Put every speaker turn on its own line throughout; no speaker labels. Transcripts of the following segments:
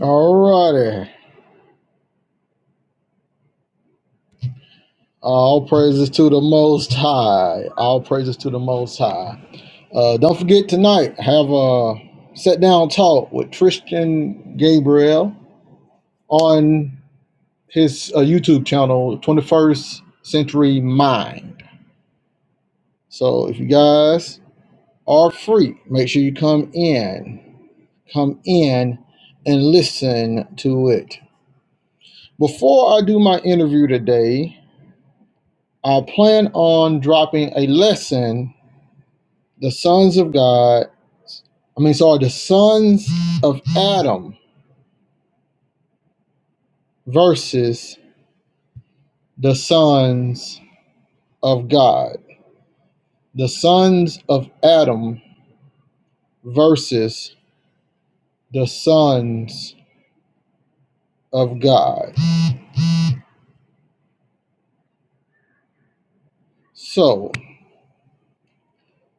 Alrighty. All praises to the Most High. All praises to the Most High. Uh, don't forget tonight, have a sit down talk with Tristan Gabriel on his uh, YouTube channel, 21st Century Mind. So if you guys are free, make sure you come in. Come in and listen to it. Before I do my interview today, I plan on dropping a lesson the sons of God, I mean, sorry, the sons of Adam versus the sons of God. The sons of Adam versus the sons of God. So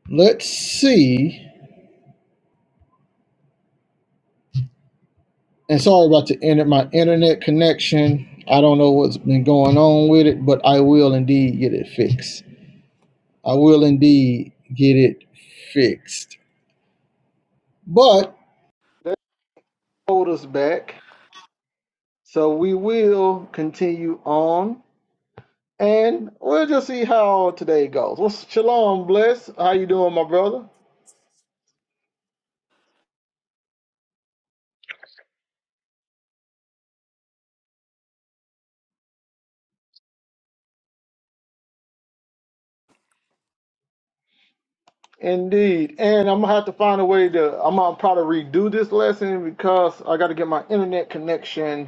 let's see. And sorry about the end of my internet connection. I don't know what's been going on with it, but I will indeed get it fixed. I will indeed get it fixed. But they hold us back. So we will continue on, and we'll just see how today goes. Well, shalom, bless. How you doing, my brother? Indeed, and I'm gonna have to find a way to. I'm gonna probably redo this lesson because I got to get my internet connection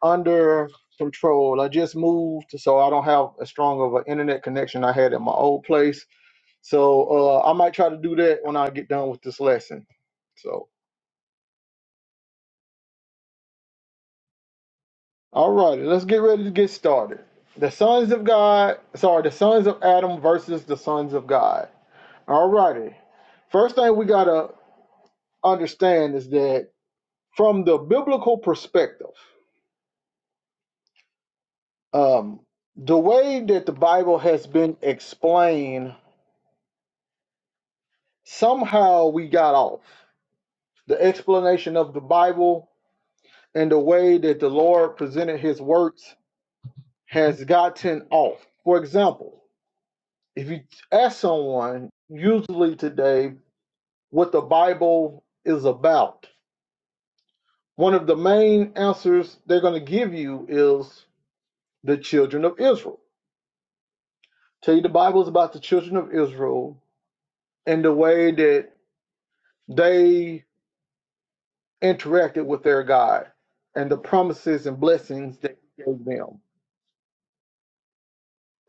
under control. I just moved, so I don't have as strong of an internet connection I had at my old place. So uh, I might try to do that when I get done with this lesson. So. All right, let's get ready to get started. The sons of God, sorry, the sons of Adam versus the sons of God. All righty. First thing we got to understand is that from the biblical perspective, um, the way that the Bible has been explained, somehow we got off. The explanation of the Bible and the way that the Lord presented his works has gotten off. For example, if you ask someone, usually today, what the Bible is about, one of the main answers they're going to give you is the children of Israel. Tell you the Bible is about the children of Israel and the way that they interacted with their God and the promises and blessings that He gave them.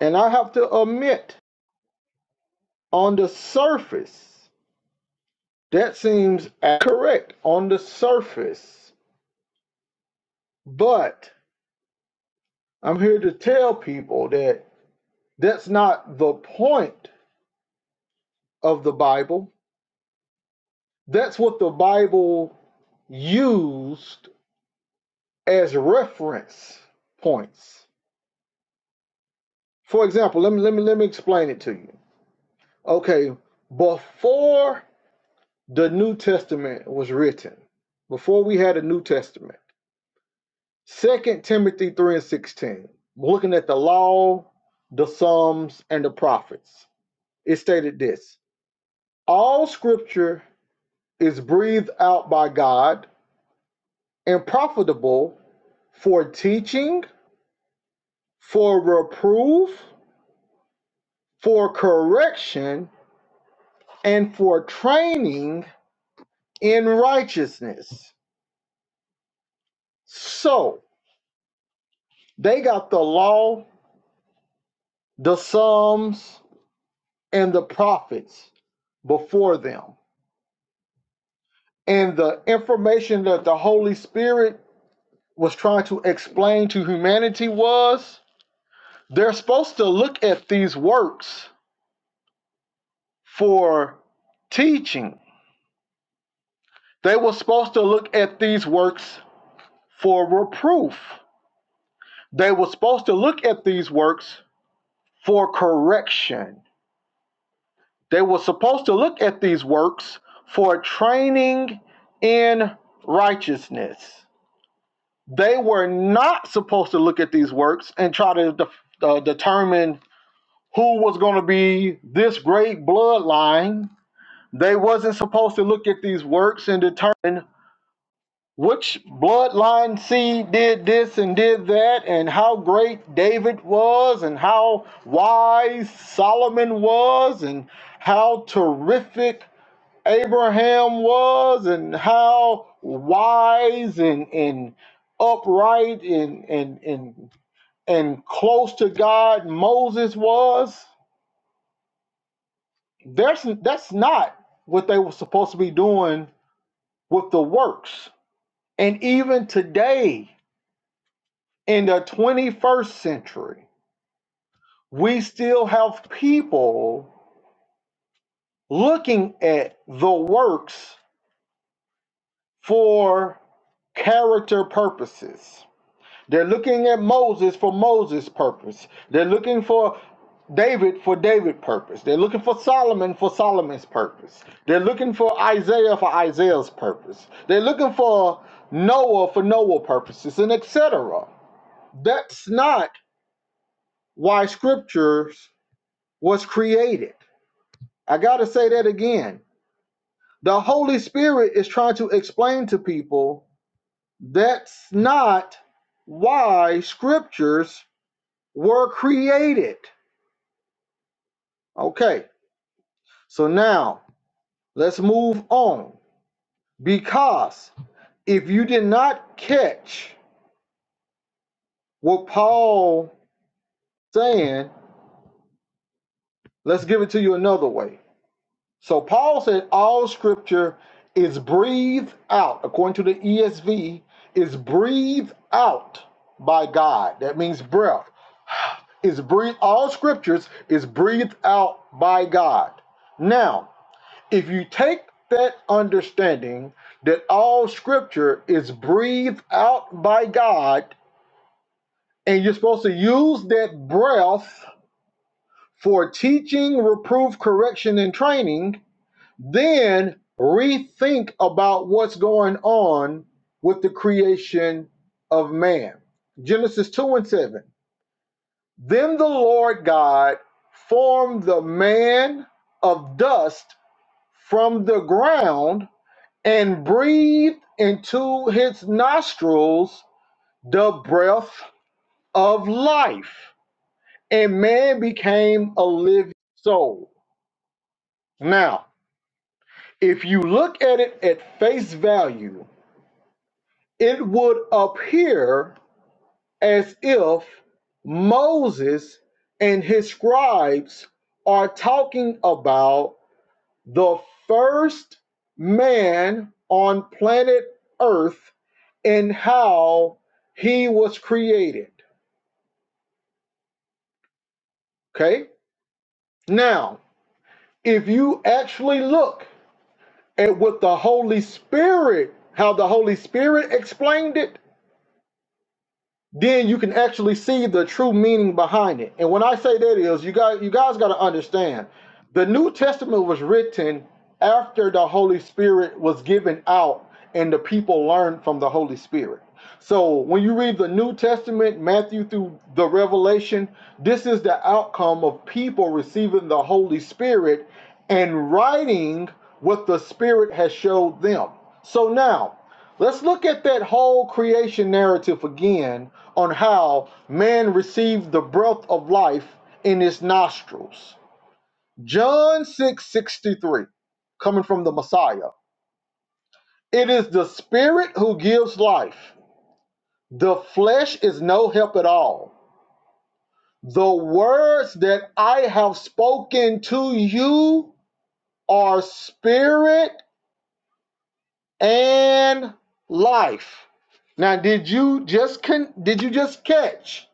And I have to admit, on the surface, that seems correct on the surface, but I'm here to tell people that that's not the point of the Bible. That's what the Bible used as reference points. For example, let me let me let me explain it to you. Okay, before the New Testament was written, before we had a New Testament, Second Timothy 3 and 16, looking at the law, the Psalms, and the prophets, it stated this all scripture is breathed out by God and profitable for teaching, for reproof, for correction, and for training in righteousness. So they got the law, the Psalms, and the prophets before them. And the information that the Holy Spirit was trying to explain to humanity was they're supposed to look at these works for teaching. They were supposed to look at these works for reproof. They were supposed to look at these works for correction. They were supposed to look at these works for training in righteousness. They were not supposed to look at these works and try to def- uh, determine who was going to be this great bloodline. They wasn't supposed to look at these works and determine which bloodline seed did this and did that, and how great David was, and how wise Solomon was, and how terrific Abraham was, and how wise and, and upright and, and, and, and close to God Moses was. There's, that's not what they were supposed to be doing with the works. And even today, in the 21st century, we still have people looking at the works for character purposes. They're looking at Moses for Moses' purpose. They're looking for David for David's purpose. They're looking for Solomon for Solomon's purpose. They're looking for Isaiah for Isaiah's purpose. They're looking for Noah for Noah's purposes and etc. That's not why scriptures was created. I got to say that again. The Holy Spirit is trying to explain to people that's not why scriptures were created. Okay, so now let's move on. Because if you did not catch what Paul saying, let's give it to you another way. So Paul said all scripture is breathed out, according to the ESV, is breathed out by God. That means breath. Is breathed all scriptures is breathed out by God. Now, if you take that understanding that all scripture is breathed out by God, and you're supposed to use that breath for teaching, reproof, correction, and training, then rethink about what's going on with the creation of man. Genesis 2 and 7. Then the Lord God formed the man of dust from the ground and breathed into his nostrils the breath of life, and man became a living soul. Now, if you look at it at face value, it would appear as if Moses and his scribes are talking about the first man on planet Earth and how he was created. Okay? Now, if you actually look at what the Holy Spirit, how the Holy Spirit explained it, then you can actually see the true meaning behind it. And when I say that is, you guys, you guys got to understand, the New Testament was written after the Holy Spirit was given out, and the people learned from the Holy Spirit. So when you read the New Testament, Matthew through the Revelation, this is the outcome of people receiving the Holy Spirit and writing what the Spirit has showed them. So now Let's look at that whole creation narrative again on how man received the breath of life in his nostrils. John 6:63, coming from the Messiah. It is the spirit who gives life. The flesh is no help at all. The words that I have spoken to you are spirit and life. Now, did you just con- did you just catch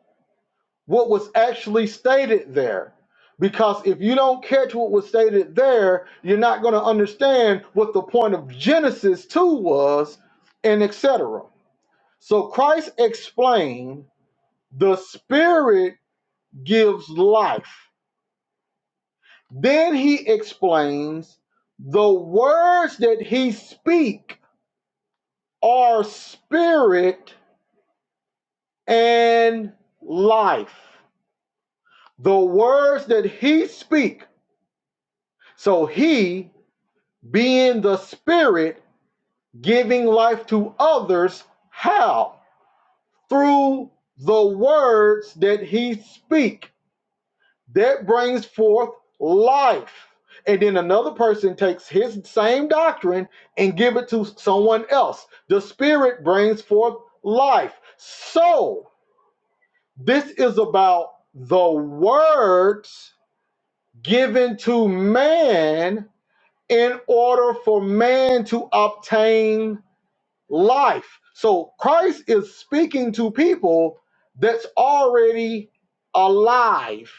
what was actually stated there. Because if you don't catch what was stated there, you're not going to understand what the point of Genesis 2 was, and etc. So Christ explained the Spirit gives life. Then he explains the words that he speak are spirit and life. The words that he speak. So he being the Spirit, giving life to others. How? Through the words that he speak. That brings forth life. And then another person takes his same doctrine and give it to someone else. The Spirit brings forth life. So this is about the words given to man in order for man to obtain life. So Christ is speaking to people that's already alive.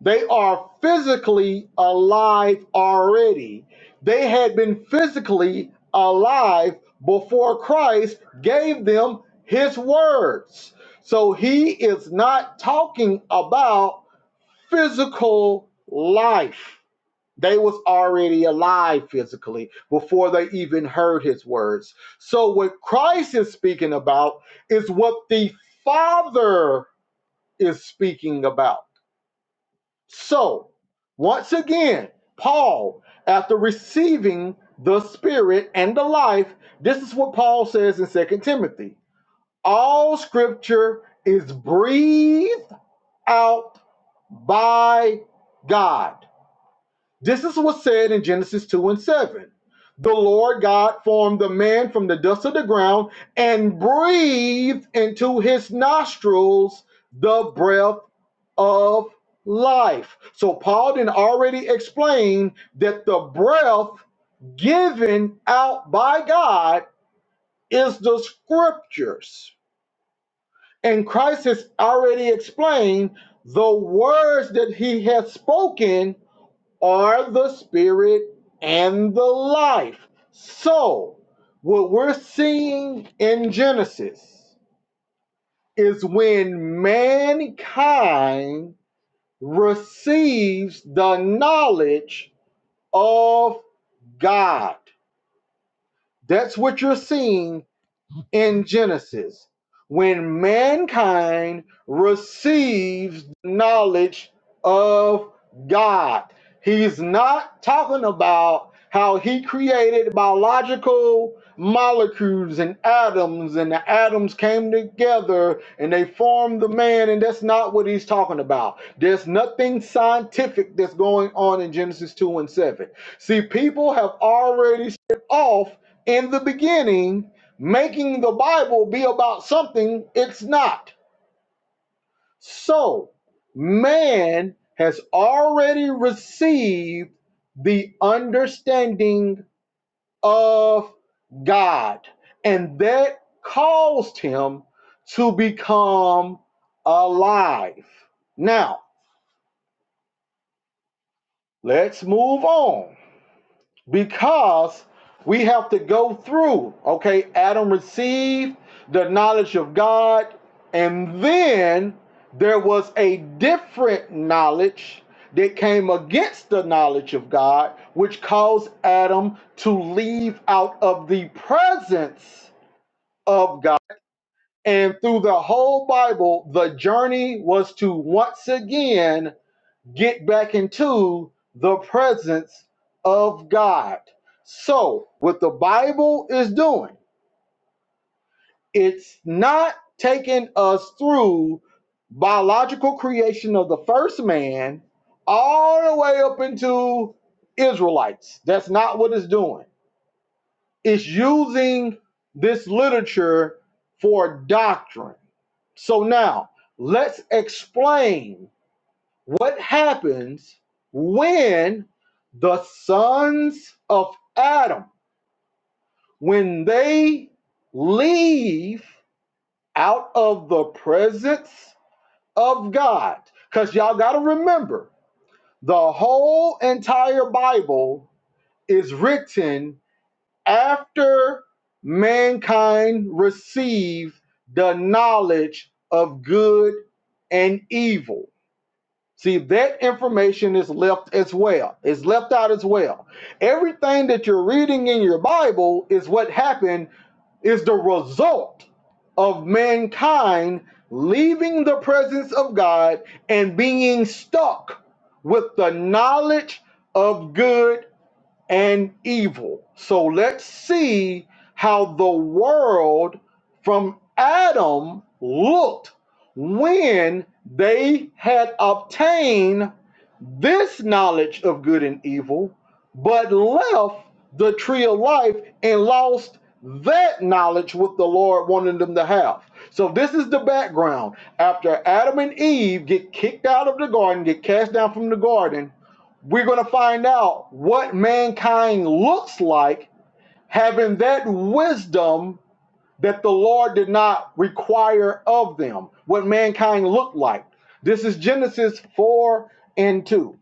They are physically alive already. They had been physically alive before Christ gave them his words. So he is not talking about physical life. They was already alive physically before they even heard his words. So what Christ is speaking about is what the Father is speaking about. So, once again, Paul, after receiving the Spirit and the life, this is what Paul says in Second Timothy. All scripture is breathed out by God This is what's said in Genesis 2 and 7. The Lord God formed the man from the dust of the ground and breathed into his nostrils the breath of life. So Paul did already explained that the breath given out by God is the scriptures. And Christ has already explained the words that he has spoken are the spirit and the life. So, what we're seeing in Genesis is when mankind receives the knowledge of God. That's what you're seeing in Genesis when mankind receives knowledge of God. He's not talking about how he created biological molecules and atoms, and the atoms came together and they formed the man, and that's not what he's talking about. There's nothing scientific that's going on in Genesis 2 and 7. See, people have already set off in the beginning making the Bible be about something it's not. So, man has already received the understanding of God, and that caused him to become alive. Now, let's move on because we have to go through. Okay, Adam received the knowledge of God, and then there was a different knowledge that came against the knowledge of God, which caused Adam to leave out of the presence of God. And through the whole Bible, the journey was to once again get back into the presence of God. So, what the Bible is doing, it's not taking us through biological creation of the first man all the way up into Israelites. That's not what it's doing. It's using this literature for doctrine. So now, let's explain What happens when the sons of Adam, when they leave out of the presence of God? Because y'all got to remember, the whole entire Bible is written after mankind received the knowledge of good and evil. See, that information is left as well. It's left out as well. Everything that you're reading in your Bible is what happened, is the result of mankind leaving the presence of God and being stuck with the knowledge of good and evil. So let's see how the world from Adam looked when they had obtained this knowledge of good and evil, but left the tree of life and lost that knowledge what the Lord wanted them to have. So this is the background. After Adam and Eve get kicked out of the garden, get cast down from the garden, we're going to find out what mankind looks like having that wisdom that the Lord did not require of them, what mankind looked like. This is Genesis 4 and 2.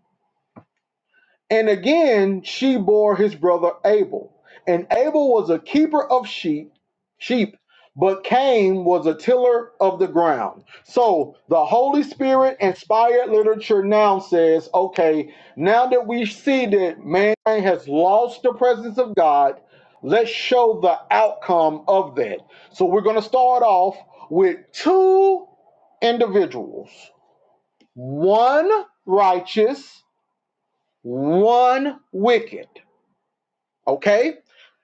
And again, she bore his brother Abel. And Abel was a keeper of sheep, sheep, but Cain was a tiller of the ground. So the Holy Spirit inspired literature now says, okay, now that we see that man has lost the presence of God, let's show the outcome of that. So we're going to start off with two individuals, one righteous one wicked okay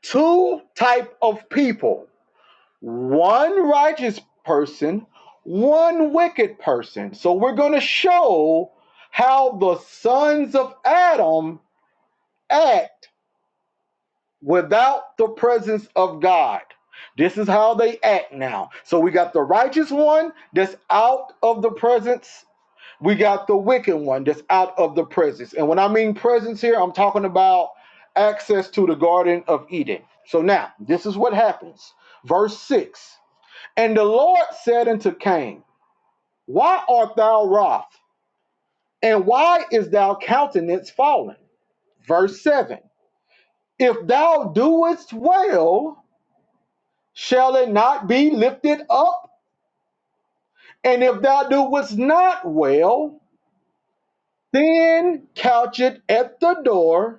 two type of people one righteous person one wicked person so we're going to show how the sons of adam act without the presence of god this is how they act now so we got the righteous one that's out of the presence We got the wicked one that's out of the presence. And when I mean presence here, I'm talking about access to the Garden of Eden. So now, this is what happens. Verse 6 And the Lord said unto Cain, Why art thou wroth? And why is thy countenance fallen? Verse 7 If thou doest well, shall it not be lifted up? And if thou doest not well, then couch it at the door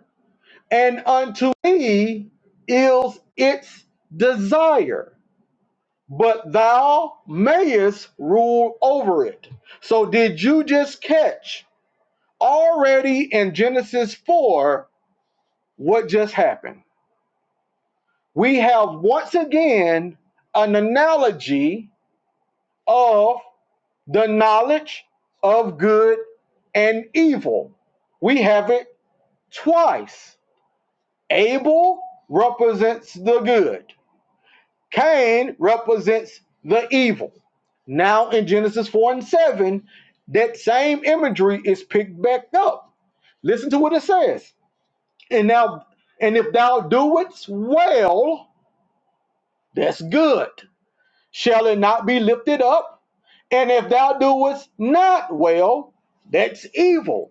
and unto me is its desire, but thou mayest rule over it. So, did you just catch already in Genesis 4 what just happened? We have once again an analogy of the knowledge of good and evil. We have it twice. Abel represents the good Cain represents the evil. Now in Genesis 4 and 7, that same imagery is picked back up. Listen to what it says. And now, and if thou doest well, that's good. Shall it not be lifted up? And if thou doest not well, that's evil.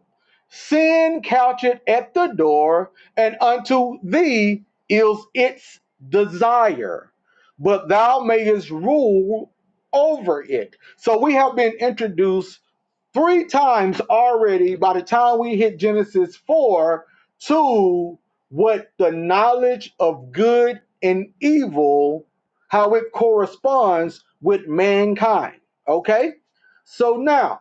Sin coucheth at the door, and unto thee is its desire, but thou mayest rule over it. So we have been introduced three times already by the time we hit Genesis 4 to what the knowledge of good and evil, how it corresponds with mankind. Okay? So now,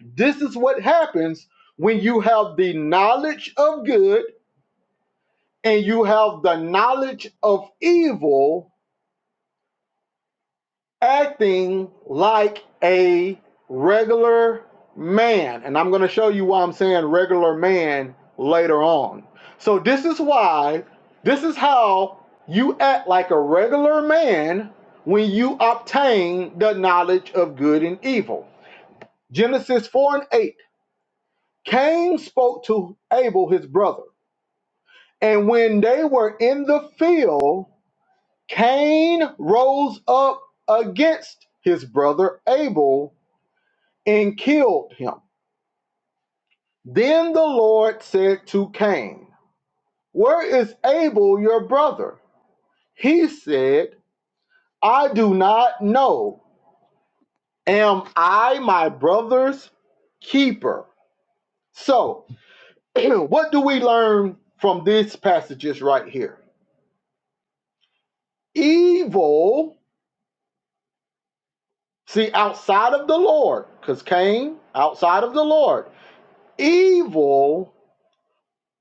this is what happens when you have the knowledge of good and you have the knowledge of evil acting like a regular man. And I'm going to show you why I'm saying regular man later on. So, this is why, this is how you act like a regular man when you obtain the knowledge of good and evil. Genesis 4 and 8 Cain spoke to Abel, his brother. And when they were in the field, Cain rose up against his brother Abel and killed him. Then the Lord said to Cain, Where is Abel your brother? He said, I do not know. Am I my brother's keeper? So, what do we learn from these passages right here? Evil, see, outside of the Lord, because Cain, outside of the Lord, evil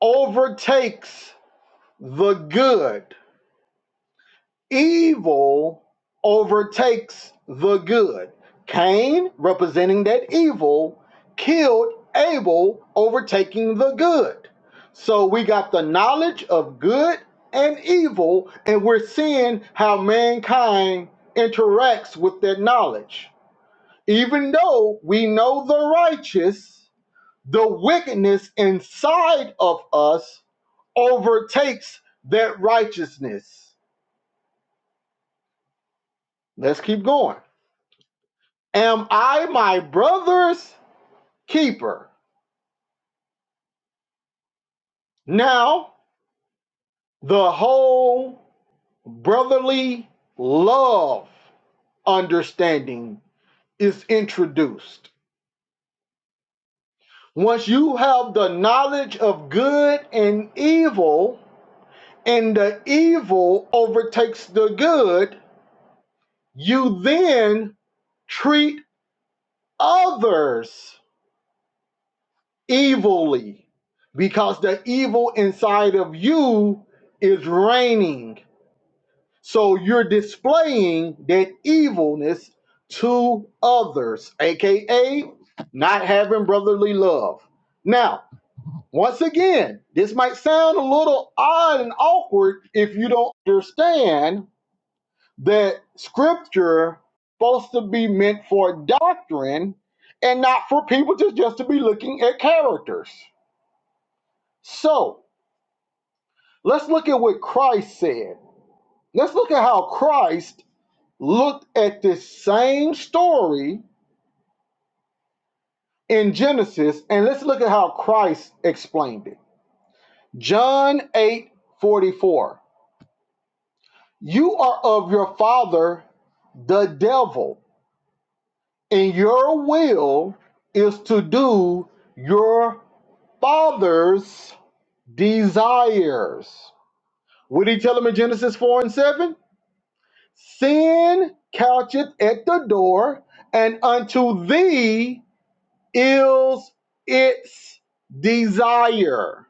overtakes the good evil overtakes the good. Cain, representing that evil, killed Abel, overtaking the good. So we got the knowledge of good and evil, and we're seeing how mankind interacts with that knowledge. Even though we know the righteous, the wickedness inside of us overtakes that righteousness. Let's keep going. Am I my brother's keeper? Now, the whole brotherly love understanding is introduced. Once you have the knowledge of good and evil, and the evil overtakes the good, you then treat others evilly because the evil inside of you is reigning So you're displaying that evilness to others, aka not having brotherly love. Now, once again, this might sound a little odd and awkward if you don't understand that scripture supposed to be meant for doctrine and not for people to just to be looking at characters. So, let's look at what Christ said. Let's look at how Christ looked at this same story in Genesis, and let's look at how Christ explained it. John 8 44. You are of your father, the devil, and your will is to do your father's desires. What did he tell him in Genesis 4 and 7? Sin coucheth at the door, and unto thee is its desire.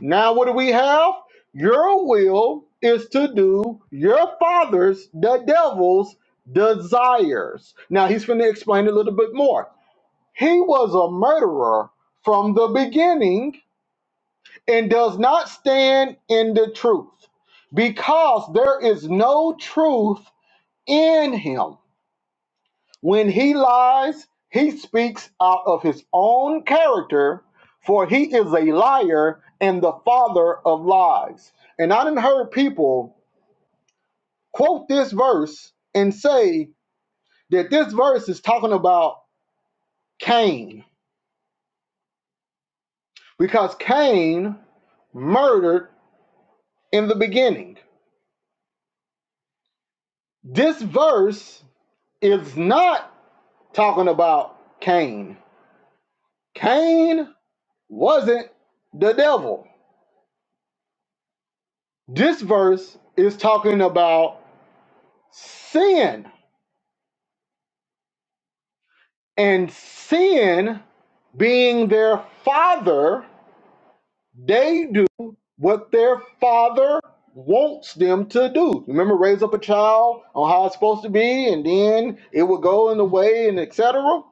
Now, what do we have? Your will is to do your father's, the devil's, desires. Now, he's going to explain a little bit more. He was a murderer from the beginning and does not stand in the truth because there is no truth in him. When he lies, he speaks out of his own character, for he is a liar and the father of lies. And I done heard people quote this verse and say that this verse is talking about Cain, because Cain murdered in the beginning. This verse is not talking about Cain. Cain wasn't the devil. This verse is talking about sin. And sin, being their father, they do what their father wants them to do. Remember, raise up a child on how it's supposed to be, and then it will go in the way, and etc.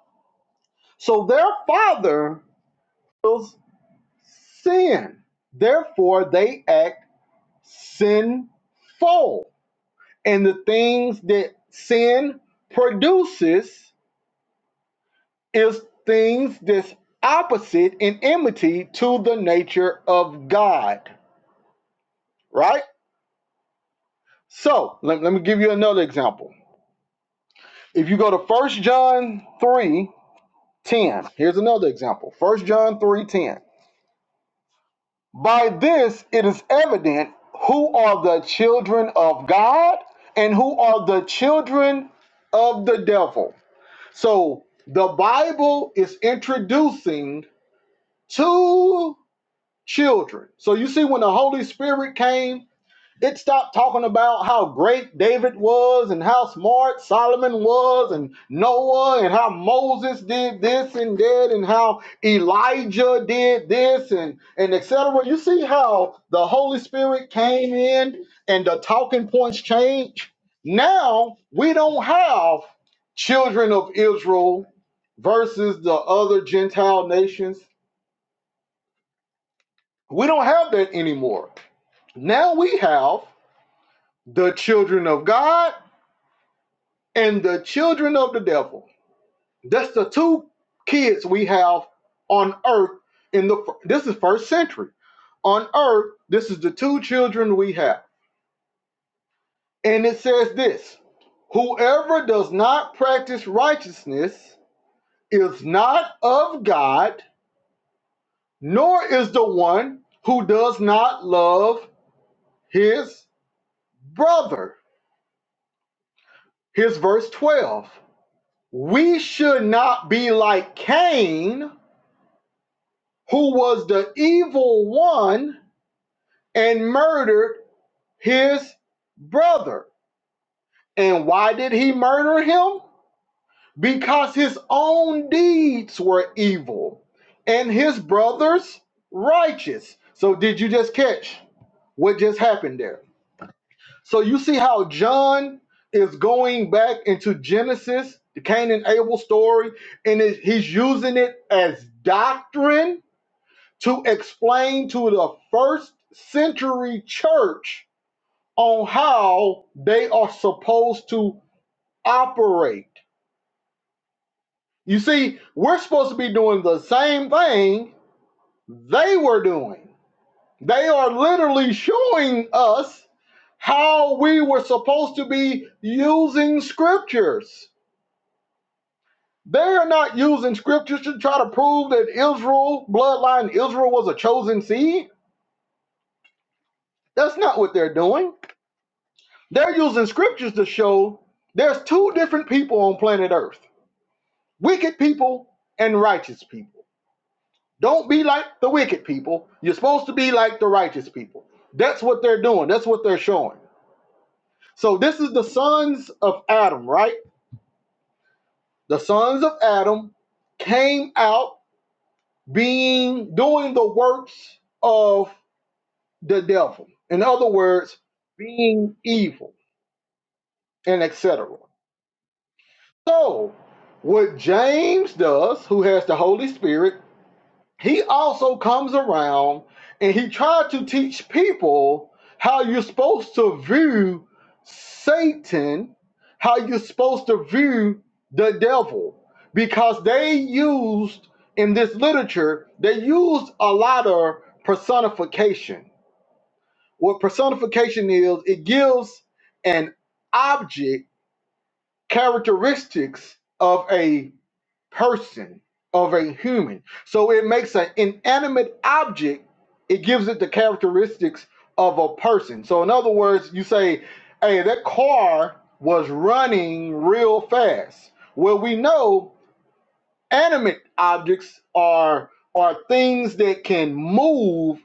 So their father is sin. Therefore, they act sinful. And the things that sin produces is things that's opposite in enmity to the nature of God, right? So let, let me give you another example. If you go to First John three ten, here's another example First John 3 10. By this it is evident who are the children of God and who are the children of the devil. So the Bible is introducing two children. So you see, when the Holy Spirit came, it stopped talking about how great David was and how smart Solomon was and Noah and how Moses did this and that and how Elijah did this and, and etc. You see how the Holy Spirit came in and the talking points changed? Now we don't have children of Israel versus the other Gentile nations we don't have that anymore. Now we have the children of God and the children of the devil. That's the two kids we have on earth in the this is first century. On earth, this is the two children we have. And it says this, whoever does not practice righteousness is not of God, nor is the one who does not love his brother. Here's verse 12. We should not be like Cain, who was the evil one and murdered his brother. And why did he murder him? Because his own deeds were evil and his brother's righteous. So, did you just catch what just happened there? So, you see how John is going back into Genesis, the Cain and Abel story, and is- he's using it as doctrine to explain to the first century church on how they are supposed to operate. You see, we're supposed to be doing the same thing they were doing. They are literally showing us how we were supposed to be using scriptures. They are not using scriptures to try to prove that Israel, bloodline Israel, was a chosen seed. That's not what they're doing They're using scriptures to show there's two different people on planet Earth wicked people and righteous people. Don't be like the wicked people. You're supposed to be like the righteous people. That's what they're doing, that's what they're showing. So, this is the sons of Adam, right? The sons of Adam came out being doing the works of the devil. In other words, being evil and etc. So, what James does, who has the Holy Spirit, he also comes around and he tried to teach people how you're supposed to view Satan, how you're supposed to view the devil, because they used in this literature, they used a lot of personification. What personification is, it gives an object characteristics of a person of a human. So it makes an inanimate object, it gives it the characteristics of a person. So, in other words, you say, hey, that car was running real fast. Well, we know animate objects are are things that can move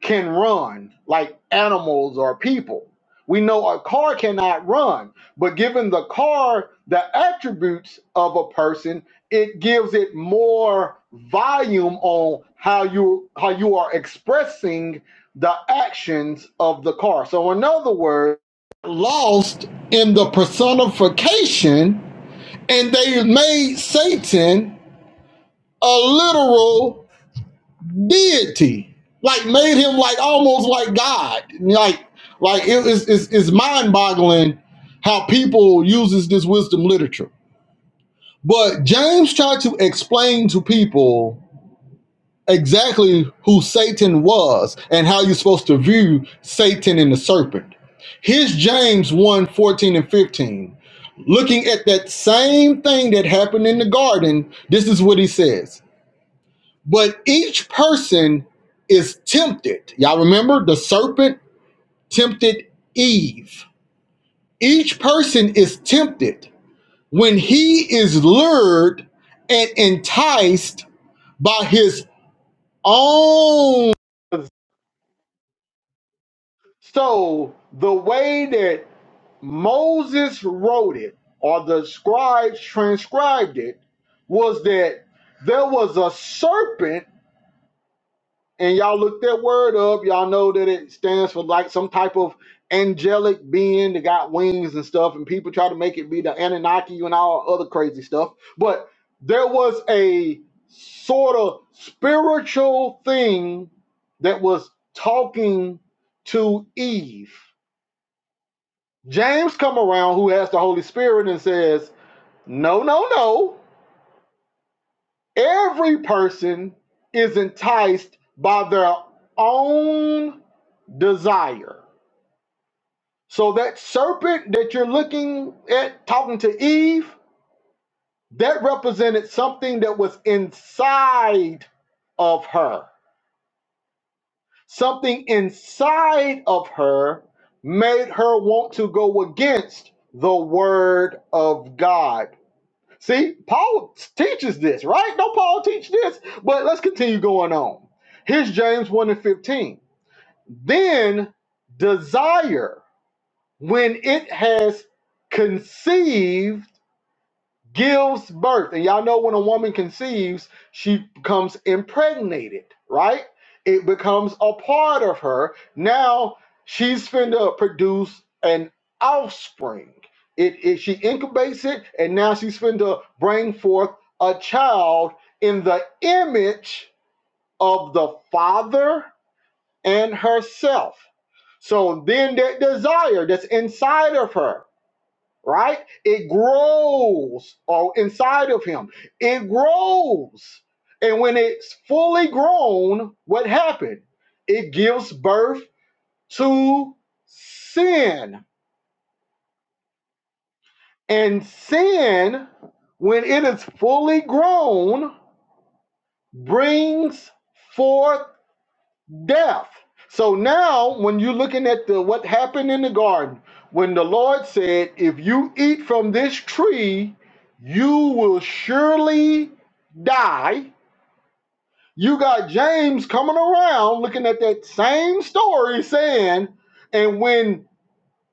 can run like animals or people. We know a car cannot run, but given the car the attributes of a person, it gives it more volume on how you how you are expressing the actions of the car. So in other words, lost in the personification and they made Satan a literal deity, like made him like almost like God. Like, like it is it's, it's mind boggling how people uses this wisdom literature. But James tried to explain to people exactly who Satan was and how you're supposed to view Satan and the serpent. Here's James one 14 and 15. Looking at that same thing that happened in the garden, this is what he says. But each person is tempted. Y'all remember the serpent tempted Eve. Each person is tempted when he is lured and enticed by his own so the way that Moses wrote it, or the scribes transcribed it, was that there was a serpent and y'all look that word up, y'all know that it stands for like some type of angelic being that got wings and stuff, and people try to make it be the Anunnaki and all other crazy stuff. But there was a sort of spiritual thing that was talking to Eve. James come around who has the Holy Spirit and says, "No, no, no. Every person is enticed by their own desire. So that serpent that you're looking at talking to Eve, that represented something that was inside of her. Something inside of her made her want to go against the word of God. See, Paul teaches this, right? Don't Paul teach this? But let's continue going on. Here's James 1 and 15. Then desire, when it has conceived, gives birth. And y'all know when a woman conceives, she becomes impregnated, right? It becomes a part of her. Now she's finna produce an offspring. It, it she incubates it, and now she's finna bring forth a child in the image of the father and herself. So then that desire that's inside of her right? It grows or inside of him. It grows. And when it's fully grown, what happened? It gives birth to sin. And sin, when it is fully grown, brings forth death. So now, when you're looking at the what happened in the garden, when the Lord said, "If you eat from this tree, you will surely die," you got James coming around looking at that same story, saying, "And when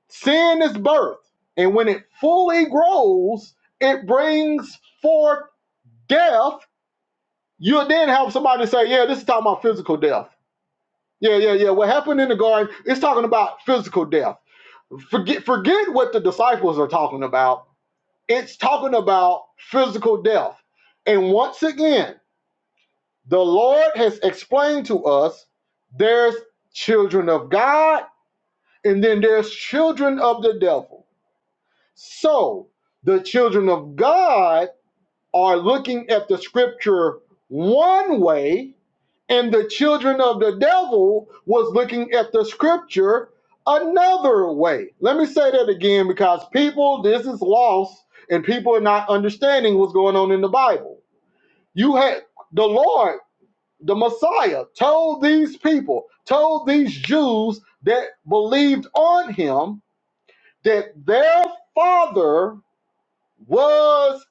sin is birthed, and when it fully grows, it brings forth death." You'll then have somebody say, "Yeah, this is talking about physical death." Yeah, yeah, yeah. What happened in the garden, it's talking about physical death. Forget forget what the disciples are talking about. It's talking about physical death. And once again, the Lord has explained to us there's children of God and then there's children of the devil. So, the children of God are looking at the scripture one way and the children of the devil was looking at the scripture another way. Let me say that again because people, this is lost, and people are not understanding what's going on in the Bible. You had the Lord, the Messiah, told these people, told these Jews that believed on him that their father was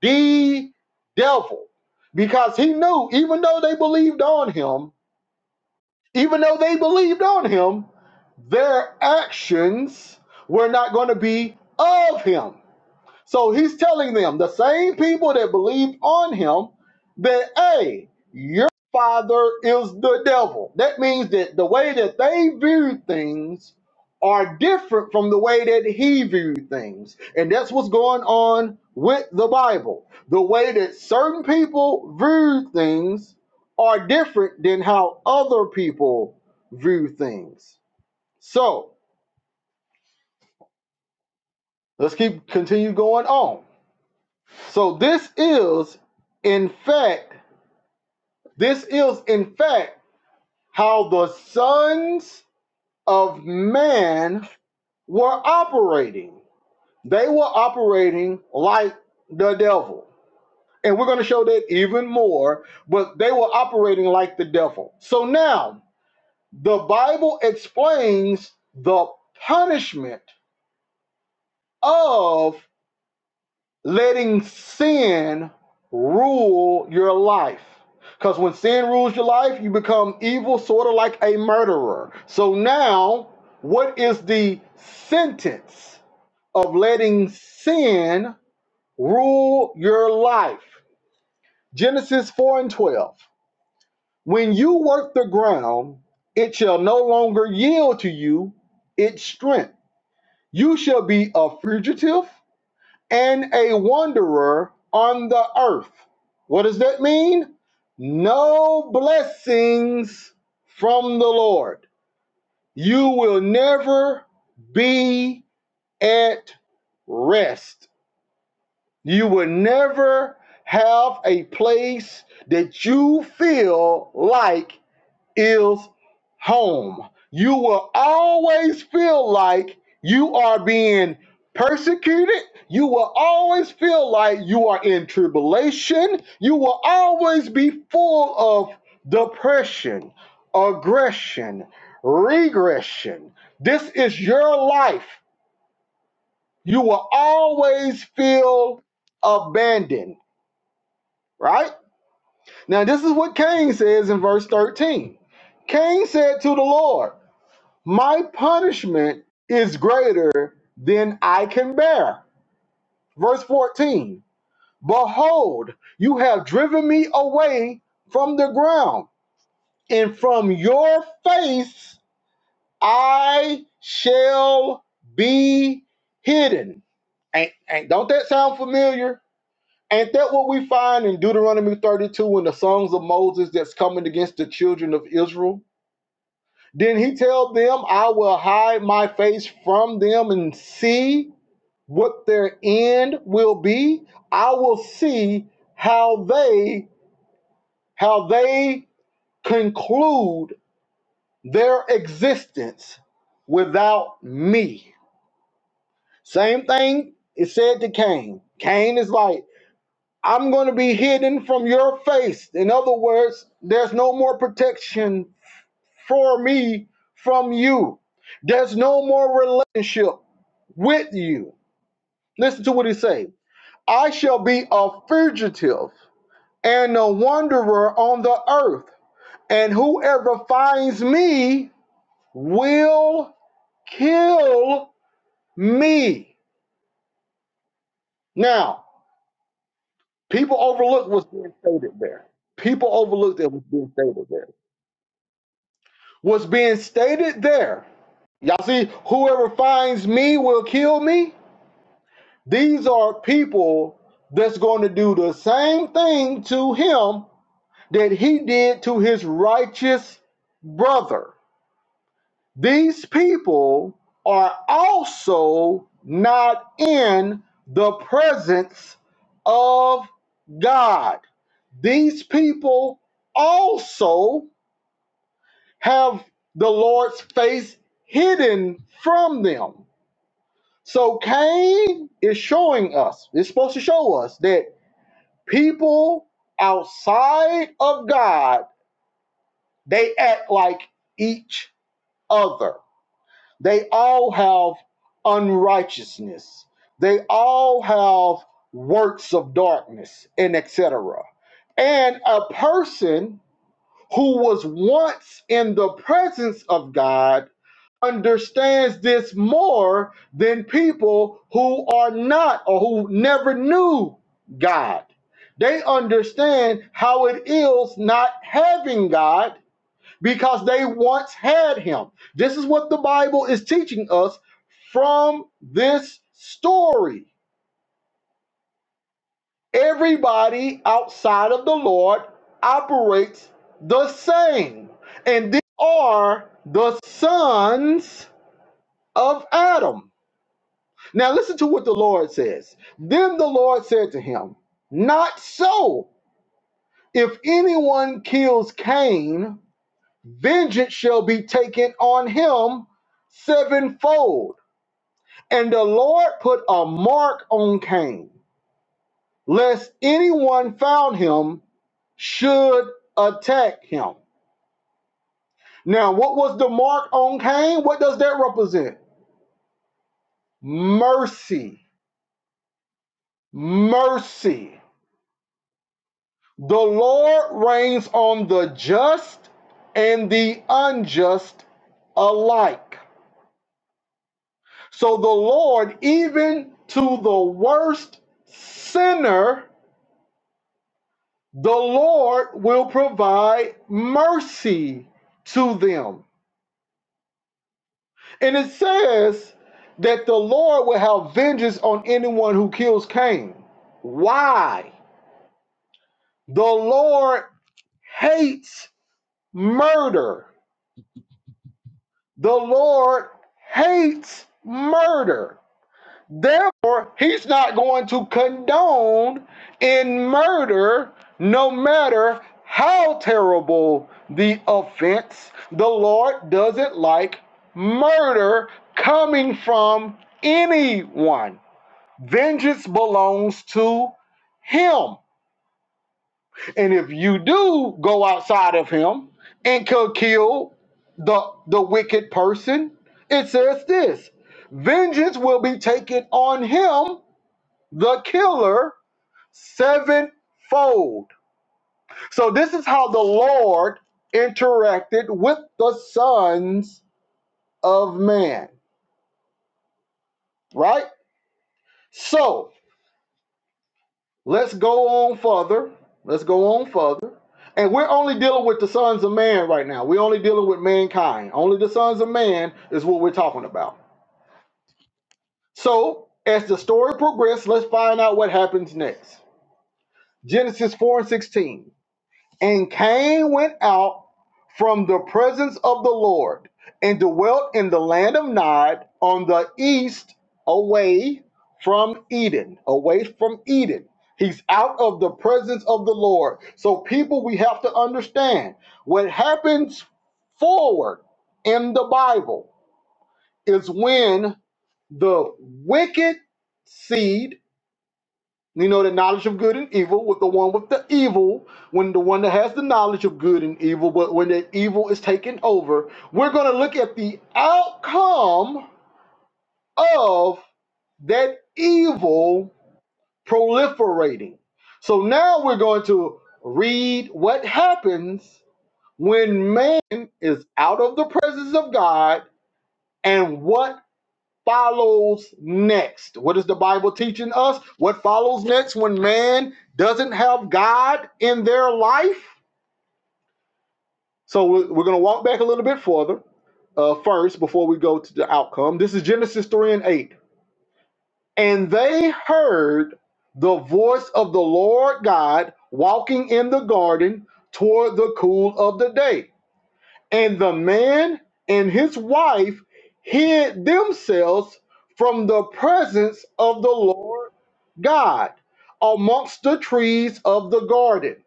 the devil because he knew, even though they believed on him Even though they believed on him, their actions were not going to be of him. So he's telling them, the same people that believed on him, that, hey, your father is the devil. That means that the way that they view things are different from the way that he viewed things. And that's what's going on with the Bible. The way that certain people view things are different than how other people view things. So let's keep continue going on. So this is in fact, this is in fact how the sons of man were operating. They were operating like the devil. And we're going to show that even more, but they were operating like the devil. So now the Bible explains the punishment of letting sin rule your life. Because when sin rules your life, you become evil, sort of like a murderer. So now, what is the sentence of letting sin rule your life? Genesis 4 and 12. When you work the ground, it shall no longer yield to you its strength. You shall be a fugitive and a wanderer on the earth. What does that mean? No blessings from the Lord. You will never be at rest. You will never have a place that you feel like is home. You will always feel like you are being persecuted. You will always feel like you are in tribulation. You will always be full of depression, aggression, regression. This is your life. You will always feel abandoned, right? Now, this is what Cain says in verse 13. Cain said to the Lord, My punishment is greater than I can bear. Verse 14 Behold, you have driven me away from the ground, and from your face I shall be hidden. Ain't, ain't, don't that sound familiar? Ain't that what we find in Deuteronomy 32 in the songs of Moses that's coming against the children of Israel? Then he tell them, I will hide my face from them and see what their end will be i will see how they how they conclude their existence without me same thing is said to cain cain is like i'm going to be hidden from your face in other words there's no more protection for me from you there's no more relationship with you listen to what he says i shall be a fugitive and a wanderer on the earth. And whoever finds me will kill me. Now, people overlook what's being stated there. People overlooked that was being stated there. What's being stated there, y'all see, whoever finds me will kill me. These are people that's going to do the same thing to him that he did to his righteous brother. These people are also not in the presence of God. These people also have the Lord's face hidden from them. So Cain is showing us, it's supposed to show us that people outside of God, they act like each other They all have unrighteousness. They all have works of darkness and etc. And a person who was once in the presence of God understands this more than people who are not or who never knew God. They understand how it is not having God because they once had him. This is what the Bible is teaching us from this story. Everybody outside of the Lord operates the same, and these are the sons of Adam. Now, listen to what the Lord says. Then the Lord said to him, Not so. If anyone kills Cain, vengeance shall be taken on him sevenfold. And the Lord put a mark on Cain, lest anyone found him should attack him. Now, what was the mark on Cain? What does that represent? Mercy. Mercy. The Lord reigns on the just and the unjust alike. So the Lord, even to the worst sinner, the Lord will provide mercy to them. And it says that the Lord will have vengeance on anyone who kills Cain. Why? The Lord hates murder. The Lord hates murder. Therefore, he's not going to condone in murder, no matter how terrible the offense. The Lord doesn't like murder coming from anyone. Vengeance belongs to him. And if you do go outside of him and could kill the the wicked person, it says this vengeance will be taken on him the killer sevenfold. So this is how the Lord interacted with the sons of man, right? So let's go on further. Let's go on further. And we're only dealing with the sons of man right now. We're only dealing with mankind. Only the sons of man is what we're talking about. So as the story progresses, let's find out what happens next. Genesis 4 and 16. And Cain went out from the presence of the Lord and dwelt in the land of Nod on the east, away from Eden. Away from Eden. He's out of the presence of the Lord. So, people, we have to understand what happens forward in the Bible is when the wicked seed you know, the knowledge of good and evil with the one with the evil, when the one that has the knowledge of good and evil, but when the evil is taken over, we're going to look at the outcome of that evil proliferating. So now we're going to read what happens when man is out of the presence of God and what follows next. What is the Bible teaching us? What follows next when man doesn't have God in their life? So we- are going to walk back a little bit further uh, first before we go to the outcome. This is Genesis 3 and 8. And they heard the voice of the Lord God walking in the garden toward the cool of the day. And the man and his wife hid themselves from the presence of the Lord God amongst the trees of the garden.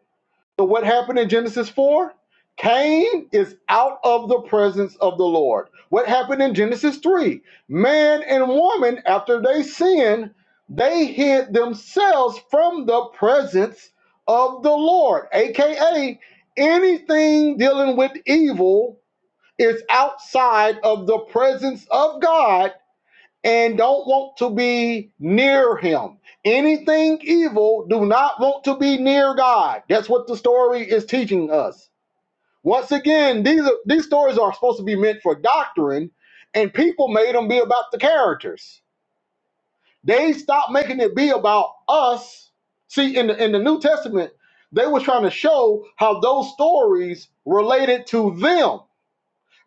So, what happened in Genesis 4? Cain is out of the presence of the Lord. What happened in Genesis 3? Man and woman, after they sinned, they hid themselves from the presence of the Lord, aka anything dealing with evil is outside of the presence of God and don't want to be near him. Anything evil do not want to be near God. That's what the story is teaching us. Once again, these are, these stories are supposed to be meant for doctrine, and people made them be about the characters. They stopped making it be about us. See, in the in the New Testament, they were trying to show how those stories related to them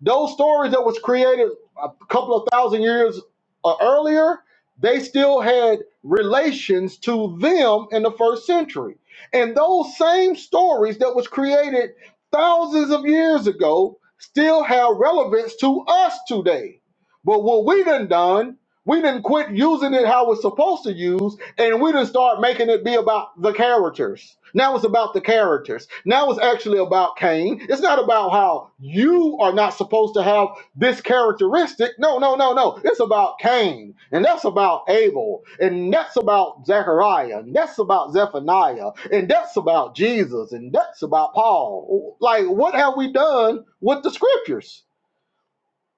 those stories that was created a couple of thousand years uh, earlier, they still had relations to them in the first century. And those same stories that was created thousands of years ago still have relevance to us today. But what we done done we didn't quit using it how it's supposed to use, and we didn't start making it be about the characters. Now it's about the characters. Now it's actually about Cain. It's not about how you are not supposed to have this characteristic. No, no, no, no. It's about Cain, and that's about Abel, and that's about Zechariah, and that's about Zephaniah, and that's about Jesus, and that's about Paul. Like, what have we done with the scriptures?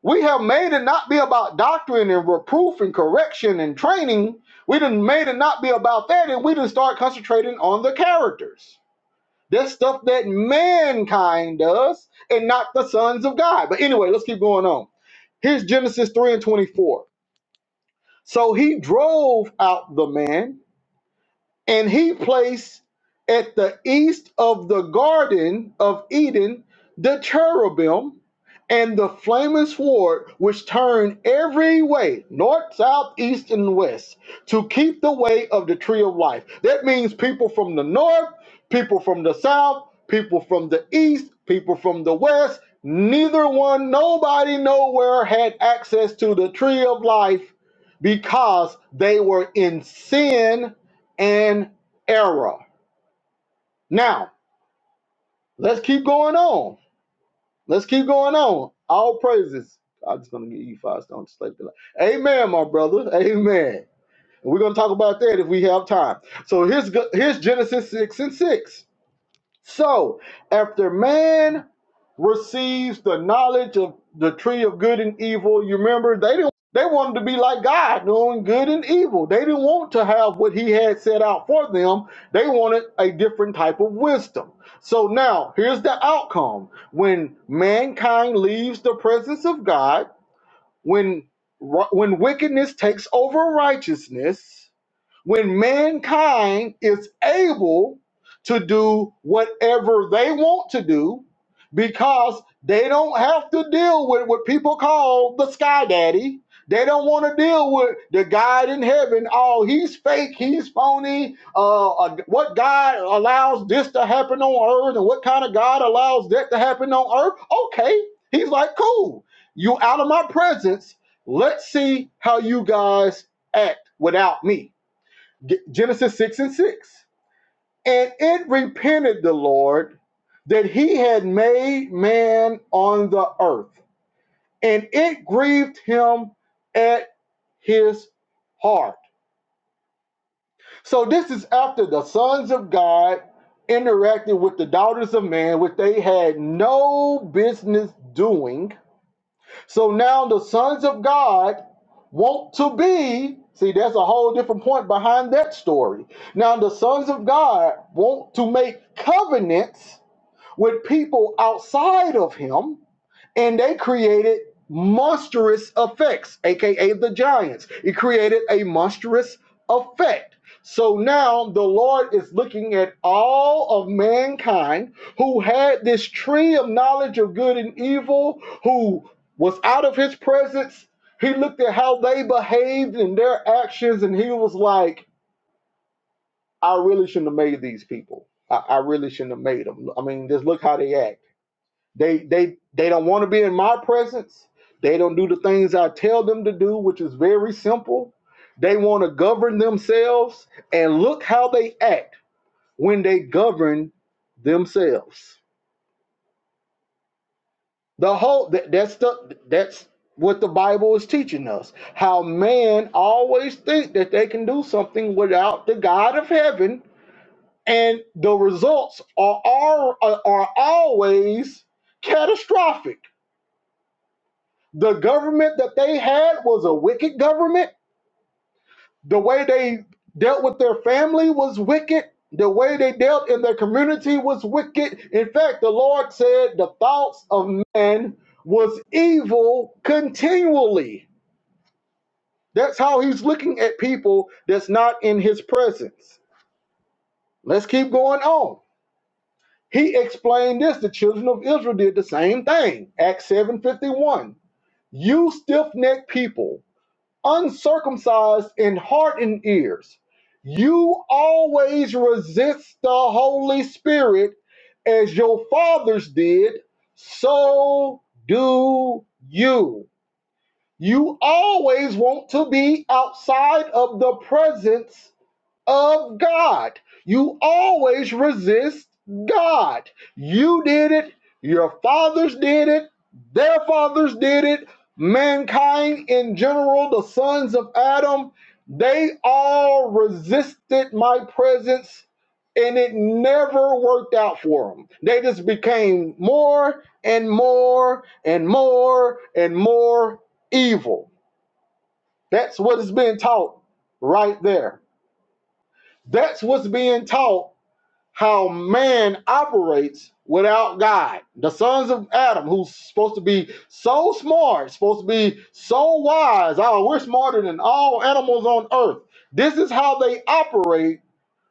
We have made it not be about doctrine and reproof and correction and training. We done made it not be about that, and we done start concentrating on the characters. That's stuff that mankind does, and not the sons of God. But anyway, let's keep going on. Here's Genesis 3 and 24. So he drove out the man and he placed at the east of the Garden of Eden the cherubim and the flaming sword, which turned every way, north, south, east, and west, to keep the way of the tree of life. That means people from the north, people from the south, people from the east, people from the west. Neither one, nobody, nowhere had access to the tree of life because they were in sin and error. Now, let's keep going on. Let's keep going on. All praises. I'm just going to give you five stones to slay the lion. Amen, my brother. Amen. And we're going to talk about that if we have time. So here's, here's Genesis 6 and 6. So after man receives the knowledge of the tree of good and evil. You remember they didn't they wanted to be like God, knowing good and evil. They didn't want to have what he had set out for them. They wanted a different type of wisdom. So now here's the outcome. When mankind leaves the presence of God, when when wickedness takes over righteousness, when mankind is able to do whatever they want to do because they don't have to deal with what people call the sky daddy. They don't want to deal with the God in heaven. Oh, he's fake. He's phony. Uh, uh, what God allows this to happen on earth and what kind of God allows that to happen on earth? Okay. He's like, cool. You out of my presence. Let's see how you guys act without me Genesis 6 and 6. And it repented the Lord that he had made man on the earth, and it grieved him at his heart. So, this is after the sons of God interacted with the daughters of man, which they had no business doing So now the sons of God want to be. See, that's a whole different point behind that story. Now the sons of God want to make covenants with people outside of Him and they created monstrous effects, aka the giants. It created a monstrous effect. So now the Lord is looking at all of mankind who had this tree of knowledge of good and evil, who was out of his presence. He looked at how they behaved and their actions, and he was like, I really shouldn't have made these people. I, I really shouldn't have made them. I mean, just look how they act. They they they don't want to be in my presence. They don't do the things I tell them to do, which is very simple. They want to govern themselves and look how they act when they govern themselves. The whole that, that's the that's what the Bible is teaching us. How man always think that they can do something without the God of heaven and the results are are, are always catastrophic the government that they had was a wicked government. The way they dealt with their family was wicked. The way they dealt in their community was wicked. In fact, the Lord said the thoughts of man was evil continually. That's how he's looking at people that's not in his presence. Let's keep going on. He explained this. The children of Israel did the same thing. Acts 7:51. You stiff-necked people uncircumcised in heart and ears, you always resist the Holy Spirit as your fathers did, so do you. You always want to be outside of the presence of God. You always resist God. You did it, your fathers did it, their fathers did it, mankind in general, the sons of Adam, they all resisted my presence and it never worked out for them. They just became more and more and more and more evil. That's what is being taught right there that's what's being taught how man operates without God. The sons of Adam, who's supposed to be so smart, supposed to be so wise. Oh, we're smarter than all animals on earth. This is how they operate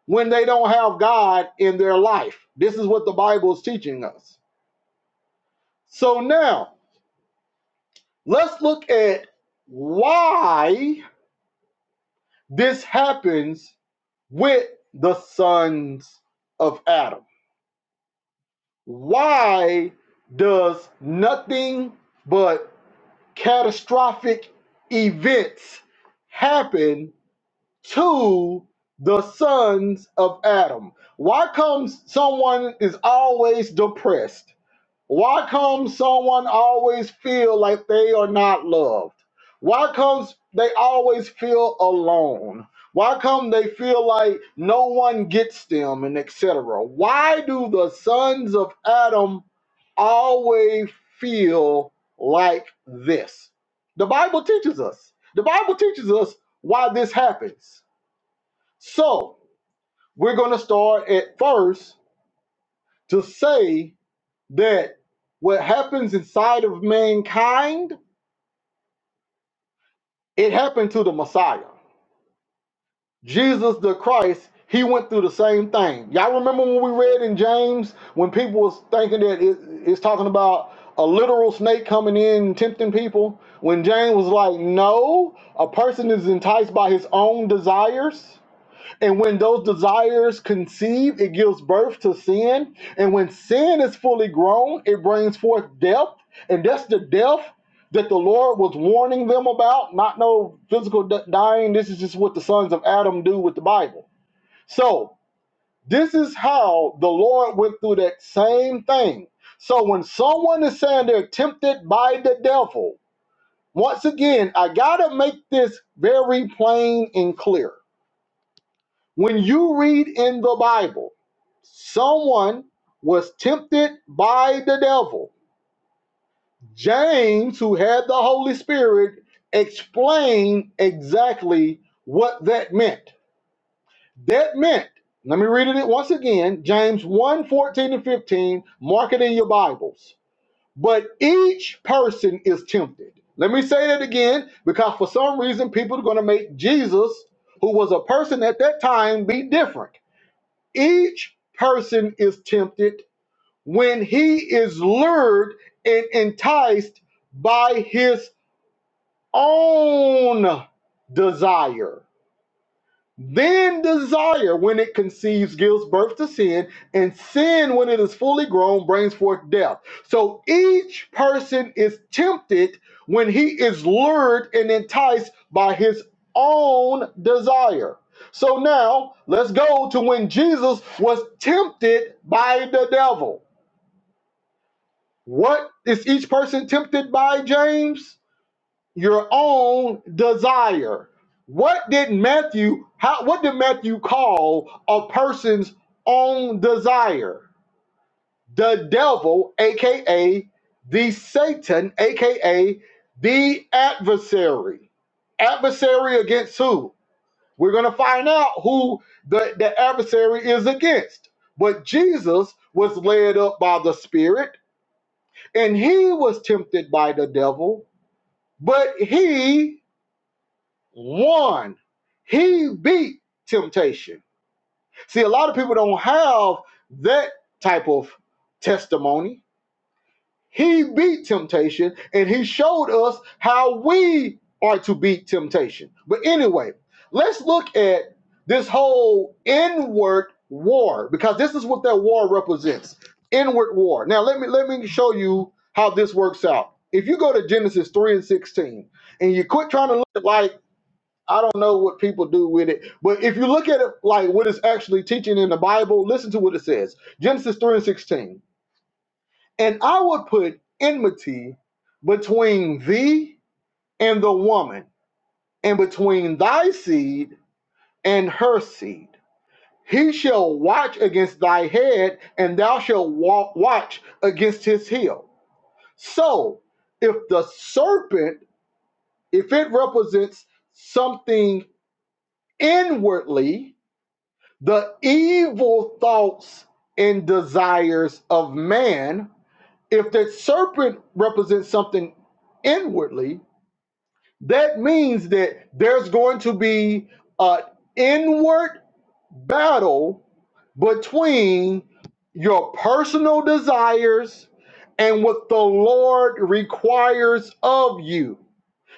when they don't have God in their life. This is what the Bible is teaching us. So now let's look at why this happens with the sons of Adam. Why does nothing but catastrophic events happen to the sons of Adam? Why comes someone is always depressed? Why come someone always feel like they are not loved? Why comes they always feel alone? Why come they feel like no one gets them and etc. Why do the sons of Adam always feel like this? The Bible teaches us. The Bible teaches us why this happens. So, we're going to start at first to say that what happens inside of mankind, it happened to the Messiah. Jesus the Christ, he went through the same thing. Y'all remember when we read in James when people was thinking that it, it's talking about a literal snake coming in and tempting people? When James was like, no, a person is enticed by his own desires. And when those desires conceive, it gives birth to sin. And when sin is fully grown, it brings forth death. And that's the death that the Lord was warning them about. Not no physical d- dying. This is just what the sons of Adam do with the Bible. So, this is how the Lord went through that same thing. So, when someone is saying they're tempted by the devil, once again, I got to make this very plain and clear when you read in the Bible, someone was tempted by the devil. James, who had the Holy Spirit, explained exactly what that meant. That meant, let me read it once again James one fourteen 14 and 15, mark it in your Bibles. But each person is tempted. Let me say that again because for some reason people are going to make Jesus, who was a person at that time, be different. Each person is tempted when he is lured and enticed by his own desire. Then desire, when it conceives, gives birth to sin, and sin, when it is fully grown, brings forth death. So each person is tempted when he is lured and enticed by his own desire. So now let's go to when Jesus was tempted by the devil. What is each person tempted by, James? your own desire. What did Matthew how what did Matthew call a person's own desire? The devil, aka the Satan, aka the adversary. Adversary against who? We're gonna find out who the, the adversary is against. But Jesus was led up by the Spirit, and he was tempted by the devil, but he One, he beat temptation. See, a lot of people don't have that type of testimony. He beat temptation and he showed us how we are to beat temptation. But anyway, let's look at this whole inward war because this is what that war represents. Inward war. Now let me let me show you how this works out. If you go to Genesis 3 and 16 and you quit trying to look at like I don't know what people do with it, but if you look at it like what it's actually teaching in the Bible, listen to what it says Genesis 3 and 16. And I would put enmity between thee and the woman, and between thy seed and her seed. He shall watch against thy head, and thou shalt wa- watch against his heel. So, if the serpent, if it represents something inwardly, the evil thoughts and desires of man. If the serpent represents something inwardly, that means that there's going to be an inward battle between your personal desires and what the Lord requires of you.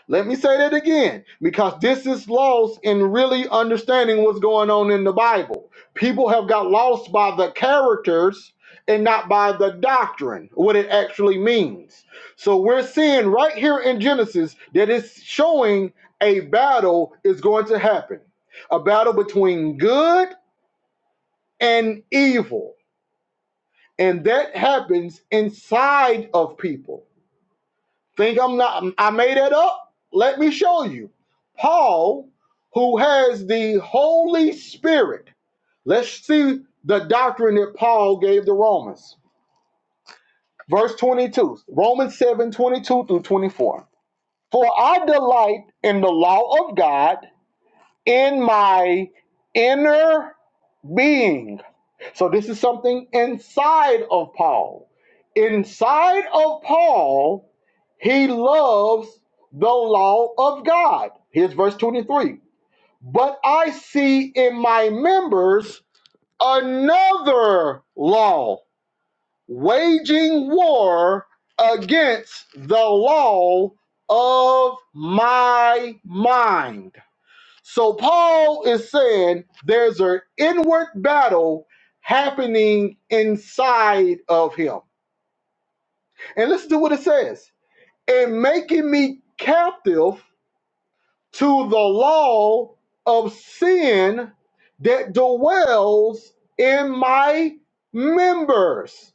Let me say that again, because this is lost in really understanding what's going on in the Bible. People have got lost by the characters and not by the doctrine, what it actually means. So we're seeing right here in Genesis that it's showing a battle is going to happen a battle between good and evil. And that happens inside of people. Think I'm not, I made it up? Let me show you. Paul, who has the Holy Spirit, let's see the doctrine that Paul gave the Romans. Verse 22, Romans 7 22 through 24. For I delight in the law of God in my inner being. So this is something inside of Paul. Inside of Paul He loves the law of God. Here's verse 23. But I see in my members another law, waging war against the law of my mind. So Paul is saying there's an inward battle happening inside of him. And listen to what it says. And making me captive to the law of sin that dwells in my members.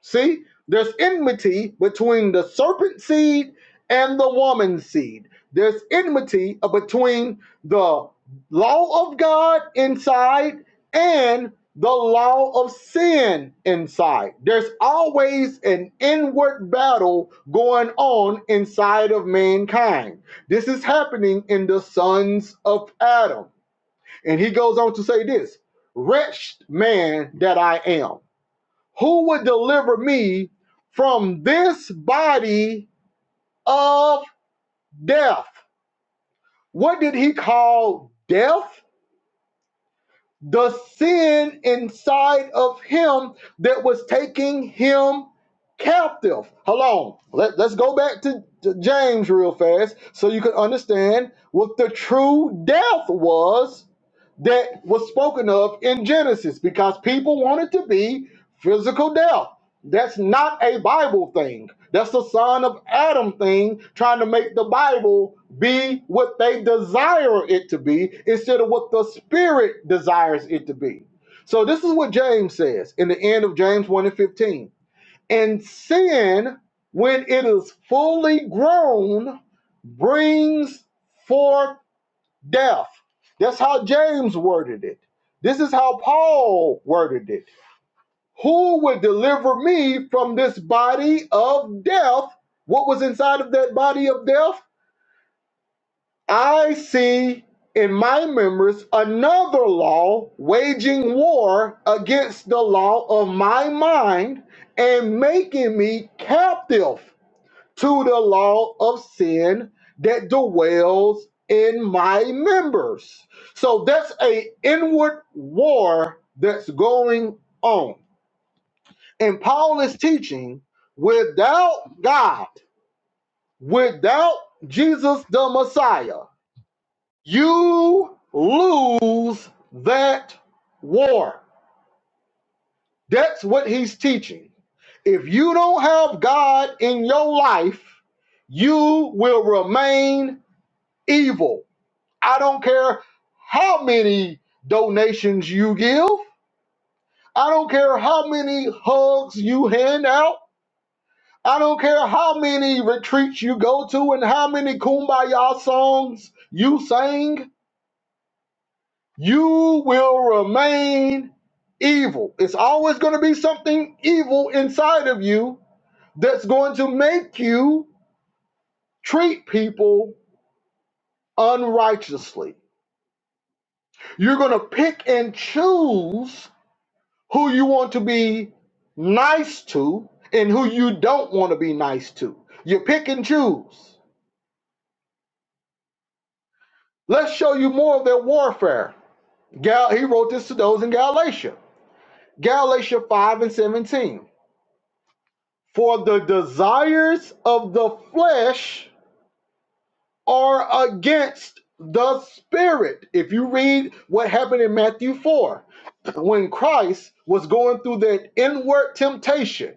See, there's enmity between the serpent seed and the woman seed. There's enmity uh, between the law of God inside and the law of sin inside. There's always an inward battle going on inside of mankind. This is happening in the sons of Adam. And he goes on to say this Wretched man that I am who would deliver me from this body of death? What did he call death? The sin inside of him that was taking him captive. Hold on. Let, let's go back to, to James real fast so you can understand what the true death was that was spoken of in Genesis because people wanted to be physical death. That's not a Bible thing. That's the son of Adam thing, trying to make the Bible be what they desire it to be instead of what the Spirit desires it to be. So, this is what James says in the end of James 1 and 15. And sin, when it is fully grown, brings forth death. That's how James worded it. This is how Paul worded it. Who would deliver me from this body of death? What was inside of that body of death? I see in my members another law waging war against the law of my mind and making me captive to the law of sin that dwells in my members. So that's a inward war that's going on. And Paul is teaching without God, without Jesus the Messiah, you lose that war. That's what he's teaching. If you don't have God in your life, you will remain evil I don't care how many donations you give. I don't care how many hugs you hand out. I don't care how many retreats you go to and how many kumbaya songs you sing. You will remain evil. It's always going to be something evil inside of you that's going to make you treat people unrighteously. You're going to pick and choose who you want to be nice to and who you don't want to be nice to. You pick and choose. Let's show you more of their warfare. Gal, he wrote this to those in Galatia. Galatia 5 and 17. For the desires of the flesh are against the spirit. If you read what happened in Matthew 4, when Christ was going through that inward temptation,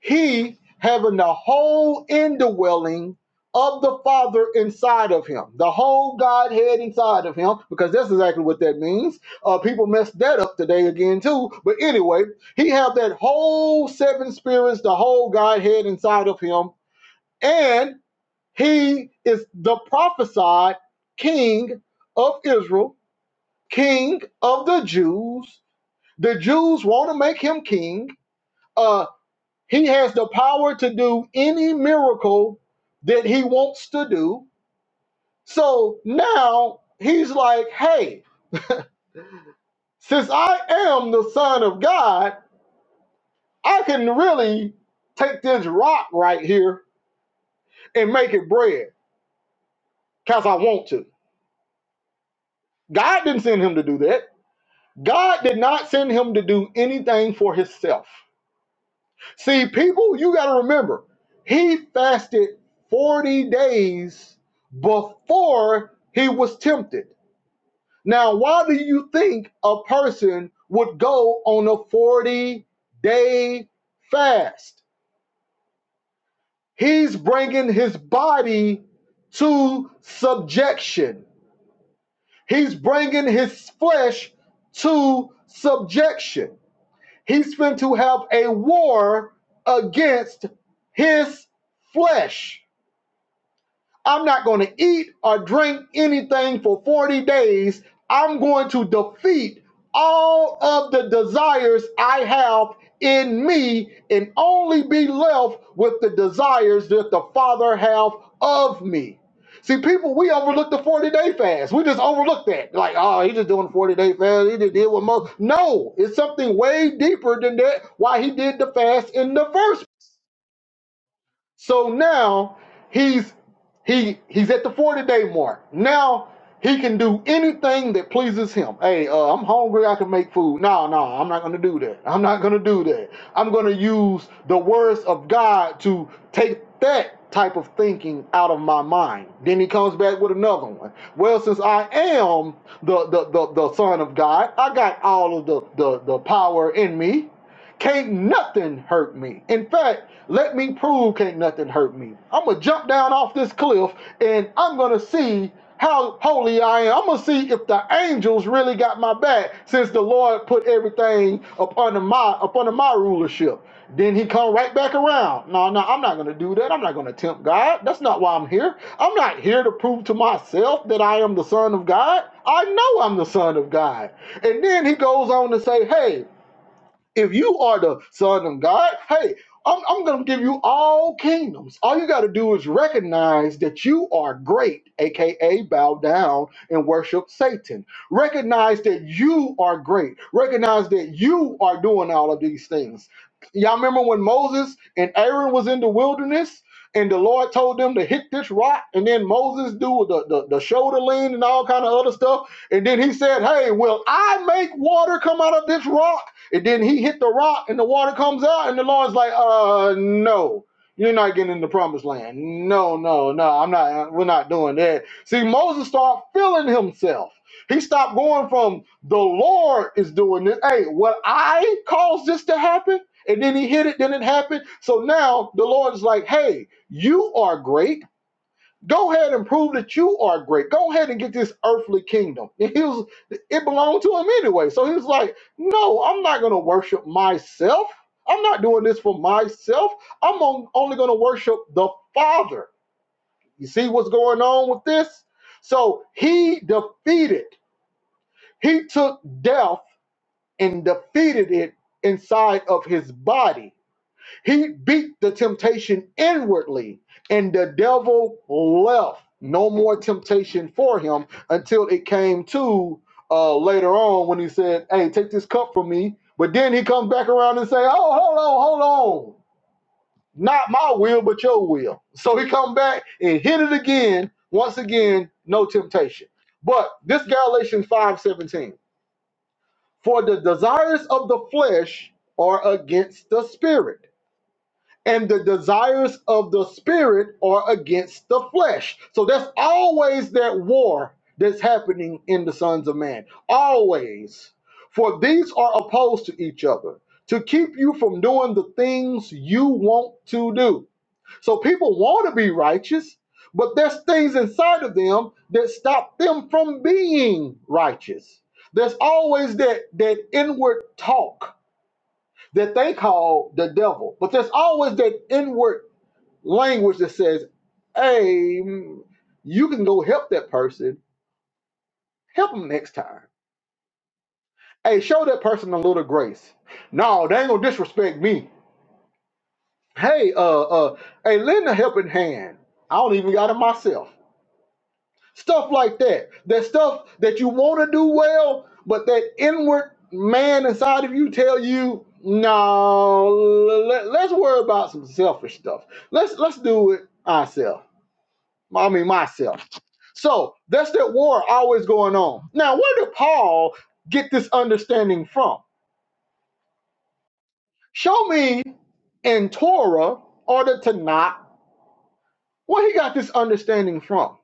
he having the whole indwelling of the Father inside of him, the whole Godhead inside of him, because that's exactly what that means. Uh, people messed that up today again too. But anyway, he have that whole seven spirits, the whole Godhead inside of him, and he is the prophesied King of Israel, King of the Jews. The Jews want to make him king. Uh, he has the power to do any miracle that he wants to do. So now he's like, hey, since I am the Son of God, I can really take this rock right here and make it bread because I want to. God didn't send him to do that. God did not send him to do anything for himself. See, people, you got to remember, he fasted 40 days before he was tempted. Now, why do you think a person would go on a 40 day fast? He's bringing his body to subjection, he's bringing his flesh to subjection. He's going to have a war against his flesh. I'm not going to eat or drink anything for 40 days. I'm going to defeat all of the desires I have in me and only be left with the desires that the Father have of me. See, people, we overlook the 40 day fast. We just overlook that. Like, oh, he just doing the 40 day fast. He just did what most. No, it's something way deeper than that. Why he did the fast in the first so now he's he he's at the 40 day mark. Now he can do anything that pleases him. Hey, uh, I'm hungry. I can make food. No, no, I'm not going to do that. I'm not going to do that. I'm going to use the words of God to take that type of thinking out of my mind. Then he comes back with another one. Well, since I am the the the, the son of God, I got all of the, the the power in me. Can't nothing hurt me. In fact, let me prove can't nothing hurt me. I'm gonna jump down off this cliff and I'm gonna see how holy I am. I'm gonna see if the angels really got my back since the Lord put everything up under my up under my rulership. Then he come right back around. No, no, I'm not gonna do that. I'm not gonna tempt God. That's not why I'm here. I'm not here to prove to myself that I am the son of God. I know I'm the son of God. And then he goes on to say, hey, if you are the son of God, hey, I'm, I'm going to give you all kingdoms. All you got to do is recognize that you are great, aka bow down and worship Satan. Recognize that you are great. Recognize that you are doing all of these things. Y'all remember when Moses and Aaron was in the wilderness and the Lord told them to hit this rock and then Moses do the, the, the shoulder lean and all kind of other stuff. And then he said, hey, will I make water come out of this rock? And then he hit the rock and the water comes out, and the Lord's like, uh, no. You're not getting in the promised land. No, no, no. I'm not. We're not doing that. See, Moses started feeling himself. He stopped going from the Lord is doing this. Hey, what I caused this to happen, and then he hit it. Then it happened. So now the Lord is like, hey, you are great. Go ahead and prove that you are great. Go ahead and get this earthly kingdom. And he was, it belonged to him anyway. So he was like, no, I'm not going to worship myself. I'm not doing this for myself. I'm on- only going to worship the Father. You see what's going on with this? So he defeated, he took death and defeated it inside of his body he beat the temptation inwardly, and the devil left. No more temptation for him until it came to uh, later on when he said, Hey, take this cup from me. But then he comes back around and say, Oh, hold on, hold on. Not my will, but your will. So he come back and hit it again. Once again, no temptation. But this Galatians 5:17. For the desires of the flesh are against the spirit and the desires of the spirit are against the flesh. So that's always that war that's happening in the sons of man. Always. For these are opposed to each other to keep you from doing the things you want to do. So people want to be righteous, but there's things inside of them that stop them from being righteous. There's always that that inward talk that they call the devil. But there's always that inward language that says, hey, mm, you can go help that person, help them next time. Hey, show that person a little grace. No, they ain't gonna disrespect me. Hey, uh, uh, hey, lend a helping hand. I don't even got it myself. Stuff like that. That stuff that you want to do well, but that inward man inside of you tell you, no, let, let's worry about some selfish stuff. Let's let's do it ourselves I mean myself. So that's that war always going on. Now, where did Paul get this understanding from? Show me in Torah or the Tanakh where he got this understanding from.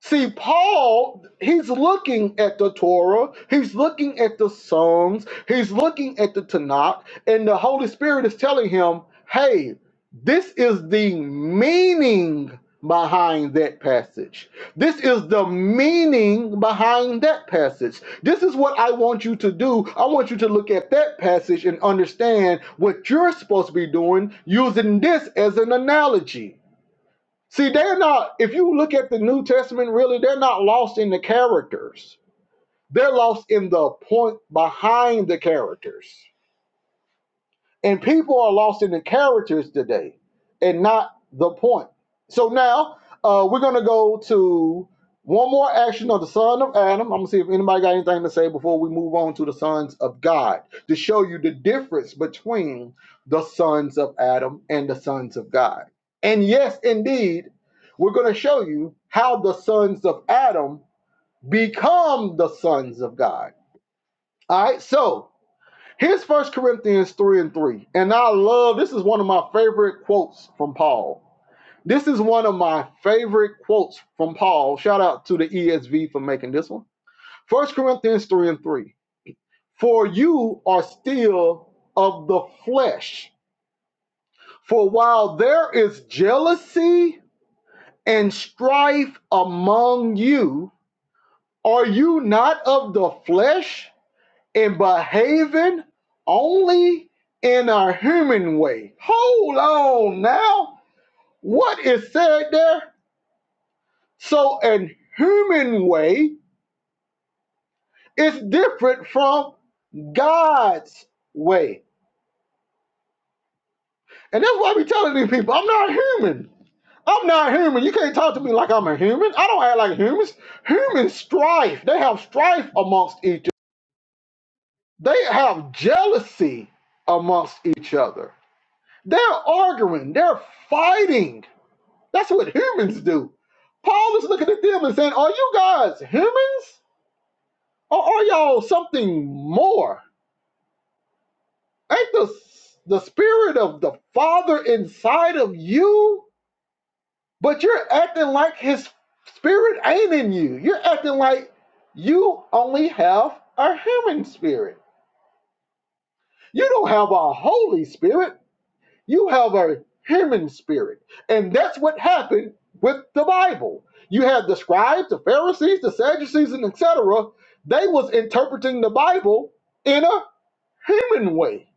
See, Paul, he's looking at the Torah, he's looking at the Psalms, he's looking at the Tanakh, and the Holy Spirit is telling him, hey, this is the meaning behind that passage. This is the meaning behind that passage. This is what I want you to do. I want you to look at that passage and understand what you're supposed to be doing using this as an analogy. See, they're not, if you look at the New Testament, really, they're not lost in the characters. They're lost in the point behind the characters. And people are lost in the characters today and not the point. So now uh, we're going to go to one more action of the son of Adam. I'm going to see if anybody got anything to say before we move on to the sons of God to show you the difference between the sons of Adam and the sons of God. And yes, indeed, we're going to show you how the sons of Adam become the sons of God. All right, so Here's First Corinthians 3 and 3. And I love this is one of my favorite quotes from Paul. This is one of my favorite quotes from Paul. Shout out to the ESV for making this one. First Corinthians 3 and 3. For you are still of the flesh. For while there is jealousy and strife among you, are you not of the flesh? and behaving only in a human way. Hold on now. What is said there? So, an human way is different from God's way. And that's why I be telling these people I'm not human. I'm not human. You can't talk to me like I'm a human. I don't act like humans. Humans strife. They have strife amongst each other. They have jealousy amongst each other. They're arguing. They're fighting That's what humans do. Paul is looking at them and saying, Are you guys humans? Or are y'all something more? Ain't the, the spirit of the Father inside of you? But you're acting like his spirit ain't in you. You're acting like you only have a human spirit. You don't have a Holy Spirit. You have a human spirit. And that's what happened with the Bible. You had the scribes, the Pharisees, the Sadducees, and etc. They was interpreting the Bible in a human way.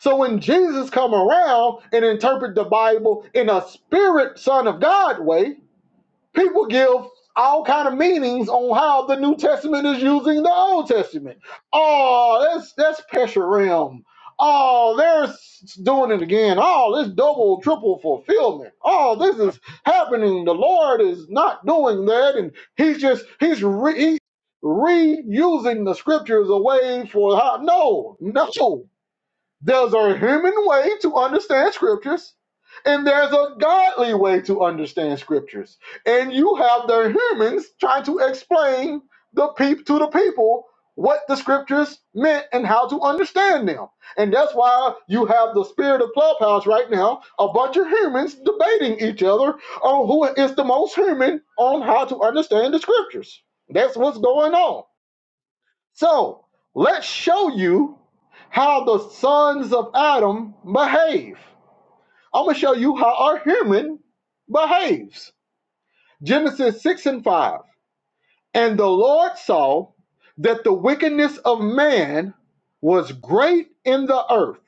So when Jesus come around and interpret the Bible in a spirit son of God way, people give all kind of meanings on how the New Testament is using the Old Testament. Oh, that's that's Pesherim. Oh, they're s- doing it again. Oh, this double, triple fulfillment. Oh, this is happening. The Lord is not doing that, and He's just He's re, he, reusing the scriptures away for how? No, no. There's a human way to understand scriptures, and there's a godly way to understand scriptures. And you have the humans trying to explain the peep to the people what the scriptures meant and how to understand them. And that's why you have the spirit of clubhouse right now, a bunch of humans debating each other on who is the most human on how to understand the scriptures. That's what's going on. So let's show you how the sons of Adam behave. I'm going to show you how our human behaves. Genesis 6 and 5. And the Lord saw that the wickedness of man was great in the earth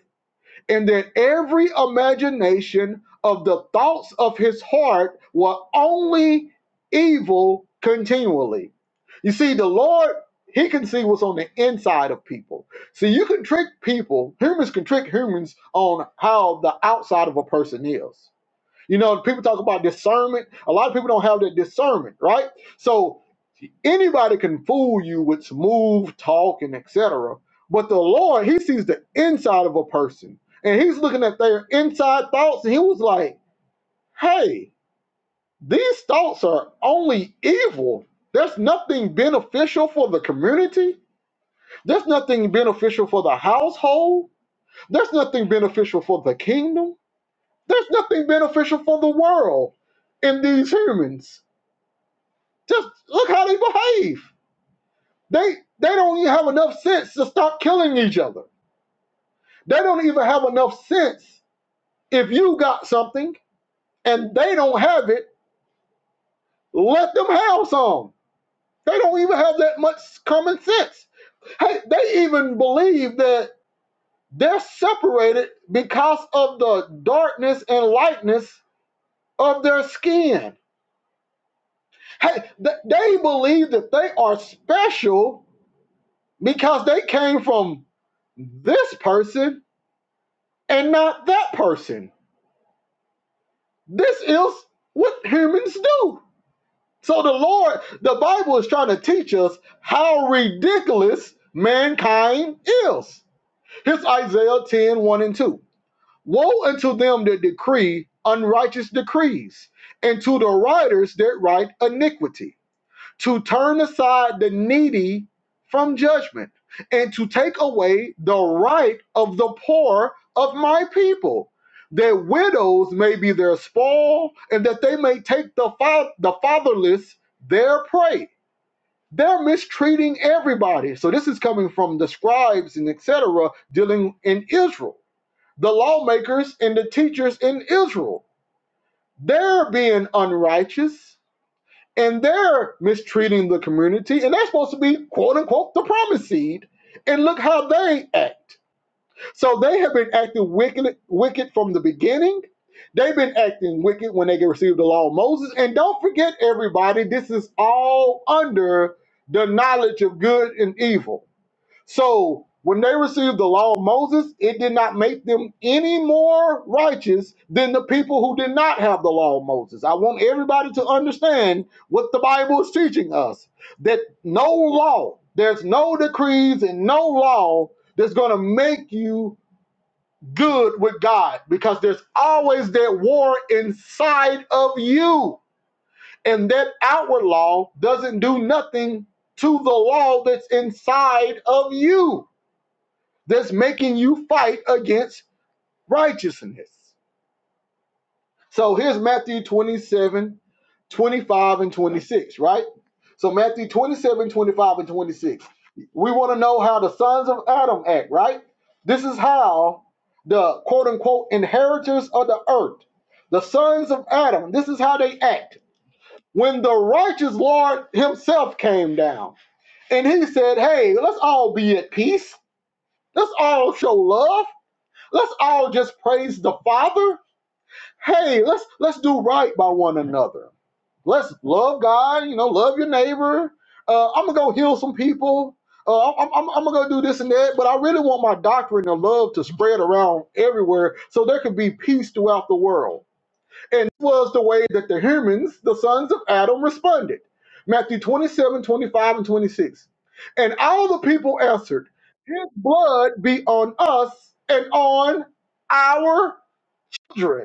and that every imagination of the thoughts of his heart were only evil continually. You see, the Lord, he can see what's on the inside of people. See, you can trick people, humans can trick humans on how the outside of a person is. You know, people talk about discernment. A lot of people don't have that discernment, right? So Anybody can fool you with smooth talk and etc. But the Lord, He sees the inside of a person, and He's looking at their inside thoughts, and He was like, "Hey, these thoughts are only evil. There's nothing beneficial for the community. There's nothing beneficial for the household. There's nothing beneficial for the kingdom. There's nothing beneficial for the world in these humans. Just look how they behave." They they don't even have enough sense to stop killing each other. They don't even have enough sense. If you got something and they don't have it, let them have some. They don't even have that much common sense. Hey, they even believe that they're separated because of the darkness and lightness of their skin. Hey, th- they believe that they are special because they came from this person and not that person This is what humans do. So the Lord, the Bible is trying to teach us how ridiculous mankind is. Here's Isaiah ten one and 2. Woe unto them that decree unrighteous decrees, and to the writers that write iniquity to turn aside the needy from judgment and to take away the right of the poor of my people that widows may be their spoil and that they may take the, fa- the fatherless their prey they're mistreating everybody so this is coming from the scribes and etc dealing in israel the lawmakers and the teachers in israel they're being unrighteous and they're mistreating the community, and they're supposed to be quote unquote the promised seed. And look how they act. So they have been acting wicked, wicked from the beginning. They've been acting wicked when they get received the law of Moses. And don't forget, everybody, this is all under the knowledge of good and evil. So when they received the law of Moses, it did not make them any more righteous than the people who did not have the law of Moses. I want everybody to understand what the Bible is teaching us that no law, there's no decrees and no law that's going to make you good with God because there's always that war inside of you. And that outward law doesn't do nothing to the law that's inside of you that's making you fight against righteousness. So here's Matthew 27, 25 and 26, right? So Matthew twenty-seven, twenty-five and 26. We want to know how the sons of Adam act, right? This is how the quote unquote inheritors of the earth, the sons of Adam, this is how they act. When the righteous Lord himself came down and he said, Hey, let's all be at peace. Let's all show love Let's all just praise the Father. Hey, let's let's do right by one another. Let's love God. You know, love your neighbor. Uh, I'm gonna go heal some people. Uh, I'm, I'm, I'm gonna go do this and that. But I really want my doctrine of love to spread around everywhere, so there can be peace throughout the world. And this was the way that the humans, the sons of Adam, responded. Matthew 27, 25, and 26. And all the people answered, His blood be on us and on our children.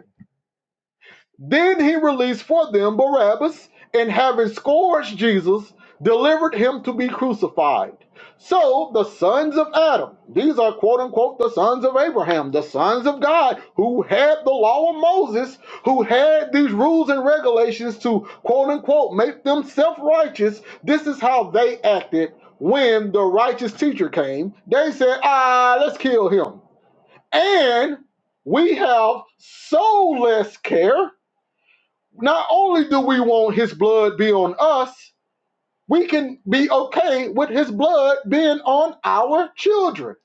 Then he released for them Barabbas, and having scourged Jesus, delivered him to be crucified. So the sons of Adam, these are quote unquote the sons of Abraham, the sons of God, who had the law of Moses, who had these rules and regulations to quote unquote make them self righteous. This is how they acted when the righteous teacher came. They said, ah, let's kill him. And we have so less care not only do we want his blood be on us, we can be okay with his blood being on our children.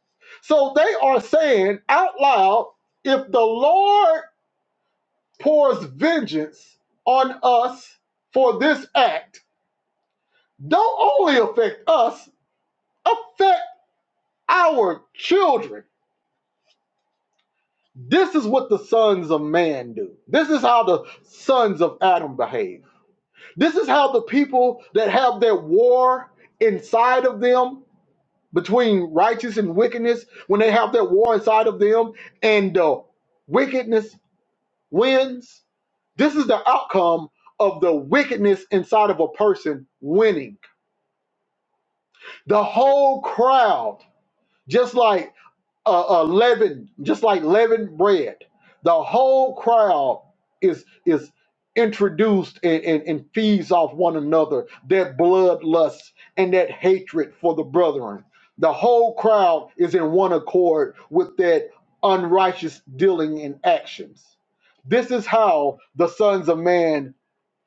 So they are saying out loud if the Lord pours vengeance on us for this act, don't only affect us, affect our children. This is what the sons of man do. This is how the sons of Adam behave. This is how the people that have that war inside of them between righteous and wickedness, when they have that war inside of them and the wickedness wins, this is the outcome of the wickedness inside of a person winning. The whole crowd, just like uh, uh, leaven, just like leavened bread. The whole crowd is is introduced and, and, and feeds off one another that bloodlust and that hatred for the brethren. The whole crowd is in one accord with that unrighteous dealing and actions. This is how the sons of man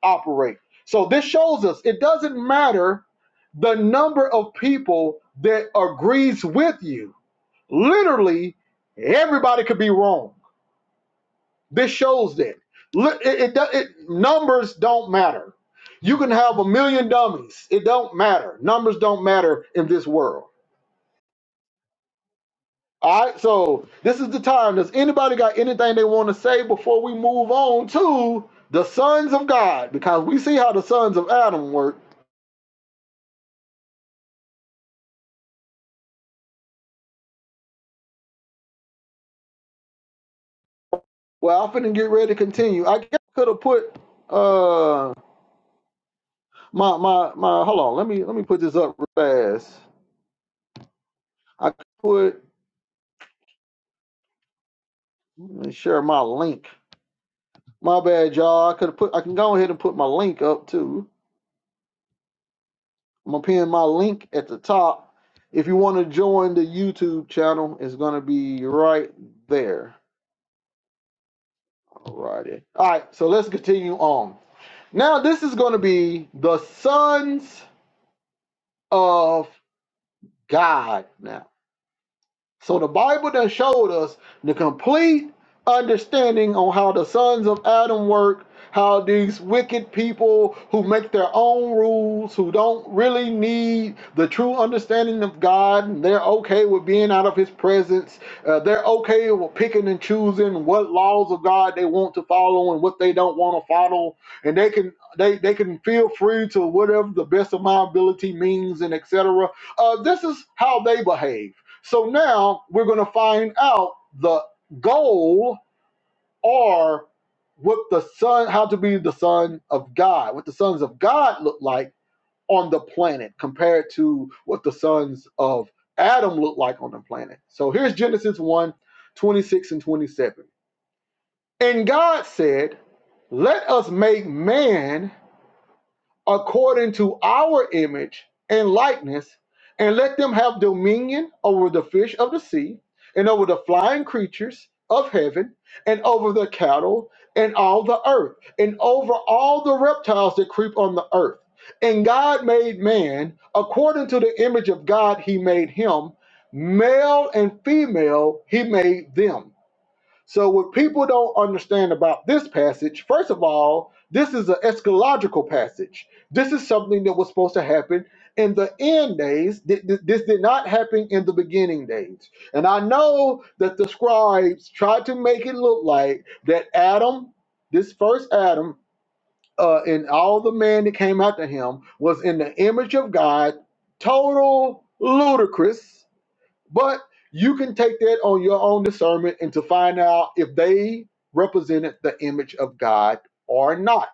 operate. So this shows us it doesn't matter the number of people that agrees with you literally everybody could be wrong this shows that it, it, it numbers don't matter you can have a million dummies it don't matter numbers don't matter in this world all right so this is the time does anybody got anything they want to say before we move on to the sons of god because we see how the sons of adam work well i'm finna get ready to continue i guess i could have put uh my my my hold on let me let me put this up real fast i could put Let me share my link. My bad, y'all. I could have put. I can go ahead and put my link up too. I'm gonna pin my link at the top. If you want to join the YouTube channel, it's gonna be right there. Alrighty. All right. So let's continue on. Now this is gonna be the sons of God. Now So the Bible that showed us the complete understanding on how the sons of Adam work, how these wicked people who make their own rules, who don't really need the true understanding of God, and they're okay with being out of His presence. Uh, they're okay with picking and choosing what laws of God they want to follow and what they don't want to follow, and they can they they can feel free to whatever the best of my ability means and etc. Uh, this is how they behave so now we're going to find out the goal or what the son, how to be the son of God, what the sons of God look like on the planet compared to what the sons of Adam look like on the planet. So here's Genesis one, 26 and 27. And God said, Let us make man according to our image and likeness, and let them have dominion over the fish of the sea, and over the flying creatures of heaven, and over the cattle, and all the earth, and over all the reptiles that creep on the earth. And God made man, according to the image of God, he made him, male and female, he made them. So, what people don't understand about this passage, first of all, this is an eschatological passage. This is something that was supposed to happen in the end days. This did not happen in the beginning days. And I know that the scribes tried to make it look like that Adam, this first Adam, uh, and all the man that came after him was in the image of God, total ludicrous but you can take that on your own discernment and to find out if they represented the image of God or not.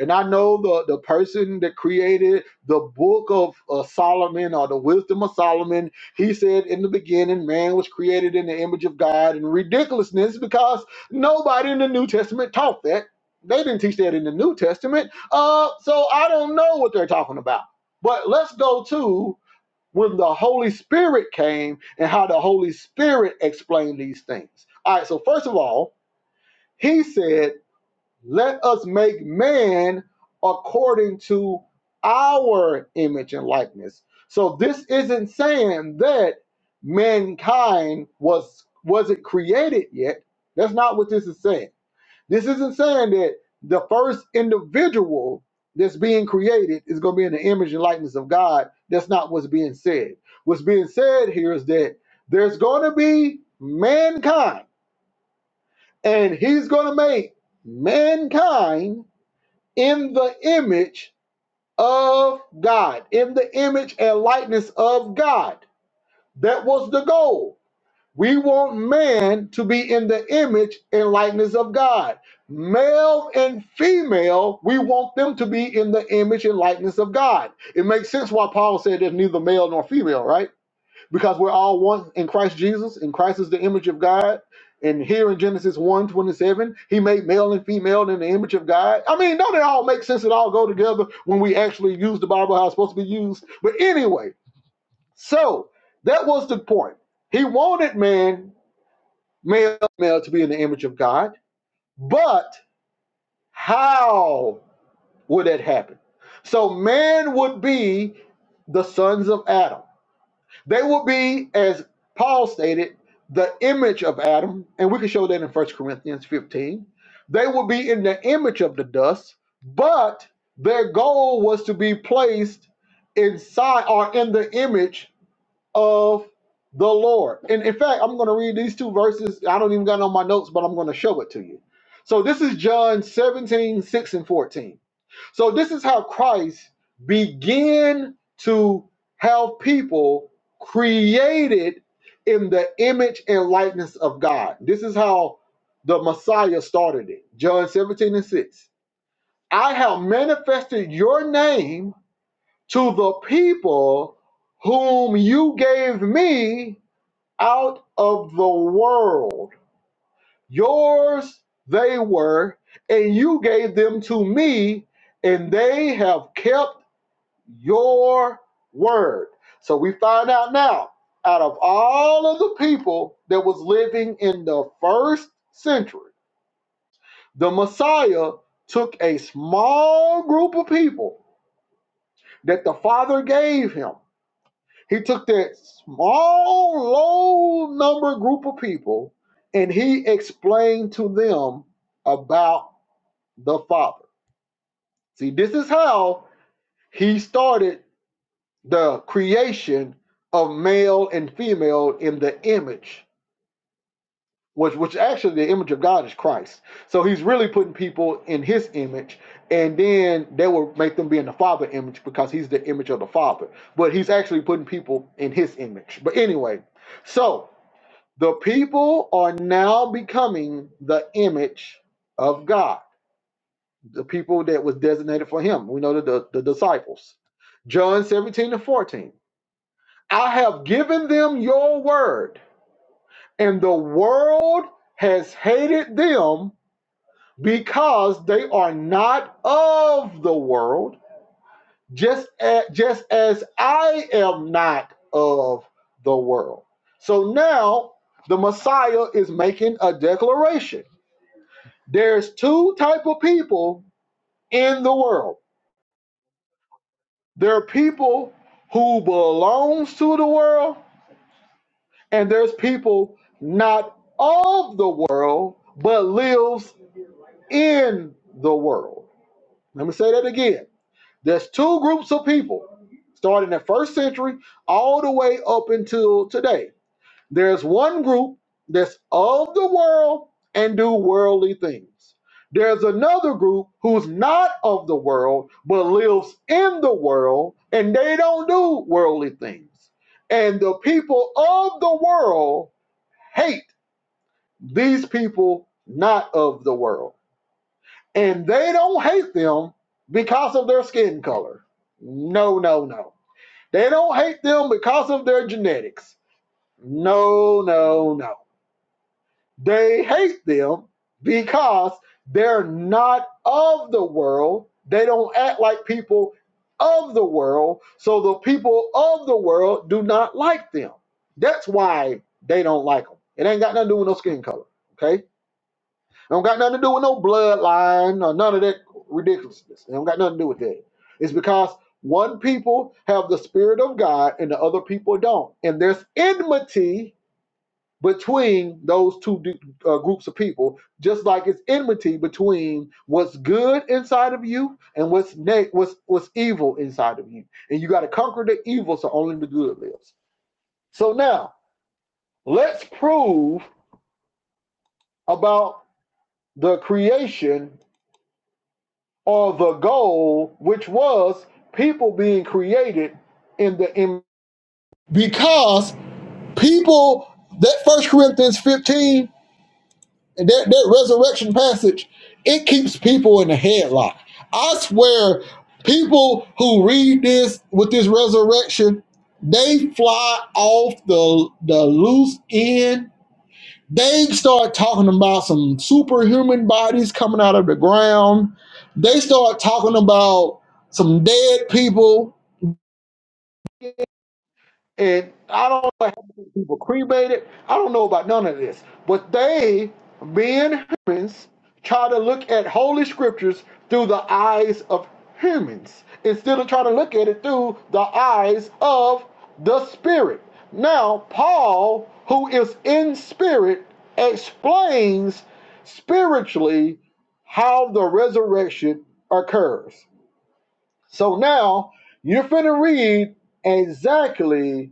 And I know the, the person that created the book of uh, Solomon or the wisdom of Solomon, he said in the beginning, man was created in the image of God and ridiculousness because nobody in the New Testament taught that. They didn't teach that in the New Testament. Uh, so I don't know what they're talking about. But let's go to when the Holy Spirit came and how the Holy Spirit explained these things. All right, so first of all, he said, Let us make man according to our image and likeness. So this isn't saying that mankind was wasn't created yet. That's not what this is saying this isn't saying that the first individual that's being created is going to be in the image and likeness of God. That's not what's being said. What's being said here is that there's going to be mankind, and he's going to make mankind in the image of God, in the image and likeness of God. That was the goal. We want man to be in the image and likeness of God. Male and female, we want them to be in the image and likeness of God. It makes sense why Paul said there's neither male nor female, right? Because we're all one in Christ Jesus, and Christ is the image of God. And here in Genesis one 27, he made male and female in the image of God. I mean, don't it all make sense? It all go together when we actually use the Bible how it's supposed to be used. But anyway, so that was the point. He wanted man male male to be in the image of God. But how would that happen? So man would be the sons of Adam. They would be, as Paul stated, the image of Adam, and we can show that in First Corinthians 15. They would be in the image of the dust, but their goal was to be placed inside or in the image of the Lord. And in fact, I'm going to read these two verses. I don't even got it on my notes, but I'm going to show it to you. So this is John 17:6 and 14. So this is how Christ began to have people created in the image and likeness of God. This is how the Messiah started it. John 17 and 6. I have manifested your name to the people whom you gave me out of the world. Yours they were, and you gave them to me, and they have kept your word. So we find out now, out of all of the people that was living in the first century, the Messiah took a small group of people that the Father gave him He took that small, low number group of people and he explained to them about the Father. See, this is how he started the creation of male and female in the image, which, which actually the image of God is Christ. So he's really putting people in his image, and then they will make them be in the Father image because he's the image of the Father. But he's actually putting people in his image. But anyway, so The people are now becoming the image of God, the people that was designated for him. We know that the, the disciples. John 17 and 14. I have given them your word, and the world has hated them because they are not of the world, just as, just as I am not of the world. So now the Messiah is making a declaration There's two type of people in the world. There are people who belongs to the world, and there's people not of the world but lives in the world. Let me say that again. There's two groups of people, starting in the first century all the way up until today. There's one group that's of the world and do worldly things. There's another group who's not of the world but lives in the world and they don't do worldly things. And the people of the world hate these people not of the world. And they don't hate them because of their skin color. No, no, no. They don't hate them because of their genetics. No, no, no They hate them because they're not of the world. They don't act like people of the world. So the people of the world do not like them. That's why they don't like them. It ain't got nothing to do with no skin color. Okay? It don't got nothing to do with no bloodline or none of that ridiculousness. It don't got nothing to do with that. It's because one people have the spirit of God and the other people don't. And there's enmity between those two uh, groups of people, just like it's enmity between what's good inside of you and what's ne- what's what's evil inside of you. And you got to conquer the evil so only the good lives. So now let's prove about the creation or the goal, which was people being created in the im- because people that First Corinthians fifteen And that, that resurrection passage, it keeps people in the headlock. I swear, people who read this with this resurrection, they fly off the the loose end. They start talking about some superhuman bodies coming out of the ground. They start talking about some dead people. And I don't know how many people cremated. I don't know about none of this. But they, being humans, try to look at holy scriptures through the eyes of humans instead of trying to look at it through the eyes of the spirit. Now, Paul, who is in spirit, explains spiritually how the resurrection occurs. So now you're finna read exactly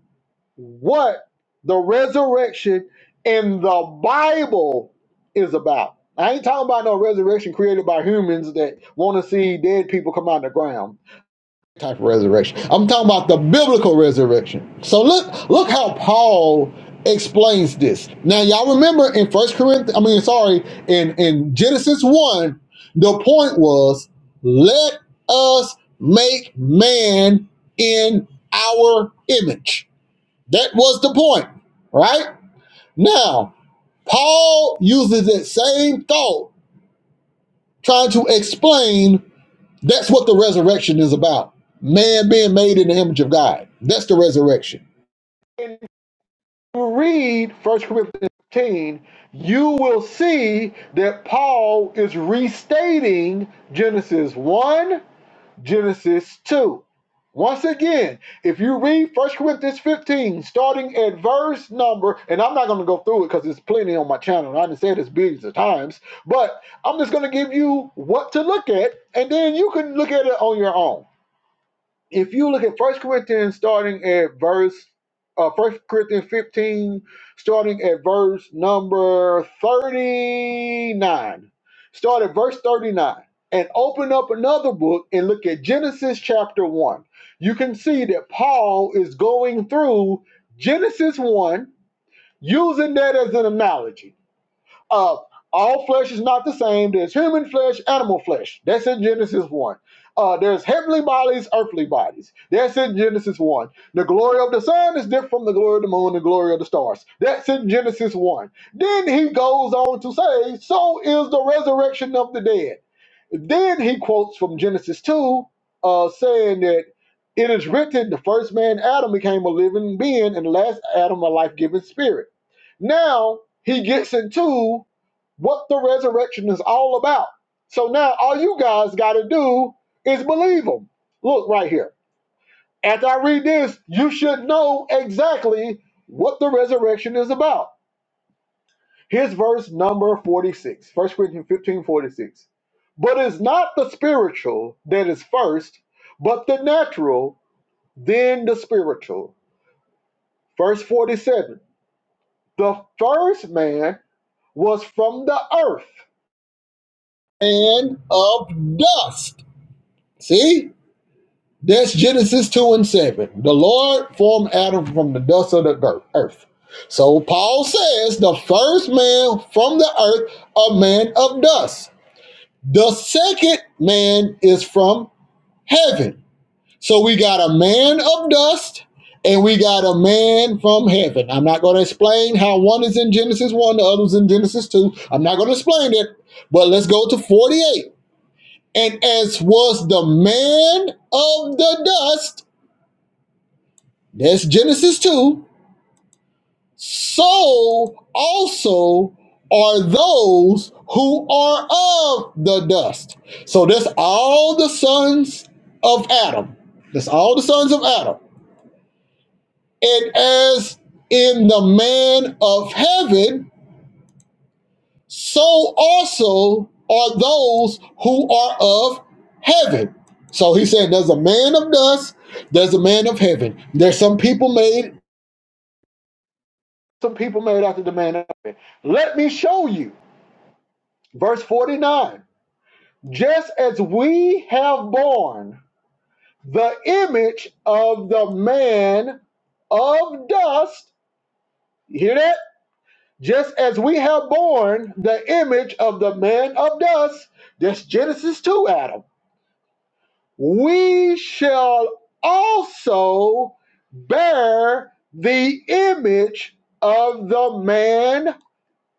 what the resurrection in the Bible is about. I ain't talking about no resurrection created by humans that want to see dead people come out of the ground type of resurrection. I'm talking about the biblical resurrection. So look, look how Paul explains this. Now y'all remember in First Corinthians, I mean, sorry, in in Genesis one, the point was let us make man in our image. That was the point, right? Now, Paul uses that same thought trying to explain that's what the resurrection is about. Man being made in the image of God. That's the resurrection. And if you read First Corinthians 15, you will see that Paul is restating Genesis 1 Genesis 2. Once again, if you read First Corinthians 15, starting at verse number, and I'm not going to go through it because there's plenty on my channel, and I done said this billions of times, but I'm just going to give you what to look at, and then you can look at it on your own if you look at First Corinthians starting at verse uh First Corinthians 15, starting at verse number 39. Start at verse 39 and open up another book and look at Genesis chapter 1. You can see that Paul is going through Genesis 1 using that as an analogy uh, all flesh is not the same. There's human flesh, animal flesh. That's in Genesis 1. Uh, there's heavenly bodies, earthly bodies. That's in Genesis 1. The glory of the sun is different from the glory of the moon, the glory of the stars. That's in Genesis 1. Then he goes on to say, So is the resurrection of the dead. Then he quotes from Genesis 2, uh, saying that it is written, the first man, Adam, became a living being, and the last Adam, a life giving spirit. Now he gets into what the resurrection is all about. So now all you guys got to do is believe them. Look right here. After I read this, you should know exactly what the resurrection is about. Here's verse number 46, 1 Corinthians 15:46. But it's not the spiritual that is first, but the natural, then the spiritual. Verse 47 The first man was from the earth and of dust. See? That's Genesis 2 and 7. The Lord formed Adam from the dust of the earth. So Paul says the first man from the earth, a man of dust. The second man is from heaven. So we got a man of dust and we got a man from heaven. I'm not going to explain how one is in Genesis 1, the other's in Genesis 2. I'm not going to explain it, but let's go to 48. And as was the man of the dust, That's Genesis 2. So also are those who are of the dust. So that's all the sons of Adam. That's all the sons of Adam. And as in the man of heaven, so also are those who are of heaven. So he said, There's a man of dust, there's a man of heaven. There's some people made, some people made after the man of. Let me show you. Verse 49 Just as we have borne the image of the man of dust, you hear that? Just as we have borne the image of the man of dust, that's Genesis 2, Adam, we shall also bear the image of the man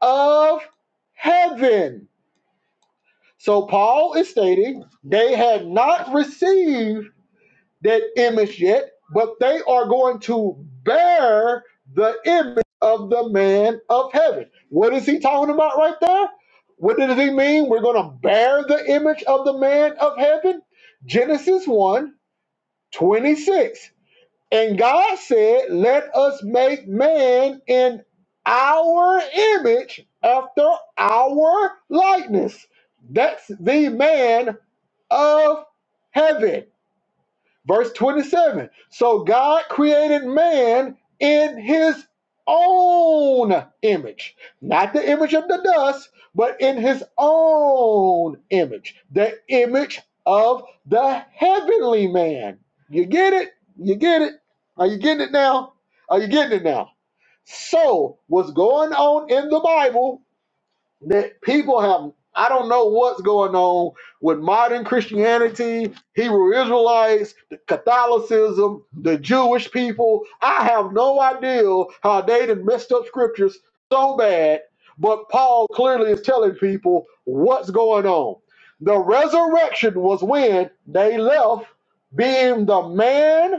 of heaven. So Paul is stating they had not received that image yet, but they are going to bear the image of the man of heaven. What is he talking about right there? What does he mean? We're going to bear the image of the man of heaven? Genesis one 26, And God said, Let us make man in our image after our likeness. That's the man of heaven. Verse 27 So God created man in his own image, not the image of the dust, but in his own image, the image of the heavenly man. You get it? You get it? Are you getting it now? Are you getting it now? So, what's going on in the Bible that people have I don't know what's going on with modern Christianity, Hebrew Israelites, the Catholicism, the Jewish people. I have no idea how they done messed up scriptures so bad, but Paul clearly is telling people what's going on. The resurrection was when they left being the man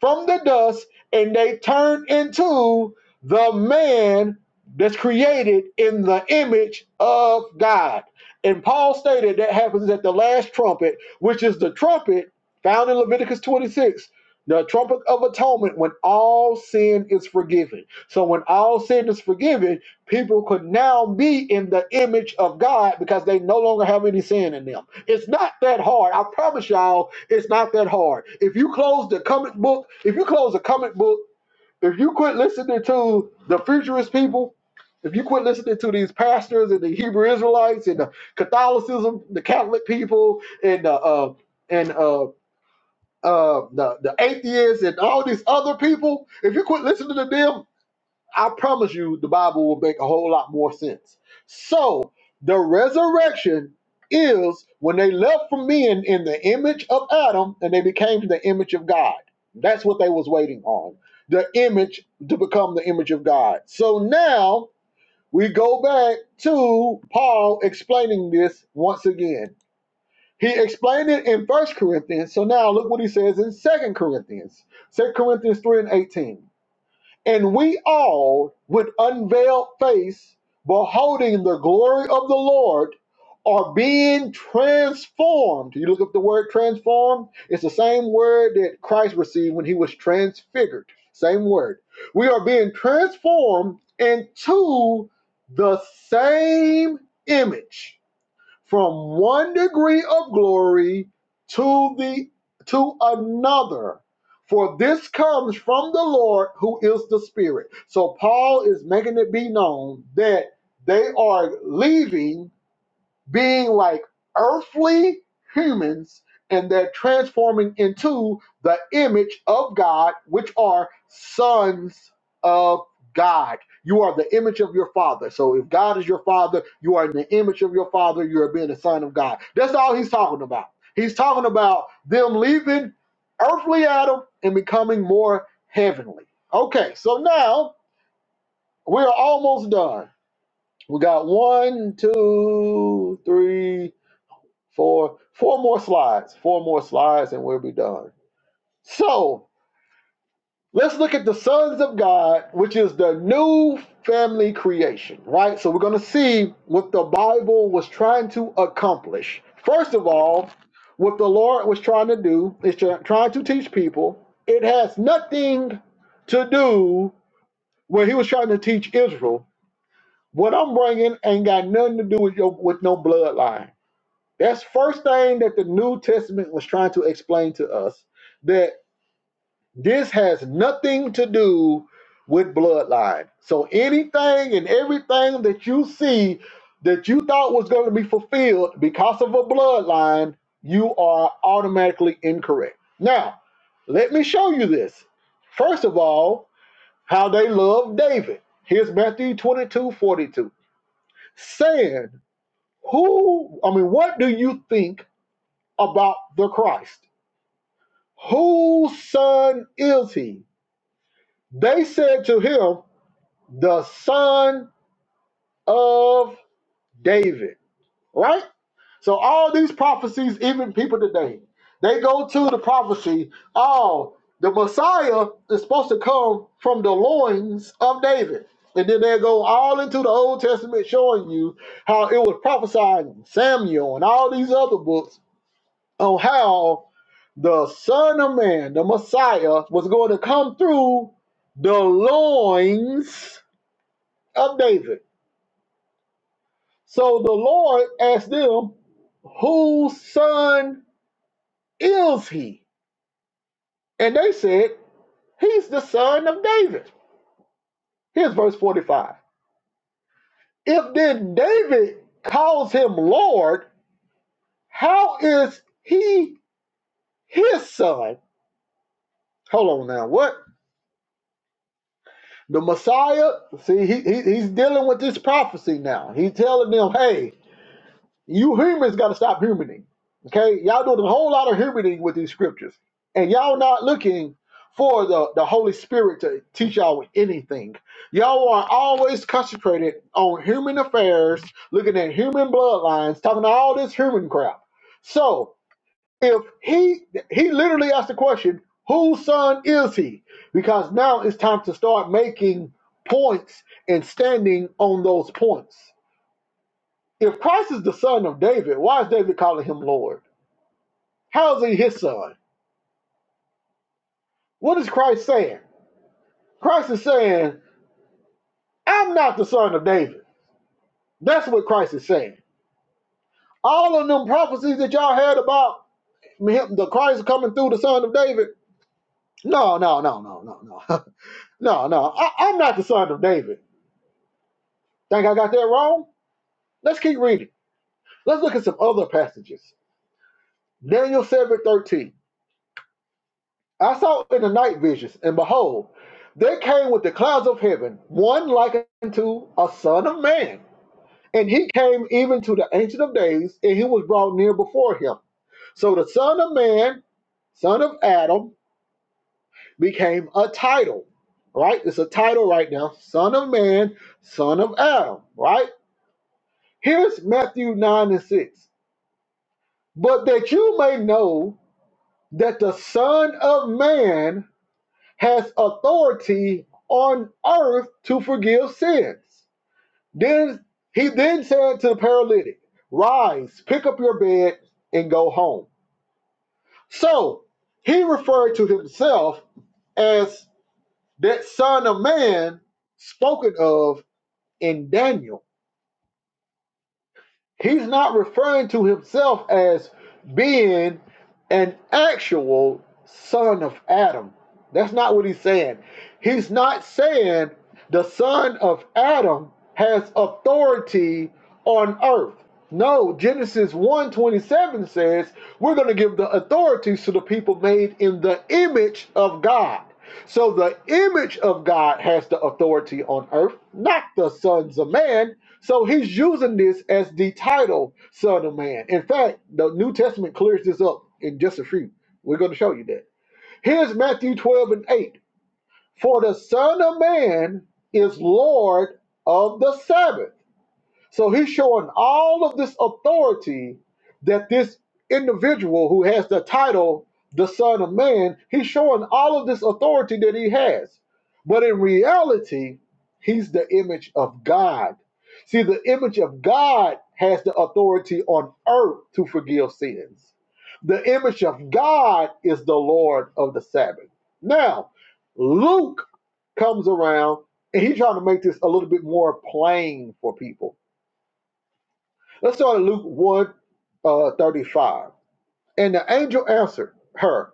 from the dust and they turn into the man that's created in the image of God. And Paul stated that happens at the last trumpet, which is the trumpet found in Leviticus 26, the trumpet of atonement when all sin is forgiven. So, when all sin is forgiven, people could now be in the image of God because they no longer have any sin in them. It's not that hard. I promise y'all, it's not that hard. If you close the comic book, if you close the comic book, if you quit listening to the futurist people, if you quit listening to these pastors and the Hebrew Israelites and the Catholicism, the Catholic people and the uh, and uh, uh, the the atheists and all these other people, if you quit listening to them I promise you, the Bible will make a whole lot more sense. So, the resurrection is when they left from being in the image of Adam and they became the image of God. That's what they was waiting on. The image to become the image of God. So now we go back to Paul explaining this once again. He explained it in First Corinthians. So now look what he says in Second Corinthians. Second Corinthians 3 and 18. And we all, with unveiled face, beholding the glory of the Lord, are being transformed. You look up the word transformed, it's the same word that Christ received when he was transfigured. Same word. We are being transformed into the same image from one degree of glory to the to another for this comes from the lord who is the spirit so paul is making it be known that they are leaving being like earthly humans and they're transforming into the image of God, which are sons of God. You are the image of your father. So if God is your father, you are in the image of your father, you're being a son of God. That's all he's talking about. He's talking about them leaving earthly Adam and becoming more heavenly. Okay, so now we're almost done. We got one, two, three, Four, four more slides, four more slides, and we'll be done. So let's look at the sons of God, which is the new family creation, right? So we're going to see what the Bible was trying to accomplish. First of all, what the Lord was trying to do is try- trying to teach people. It has nothing to do when He was trying to teach Israel. What I'm bringing ain't got nothing to do with your with no bloodline. That's first thing that the New Testament was trying to explain to us that this has nothing to do with bloodline. So anything and everything that you see that you thought was going to be fulfilled because of a bloodline, you are automatically incorrect. Now, let me show you this. First of all, how they love David. Here's Matthew 22 42, Saying, who, I mean, what do you think about the Christ. Whose son is he? They said to him, the son of David, right? So all these prophecies, even people today, they go to the prophecy, oh, the Messiah is supposed to come from the loins of David. And then they go all into the Old Testament showing you how it was prophesied in Samuel and all these other books on how the Son of Man, the Messiah, was going to come through the loins of David. So the Lord asked them, Whose son is he? And they said, He's the son of David. Here's verse 45. If then David calls him Lord, how is he his son? Hold on now. What? The Messiah, see, he, he he's dealing with this prophecy now. He's telling them, hey, you humans got to stop humaning. Okay, y'all doing a whole lot of humaning with these scriptures, and y'all not looking for the, the Holy Spirit to teach y'all anything. Y'all are always concentrated on human affairs, looking at human bloodlines, talking to all this human crap. So if he he literally asked the question, whose son is he? Because now it's time to start making points and standing on those points. If Christ is the son of David, why is David calling him Lord? How is he his son? What is Christ saying? Christ is saying, I'm not the son of David. That's what Christ is saying. All of them prophecies that y'all had about him, the Christ coming through the son of David. No, no, no, no, no, no. no, no. I, I'm not the son of David. Think I got that wrong? Let's keep reading. Let's look at some other passages. Daniel 7 13. I saw in the night visions, and behold, there came with the clouds of heaven one like unto a son of man. And he came even to the Ancient of Days, and he was brought near before him. So the Son of Man, Son of Adam, became a title, right? It's a title right now Son of Man, Son of Adam, right? Here's Matthew 9 and 6. But that you may know that the Son of Man has authority on earth to forgive sins. Then he then said to the paralytic, Rise, pick up your bed, and go home. So he referred to himself as that Son of Man spoken of in Daniel He's not referring to himself as being an actual son of Adam. That's not what he's saying. He's not saying the son of Adam has authority on earth. No, Genesis one twenty seven says we're going to give the authority to the people made in the image of God. So the image of God has the authority on earth, not the sons of man. So he's using this as the title, Son of Man. In fact, the New Testament clears this up in just a few. We're going to show you that. Here's Matthew 12 and 8. For the Son of Man is Lord of the Sabbath. So he's showing all of this authority that this individual who has the title, the Son of Man, he's showing all of this authority that he has. But in reality, he's the image of God. See, the image of God has the authority on earth to forgive sins. The image of God is the Lord of the Sabbath. Now, Luke comes around and he's trying to make this a little bit more plain for people Let's start at Luke one uh, 35, And the angel answered her,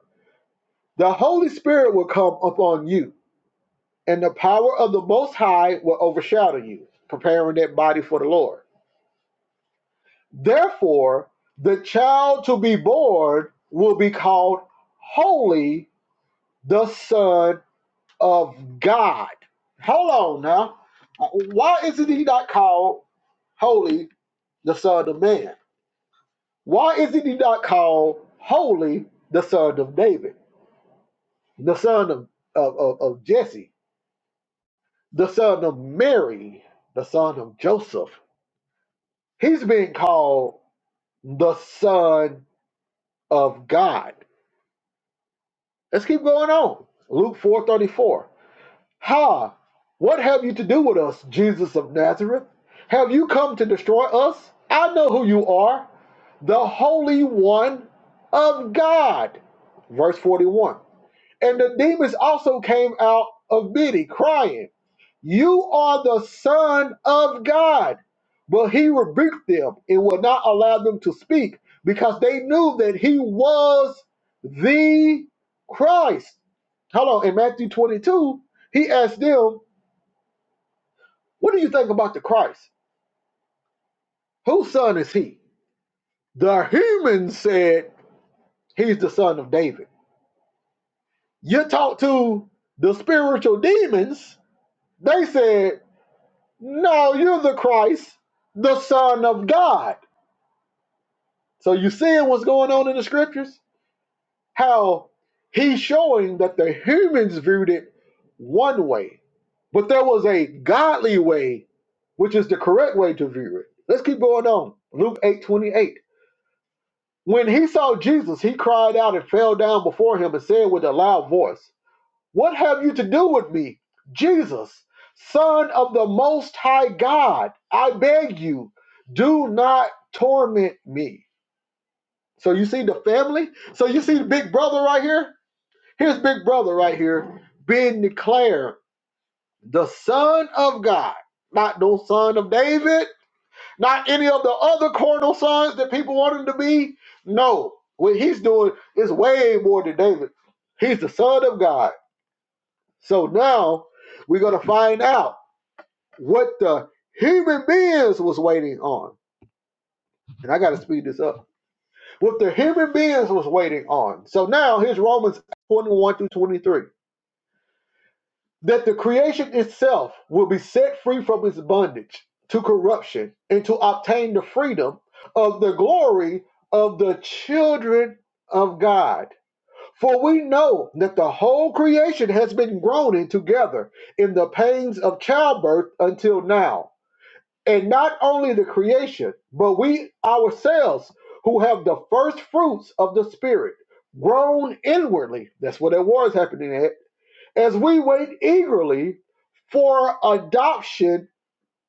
The Holy Spirit will come upon you, and the power of the Most High will overshadow you, preparing that body for the Lord. Therefore, the child to be born will be called Holy, the Son of God. Hold on now. Why isn't he not called Holy, the Son of Man? Why is it he not called holy the son of David, the son of, of, of, of Jesse, the son of Mary, the son of Joseph? He's being called the son of God. Let's keep going on. Luke 4:34. Ha! What have you to do with us, Jesus of Nazareth? Have you come to destroy us? I know who you are, the Holy One of God. Verse 41. And the demons also came out of Biddy, crying, You are the Son of God. But he rebuked them and would not allow them to speak because they knew that he was the Christ. Hello, in Matthew 22, he asked them, What do you think about the Christ? Whose son is he? The humans said, He's the son of David. You talk to the spiritual demons, they said, No, you're the Christ, the Son of God. So you seeing what's going on in the scriptures? How he's showing that the humans viewed it one way, but there was a godly way, which is the correct way to view it. Let's keep going on. Luke eight twenty eight. When he saw Jesus, he cried out and fell down before him and said with a loud voice, What have you to do with me, Jesus, Son of the Most High God? I beg you, do not torment me. So you see the family? So you see the big brother right here? Here's big brother right here being declared the Son of God, not no son of David, not any of the other carnal sons that people want him to be. No, what he's doing is way more than David. He's the Son of God. So now we're gonna find out what the human beings was waiting on. And I gotta speed this up. What the human beings was waiting on. So now here's Romans 21 through 23. That the creation itself will be set free from its bondage to corruption and to obtain the freedom of the glory of the children of God. For we know that the whole creation has been groaning together in the pains of childbirth until now. And not only the creation, but we ourselves who have the first fruits of the Spirit groan inwardly. That's what that war is happening at. As we wait eagerly for adoption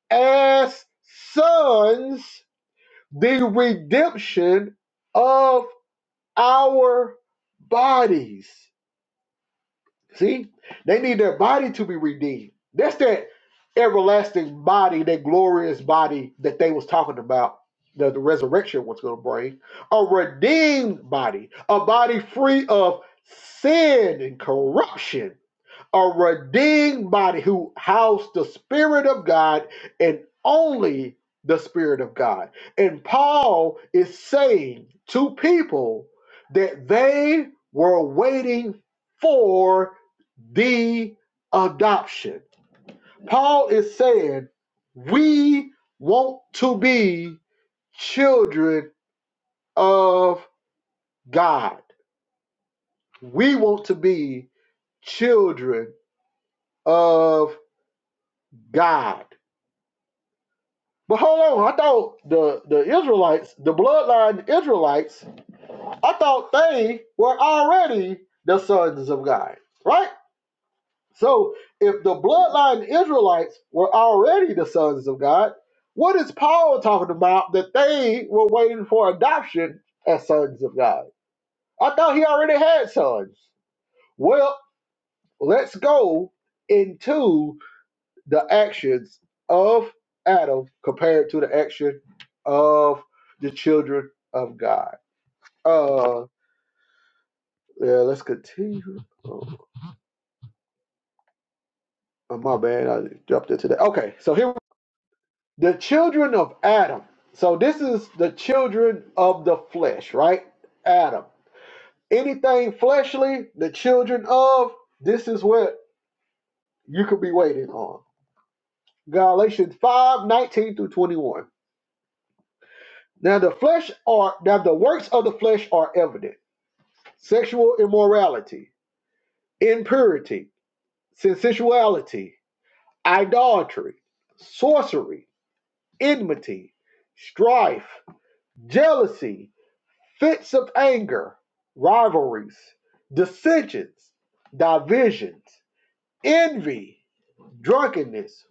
as sons, the redemption of our bodies. See, they need their body to be redeemed. That's that everlasting body, that glorious body that they was talking about. That the resurrection was going to bring a redeemed body, a body free of sin and corruption a redeemed body who housed the Spirit of God and only the Spirit of God. And Paul is saying to people that they were waiting for the adoption. Paul is saying, We want to be children of God. We want to be children of God. But hold on, I thought the the Israelites, the bloodline Israelites, I thought they were already the sons of God, right? So if the bloodline Israelites were already the sons of God, what is Paul talking about that they were waiting for adoption as sons of God? I thought he already had sons. Well, let's go into the actions of Adam compared to the action of the children of God. Uh, yeah, let's continue. Oh, oh, my bad, I jumped into that. Okay, so here the children of Adam. So this is the children of the flesh, right? Adam. Anything fleshly, the children of this is what you could be waiting on. Galatians 5 19 through 21. Now the flesh are now the works of the flesh are evident sexual immorality, impurity, sensuality, idolatry, sorcery, enmity, strife, jealousy, fits of anger, rivalries, dissensions, divisions, envy, drunkenness,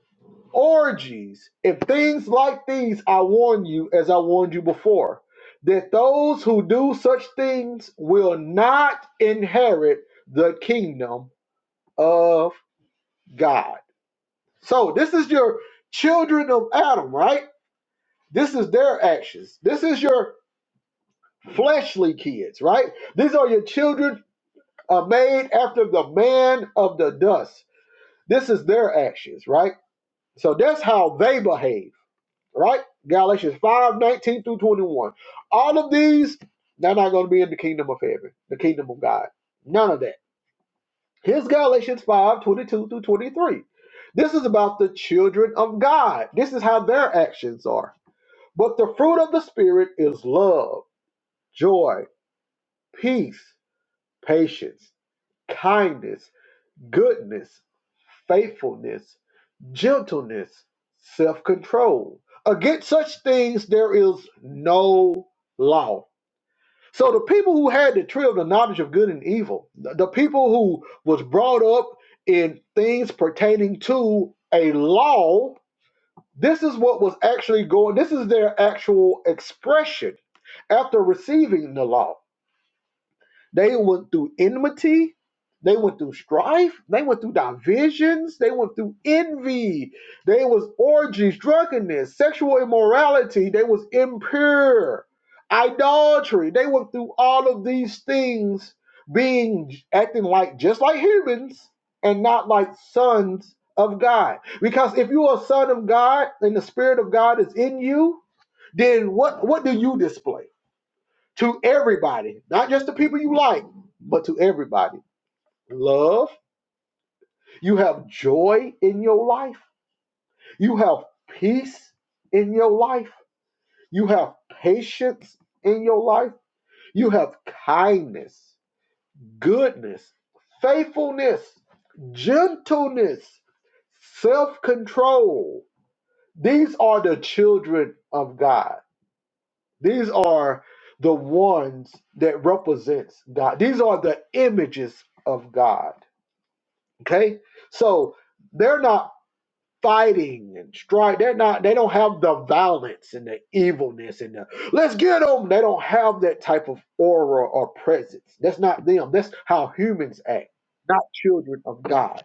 orgies, and things like these. I warn you, as I warned you before, that those who do such things will not inherit the kingdom of God. So this is your children of Adam, right? This is their actions. This is your fleshly kids, right? These are your children uh, made after the man of the dust. This is their actions, right? So that's how they behave, right? Galatians 5 19 through 21. All of these, they're not going to be in the kingdom of heaven, the kingdom of God. None of that. Here's Galatians 5 22 through 23. This is about the children of God. This is how their actions are. But the fruit of the Spirit is love, joy, peace, patience, kindness, goodness, faithfulness, gentleness, self control. Against such things there is no law. So the people who had the tree of the knowledge of good and evil, the people who was brought up in things pertaining to a law, this is what was actually going. This is their actual expression after receiving the law. They went through enmity. They went through strife. They went through divisions. They went through envy. They was orgies, drunkenness, sexual immorality. They was impure, idolatry. They went through all of these things, being acting like just like humans and not like sons of God. Because if you are a son of God and the Spirit of God is in you, then what what do you display? to everybody, not just the people you like, but to everybody. Love, you have joy in your life, you have peace in your life, you have patience in your life, you have kindness, goodness, faithfulness, gentleness, self control. These are the children of God. These are the ones that represents God. These are the images of God. Okay? So they're not fighting and strike. They're not they don't have the violence and the evilness and the let's get them. They don't have that type of aura or presence. That's not them. That's how humans act, not children of God.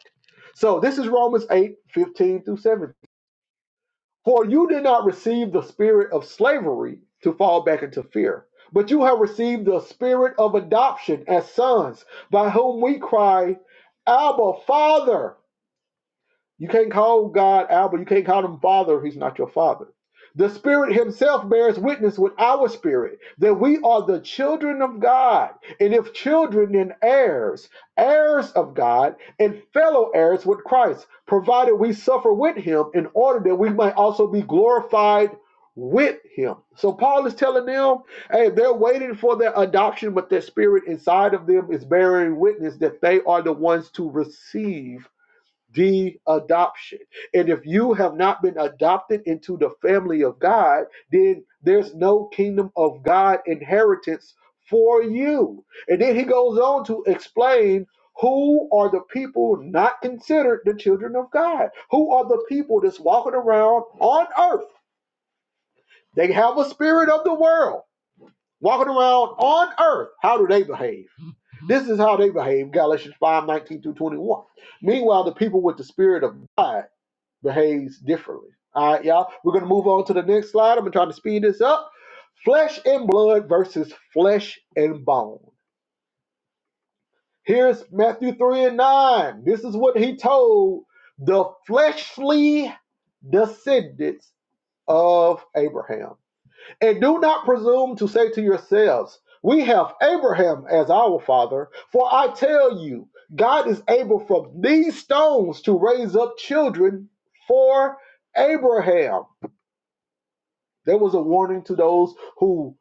So this is Romans 8 15 through 17. For you did not receive the spirit of slavery to fall back into fear, but you have received the spirit of adoption as sons, by whom we cry, Abba, Father. You can't call God Abba. You can't call him Father he's not your Father. The Spirit Himself bears witness with our spirit that we are the children of God. And if children, then heirs, heirs of God, and fellow heirs with Christ, provided we suffer with Him in order that we might also be glorified with Him. So Paul is telling them, hey, they're waiting for their adoption, but their spirit inside of them is bearing witness that they are the ones to receive the adoption. And if you have not been adopted into the family of God, then there's no kingdom of God inheritance for you. And then he goes on to explain who are the people not considered the children of God? Who are the people that's walking around on earth? They have a spirit of the world. Walking around on earth, how do they behave? This is how they behave, Galatians 5 19 through 21. Meanwhile, the people with the spirit of God behaves differently. All right, y'all. We're gonna move on to the next slide. I'm gonna try to speed this up. Flesh and blood versus flesh and bone. Here's Matthew 3 and 9. This is what he told the fleshly descendants of Abraham. And do not presume to say to yourselves, We have Abraham as our father, for I tell you, God is able from these stones to raise up children for Abraham. There was a warning to those who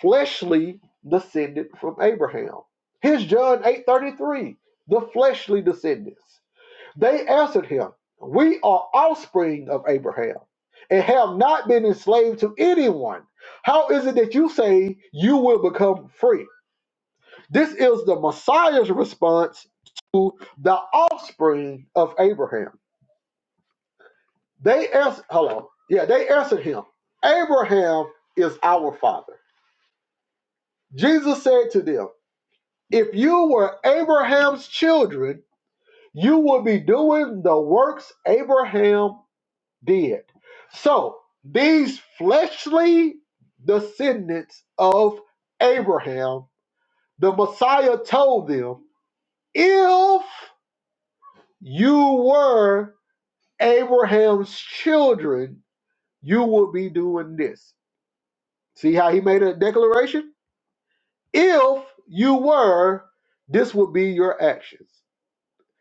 fleshly descended from Abraham. Here's John 8:33, the fleshly descendants. They answered him, We are offspring of Abraham and have not been enslaved to anyone. How is it that you say you will become free? This is the Messiah's response to the offspring of Abraham. They answered, hello, yeah, they answered him, Abraham is our father. Jesus said to them, If you were Abraham's children, you would be doing the works Abraham did. So these fleshly descendants of Abraham, the Messiah told them, If you were Abraham's children, you would be doing this. See how he made a declaration? If you were, this would be your actions.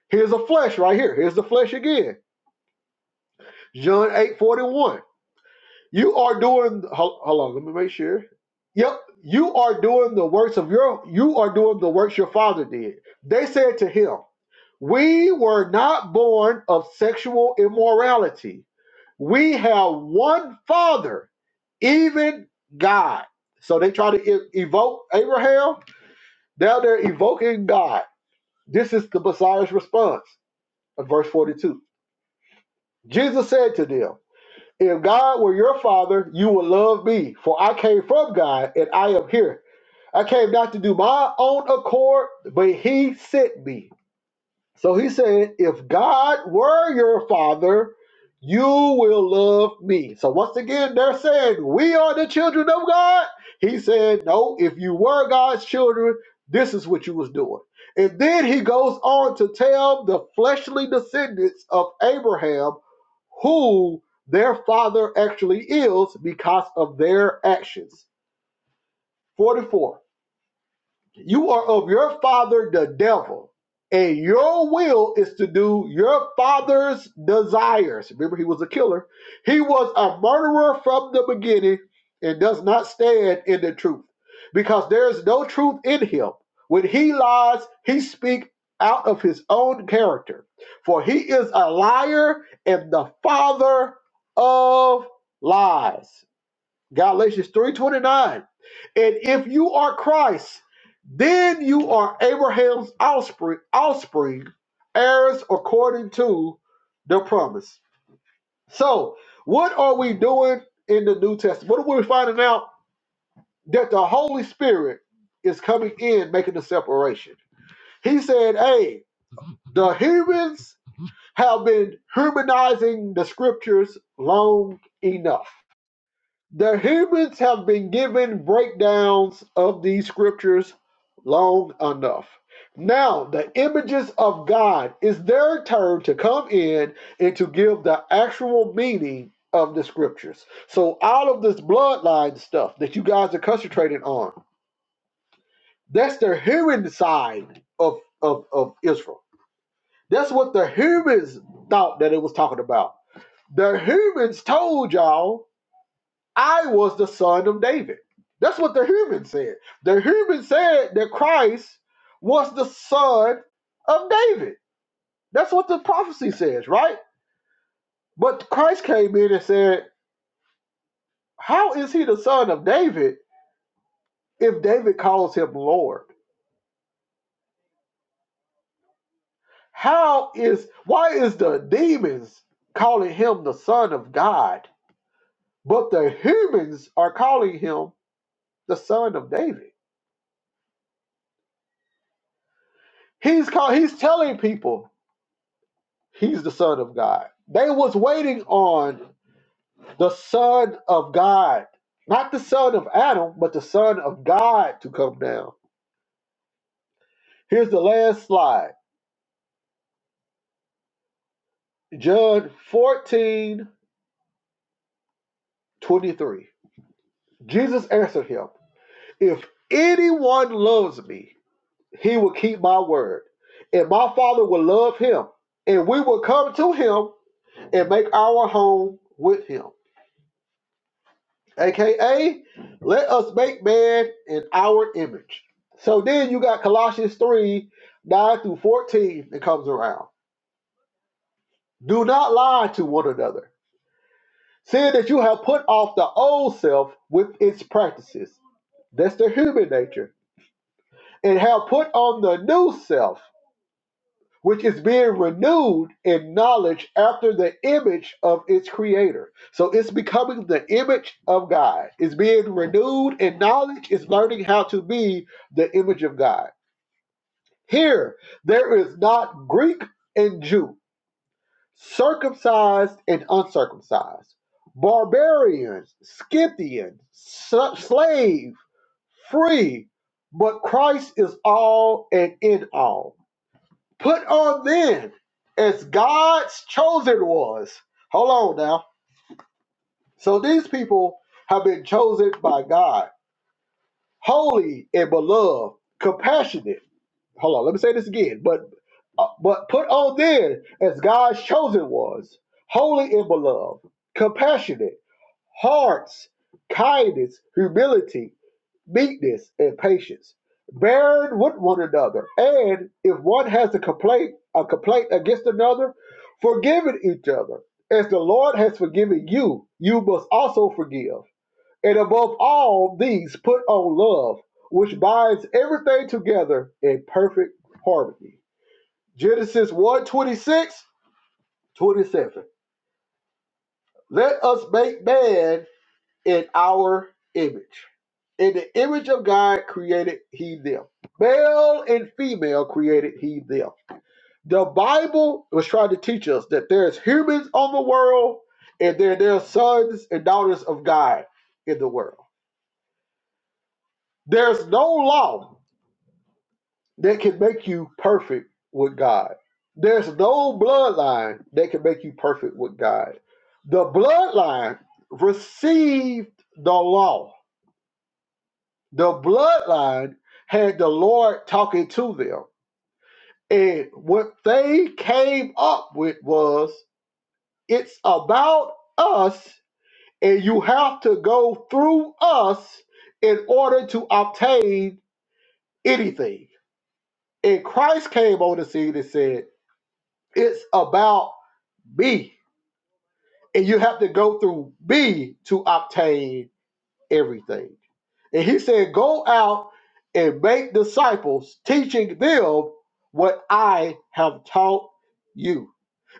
Here's a flesh right here. Here's the flesh again. John eight forty one. You are doing, hol- hold on, let me make sure. Yep, you are doing the works of your, you are doing the works your father did. They said to him, We were not born of sexual immorality. We have one father, even God. So they try to e- evoke Abraham. Now they're evoking God. This is the Messiah's response of verse 42. Jesus said to them, If God were your father, you would love me, for I came from God and I am here. I came not to do my own accord, but he sent me. So he said, if God were your father, you will love me. So once again, they're saying, we are the children of God. He said, no, if you were God's children, this is what you was doing. And then he goes on to tell the fleshly descendants of Abraham who their father actually is because of their actions. 44. You are of your father, the devil, and your will is to do your father's desires. Remember, he was a killer. He was a murderer from the beginning and does not stand in the truth because there is no truth in him. When he lies, he speaks out of his own character, for he is a liar and the father of lies. Galatians 3:29. And if you are Christ, then you are Abraham's offspring, offspring, heirs according to the promise. So, what are we doing in the New Testament? What are we finding out that the Holy Spirit is coming in, making the separation? He said, "Hey, the humans have been humanizing the scriptures long enough." The humans have been given breakdowns of these scriptures long enough. Now, the images of God is their turn to come in and to give the actual meaning of the scriptures. So, all of this bloodline stuff that you guys are concentrating on, that's the human side of, of, of Israel. That's what the humans thought that it was talking about. The humans told y'all I was the son of David. That's what the human said. The human said that Christ was the son of David. That's what the prophecy says, right? But Christ came in and said, How is he the son of David if David calls him Lord? How is, why is the demons calling him the son of God, but the humans are calling him the son of David? He's call, he's telling people He's the Son of God. They was waiting on the Son of God, not the Son of Adam, but the Son of God to come down. Here's the last slide John 14 23. Jesus answered him, If anyone loves me, he will keep my word, and my Father will love him, and we will come to him and make our home with him. aka let us make man in our image. So then you got Colossians 3 9 through 14 that comes around. Do not lie to one another, seeing that you have put off the old self with its practices. That's the human nature. And have put on the new self which is being renewed in knowledge after the image of its creator. So it's becoming the image of God. It's being renewed in knowledge, it's learning how to be the image of God. Here, there is not Greek and Jew, circumcised and uncircumcised, barbarians, Scythians, slave, free, but Christ is all and in all. Put on then as God's chosen ones. Hold on now. So these people have been chosen by God, holy and beloved, compassionate. Hold on, let me say this again. But uh, but put on then as God's chosen ones, holy and beloved, compassionate, hearts, kindness, humility, meekness, and patience, bearing with one another, and if one has a complaint, a complaint against another, forgiving each other, as the Lord has forgiven you, you must also forgive. And above all these, put on love, which binds everything together in perfect harmony. Genesis one 26 27. Let us make man in our image. In the image of God created he them. Male and female created he them. The Bible was trying to teach us that there's humans on the world and there there's sons and daughters of God in the world. There's no law that can make you perfect with God. There's no bloodline that can make you perfect with God. The bloodline received the law The bloodline had the Lord talking to them. And what they came up with was it's about us, and you have to go through us in order to obtain anything. And Christ came on the scene and said, It's about me, and you have to go through me to obtain everything. And he said, Go out and make disciples, teaching them what I have taught you.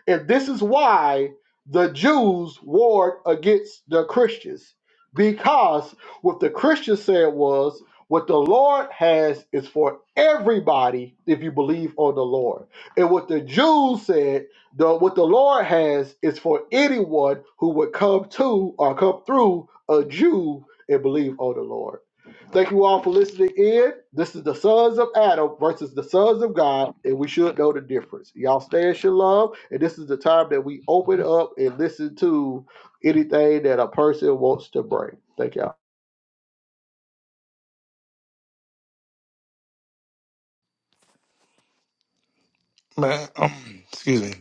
And this is why the Jews warred against the Christians, because what the Christians said was, what the Lord has is for everybody if you believe on the Lord. And what the Jews said, the, what the Lord has is for anyone who would come to or come through a Jew and believe on the Lord. Thank you all for listening in. This is the sons of Adam versus the sons of God, and we should know the difference. Y'all stay in shalom, and this is the time that we open up and listen to anything that a person wants to bring. Thank y'all.
Man, um, excuse me.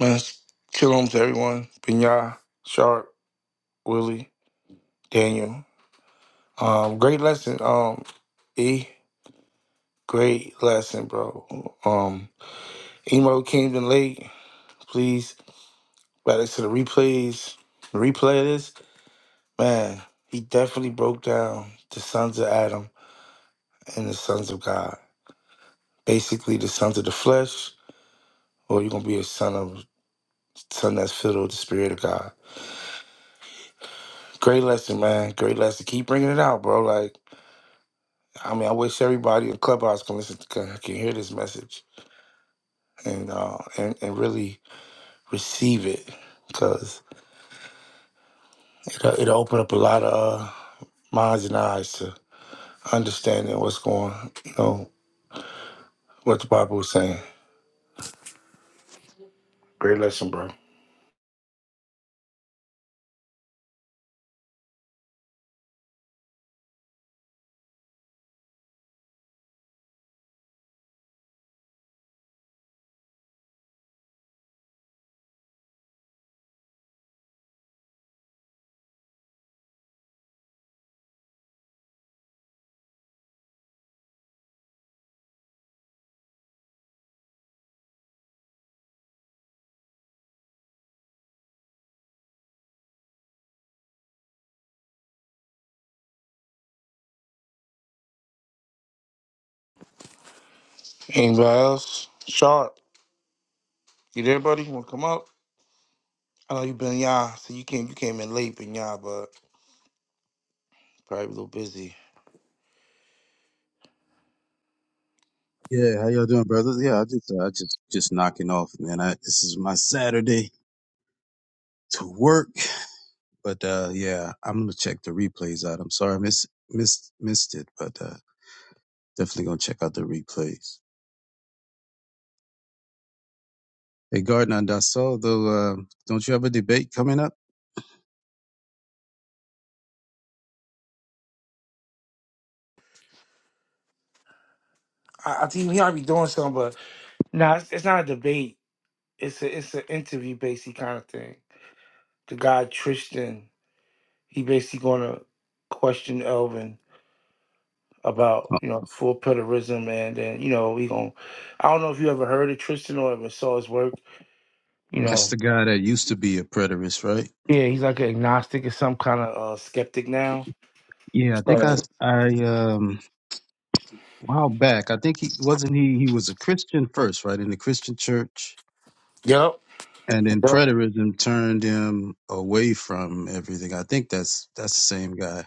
Man, shalom to everyone. Pinya, Sharp, Willie, Daniel. Um, great lesson. Um, E, great lesson, bro. Um, emo came in late. Please, back to the replays. The replay of this, man. He definitely broke down the sons of Adam and the sons of God. Basically, the sons of the flesh, or you're gonna be a son of son that's filled with the spirit of God Great lesson, man. Great lesson. Keep bringing it out, bro. Like, I mean, I wish everybody in Clubhouse can listen, can, can hear this message and uh and, and really receive it, because it it'll, it'll open up a lot of uh, minds and eyes to understanding what's going, you know, what the Bible was saying. Great lesson, bro. Anybody else? Sharp, you there, buddy? You want to come up? I know you been y'all, so you came you came in late, bbeen y'all, but probably a little busy.
Yeah, how y'all doing, brothers? Yeah, I just, uh, I just, just knocking off, man. I, this is my Saturday to work, but uh, yeah, I'm gonna check the replays out. I'm sorry, I miss, missed, missed it, but uh, definitely gonna check out the replays. Hey, Gardner, and I saw though, uh, don't you have a debate coming up?
I, I think you might be doing something, but no, it's, it's not a debate it's a it's an interview basically kind of thing. The guy Tristan, he basically gonna question Elvin about
Oh,
you know full preterism, and then you know he gonna. I don't know if you ever heard of Tristan or ever saw his work. You
That's
know,
the guy that used to be a preterist, right?
yeah, he's like an agnostic or some kind of uh, skeptic now.
Yeah, I think I
So
I um a while back. I think he wasn't he he was a Christian first, right? In the Christian church.
yep,
And then
yep,
preterism turned him away from everything. I think that's that's the same guy.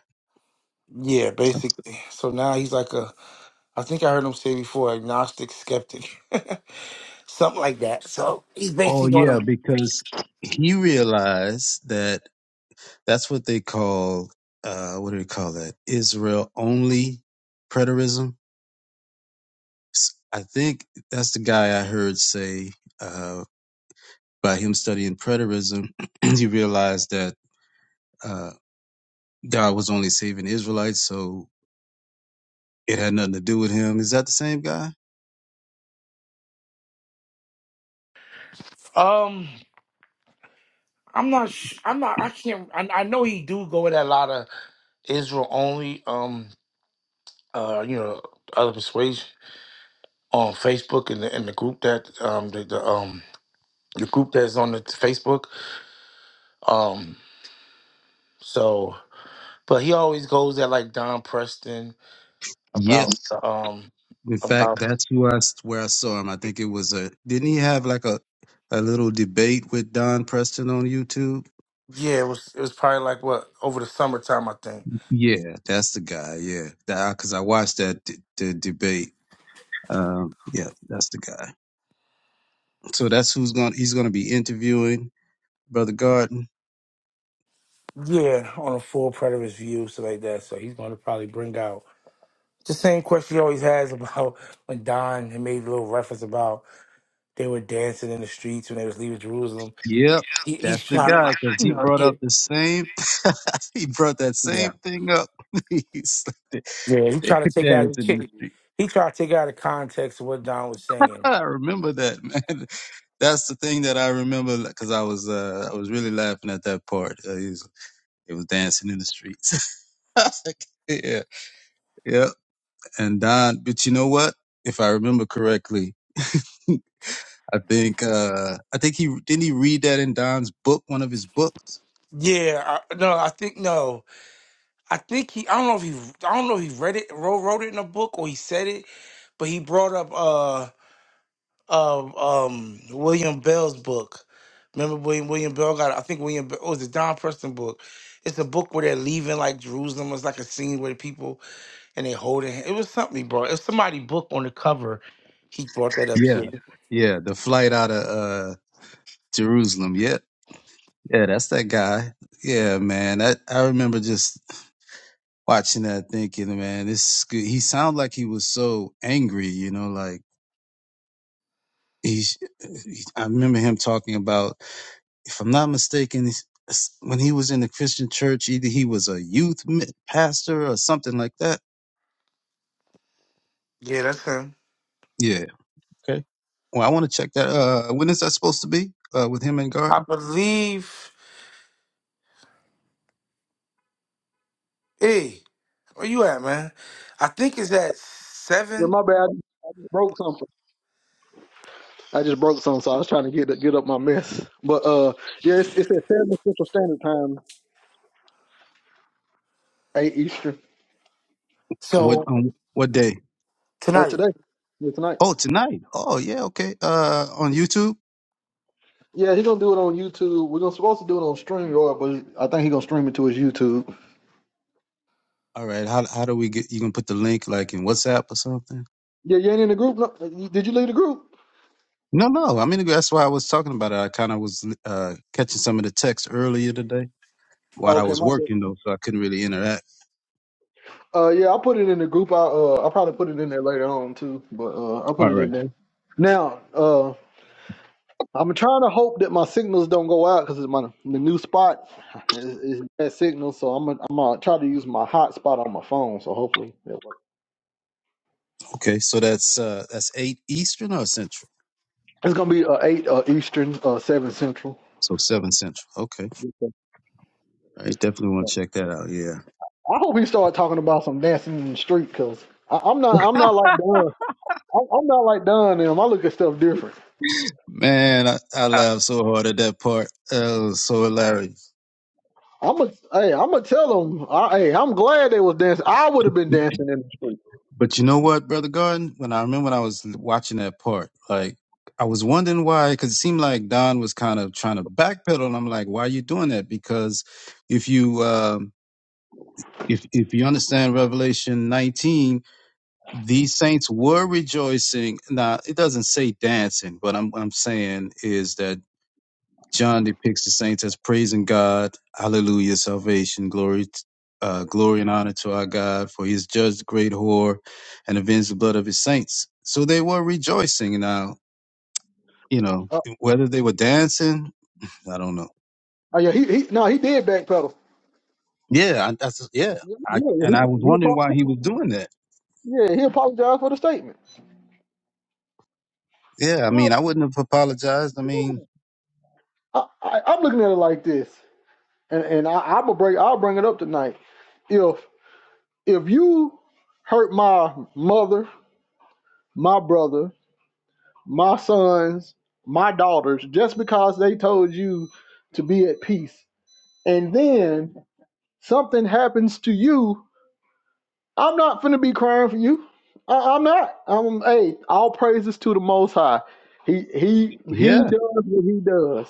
yeah, basically. So now he's like a. I think I heard him say before, agnostic skeptic, something like that. So he's
Oh
basically
yeah,
gonna.
because he realized that that's what they call uh what do they call that? Israel only preterism. S- I think that's the guy I heard say uh, by him studying preterism, he realized that uh, God was only saving Israelites, so it had nothing to do with him. Is that the same guy?
Um. I'm not. sh- I'm not. I can't. I, I know he do go with a lot of Israel only. Um. Uh. You know, other persuasion on Facebook and the and the group that um the, the um the group that's on the Facebook. Um. So, but he always goes at like Don Preston
Yeah,
about the, um
In fact,
about
that's who I s- where I saw him. I think it was a. Didn't he have like a a little debate with Don Preston on YouTube?
yeah. It was it was probably like what over the summertime I think.
Yeah, that's the guy. Yeah, because I watched that d- the debate. Um, yeah, that's the guy. So that's who's going. to He's going to be interviewing Brother Garden.
Yeah, on a full preterist view, so like that. So he's going to probably bring out. the same question he always has about when Don had made a little reference about they were dancing in the streets when they was leaving Jerusalem.
Yep,
He, he's
that's the
trying to, like,
guy because
you
he
know,
brought
yeah,
up the same. he brought that same
yeah,
thing up. he's like,
yeah. He
they
trying to
were
take out.
dancing in the street.
He tried to take out of context of what Don was saying.
I remember that, man. That's the thing that I remember because I was uh, I was really laughing at that part. Uh, he was he was dancing in the streets. yeah, yeah. And Don, but you know what? If I remember correctly, I think uh, I think he didn't he read that in Don's book, one of his books.
Yeah, I, no, I think no, I think he. I don't know if he. I don't know if he read it, wrote, wrote it in a book, or he said it. But he brought up. um, um, William Bell's book. Remember William William Bell got I think William Bell oh, it was the Don Preston book. It's a book where they're leaving like Jerusalem. It's like a scene where the people and they holding hand. It was something he brought. It was somebody book on the cover. He brought that up
Yeah,
too.
yeah. The flight out of uh, Jerusalem. Yeah, yeah. That's that guy. Yeah, man. That I remember just watching that thinking, man, this is good. He sounded like he was so angry, you know, like he's, he, I remember him talking about, if I'm not mistaken, he's- when he was in the Christian church, either he was a youth mi- pastor or something like that.
Yeah, that's him.
Yeah. Okay. Well, I want to check that. Uh, when is that supposed to be? Uh, with him and
I
Garden?
believe. Hey, where you at, man? I think it's at
Yeah,
seven.
my bad. I just broke something. I just broke something, so I was trying to get get up my mess. But uh, yeah, it's, it's at seven Central Standard Time, eight Eastern.
Uh, What,
So
on what day?
Uh,
tonight.
today, yeah, tonight.
Oh, tonight. Oh, yeah. Okay. Uh, on YouTube.
Yeah, he's gonna do it on YouTube. We're gonna supposed to do it on StreamYard, but I think he's gonna stream it to his YouTube.
All right. How, how do we get, you gonna put the link like in WhatsApp or something?
Yeah, you ain't in the group. No, did you leave the group?
No, no. I mean, that's why I was talking about it. I kind of was uh, catching some of the text earlier today
Oh,
while I
okay,
was
my bad.
working, though, so I couldn't really interact.
Uh, yeah, I put it in the group. I uh, I probably put it in there later on too, but uh, I put
All
it in
right.
there. Now, uh, I'm trying to hope that my signals don't go out because my the new spot is, is bad signal, so I'm gonna, I'm gonna try to use my hotspot on my phone. So hopefully, that works.
Okay. So that's uh, that's eight Eastern or Central.
it's gonna be uh, eight uh, Eastern, uh, seven Central.
So seven Central. Okay. I definitely want to check that out. Yeah.
I hope he start talking about some dancing in the street because I'm not I'm not like Don. I'm, I'm not like Don. Them. I look at stuff different.
Man, I, I laughed so hard at that part. Uh, it was so hilarious.
I'm a, hey, I'm gonna tell him. I, hey, I'm glad they was dancing. I would have been dancing in the street.
But you know what, brother Garden? When I remember when I was watching that part, like I was wondering why, because it seemed like Don was kind of trying to backpedal, and I'm like, why are you doing that? Because if you um if if you understand Revelation 19, these saints were rejoicing. Now it doesn't say dancing, but I'm I'm saying is that John depicts the saints as praising God, Hallelujah, salvation, glory, t- uh, glory and honor to our God, for He has judged the great whore, and avenged the blood of His saints. So they were rejoicing. Now you know
Uh,
whether they were dancing, I don't know.
oh yeah, he, he no, he did backpedal.
Yeah, I, that's yeah.
Yeah,
I,
he,
and I was
he,
wondering why
apo-
he was doing that.
yeah, he apologized for the statement.
Yeah, I
Oh,
mean, I wouldn't have apologized. I mean,
yeah. I, I, I'm looking at it like this, and and I, I'm gonna break. I'll bring it up tonight. If if you hurt my mother, my brother, my sons, my daughters, just because they told you to be at peace, and then something happens to you I'm not finna be crying for you. I, I'm not. I'm hey, all praises to the Most High. He he he
Yeah,
does what he does,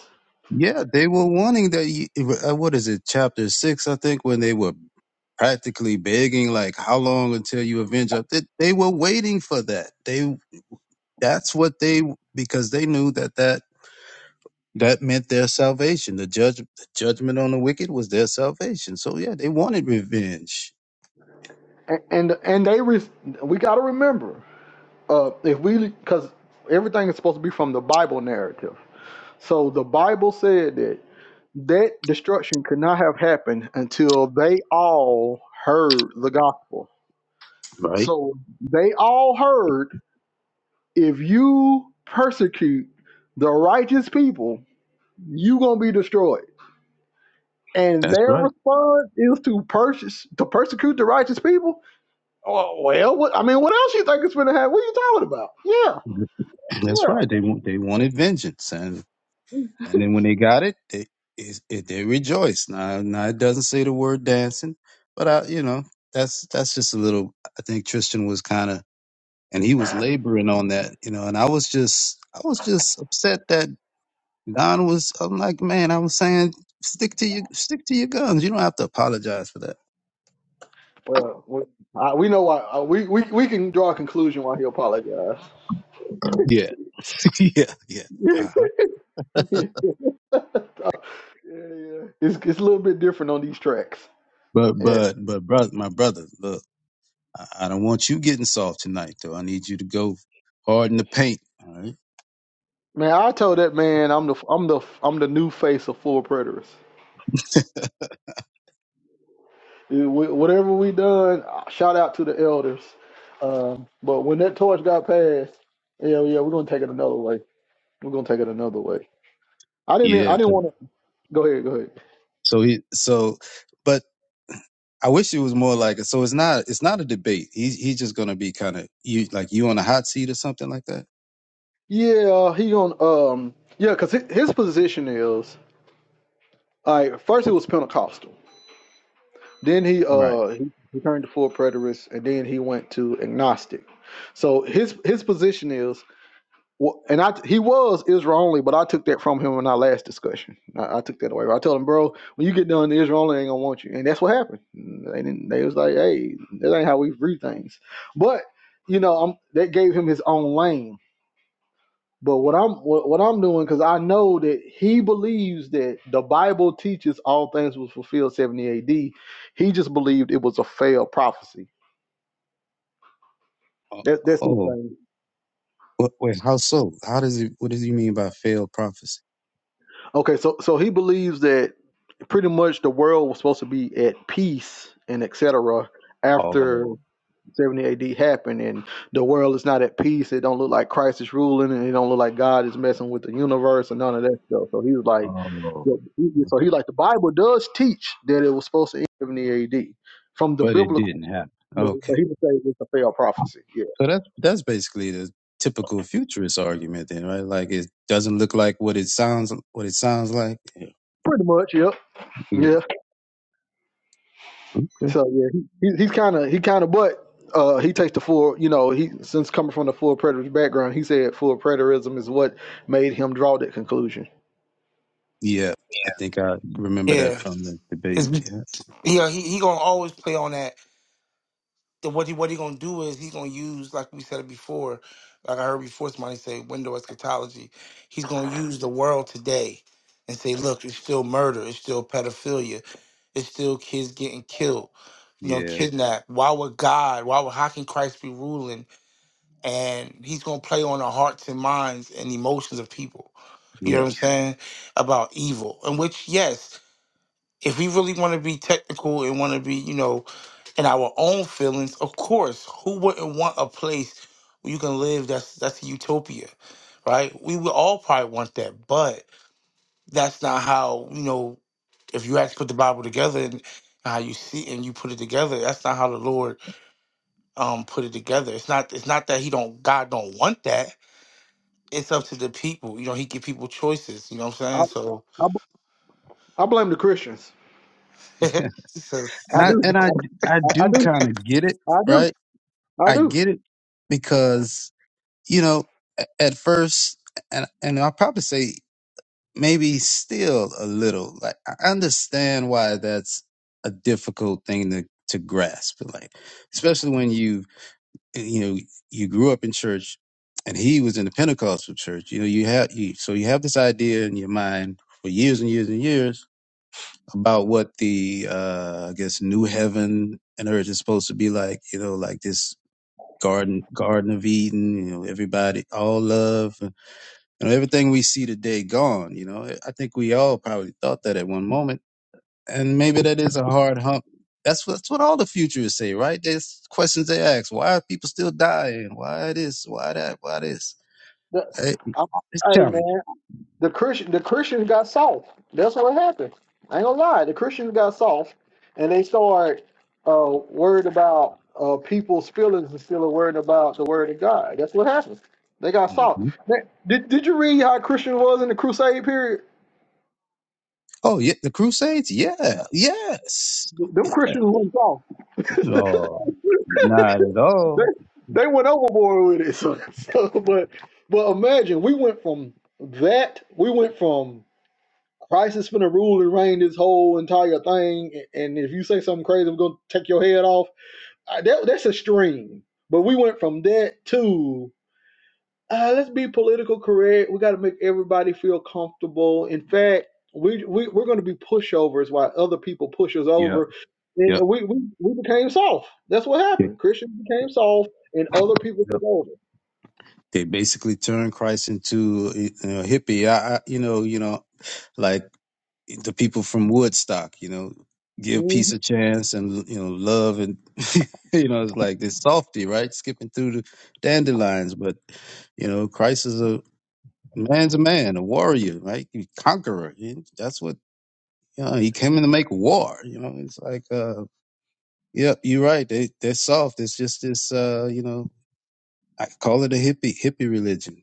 yeah, they were wanting that. you- uh, What is it, chapter six? I think when they were practically begging, like, "How long until you avenge?" us?" They, they were waiting for that. They that's what they because they knew that that that meant their salvation. The judge, the judgment on the wicked was their salvation. So yeah, they wanted revenge.
and and, and they re, we got to remember uh if we because everything is supposed to be from the Bible narrative. So the Bible said that that destruction could not have happened until they all heard the gospel.
Right.
So they all heard if you persecute the righteous people you gonna be destroyed. And
That's
their
right.
response is to purchase to persecute the righteous people. Oh, well, what I mean, what else you think it's gonna happen? What are you talking about? Yeah,
That's
well,
right. They want they wanted vengeance, and And then when they got it, they it, it, they rejoiced. Now, now it doesn't say the word dancing, but I, you know, that's that's just a little. I think Tristan was kind of, and he was laboring on that, you know. And I was just, I was just upset that Don was. I'm like, man, I was saying, stick to your, stick to your guns. You don't have to apologize for that.
well, we, I, we know why. Uh, we, we we can draw a conclusion why he apologized.
Yeah, yeah, yeah.
yeah,
Uh-huh.
yeah. It's it's a little bit different on these tracks.
But
Yeah,
but but brother, my brother, look, I, I don't want you getting soft tonight, though. I need you to go hard in the paint. All right.
man, I told that man I'm the I'm the I'm the new face of full preterists. It- wh- Whatever we done, uh, shout out to the elders. Um, but when that torch got passed, yeah, yeah, we're gonna take it another way. We're gonna take it another way. I didn't, e-
Yeah,
I
'cause
didn't want to. Go ahead, go ahead.
So he so but I wish it was more like so it's not it's not a debate. He's he's just gonna be kind of you like you on a hot seat or something like that.
Yeah, uh, he gonna, um, yeah, cause hi- his position is, like, first it was Pentecostal, then he,
Right.
uh, he, he turned to full preterist, and then he went to agnostic. So his his position is Well, and I he was Israel only, but I took that from him in our last discussion. I, I took that away. I told him, bro, when you get done, Israel only ain't gonna want you, and that's what happened. They didn't. They was like, hey, that ain't how we read things. But you know, i that gave him his own lane. But what I'm what, what I'm doing because I know that he believes that the Bible teaches all things was fulfilled 70 A.D. He just believed it was a failed prophecy.
Oh,
That, that's his
oh
thing.
wait, wait, how so? How does he? what does he mean by failed prophecy?
Okay, so so he believes that pretty much the world was supposed to be at peace and etc. After
Oh,
70 AD happened, and the world is not at peace. It don't look like Christ is ruling, and it don't look like God is messing with the universe and none of that stuff. So he was like,
oh,
yeah, he- so he
okay.
like the Bible does teach that it was supposed to end 70 AD from the
But it
biblical,
didn't happen.
you know, but
Okay.
he would say it's a failed prophecy. Yeah,
So that's that's basically the typical futurist argument then, right? Like it doesn't look like what it sounds what it sounds like. Yeah.
pretty much. Yep. Yeah.
yeah. Okay.
So yeah, he, he- he's kind of he kind of but uh, he takes the full you know he since coming from the full preterist background, he said full preterism is what made him draw that conclusion.
Yeah. I think I remember that
Yeah,
from the debate.
it's,
Yeah.
yeah. He he gonna always play on that then what he what he gonna do is he's gonna use like we said it before, like I heard before somebody say window eschatology. He's gonna use the world today and say, look, it's still murder, it's still pedophilia, it's still kids getting killed, you know,
Yeah.
kidnapped. Why would God? Why would how can Christ be ruling? And he's gonna play on the hearts and minds and emotions of people. You know
Yeah.
what I'm saying about evil, and which yes, if we really want to be technical and want to be, you know and our own feelings, of course, who wouldn't want a place where you can live that's that's a utopia, right? We would all probably want that, but that's not how, you know, if you actually put the Bible together and how you see it and you put it together, that's not how the Lord um put it together. It's not it's not that he don't God don't want that. It's up to the people. You know, he give people choices, you know what
I
I'm saying? So,
I I blame the Christians.
so
I
And I
do.
and I I
I, I
do
do.
kind of get it,
I do.
right?
I
I
do.
get it because you know a- at first, and and I'll probably say maybe still a little. Like I understand why that's a difficult thing to to grasp, like especially when you you know you grew up in church, and he was in the Pentecostal church. You know you have you so you have this idea in your mind for years and years and years about what the uh I guess new heaven and earth is supposed to be like, you know, like this garden garden of Eden, you know, everybody all love and you know, everything we see today gone, you know. I think we all probably thought that at one moment. And maybe that is a hard hump. That's what, that's what all the futurists say, right? There's questions they ask. Why are people still dying? Why this? Why that? Why this?
The-
Hey,
I,
It's
I- hey man,
challenging.
The Christian the Christians got soft. That's what happened. I ain't gonna lie. The Christians got soft, and they started uh, worried about uh, people's feelings instead of worried about the word of God. That's what happened. They got soft.
hmm
Man, did Did you read how Christian was in the Crusade period?
Oh, yeah. The Crusades? Yeah. Yes.
Them Christians went soft.
No, not at
they
all.
they went overboard with it. So, so but but imagine we went from that. We went from Christ is finna rule and reign this whole entire thing. And if you say something crazy, we're gonna take your head off. Uh, That, that's extreme. But we went from that to uh, let's be political correct. We got to make everybody feel comfortable. In fact, we, we we're gonna be pushovers while other people push us
Yep,
over.
yep,
And we, we we became soft. That's what
yep.
happened. Christians became soft, and other people
yep.
took over.
They basically turned Christ into you know, a hippie. I, I, you know, you know, like the people from Woodstock. You know, give
hmm
peace a chance and you know, love and you know, it's like this softy, right? Skipping through the dandelions, but you know, Christ is a man's a man, a warrior, right? He conqueror. He- That's what you know. He came in to make war. You know, it's like, uh, yeah, you're right. They they're soft. It's just this, uh, you know. I could call it a hippie hippie religion.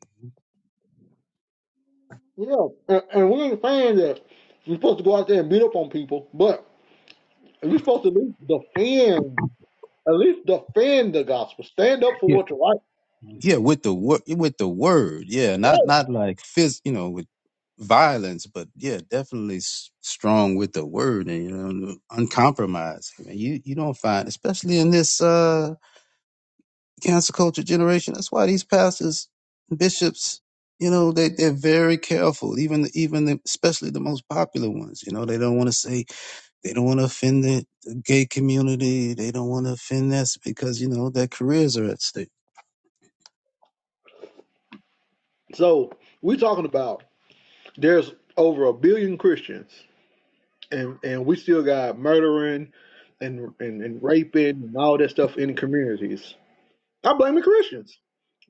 Yeah, and, and we ain't saying that we're supposed to go out there and beat up on people, but. And You're supposed to at least defend, at least defend the gospel. Stand up for
Yeah,
what's right.
Mm. yeah, with the word, with the word, yeah, not
Yeah.
not like phys, you know, with violence, but yeah, definitely s- strong with the word and you know, uncompromising. And you you don't find, especially in this uh cancer culture generation, that's why these pastors, bishops, you know, they they're very careful. Even even the, especially the most popular ones, you know, they don't want to say They don't want to offend the, the gay community. They don't want to offend us because, you know, their careers are at stake.
So we're talking about there's over a billion Christians, and and we still got murdering, and and, and raping and all that stuff in communities. I blame the Christians.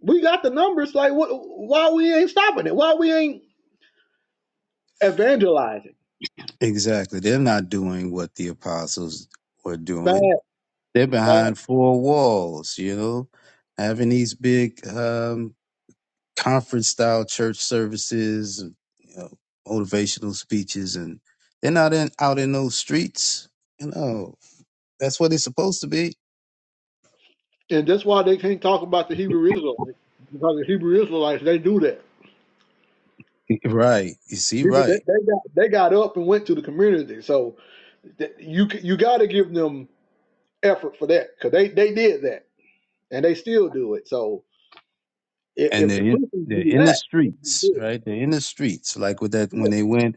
We got the numbers. Like what? Why we ain't stopping it? Why we ain't evangelizing?
Exactly. They're not doing what the apostles were
Fast,
doing. They're
fast.
behind four walls, you know, having these big um, conference style church services, you know, motivational speeches, and they're not in, out in those streets. You know, that's what it's supposed to be.
And that's why they can't talk about the Hebrew Israelites because the Hebrew Israelites they do that.
Right. You see,
People
right.
they, they got they got up and went to the community, so th- you c- you got to give them effort for that because they they did that and they still do it. So if,
and
if the
they're in,
Christians
they're
do
in the
that, they can
streets,
do
right? They're in the streets, like with that when
it.
they went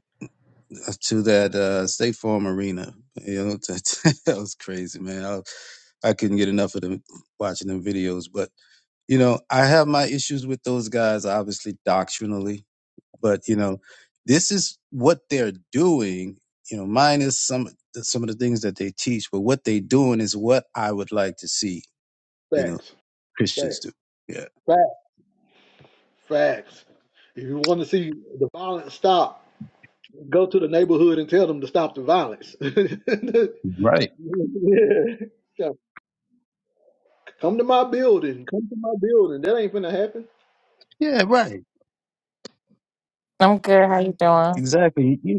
uh, to that uh, State Farm Arena. You know, that, was crazy, man. I, I couldn't get enough of them watching them videos. But you know, I have my issues with those guys, obviously doctrinally. But you know, this is what they're doing. You know, minus some some of the things that they teach, but what they doing is what I would like to see.
yeah,
You know,
facts,
Christians
facts,
do. Yeah.
facts, facts. If you want to see the violence stop, go to the neighborhood and tell them to stop the violence.
Right.
Yeah. Come to my building. Come to my building. That ain't gonna happen.
Yeah. Right.
I'm good. How you doing?
Exactly. You.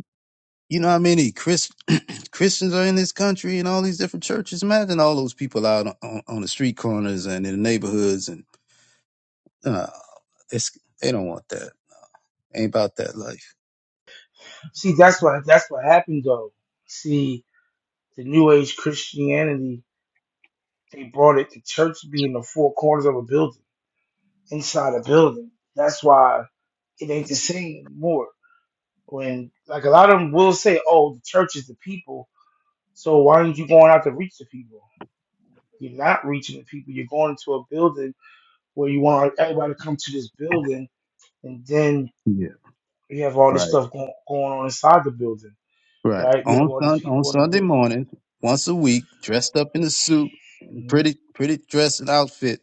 You know how many Chris, Christians are in this country and all these different churches? Imagine all those people out on, on, on the street corners and in the neighborhoods, and uh, it's they don't want that. Ain't about that life.
See, that's what that's what happened though. See, the New Age Christianity They brought it to church being the four corners of a building, inside a building. That's why it ain't the same More When like a lot of them will say, "Oh, the church is the people," so why aren't you going out to reach the people? You're not reaching the people. You're going into a building where you want everybody to come to this building, and then
Yeah,
you have all this
right,
stuff going, going on inside the building,
right.
right? You have
On
all these
sun on
people in the
Sunday
building.
morning, once a week, dressed up in a suit, in
hmm
pretty pretty dress and outfit.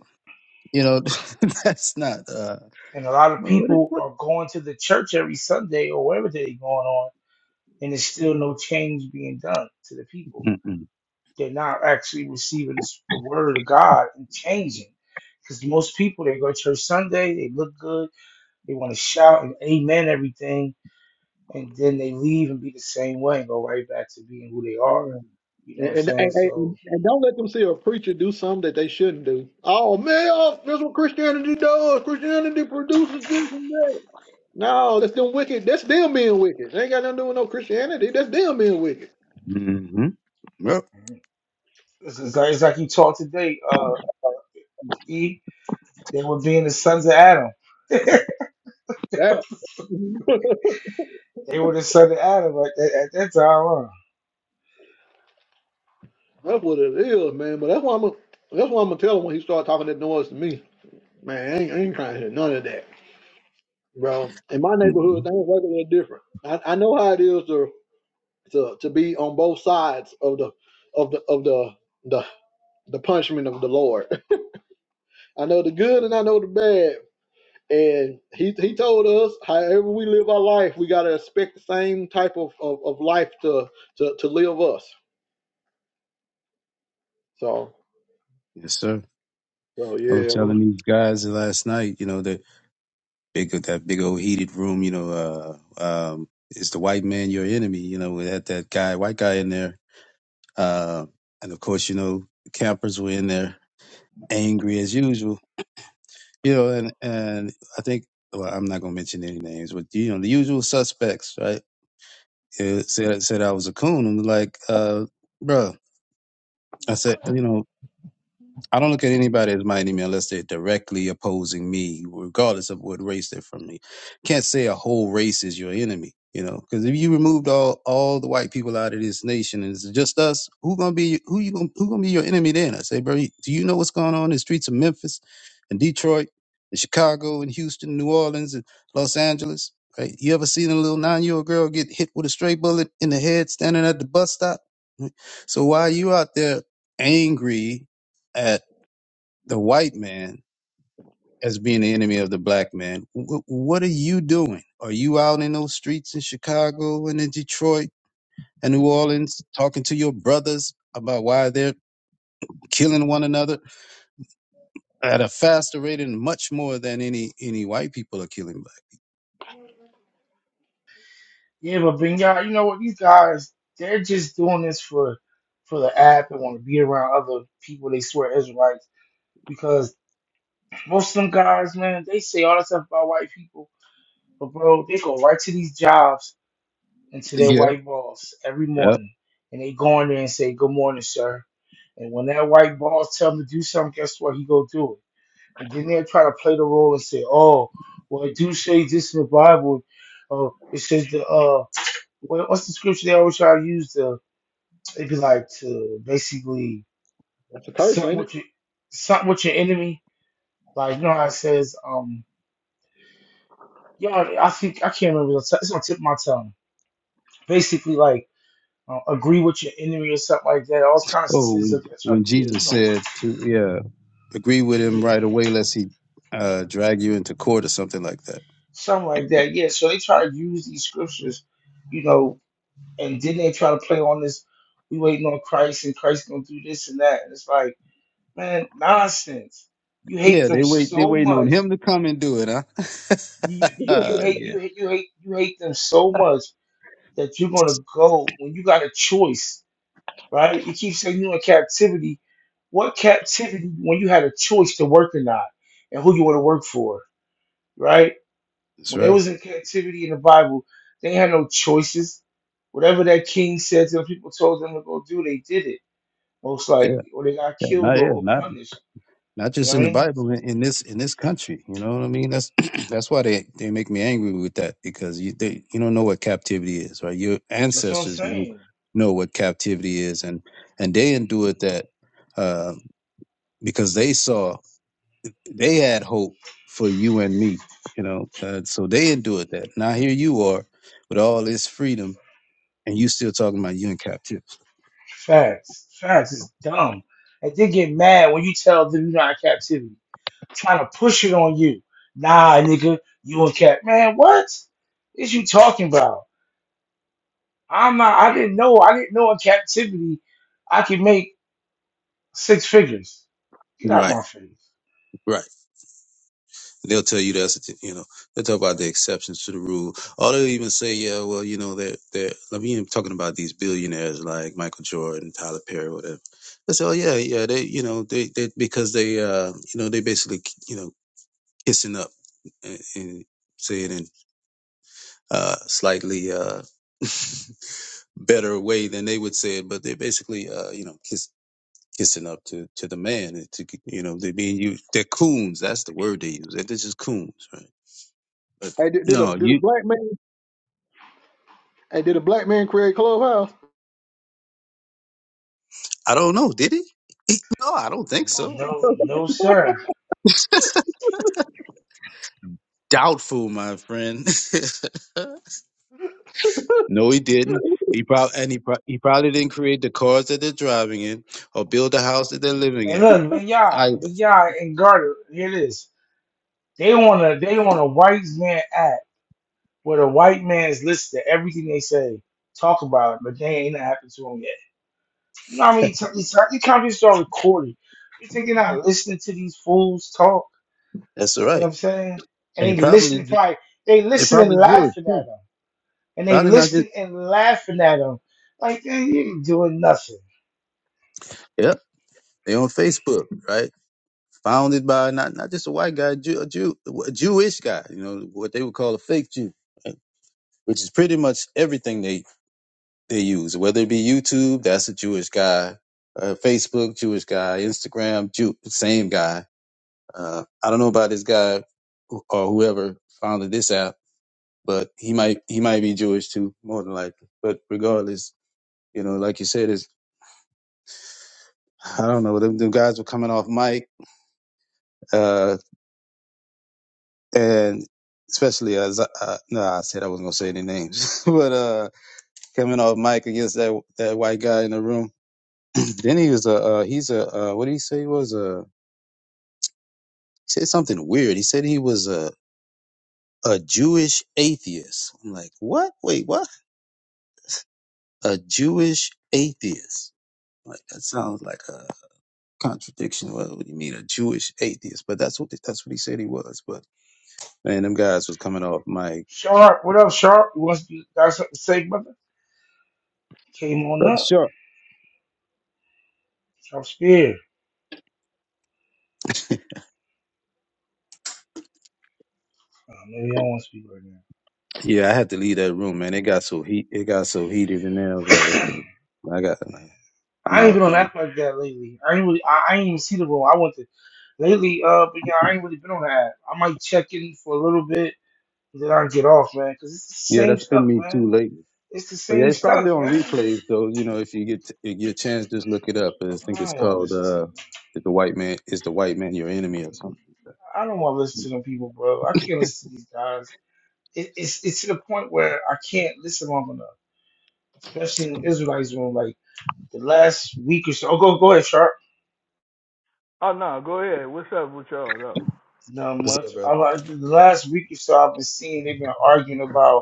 You know, that's not. uh
and a lot of
Well, what? It,
people
what?
are going to the church every Sunday or wherever they're going on and there's still no change being done to the people.
Mm-mm.
They're not actually receiving the, the word of God and changing. Because most people, they go to church Sunday, they look good, they want to shout and amen everything, and then they leave and be the same way and go right back to being who they are.
Yeah.
You know what I'm
And, and,
saying? So
and, and don't let them see a preacher do something that they shouldn't do. Oh man, oh, that's what Christianity does. Christianity produces this and that. No, that's them wicked. That's them being wicked. They ain't got nothing to do with no Christianity. That's them being wicked.
Mm-hmm. Yep.
it's, it's like, it's like you taught today, uh, E. They were being the sons of Adam.
That
They were the son of Adam at, at, at that time. Huh?
that's what it is, man. But that's why I'm. A, that's why I'm gonna tell him when he start talking that noise to me. Man, I ain't, I ain't trying to hear none of that, bro. In my
hmm
neighborhood, things work a little different. I, I know how it is to to to be on both sides of the of the of the the the punishment of the Lord. I know the good and I know the bad. And he he told us, however we live our life, we gotta expect the same type of, of, of life to, to to live us. So
Yes, sir.
so
I was
yeah, well,
telling these guys last night. You know that big that big old heated room, you know, uh um is the white man your enemy, you know, we had that guy, white guy in there. Uh and of course, you know, the campers were in there angry as usual. You know, and and I think well, I'm not gonna mention any names, but you know, the usual suspects, right? It said said I was a coon. I'm like, uh, bruh. I said, you know, I don't look at anybody as my enemy unless they're directly opposing me, regardless of what race they're from me. Can't say a whole race is your enemy, you know, because if you removed all all the white people out of this nation and it's just us, who gonna be who you gonna who gonna be your enemy then? I say, bro, do you know what's going on in the streets of Memphis and Detroit and Chicago and Houston, New Orleans and Los Angeles? Right? You ever seen a little nine year old girl get hit with a stray bullet in the head standing at the bus stop? Right? So why are you out there angry? the white man as being the enemy of the black man. Wh- what are you doing? Are you out in those streets in Chicago and in Detroit and New Orleans talking to your brothers about why they're killing one another at a faster rate and much more than any any white people are killing black?
Yeah, but Ben you know what? These guys, they're just doing this for for the app and want to be around other people they swear Israelites because most of them guys, man, they say all that stuff about white people, but bro, they go right to these jobs and to their
Yeah,
white boss every
yeah.
morning, and they go in there and say, "Good morning, sir." And when that white boss tell him to do something, guess what? He go do it. And then they'll try to play the role and say, "Oh, well, it do say this in the Bible. Uh, it says the uh, well, what's the scripture they always try to use to? It'd be like to basically
that's a curse,
something
ain't it?
with your something with your enemy. Like you know how it says, um, y'all. I think I can't remember. It's it's on the tip of my tongue. Basically, like uh, agree with your enemy or something like that. All kind of
Oh,
sins
when
of that. Try to,
when
yeah,
Jesus
you know,
said to yeah, agree with him
yeah,
right away lest he uh drag you into court or something like that.
something like that. Yeah. So they try to use these scriptures, you know, and then they try to play on this. We waiting on Christ, and Christ gonna do this and that. And it's like, man, nonsense. You hate
Yeah,
them
they wait they
so
waiting on
much
him to come and do it, huh?
You, you you hate
yeah.
you hate you hate you hate them so much that you're gonna go when you got a choice, right? You keep saying you're in captivity. What captivity when you had a choice to work or not, and who you want to work for, right?
That's
When they
right.
was in captivity in the Bible, they had no choices. Whatever that king said to the people, told them to go do, they did it. Most
Yeah.
likely, or they got
Yeah,
killed
not
or,
yeah,
or
not
punished.
not
You
just
know what
in
I
the
mean?
Bible, in, in this in this country. You know what I mean? That's that's why they they make me angry with that because you they you don't know what captivity is, right? Your
That's what I'm
ancestors knew
saying.
know what captivity is, and and they endured that uh, because they saw they had hope for you and me. You know, uh, so they endured that. Now here you are with all this freedom, and you still talking about you in captivity.
Facts. Facts is dumb. And they get mad when you tell them you're not in captivity, trying to push it on you. Nah, nigga, you in cap. Man, what is you talking about? I'm not, I didn't know. I didn't know in captivity I could make six figures. Get out
Right,
my face.
right. They'll tell you that's you know they'll talk about the exceptions to the rule. Or they'll even say, yeah, well, you know, they're they're. I mean, talking about these billionaires like Michael Jordan, Tyler Perry, whatever. They say, oh yeah, yeah, they you know they they because they uh you know they basically you know. hissing up and, and say it in uh, slightly uh, better way than they would say it, but they're basically, uh, you know, kiss, kissing up to, to the man. and To you know, they're being used. They're coons. That's the word they use. They're just coons, right? But
hey, did, did a
no,
did a
you.
black man? Hey, did a black man create clubhouse?
I don't know. Did he? he No, I don't think so.
No, no, sir.
Doubtful, my friend. no, he didn't. He probably and he, prob- he probably didn't create the cars that they're driving in or build the house that they're living
And
in
look, Big Yah,
either.
Big Yah and Garter, here it is. They want to, they want a white man act. where the white man's listed everything they say, talk about it, but they ain't not happened to them yet. You know what I mean? These these companies are recording. You think you're not listening to these fools talk?
That's all
You know what
right.
I'm saying?
And he
And they
probably
listening, probably they
They're
listening,
probably Jewish
laughing at
too.
them, and they
Probably not just.
listening and laughing at them. Like man, you ain't doing nothing.
Yep, they on Facebook, right? Founded by not not just a white guy, Jew, a Jew, a Jewish guy. You know what they would call a fake Jew, right? which is pretty much everything they they use. Whether it be YouTube, that's a Jewish guy. Uh, Facebook, Jewish guy. Instagram, Jew, same guy. Uh, I don't know about this guy who- or whoever founded this app, but he might he might be Jewish too, more than likely. But regardless, you know, like you said, is I don't know. Them, them guys were coming off mic uh, and especially as I, uh, no, I said I wasn't gonna say any names, but uh, coming off mic against that that white guy in the room. then he was a uh, he's a uh, what did he say he was a he said something weird. He said he was a a Jewish atheist. I'm like, what? Wait, what? A Jewish atheist? Like that sounds like a contradiction. What, what do you mean, a Jewish atheist? But that's what that's what he said he was. But man, them guys was coming off mic.
Sharp, what up, Sharp? You want to speak? Got something to say, brother? Came on
But
up.
sure,
Sharp Spear. Oh, maybe I don't want to speak right
Yeah, I had to leave that room, man. It got so heat. It got so heated in there. I was like,
now.
okay, I got. I'm
I ain't
out
been on
now.
app like that lately. I ain't really, I, I ain't even see the room. I went to lately, uh, but yeah, I ain't really been on the app. I might check in for a little bit, then I get off, man, because it's the
Yeah,
same
that's been
stuff,
me
man.
too lately.
It's the
But yeah,
same
it's probably
stuff,
on
man.
replays though. You know, if you get if you get a chance, just look it up. I think
I
it's
don't want to
called
listen to.
uh,
Them.
"Is the White Man Is the White Man Your Enemy" or something.
I don't want to listen to them people, bro. I can't listen to these guys. It, it's it's to the point where I can't listen long enough, especially in the Israelites room. Like the last week or so. Oh, go go ahead, Sharp.
Oh no, go ahead. What's up with y'all though?
Not
What's up,
much.
brother?
I like the last week or so. I've been seeing they've been arguing about.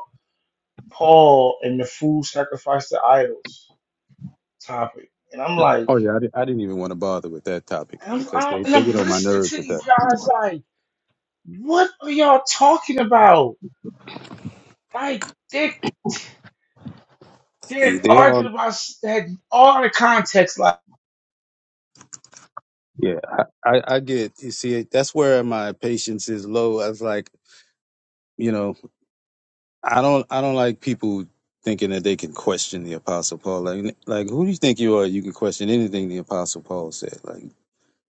Paul and the food sacrificed to idols topic. And I'm like,
Oh yeah, I, di- I didn't even want to bother with that topic,
and
man,
I'm,
because
I'm,
they,
and
they
I'm
get on my
listening
nerves
to
with
these
that.
guys like, what are y'all talking about? Like, they, they're
They
arguing
on,
about s- that all the context. Like,
yeah, I, I, I get. You see, that's where my patience is low. I was like, you know. I don't I don't like people thinking that they can question the Apostle Paul. Like like who do you think you are? You can question anything the Apostle Paul said. Like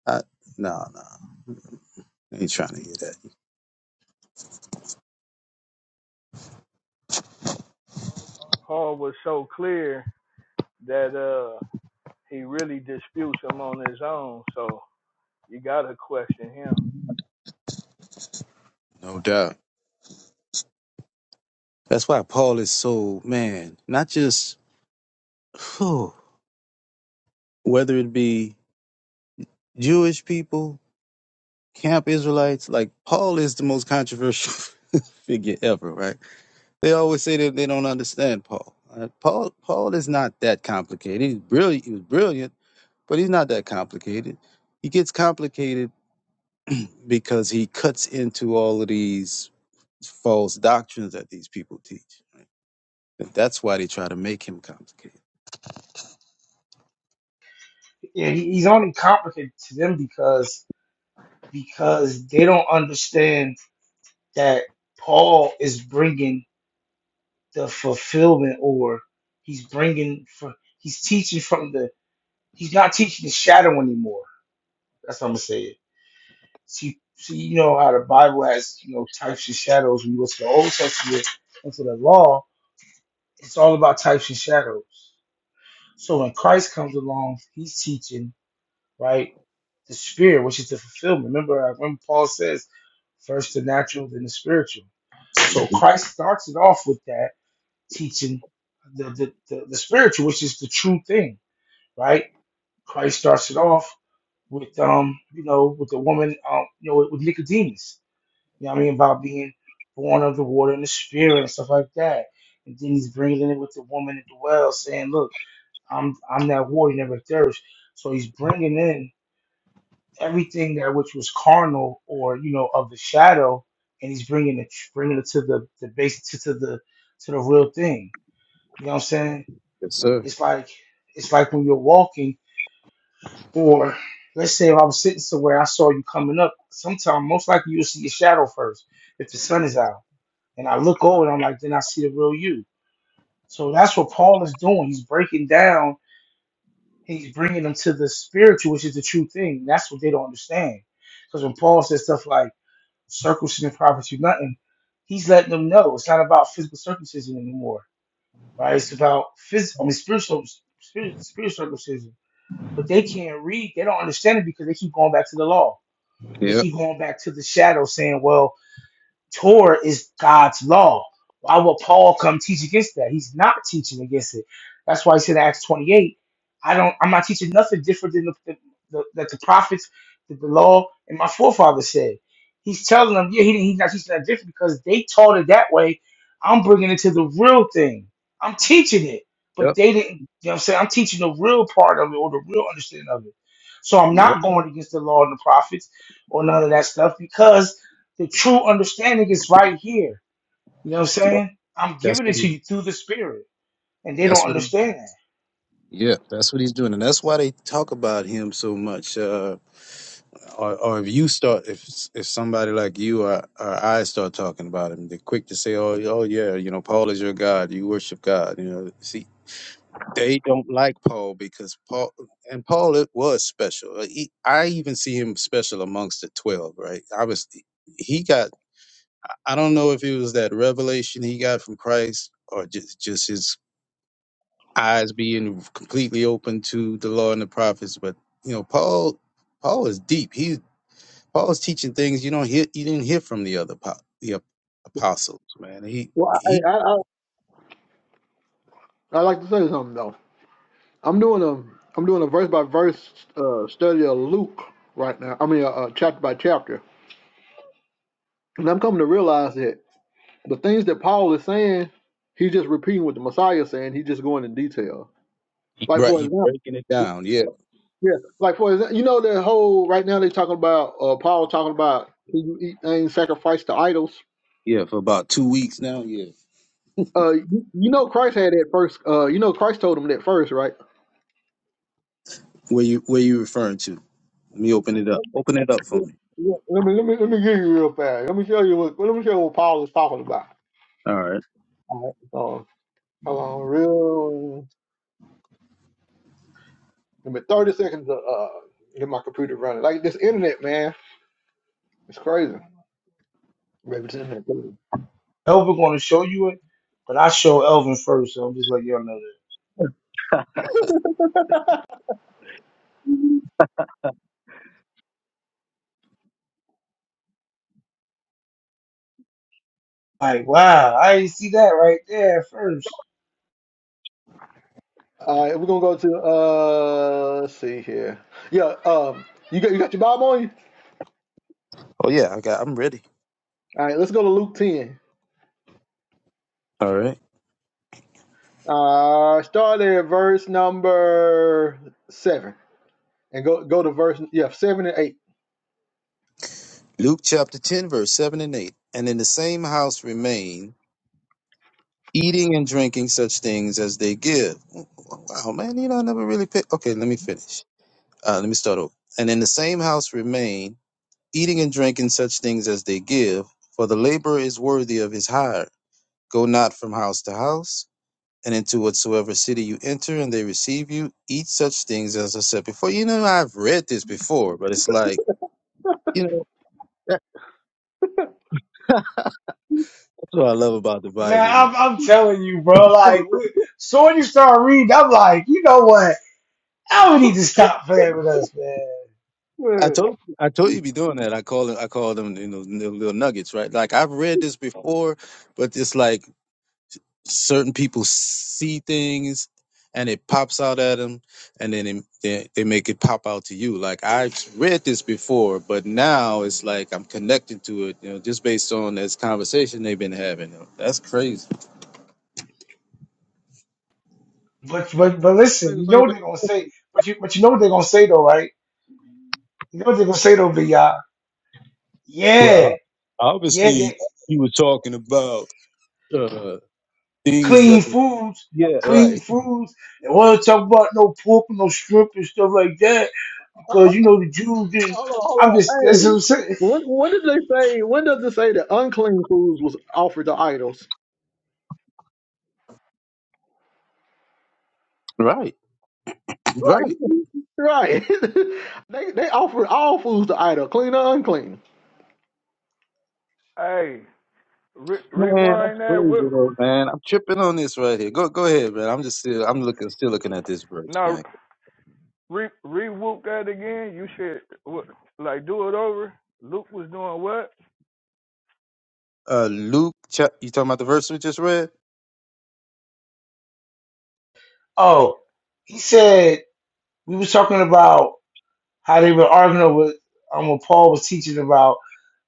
I no no I ain't trying to hear that.
Paul was so clear that uh he really disputes him on his own, so you gotta question him.
No doubt. That's why Paul is so man. Not just whew, whether it be Jewish people, camp Israelites. Like Paul is the most controversial figure ever. Right? They always say that they don't understand Paul. Uh, Paul Paul is not that complicated. He's brilliant. He was brilliant but he's not that complicated. He gets complicated because he cuts into all of these false doctrines that these people teach. And that's why they try to make him complicated.
yeah, he- he's only complicated to them because because they don't understand that Paul is bringing the fulfillment, or he's bringing for he's teaching from the he's not teaching the shadow anymore. That's what I'm gonna say See, see, you know how the Bible has you know types and shadows. When you go to the Old Testament and to the Law, it's all about types and shadows. So when Christ comes along, he's teaching right the Spirit, which is the fulfillment. Remember, I remember Paul says, first the natural, then the spiritual. So
Mhm.
Christ starts it off with that teaching the the, the, the spiritual, which is the true thing, right? Christ starts it off with um, you know, with the woman, um, you know, with, with Nicodemus. You know what I mean? About being born of the water and the spirit and stuff like that. And then he's bringing it with the woman at the well, saying, "Look, I'm I'm that water, you never thirst." So he's bringing in everything that which was carnal or you know of the shadow, and he's bringing it bringing it to the the base to, to the to the real thing. You know what I'm saying?
Yes, sir.
It's like it's like when you're walking, or let's say if I was sitting somewhere, I saw you coming up. Sometime, most likely, you'll see your shadow first if the sun is out. And I look over and I'm like, then I see the real you. So that's what Paul is doing. He's breaking down, he's bringing them to the spiritual, which is the true thing. That's what they don't understand. Because when Paul says stuff like circumcision profits you nothing, he's letting them know it's not about physical circumcision anymore, right? It's about phys- I mean, spiritual, spirit, spiritual circumcision. But they can't read, they don't understand it because they keep going back to the law. They
Yep.
keep going back to the shadow saying, well, Torah is God's law. Why would Paul come teach against that? He's not teaching against it. That's why he said in Acts 28, I don't, I'm not teaching nothing different than the, the, the, that the prophets, that the law, and my forefathers said. He's telling them, yeah, he, didn't- he's not teaching that different because they taught it that way. I'm bringing it to the real thing. I'm teaching it, but
Yep.
they didn't, you know what I'm saying? I'm teaching the real part of it or the real understanding of it. So I'm
Yep.
not going against the law and the prophets or none of that stuff because the true understanding is right here. You know what I'm
yep.
saying? I'm
That's
giving it
what he,
to you through the spirit. And they don't
that's what he's
understand
doing.
that.
Yeah, That's what he's doing, and that's why they talk about him so much. Uh, or, or if you start, if if somebody like you or, or I start talking about him, they're quick to say, "Oh, oh yeah, you know, Paul is your God. You worship God." You know, see, They don't like Paul because Paul and Paul it was special. Uh, He, I even see him special amongst the twelve. Right? I was he got. I don't know if it was that revelation he got from Christ or just just his eyes being completely open to the law and the prophets. But you know, Paul Paul is deep. He Paul's teaching things you don't hear. You didn't hear from the other po- the ap- apostles. Man, he
Well, I hey,
he
I, I I like to say something though. I'm doing a I'm doing a verse by verse uh, study of Luke right now. I mean, uh, uh, chapter by chapter, and I'm coming to realize that. The things that Paul is saying, he's just repeating what the Messiah is saying. He's just going in detail. Like
right.
for
He
example,
breaking it down. Yeah,
yeah, like for example, you know that whole right now they are talking about uh, Paul talking about can you eat things sacrificed to idols.
yeah. For about two weeks now. Yeah.
Uh, you, you know Christ had that first. Uh, you know Christ told him that first, right?
Where you where you referring to? Let me open
Let
it up. Open it up for me.
me let me let me, let me give you real fast. Let me show you what. Let me show you what Paul is talking about.
All right.
All right. Um, hold on, real. Give me thirty seconds to uh, get my computer running. Like this internet, man, it's crazy. Representative.
Elvin gonna show you it, but I show Elvin first, so I'm just letting y'all know that. Like, wow, I didn't see that right there at first.
All right, we're gonna go to uh, let's see here. Yeah, um, you got you got your Bible on you.
Oh yeah, I got. I'm ready.
All right, let's go to Luke ten.
All right.
Uh, start at verse number seven and go go to verse yeah seven and eight.
Luke chapter 10, verse 7 and 8. And in the same house remain, eating and drinking such things as they give. Wow, man, you know, I never really picked. Okay, let me finish. Uh, let me start over. And in the same house remain, eating and drinking such things as they give, for the laborer is worthy of his hire. Go not from house to house. and into whatsoever city you enter, and they receive you, eat such things as I said before. You know, I've read this before, but it's like, you know, that's what I love about the
Man,
Bible, man.
I'm, I'm telling you, bro. Like, wh- so when you start reading, I'm like, you know what? Elvin need to stop playing with us, man.
I
Wait,
told I told you be doing that. I call it I call them you know n- little nuggets, right? Like I've read this before, but it's like certain people see things and it pops out at them and then it, they, they make it pop out to you like i have read this before but now it's like i'm connecting to it you know just based on this conversation they've been having you know. that's crazy
But but but
I
listen,
think
you
the
know
same
what they're
thing.
gonna say. But you but you know what they're gonna say though, right? You know what they're gonna say though, Big Y'all? Yeah,
Well,
yeah. they.
obviously, he was talking about uh, things that.
clean foods,
Yeah,
clean
right
foods. And want to talk about no pork, no shrimp, and stuff like that because you know the Jews. Didn't,
Hold on, hold
I'm
on.
just that's what
Hey,
I'm saying.
when when did they say? When does it say that unclean foods was offered to idols?
right right
Right, right. they they offered all foods to idol, clean or unclean.
Hey, re-
man that's
rewind that. Whip.
crazy though man i'm tripping on this right here go go ahead man i'm just still i'm looking still looking at this verse
No,
man
re re-whoop that again. You should what, like do it over. Luke was doing what?
uh Luke cha- you talking about the verse we just read?
Oh, he said we was talking about how they were arguing over um what Paul was teaching about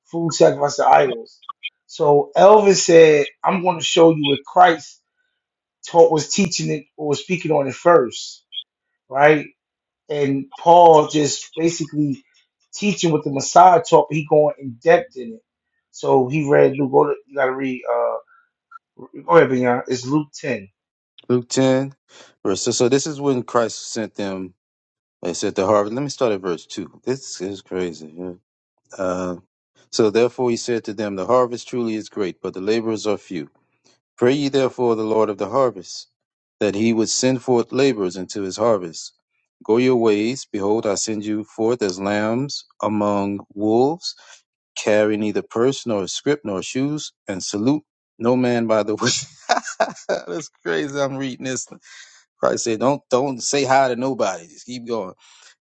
food sacrifice to idols. So Elvis said, "I'm going to show you what Christ taught was teaching it or was speaking on it first, right? and Paul just basically teaching what the Messiah taught, but he going in depth in it. So he read Luke. Go to, you gotta read. Uh, go ahead, Beyond. It's Luke ten.
Luke ten verse so, so this is when Christ sent them they said to harvest. Let me start at verse two. This is crazy. yeah. Uh, so therefore he said to them, The harvest truly is great, but the laborers are few. Pray ye therefore the Lord of the harvest, that he would send forth laborers into his harvest. Go your ways, behold, I send you forth as lambs among wolves. carry neither purse nor scrip nor shoes, and salute no man by the way. That's crazy. I'm reading this. Christ said, "Don't don't say hi to nobody. Just keep going."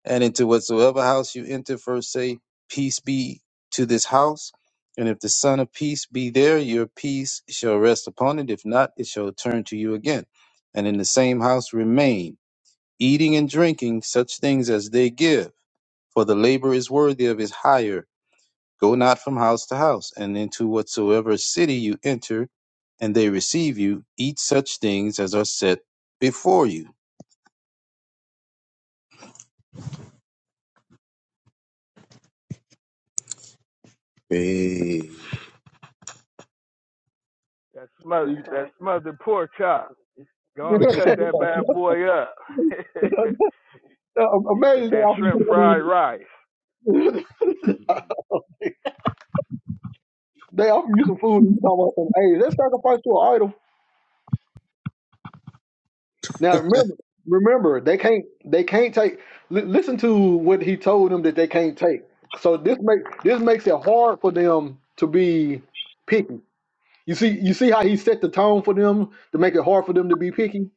And into whatsoever house you enter, first say, "Peace be to this house." And if the Son of Peace be there, your peace shall rest upon it. If not, it shall turn to you again. And in the same house remain, eating and drinking such things as they give, for the labor is worthy of his hire Go not from house to house, and into whatsoever city you enter, and they receive you, eat such things as are set before you. Hey,
That smother
You
that
talking
smothered pork chop. Go on and
about?
cut that bad boy up with
Uh, amazing they
that
offer you
shrimp
some
fried rice.
food. they offer you some food and you talking about some hey, let's sacrifice to an idol. Now remember remember they can't they can't take li- listen to what he told them that they can't take. So this make this makes it hard for them to be picky. You see you see how he set the tone for them to make it hard for them to be picky?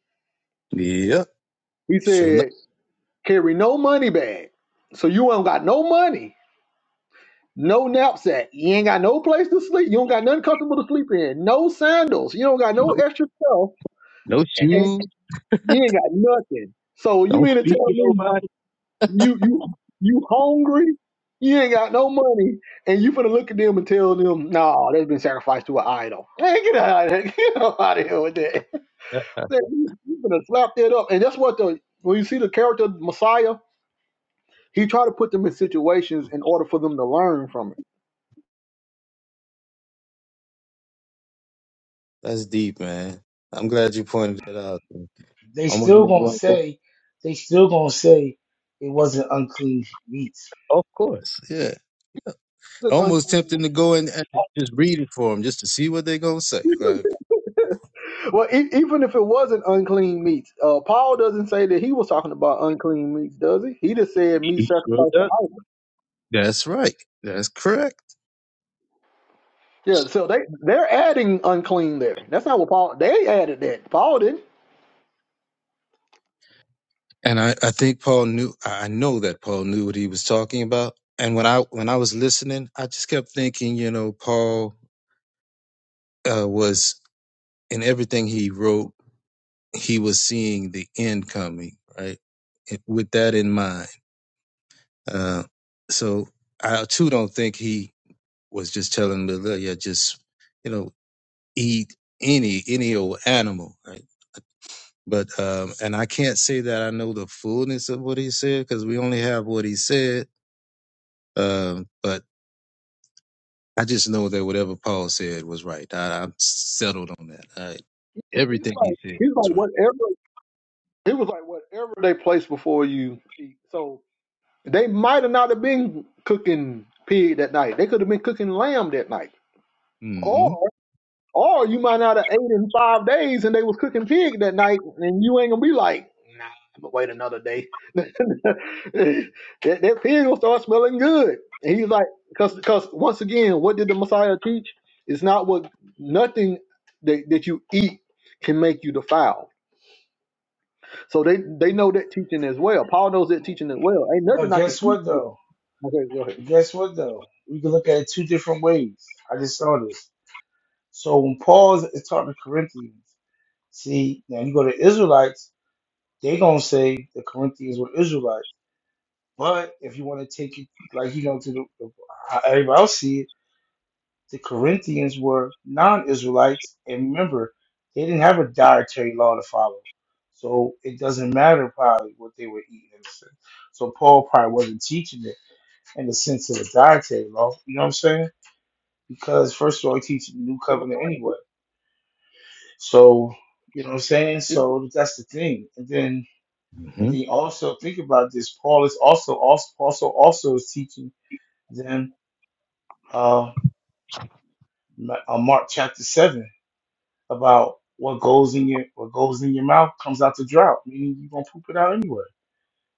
yep,
He
sure enough.
said, carry no money bag. So you ain't got no money No knapsack. You ain't got no place to sleep. You don't got nothing comfortable to sleep in. No sandals. You don't got no
No,
extra stuff.
no
And and
shoes.
you ain't got nothing. So you
Don't
mean to
speak
tell
to
me
nobody.
you you you hungry? You ain't got no money, and you finna look at them and tell them, "Nah, they've been sacrificed to an idol." Man, get out of here! Get out of here with that. Man, You you finna slap that up, and that's what the when you see the character Messiah, he tried to put them in situations in order for them to learn from it.
That's deep, man. I'm glad you pointed that out.
They
Almost
still
made me
gonna
want to go.
say, they still gonna say it wasn't unclean meat.
Of course, yeah.
It's an
Almost
unclean
tempting
meat.
to go in and just read it for them, just to see what they're gonna say. Right?
Well, e- even if it wasn't unclean meats, uh, Paul doesn't say that he was talking about unclean meats, does he? He just said meat
He sure
sacrificed to
does.
idols.
That's right. That's correct.
Yeah, so they they're adding unclean there. That's not what Paul. They added that. Paul didn't.
And I, I think Paul knew I know that Paul knew what he was talking about. And when I when I was listening, I just kept thinking, you know, Paul uh, was in everything he wrote, he was seeing the end coming, right? It- With that in mind. Uh, so I too don't think he was just telling Lilia, just, you know, eat any any old animal, right? But um, and I can't say that I know the fullness of what he said because we only have what he said. Um, but I just know that whatever Paul said was right. I, I'm settled on that. I,
He, he was
everything he
like
said
he was
was
like
right.
whatever. He was like whatever they place before you. eat. So they might have not have been cooking pig that night. They could have been cooking lamb that night, or
hmm
Or you might not have ate in five days and they was cooking pig that night and you ain't gonna be like, nah, I'm gonna wait another day. that, that pig will start smelling good. And he's like, cause, cause once again, what did the Messiah teach? It's not what nothing that, that you eat can make you defiled. So they, they know that teaching as well. Paul knows that teaching as well. Ain't
But
nothing I can
guess what
eat.
though?
Okay, go ahead.
Guess what though? We can look at it two different ways. I just saw this. So when Paul is is talking to Corinthians, see now you go to Israelites, they gonna say the Corinthians were Israelites. But if you want to take it like you know to the, the how everybody else see it, the Corinthians were non-Israelites, and remember, they didn't have a dietary law to follow, so it doesn't matter probably what they were eating in a sense. So Paul probably wasn't teaching it in the sense of the dietary law. You know what I'm saying? Because first of all, he teaches the new
The
covenant
Messiah.
anyway. So you know what I'm saying. So that's the thing. And then and
hmm
then also think about this. Paul is also also also also is teaching them uh, Ma- uh, Mark chapter seven about what goes in your what goes in your mouth comes out the drought, meaning you're gonna poop it out anyway.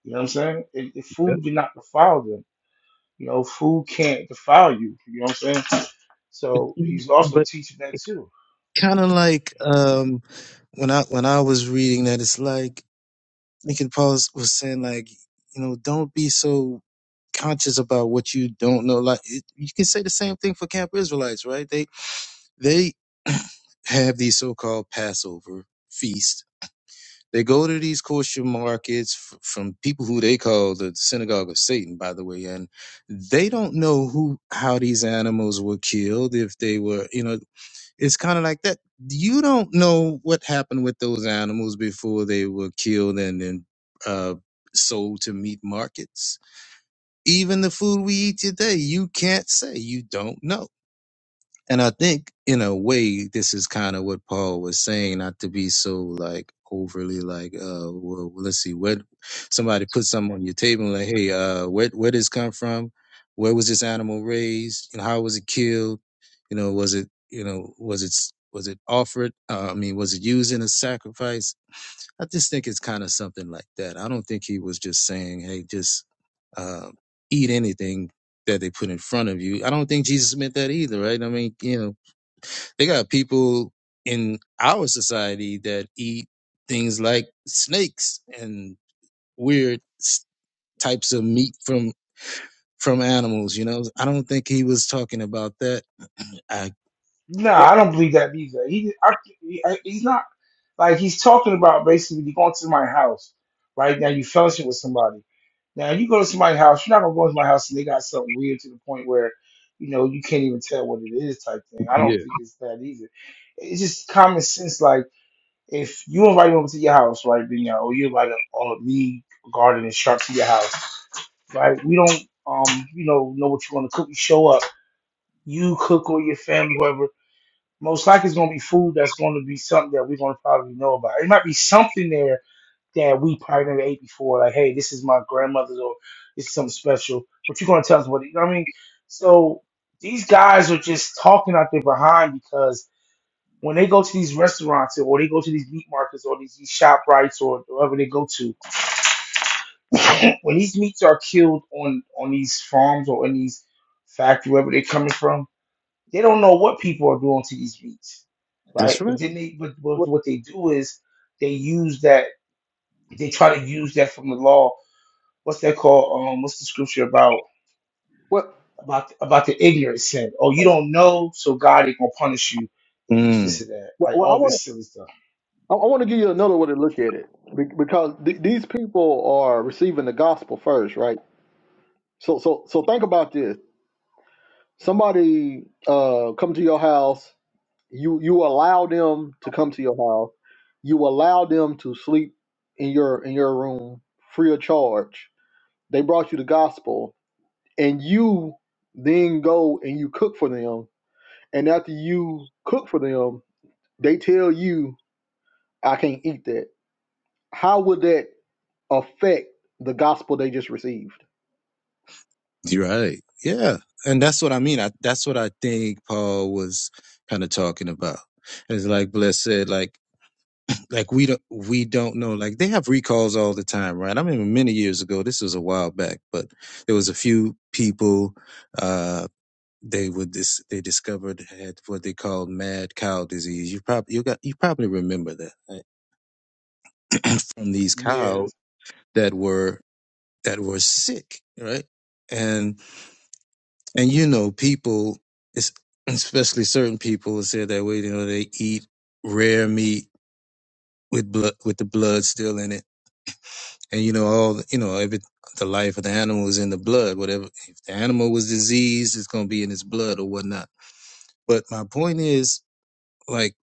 You know what I'm saying? It, it, food
But,
did not defile them. You know, food can't defile you. You know what I'm saying? So he's also
but
teaching that too.
kind of like um, when I when I was reading that, it's like Lincoln Paul was saying, like you know, don't be so conscious about what you don't know. Like it, you can say the same thing for Camp Israelites, right? They they have these so-called Passover feasts They go to these kosher markets f- from people who they call the synagogue of Satan, by the way, and they don't know who how these animals were killed. If they were, you know, it's kind of like that. You don't know what happened with those animals before they were killed and then uh, sold to meat markets. Even the food we eat today, you can't say you don't know and I think in a way, this is kind of what Paul was saying, not to be so like overly like, uh, well, let's see, what somebody put something on your table and like, hey, uh, where where did this come from? Where was this animal raised? You know, how was it killed? You know, was it you know was it s- was it offered? Uh, I mean, was it used in a sacrifice? I just think it's kind of something like that. I don't think he was just saying, hey, just uh, eat anything that they put in front of you. I don't think Jesus meant that either, right? I mean, you know they got people in our society that eat things like snakes and weird s- types of meat from from animals. You know, I don't think he was talking about that. I
No,
What,
I don't believe that either. He, I, he- I, he's not like he's talking about basically you going to my house, right? Now you fellowship with somebody. Now you go to somebody's house, you're not gonna go into my house and they got something weird to the point where, you know, you can't even tell what it is type thing. I don't
Yeah.
think it's that either. It's just common sense. Like if you invite me over to your house, right, then yeah, or you invite a, a me, garden and shark to your house, right? We don't, um, you know, know what you want to cook. You show up, you cook or your family, whoever most likely it's going to be food that's going to be something that we're going to probably know about. It might be something there that we probably never ate before. Like, hey, this is my grandmother's, or this is something special. But you're going to tell us what it. I mean, so these guys are just talking out their behind because when they go to these restaurants or they go to these meat markets or these, these shop rights or wherever they go to, when these meats are killed on on these farms or in these factory wherever they're coming from they don't know what people are doing to these beats,
that's
right? But
right.
then they, but, but
what,
what they do is they use that, they try to use that from the law. What's that called? Um, what's the scripture about?
what,
About about the ignorant sin. Oh, you don't know, so God ain't gonna punish you if it's this
Mm,
or that.
what,
Like
what I
all
want
this silly stuff.
I, I want to give you another way to look at it be- because th- these people are receiving the gospel first, right? So, so, so think about this: somebody uh, come to your house, you you allow them to come to your house, you allow them to sleep in your in your room free of charge. They brought you the gospel, and you then go and you cook for them. And after you cook for them, they tell you, "I can't eat that." How would that? affect the gospel they just received.
you're right. Yeah. And that's what I mean. I, that's what I think Paul was kind of talking about. It's like Bless said, like. like we don't we don't know like they have recalls all the time right i mean, many years ago this was a while back but there was a few people uh they would dis- they discovered had what they called mad cow disease you probably you got you probably remember that right? from these
Yeah.
cows that were that were sick right and and you know people es- especially certain people said that way you know they eat rare meat with blood with the blood still in it and you know all the- you know every the life of the animal is in the blood whatever if the animal was diseased it's going to be in its blood or whatnot but my point is like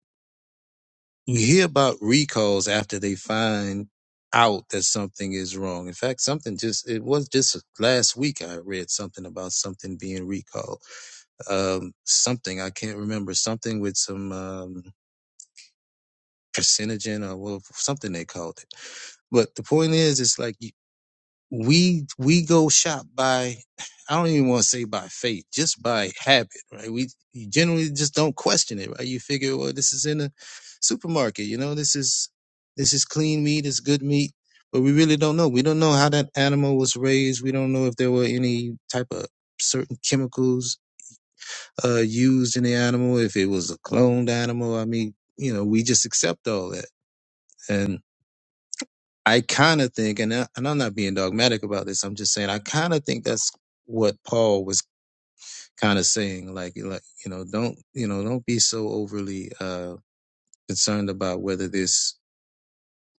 you hear about recalls after they find out that something is wrong in fact something just it was just last week i read something about something being recalled um something i can't remember something with some um carcinogen or well, something they called it but the point is it's like we we go shop by I don't even want to say by faith, just by habit, right? We you generally just don't question it, right? You figure, well, this is in a supermarket, you know, this is this is clean meat, it's good meat, but we really don't know. We don't know how that animal was raised. We don't know if there were any type of certain chemicals uh, used in the animal, if it was a cloned animal. I mean, you know, we just accept all that, and I kind of think, and I- and I'm not being dogmatic about this. I'm just saying I kind of think that's what Paul was kind of saying. Like, like you know, don't you know, don't be so overly uh, concerned about whether this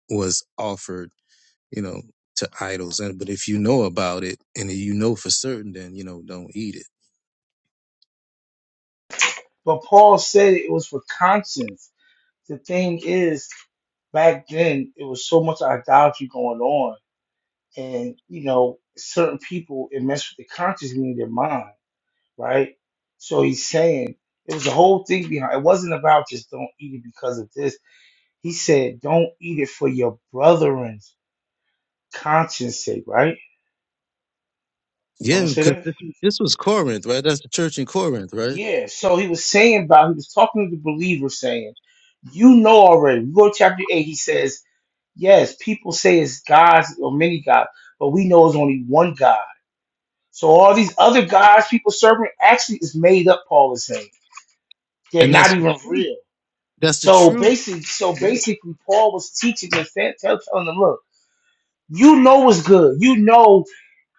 was offered, you know, to idols. And but if you know about it and you know for certain, then you know, don't eat it.
But Paul said it was for conscience. The thing is, back then it was so much idolatry going on and you know certain people it messed with the conscience in their mind right? So he's saying it was a whole thing behind. It wasn't about just don't eat it because of this. He said don't eat it for your brethren's conscience sake, right? Don't
Yeah,
say
because
that.
this, this was Corinth, right? That's the church in Corinth, right?
Yeah. So he was saying about he was talking to the believer, saying, you know already. We go to chapter eight. He says, yes, people say it's gods or many gods, but we know it's only one God. So all these other gods people serving actually is made up. Paul is saying they're
And
not
that's the
even
truth.
real.
That's the
So
truth.
basically, so
Yeah.
basically, Paul was teaching them, tell- telling them, look, you know what's good. You know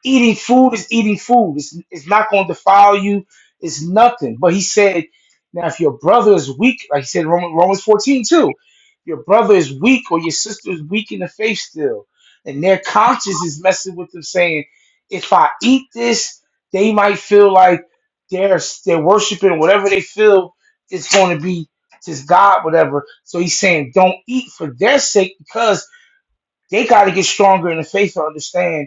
Eating food is eating food. It's, it's not going to defile you. It's nothing. But he said, now if your brother is weak, like he said in Romans, Romans 14 too, your brother is weak or your sister is weak in the faith still, and their conscience is messing with them saying, if I eat this, they might feel like they're, they're worshiping whatever they feel is going to be just God, whatever. So he's saying, don't eat for their sake because they got to get stronger in the faith to understand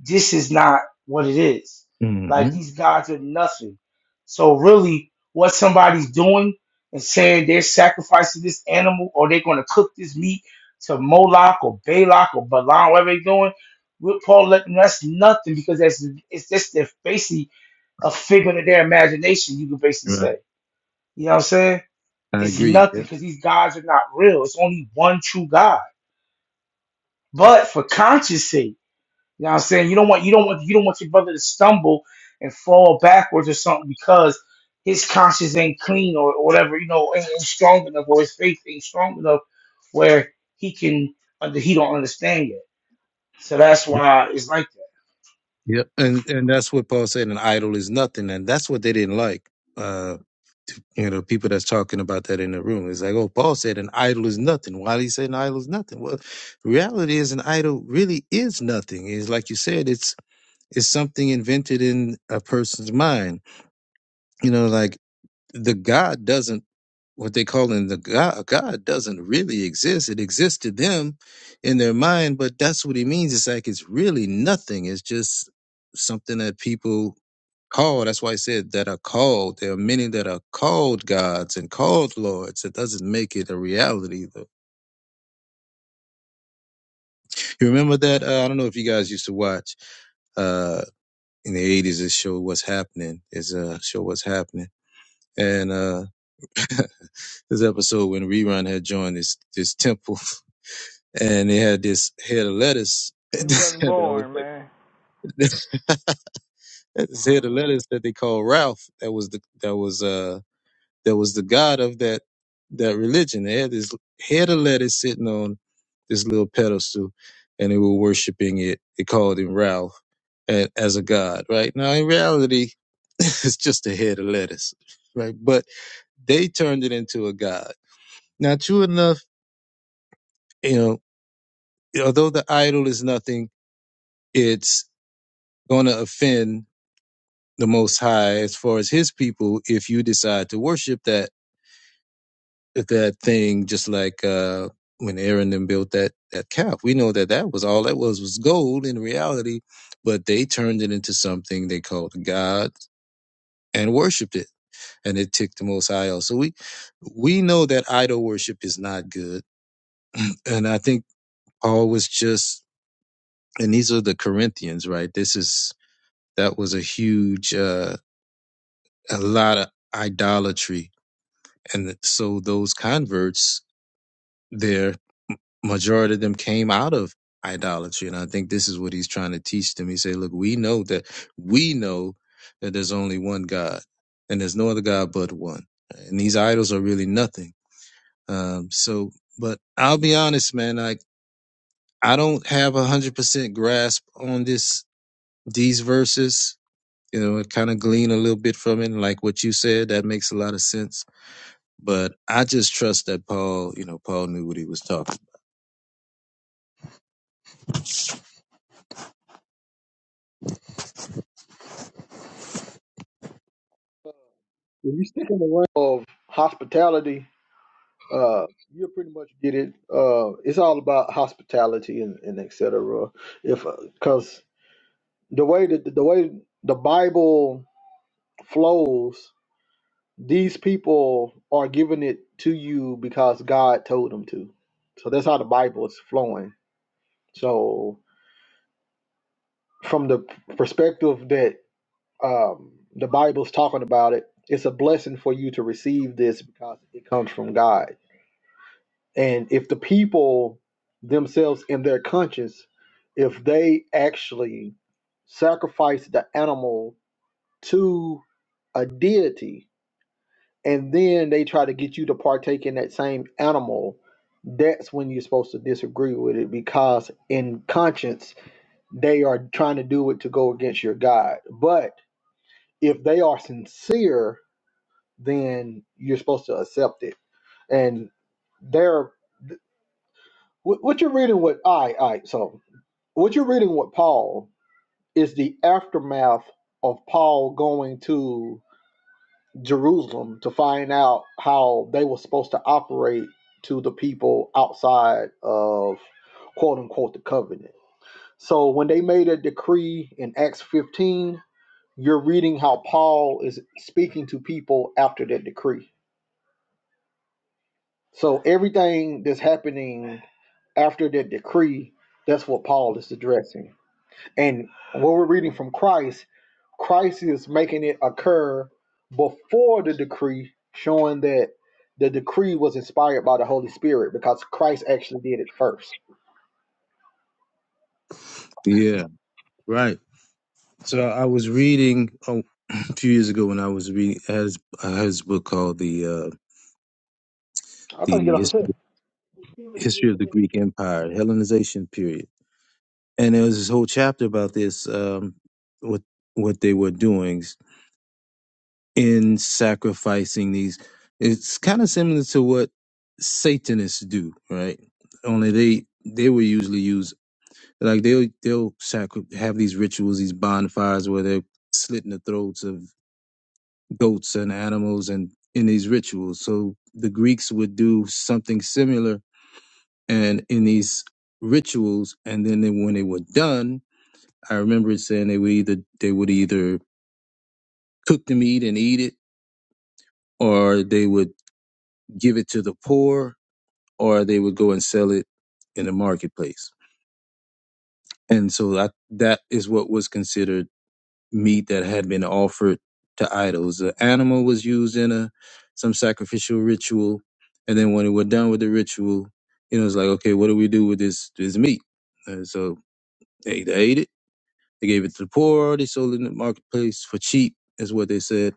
this is not what it is. Like
hmm
these guys are nothing. So really, what somebody's doing and saying they're sacrificing this animal or they're going to cook this meat to Moloch or Balak or Balaam, whatever they're doing, with Paul letting that's nothing because that's it's just they're basically a figment of their imagination. You could basically
Right.
say, you know what I'm saying?
I
It's
agree.
nothing
Yeah.
because these gods are not real. It's only one true God. But for conscience sake. You know what I'm saying? You don't want you don't want you don't want your brother to stumble and fall backwards or something because his conscience ain't clean or, or whatever, you know, ain't, ain't strong enough or his faith ain't strong enough where he can under he don't understand yet. So that's why it's like that.
Yep. And and that's what Paul said an idol is nothing. And that's what they didn't like. Uh you know, people that's talking about that in the room. It's like, oh, Paul said an idol is nothing. Why did he say an idol is nothing? Well, reality is an idol really is nothing. It's like you said, it's it's something invented in a person's mind. You know, like the God doesn't what they call in the God, God doesn't really exist. It exists to them in their mind, but that's what he means. It's like it's really nothing. It's just something that people call. That's why I said that are called. There are many that are called gods and called lords. It doesn't make it a reality though. You remember that? Uh, I don't know if you guys used to watch uh in the eighties this show What's Happening is a show What's Happening. And uh this episode when Rerun had joined this this temple and they had this head of lettuce
They wasn't
that was
born, man.
the- this head of lettuce that they called Ralph that was the that was uh that was the god of that that religion. They had this head of lettuce sitting on this little pedestal and they were worshiping it. They called him Ralph a- as a god, right? Now in reality it's just a head of lettuce, right? But they turned it into a god. Now true enough, you know. although the idol is nothing, it's going to offend the Most High as far as His people if you decide to worship that that thing. Just like uh, when Aaron then built that that calf, we know that that was all that was was gold in reality, but they turned it into something they called a god and worshipped it, and it ticked the Most High off. So we we know that idol worship is not good, and I think Paul was just. And these are the Corinthians, right? This is that was a huge uh, a lot of idolatry and so those converts their majority of them came out of idolatry and i think this is what he's trying to teach them he say look we know that we know that there's only one god and there's no other god but one and these idols are really nothing um, so but i'll be honest man like i don't have a hundred percent grasp on this these verses you know, and kind of glean a little bit from it. And like what you said, that makes a lot of sense. But I just trust that Paul, you know, Paul knew what he was talking.
If you stick in the realm of hospitality, uh, you'll pretty much get it. Uh, it's all about hospitality and, and et cetera. If because the way that the way the Bible flows, these people are giving it to you because God told them to. So that's how the Bible is flowing. So from the perspective that Um, the Bible's talking about it. It's a blessing for you to receive this because it comes from God. And if the people themselves in their conscience, if they actually sacrifice the animal to a deity and then they try to get you to partake in that same animal, that's when you're supposed to disagree with it because in conscience they are trying to do it to go against your God. But if they are sincere then you're supposed to accept it. And there, what you're reading with, all right, all right, so what you're reading with Paul is the aftermath of Paul going to Jerusalem to find out how they were supposed to operate to the people outside of quote unquote the covenant. So when they made a decree in Acts 15, you're reading how Paul is speaking to people after that decree So everything that's happening after that decree, that's what Paul is addressing. And what we're reading from Christ, Christ is making it occur before the decree, showing that the decree was inspired by the Holy Spirit because Christ actually did it first.
Yeah, right. So I was reading oh, a few years ago when I was reading as uh, his book called the uh,
I thought you get
the
off the
history,
tip.
history of the Greek Empire, Hellenization period, and there was this whole chapter about this um, what what they were doing. in sacrificing these. It's kind of similar to what Satanists do, right? Only they they will usually use like they'll they'll sacri- have these rituals, these bonfires where they're slitting the throats of goats and animals, and in these rituals. So the Greeks would do something similar, and in these rituals, and then they, when they were done, I remember it saying they would either they would either cook the meat and eat it, or they would give it to the poor, or they would go and sell it in the marketplace. And so that, that is what was considered meat that had been offered to idols. The animal was used in a some sacrificial ritual, and then when it were done with the ritual, you know, it's like, okay, what do we do with this this meat? And so they either ate it, they gave it to the poor, they sold it in the marketplace for cheap, is what they said.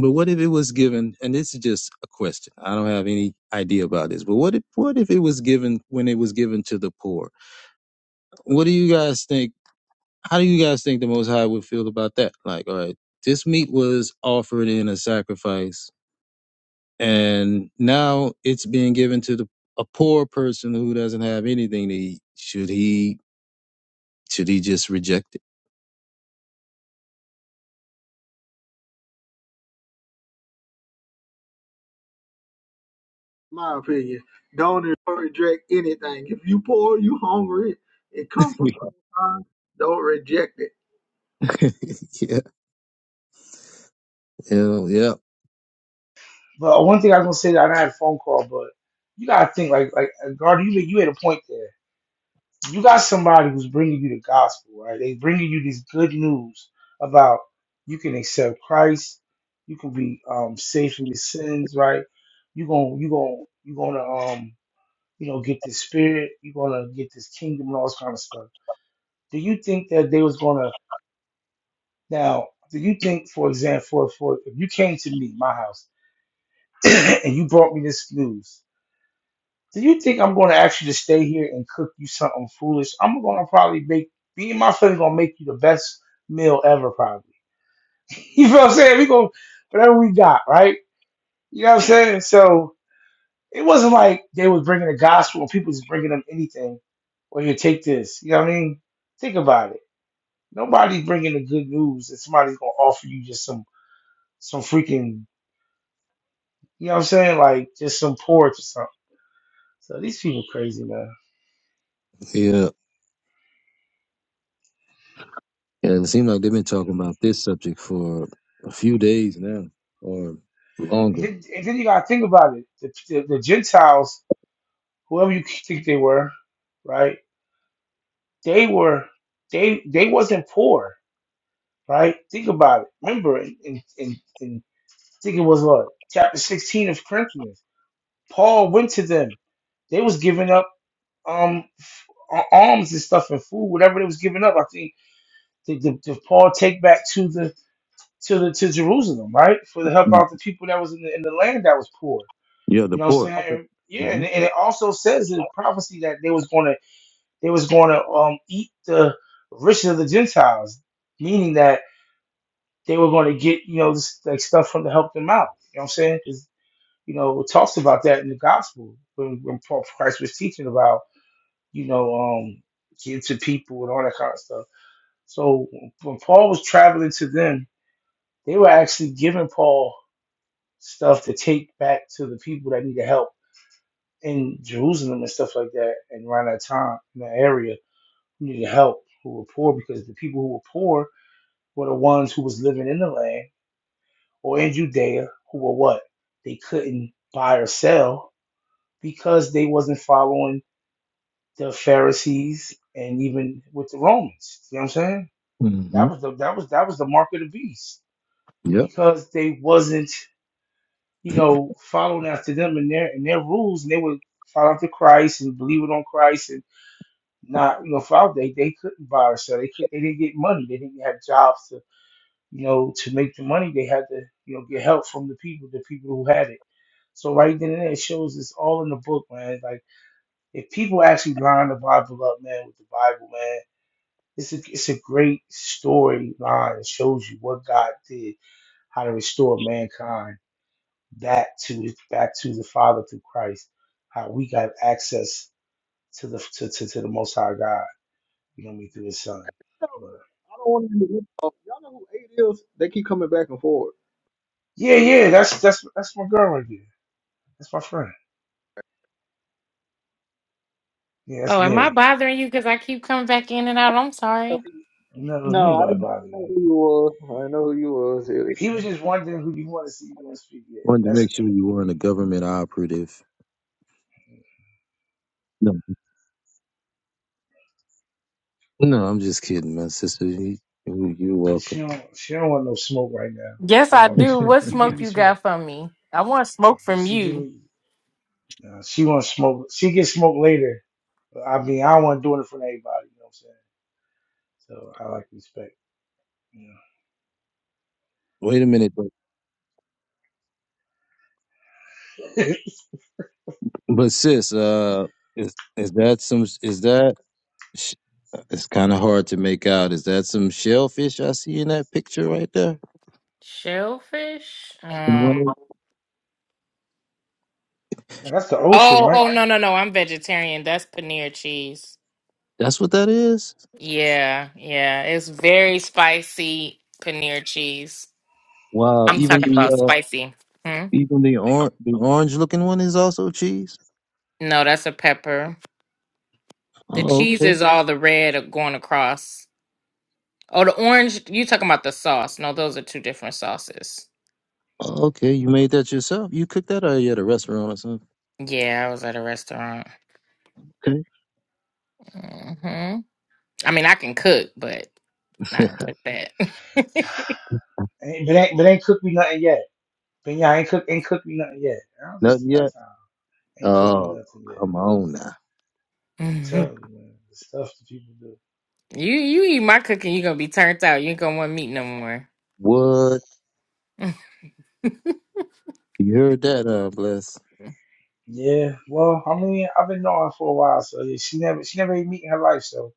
But what if it was given? And this is just a question. I don't have any idea about this. But what if what if it was given when it was given to the poor? What do you guys think? How do you guys think the Most High would feel about that? Like, all right, this meat was offered in a sacrifice, and now it's being given to the a poor person who doesn't have anything to eat. Should he? Should he just reject
My opinion. Don't reject anything. If you poor, you hungry, it comes from the
it?
Most High, don't reject it.
yeah, you know, yeah,
But one thing I was gonna say that I had a phone call, but you gotta think like like uh, Gardner, you made- you had a point there. you got somebody who's bringing you the gospel, right? They bringing you this good news about you can accept Christ, you can be um, safe from your sins, right? You going to you going to you gonna um you know get this spirit, you gonna get this kingdom and all this kind of stuff. Do you think that they was gonna now? Do you think, for example, for, for if you came to me, my house, and you brought me this news, Do you think I'm going to ask you to stay here and cook you something foolish? I'm going to probably make me and my friend going to make you the best meal ever, probably. you feel what I'm saying? We go whatever we got, right? You know what I'm saying? So it wasn't like they was bringing the gospel and people just bringing them anything. Or you take this, you know what I mean? Think about it. Nobody's bringing the good news, and somebody's gonna offer you just some some freaking, you know what I'm saying? Like just some porridge or something. So these people crazy, man.
yeah. And it seems like they've been talking about this subject for a few days now, or
And
longer.
then, and then you gotta think about it. The, the, the Gentiles, whoever you think they were, right? They were they they wasn't poor, right? Think about it. Remember, in, in, in, in I think it was what chapter sixteen of Corinthians. Paul went to them. They was giving up um f- a- alms and stuff and food, whatever they was giving up. I think the, the, the Paul take back to the to the to Jerusalem, right, for the help
Mm.
out the people that was in the, in the land that was poor
Yeah, the
You know what I'm
poor.
saying? Yeah,
hmm
and, and it also says in prophecy that they was gonna they was gonna um eat the riches of the Gentiles, meaning that they were gonna get, you know, this like stuff from to help them out. You know what I'm saying? 'Cause, you know, it talks about that in the gospel when, when Paul Christ was teaching about, you know, um getting to people and all that kind of stuff. So when Paul was traveling to them, they were actually giving Paul stuff to take back to the people that needed help in Jerusalem and stuff like that, and around that time in that area, who needed help, who were poor, because the people who were poor were the ones who was living in the land or in Judea who were what they couldn't buy or sell because they wasn't following the Pharisees and even with the Romans. You know what I'm saying?
hmm
That was the that was that was the mark of the beast
Yep.
because they wasn't you know following after them and their and their rules, and they would follow after Christ and believing on Christ and. not you know throughout they they couldn't buy or sell. They could they didn't get money. They didn't have jobs to you know to make the money. They had to you know get help from the people, the people who had it. So right then and there, it shows it's all in the book, man. Like if people actually line the Bible up, man, with the Bible, man, it's a it's a great storyline. It shows you what God did, how to restore mankind back to back to the Father through Christ, how we got access to the to, to, to the Most High God. You know me through his son.
know
But
who- I don't want to. be. Y'all know who Eight is? They keep coming back and forth.
yeah, yeah, that's that's that's my girl right there. That's my friend. Yeah, that's
Oh, am I
Mary.
bothering you? Because I keep coming back in and out. I'm sorry.
You know, it was me
No, I
why it
didn't
me.
know who you was. I didn't know who you was. It-
He was just wondering who you want to see you want to speak. Yeah,
Wanted to
that's
make sure
eight.
you weren't a government operative No, no, I'm just kidding, my sister. You, you- you're
Yeah, she
welcome.
don't she don't want no smoke right now.
Yes,
She don't
I
want no
do.
smoke.
What
She give
smoke
me
you
smoke.
got from me? I want smoke from
She give
you.
me. Uh, she want smoke. She get smoke later. But I mean, I don't want to do it for everybody. You know what I'm saying? So I like respect. You
Wait a minute, but,
know.
but sis, uh, is is that some? Is that? sh- It's kind of hard to make out. Is that some shellfish I see in that picture right there?
Shellfish?
In one
Um,
of-
Now, that's the ocean,
oh,
right?
oh, no, no, no. I'm vegetarian. That's paneer cheese.
That's what that is.
Yeah, yeah. It's very spicy paneer cheese.
Wow,
I'm
even
talking
Yeah.
the
about
uh,
spicy. Hmm?
even the orange the orange looking one is also cheese.
No, that's a pepper. The
Oh,
cheese
okay,
is all the red going across. Oh, the orange. You talking about the sauce? No, those are two different sauces.
Oh, okay. You made that yourself. You cooked that, or you at a restaurant or something?
Yeah, I was at a restaurant.
Okay,
hmm I mean, I can cook, but not like that.
Ain't, but ain't but ain't cooked me nothing yet. But y'all ain't cook ain't cooked me nothing yet. I don't just
nothing
got
yet.
time. Ain't cooked me
Oh,
nothing yet.
come on now.
I'm
Mhm.
telling you, man, the stuff that people do.
You you eat my cooking, you're gonna be turned out. You ain't gonna want meat no more.
What? You heard that, uh, Bless.
Yeah, well, I mean, I've been knowing her for a while, so yeah, she never she never ate meat in her life. So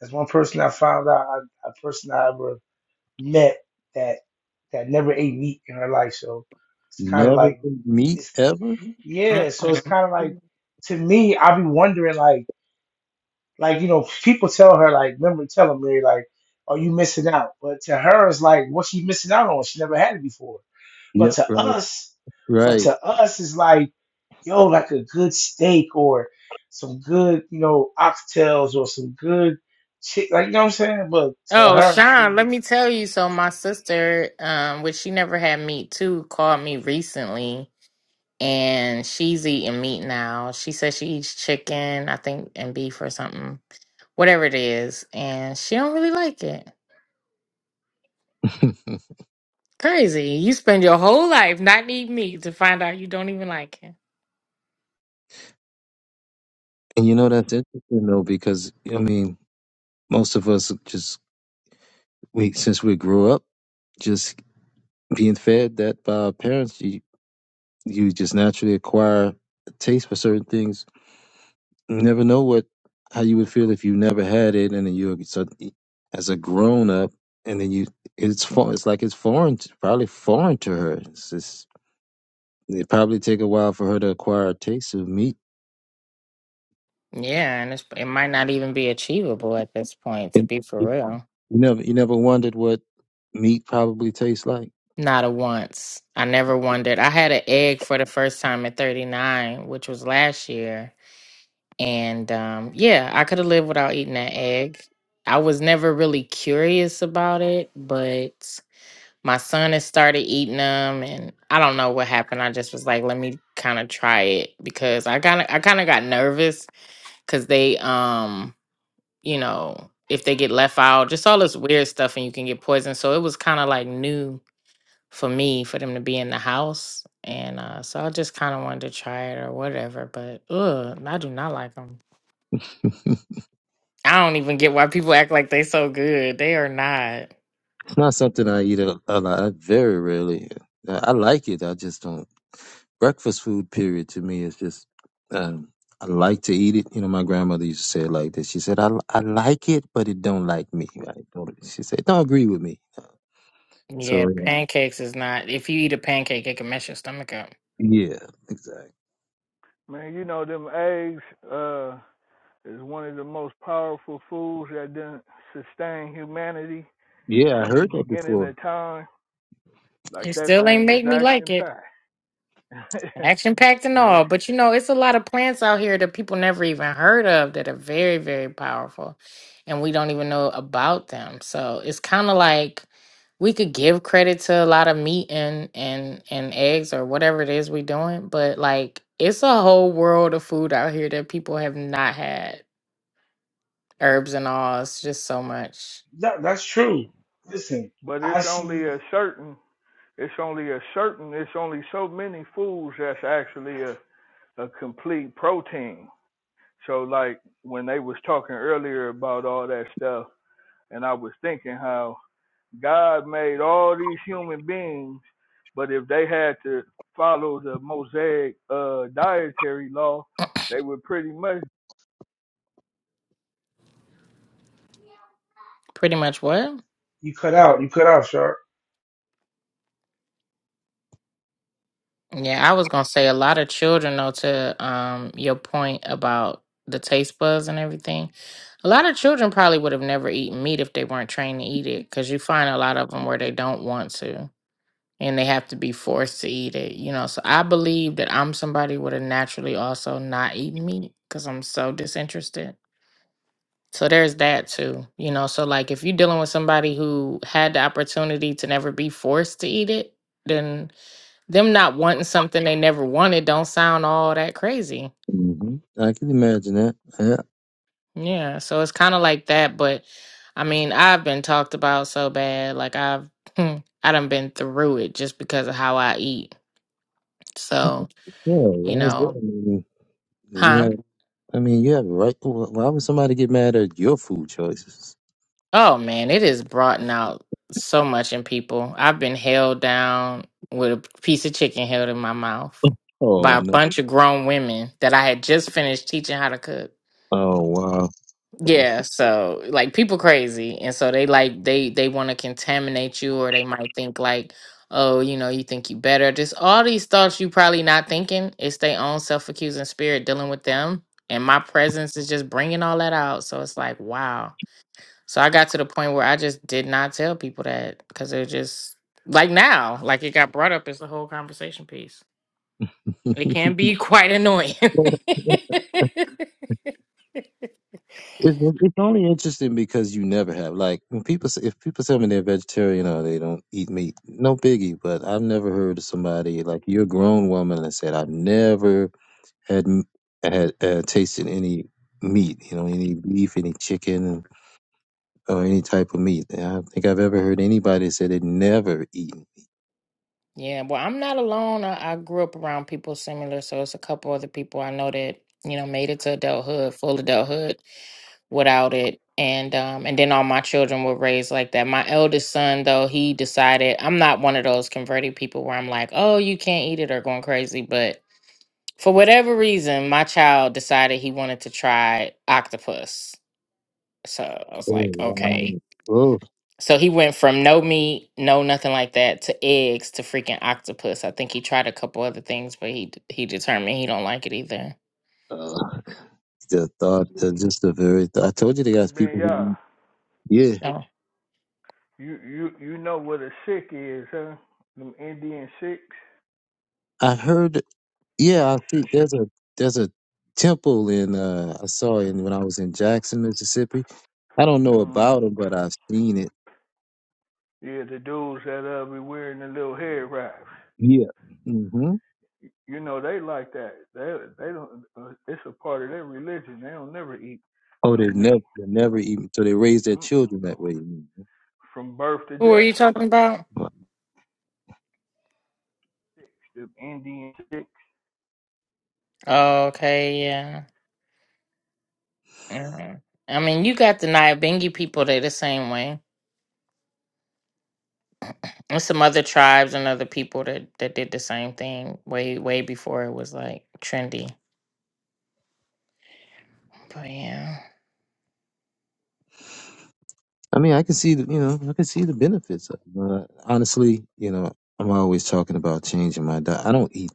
that's one person I found out, I, a person I ever met that that never ate meat in her life. So it's kind of
Never
like
to meet
it's
ever?
Mhm.
yeah. So it's kind of like to me, I be wondering like. Like, you know, people tell her, like, remember telling Mary, like, are you missing out? But to her, it's like, what's she missing out on? She never had it before. But
Yep,
to
right,
us, but
right.
to us, it's like, yo, like a good steak or some good, you know, oxtails or some good chick, like, you know what I'm saying? But to
Oh,
her,
Sean,
she,
let me tell you. So my sister, um, which she never had meat too, called me recently, and she's eating meat now. She says she eats chicken, I think, and beef or something, whatever it is, and she don't really like it. Crazy. You spend your whole life not need me to find out you don't even like it.
And you know, that's interesting though, because I mean, most of us just, we, since we grew up, just being fed that by our parents, you, you just naturally acquire a taste for certain things. You never know what, how you would feel if you never had it. And then you, so as a grown up, and then you, it's, for, it's like it's foreign, to, probably foreign to her. It's just, It probably take a while for her to acquire a taste of meat.
Yeah, and it's, it might not even be achievable at this point, to
And
be for
You
real.
you never, you never wondered what meat probably tastes like.
Not a once. I never wondered. I had an egg for the first time at 39, which was last year. And um, yeah, I could have lived without eating that egg. I was never really curious about it, but my son has started eating them and I don't know what happened. I just was like, let me kind of try it because I kind of I kind of got nervous because they um you know if they get left out just all this weird stuff and you can get poisoned so it was kind of like new for me for them to be in the house and uh so i just kind of wanted to try it or whatever but ugh, i do not like them i don't even get why people act like they so good they are not
It's not something I eat a, a lot. I very rarely. I, I like it. I just don't. Breakfast food, period, to me is just. Um, I like to eat it. You know, my grandmother used to say it like this. She said, "I I like it, but it don't like me." I don't, she said, "It "Don't agree with me."
yeah
So
pancakes is not if you eat a pancake it can mess your stomach up
Yeah, exactly.
Man, you know them eggs uh is one of the most powerful foods that didn't sustain humanity
Yeah, I
since the
heard that
beginning
before.
of time. Like
it
that
still ain't
thing is
make me like
action
it
packed.
Action packed and
yeah.
all, but you know, it's a lot of plants out here that people never even heard of that are very, very powerful, and we don't even know about them. So it's kind of like we could give credit to a lot of meat and and and eggs or whatever it is we're doing, but like it's a whole world of food out here that people have not had. Herbs and all, it's just so much.
that, that's true. Listen,
But it's
I
only a
see
certain it's only a certain it's only so many foods that's actually a, a complete protein. So like when they was talking earlier about all that stuff and I was thinking how God made all these human beings, but if they had to follow the Mosaic uh, dietary law, they would pretty much.
Pretty much what?
you cut out, you cut out, sharp.
Yeah, I was gonna say a lot of children though to um your point about the taste buds and everything. A lot of children probably would have never eaten meat if they weren't trained to eat it because you find a lot of them where they don't want to and they have to be forced to eat it, you know. So I believe that I'm somebody would have naturally also not eaten meat because I'm so disinterested. So there's that too, you know. So like if you're dealing with somebody who had the opportunity to never be forced to eat it, then them not wanting something they never wanted don't sound all that crazy.
hmm I can imagine that. Yeah,
Yeah, so it's kind of like that, but I mean, I've been talked about so bad, like I've I done been through it just because of how I eat. So,
yeah.
you
Why is that?
know,
I mean, you
huh?
have, I mean, you have a right. wh- Why would somebody get mad at your food choices?
Oh man, it is brought out so much in people. I've been held down with a piece of chicken held in my mouth
Oh
by a
no.
bunch of grown women that I had just finished teaching how to cook.
Oh wow.
Yeah, so like people crazy, and so they like they they want to contaminate you, or they might think like, oh, you know, you think you better. Just all these thoughts you probably not thinking. It's their own self accusing spirit dealing with them, and my presence is just bringing all that out. So it's like, wow. So I got to the point where I just did not tell people that because they're just like now, like it got brought up as the whole conversation piece. It can be quite annoying.
It's it's only interesting because you never have. Like when people say, if people tell me they're vegetarian or they don't eat meat, no biggie. But I've never heard of somebody like you're a grown woman and said I've never had m- had uh, tasted any meat. You know, any beef, any chicken. or any type of meat. I don't think I've ever heard anybody say they'd never eaten.
Yeah, well, I'm not alone. I, I grew up around people similar, so it's a couple other people I know that you know made it to adulthood, full adulthood, without it, and um, and then all my children were raised like that. My eldest son, though, he decided I'm not one of those converted people where I'm like, oh, you can't eat it or going crazy, but for whatever reason, my child decided he wanted to try octopus. So I was
Oh,
like, okay,
wow. Oh,
so he went from no meat, no nothing like that, to eggs to freaking octopus. I think he tried a couple other things, but he d- he determined he don't like it either.
uh, the thought, the, just the very. Th- I told you they
Hey
got
Ben,
people
yeah,
who. Yeah,
Oh,
you you you know what a Sikh is, huh? Them Indian Sikhs.
I heard. Yeah, I think there's a there's a temple in. uh I saw it when I was in Jackson, Mississippi. I don't know
Mm.
about it, but I've seen it.
Yeah, the dudes that uh be wearing the little head wraps.
Yeah. hmm
You know they like that. They they don't. Uh, it's a part of their religion. They don't never eat
Oh, they
no
have never
meat
they never
from
eaten. So they raise their
mm-mm,
children
from,
that way.
from birth to
who are you
death.
talking about?
The Indian Sikh.
Okay, yeah. hmm I mean, you got the Nyabengi people that the same way, and some other tribes and other people that that did the same thing way way before it was like trendy. But yeah,
I mean, I can see the, you know, I can see the benefits. Of it. Uh, honestly, you know, I'm always talking about changing my diet. I don't eat,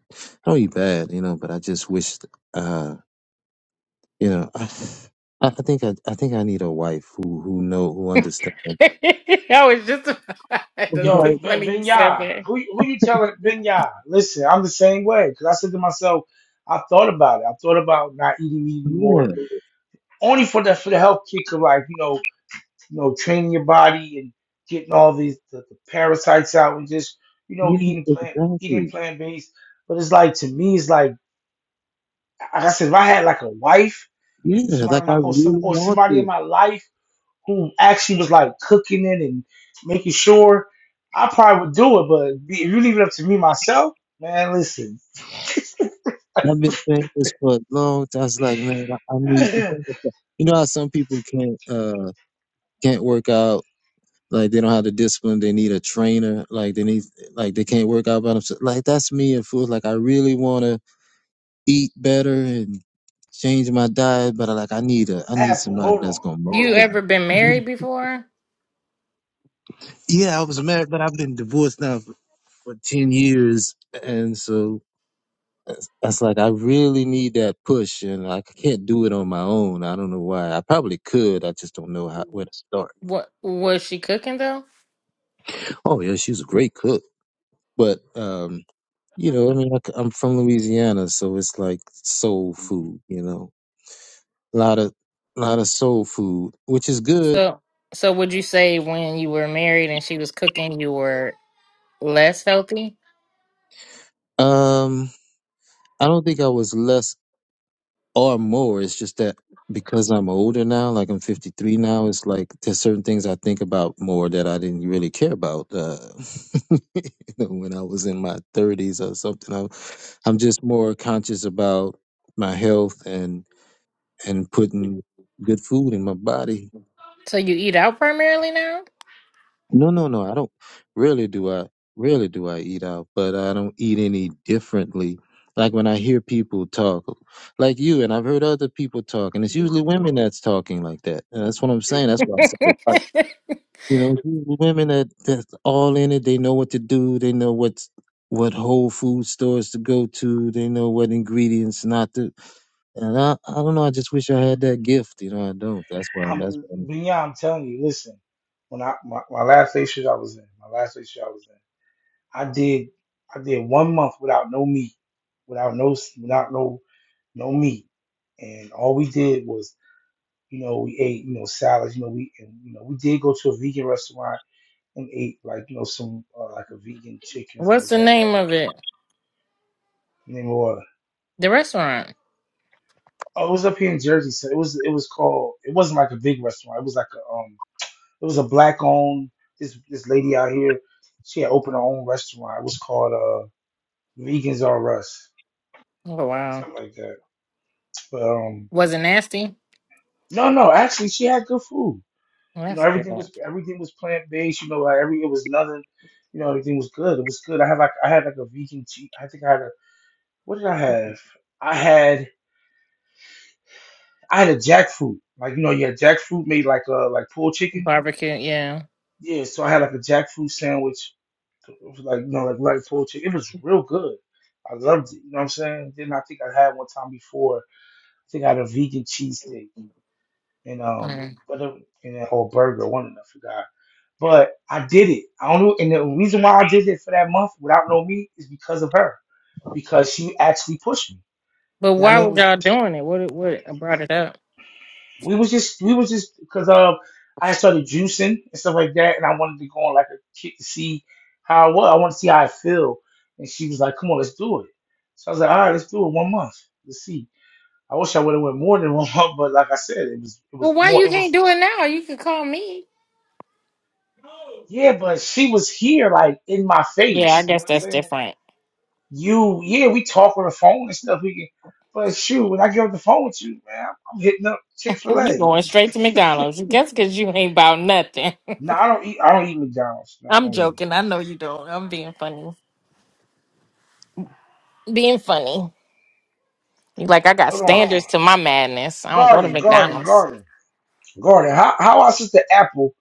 I don't eat bad, you know, but I just wish, uh, you know, I, I I think I, I think I need a wife who, who know, who understands.
I was just
It's
that's
like,
too
Yo, Ben
funny you said
Vinya,
that.
who who you telling Vinya? Listen, I'm the same way because I said to myself, I thought about it. I thought about not eating meat
yeah,
anymore, only for the for the health kick of like you know you know training your body and getting all these the, the parasites out and just you know
yeah,
eating plant eating
exactly,
plant based. But it's like to me, it's like like I said, if I had like a wife,
yeah.
somebody
Like
in
I
my, or some
really
or
want
somebody in
it.
my life who actually was like cooking it and making sure, I probably would do it. But if you leave it up to me myself, man, listen,
I've been saying this for a long time. It's like, man, I, I need. You know how some people can't, uh, can't work out Like they don't have the discipline. They need a trainer. Like they need, like they can't work out by themselves. Like that's me and food. Like I really want to eat better and change my diet, but I, like I need a, I need
Apple,
somebody
hold on,
that's gonna
hold
You
on,
motivate
Apple.
ever been married
me.
before?
Yeah, I was married, but I've been divorced now for, for ten years, and so that's like I really need that push, and like I can't do it on my own. I don't know why. I probably could. I just don't know how where to start.
What was she cooking though?
Oh yeah, she was a great cook, but um You know, I mean, I c- I'm from Louisiana, so it's like soul food. You know, a lot of lot of soul food, which is good.
So, so would you say when you were married and she was cooking, you were less healthy?
Um, I don't think I was less or more. It's just that because I'm older now, like I'm 53 now, it's like there's certain things I think about more that I didn't really care about uh, you know, when I was in my 30s or something. I'm, I'm just more conscious about my health and and putting good food in my body
So you eat out primarily now?
No, no, no. I don't really do I really do I eat out, but I don't eat any differently. Like when I hear people talk, like you, and I've heard other people talk, and it's usually women that's talking like that. And that's what I'm saying. That's why I said, the wife. you know, it's usually women that that's all in it. They know what to do. They know what's what whole food stores to go to. They know what ingredients not to. And I, I don't know. I just wish I had that gift. You know, I don't. That's why. That's
I'm
why. I'm-
beyond. I'm telling you, listen. When I my, my last station I was in, my last station I was in, I did I did one month without no meat, without no without no no meat, and all we did was you know we ate you know salads, you know we and, you know we did go to a vegan restaurant and ate like you know some uh, like a vegan chicken or something
What's
like
the
that,
name
whatever.
of it?
Name or
The restaurant.
oh, it was up here in Jersey. So it was it was called. It wasn't like a big restaurant. It was like a um. It was a black owned. This this lady out here, she had opened her own restaurant. It was called uh Vegans Are Us,
Oh wow.
something like that. But um,
Was it nasty?
no, no, actually she had good food.
Well,
You know,
That's good.
everything was everything was plant based. You know, like every it was nothing. You know, everything was good. It was good. I had like I had like a vegan cheese. I think I had a what did I have? I had. I had a jackfruit. Like you know, you had jackfruit made like uh like pulled chicken.
Barbecue, yeah.
Yeah, so I had like a jackfruit sandwich, It was like you know, like like pulled chicken. It was real good. I loved it. You know what I'm saying? Then I think I had one time before. I think I had a vegan cheesesteak and
Mm.
um, but it, and that whole burger. One of them, I forgot. But I did it. I don't know. And the reason why I did it for that month without no meat is because of her. Because she actually pushed me.
But
You know what
why
I
was
mean,
y'all doing it? What what brought it up?
we was just we was just because um I started juicing and stuff like that, and I wanted to go on like a kick to see how I was. I want to see how I feel. And she was like, "Come on, let's do it." So I was like, "All right, let's do it one month. Let's see." I wish I would have went more than one month, but like I said, it was it
Well,
was
why
more
you
it
can't
was
do it now? You could call me.
yeah. But she was here like in my
Yeah, I
face. You know
guess
what I'm
that's
saying?
different.
You yeah, we talk on the phone and stuff. We can, but shoot, when I get off the phone with you, man, I'm hitting up Chick Fil
You
A.
going straight to McDonald's? Guess because you ain't about nothing.
No, I don't eat. I don't eat McDonald's. No, I
I'm
don't eat
joking. I
McDonald's.
know you don't. I'm being funny. Being funny. You like I got
Hold on.
standards to my madness. I don't go to
Garden, garden,
McDonald's.
garden, garden. How how our sister Apple?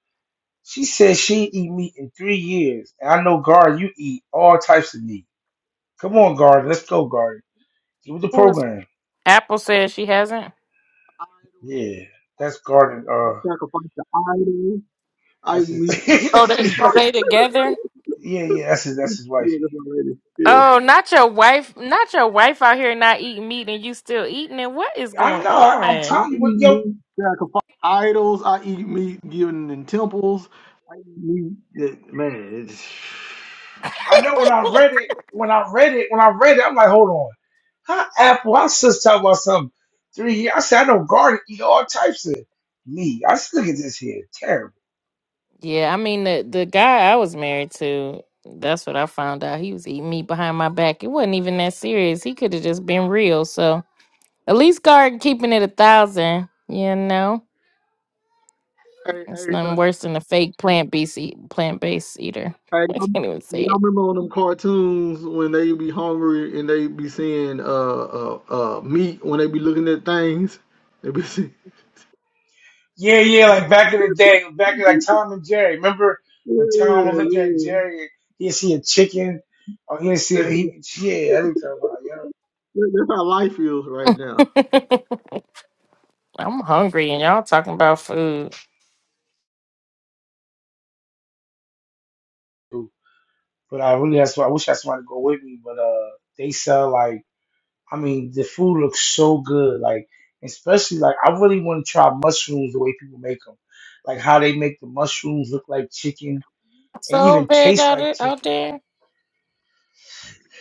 She says she ain't eat meat in three years, and I know Garden, you eat all types of meat. Come on, Garden, let's go, Garden. Get with the
Who is
program.
Apple? Says she hasn't.
Yeah, that's Garden. Uh,
Sacrifice the idol. I eat
that's his.
meat.
Oh, they
that's
they together.
yeah, yeah. That's his. That's his
Yeah,
wifey.
that's my lady. Yeah.
Oh, not your wife. Not your wife out here not eating meat and you still eating it. What is
I
going
know. I, I'm
on?
I
telling
eat
you what, yo.
meat. Sacrifice idols. I eat meat given in temples. I eat meat. That man. It's...
I know when I read it. When I read it. When I read it, I'm like, hold on. How Apple? Our sister talking about some three years. I said I know Garden eat all types of meat. I said, look at this here. Terrible.
Yeah, I mean the the guy I was married to, that's what I found out. He was eating me behind my back. It wasn't even that serious. He could have just been real. So at least guard keeping it a thousand, you know.
Hey,
It's
hey,
nothing worse than a fake plant based eat, plant based eater.
Hey,
I
y'all
can't even say
y'all
it.
remember on them cartoons when they be hungry and they be seeing uh uh, uh meat when they be looking at things? They be seeing,
Yeah, yeah, like back in the day, back in like
yeah,
Tom and Jerry. Remember when Tom would look at
yeah.
Jerry and he'd see a chicken or he'd see a he yeah, I didn't care about it,
That's how life feels right now.
I'm hungry, and y'all talking about food.
yeah. But I really that's why I wish I had somebody to go with me. But uh they sell like I mean the food looks so good, like especially like I really want to try mushrooms the way people make them, like how they make the mushrooms look like chicken and
So
even
bad
taste
out,
like chicken.
out there.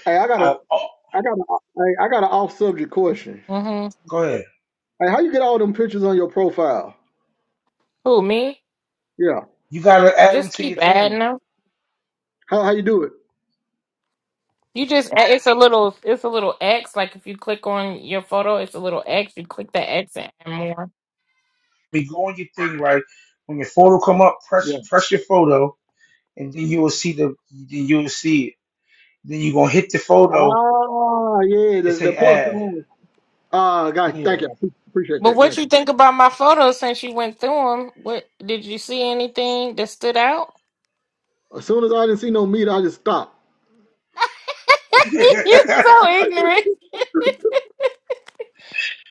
Hey, I got a,
I, oh,
I got a, hey, I got an off subject question.
Mm-hmm.
go ahead.
Hey, how you get all them pictures on your profile?
Who me?
Yeah,
You gotta add them
Just
to
keep
your
adding
thing.
them.
how how you do it?
You just add- it's a little it's a little X. Like if you click on your photo, it's a little X. You click that X and add more.
be go on your thing right when your photo come up
Yeah.
press press your photo and then you will see the then you will see it then you gonna hit the photo
Ah, yeah,
and
the, the
say
plus
add.
sign. Ah, guys,
yeah
thank you. I appreciate
But
that.
what
Thank
you
you.
think about my photos since you went through them? What did you see anything that stood out?
As soon as I didn't see no meat, I just stopped.
You're so ignorant.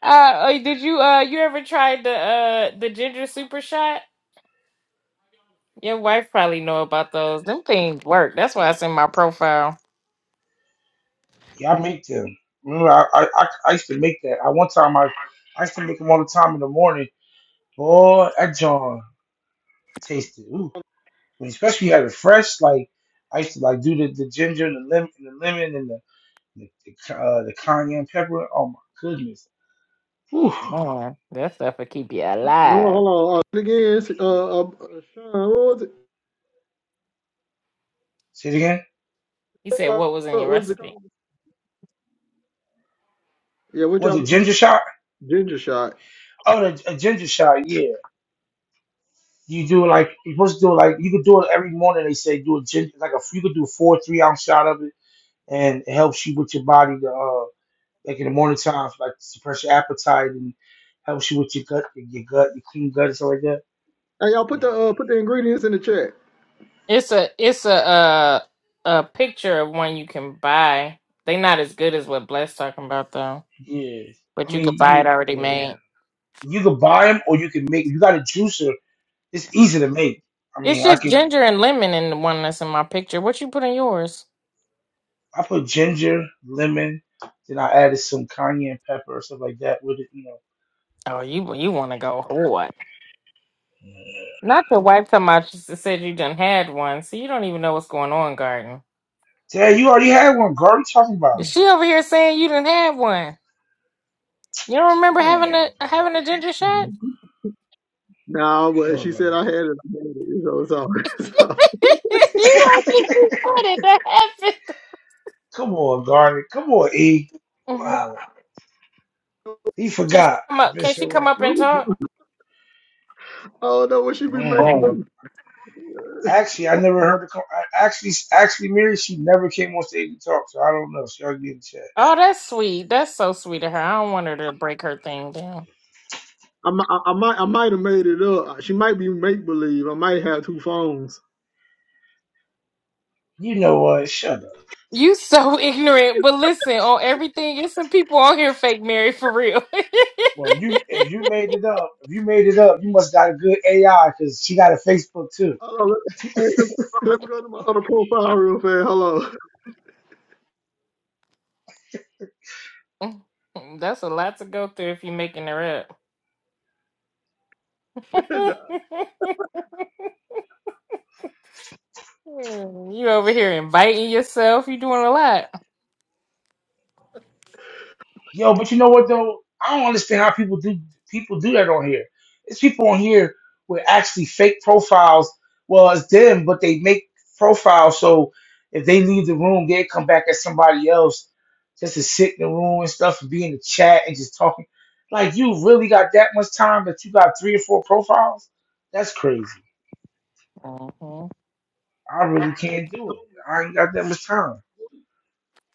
Uh, uh, did you uh you ever tried the uh the ginger super shot? Your wife probably know about those. Them things work. That's why it's in my profile.
yeah i make them remember I, I i I used to make that i one time i i used to make them all the time in the morning boy that john tasted ooh When especially you had it fresh like i used to like do the, the ginger and the lemon and the lemon and the the, the, uh, the cayenne pepper oh my goodness Whew.
Man, that stuff will keep you
Hold on,
alive.
hold on. Uh, again, uh, uh, uh, Sean, what was it?
say it again
He said,
Uh,
"What was in
what
your
was it?
recipe?"
called? Yeah, what y'all
was it
was
ginger
making?
shot
Ginger shot.
Oh, the, a ginger shot. Yeah, you do like you're supposed to do like you could do it every morning. They say do a ginger like a you could do four three ounce shot of it, and it helps you with your body to uh like in the morning time like suppress your appetite and helps you with your gut, your gut, your clean gut and stuff like that.
Hey, y'all put
Yeah,
the uh, put the ingredients in the chat.
It's a it's a uh a picture of one you can buy. They not as good as what Bless talking about though,
yeah. I
but you could
mean,
buy
yeah,
it already Yeah.
yeah.
made.
You could buy them or you can make. You got a juicer. It's easy to make. I
It's
mean, I
just
can.
ginger and lemon in the one that's in my picture. What you put in yours?
I put ginger, lemon, then I added some cayenne pepper or stuff like that with it. You
Oh, you you want to go hard?
know.
Not your wife talking about. She said you done had one, so you don't even know what's going on, Garden.
Yeah, you already had one, Gar. What you talking about?
Is she over here saying you done had one? You don't remember
You don't know
having
what
a having
you're
a ginger shot?
Nah, but she
talking about.
said I had it. I had it. So, so,
you
He don't
don't get
remember.
excited that happened.
Come on, Garnet. Come on, E.
Mhm.
Wow. He
Can she
forgot.
come
It's
up?
been
Can she
so
come
long.
up and
so
talk?
I don't know what she be
Mm.
Oh,
making.
Actually, I never heard the co- I- actually actually Mary, she never came on stage to talk, so I don't know. She'll get in chat.
Oh, that's sweet. That's so sweet of her. I don't want her
I
to
might,
break her thing down.
I might, I might I might have made it up. She might be make believe. I might have two phones.
You know what? Shut up.
You so ignorant, but listen, on everything, there's some people on here fake Mary for real.
Well, if you if you made it up, if you made it up, you must got a good AI because she got a Facebook too.
Hold on, let, let let me go to my other profile real fast. Hello.
That's a lot to go through if you're making her up. you over here inviting yourself. You're doing a lot.
Yo, but you know what though? I don't understand how people do people do that on here. It's people on here with actually fake profiles. Well, it's them, but they make profiles so if they leave the room, they come back as somebody else just to sit in the room and stuff and be in the chat and just talking. Like you really got that much time that you got three or four profiles? That's crazy.
Mhm.
I really can't do it. I ain't got that much time.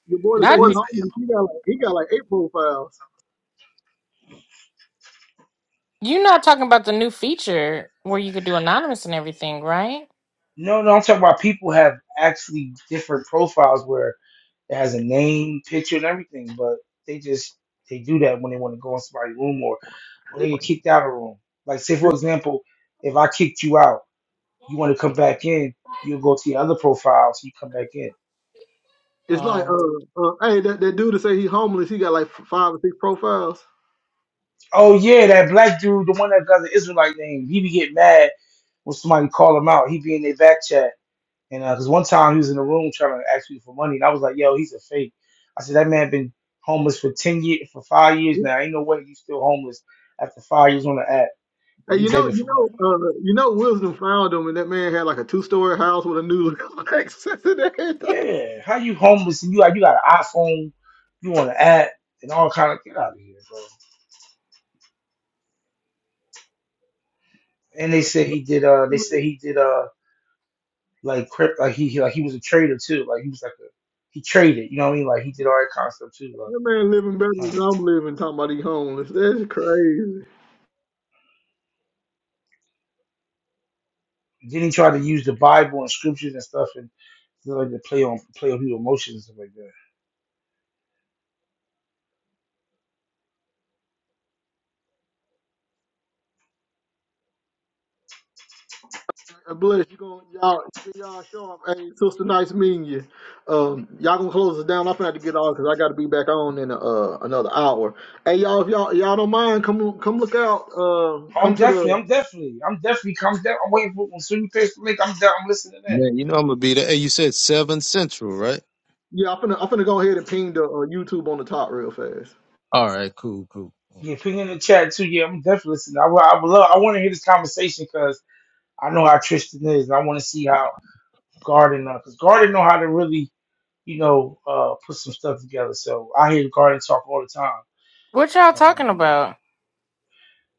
Your boy to
I
say
what
he
could.
homeless. He got like he got like eight profiles.
You're not talking about the new feature where you could do anonymous and everything, right?
No, no, I'm talking about people have actually different profiles where It has a name, picture, and everything, but they just they do that when they want to go in somebody's room or or
It-
they get kicked out of a room. Like say for example, if I kicked you out, you want to come back in, you'll go to your other profile, so you come back in.
It's like,
Uh,
uh, uh hey, that, that dude that say he homeless, he got like f- five or six profiles.
Oh yeah, that black dude, the one that got the Israelite name, he be getting mad when somebody call him out. He be in their back chat. And because one time he was in the room trying to ask me for money, and I was like, "Yo, he's a fake." I said, "That man been homeless for ten years, for five years
Hey,
now. Ain't no way he's still homeless after five years on the app." and you
you know,
begging
you
for money.
know, uh, you know, Wisdom found him, and that man had like a two-story house with a new access and everything.
Yeah, how you homeless and you like, you got an iPhone, you on an app and all kind of get out of here, bro. And they said he did. Uh, they said
That
he did. Uh, like crypt, like he he- like he was a trader too. Like he was like a he traded. You know what I mean? Like he did all that kind of stuff too.
man living better
Like,
than
huh.
I'm living. Talking about he homeless. That's crazy.
Then he tried to use the Bible and scriptures and stuff and you know, like to play on play on people's emotions and stuff like that.
Uh, Bless you, going y'all, y'all sharp. Hey, sister, nice meeting you. Um, y'all gonna close us down. I'm finna have to get on because I got to be back on in uh another hour. Hey, y'all, if y'all y'all don't mind, come come look out. Um,
I'm
come to the
definitely, I'm definitely, I'm definitely, I'm, de- I'm waiting for when soon you pay for link. I'm de- I'm listening in.
Man, you know I'm gonna be there. Hey, you said seven central, right?
Yeah, I'm finna, I'm finna go ahead and ping the uh, YouTube on the top real fast.
All right, cool, cool.
Yeah, ping in the chat too. Yeah, I'm definitely listening. I, wa- I would love. I want to hear this conversation because I know how Tristan is, and I want to see how Garden because Garden know how to really, you know, uh, put some stuff together. So I hear Garden talk all the time.
what y'all
Um,
talking about?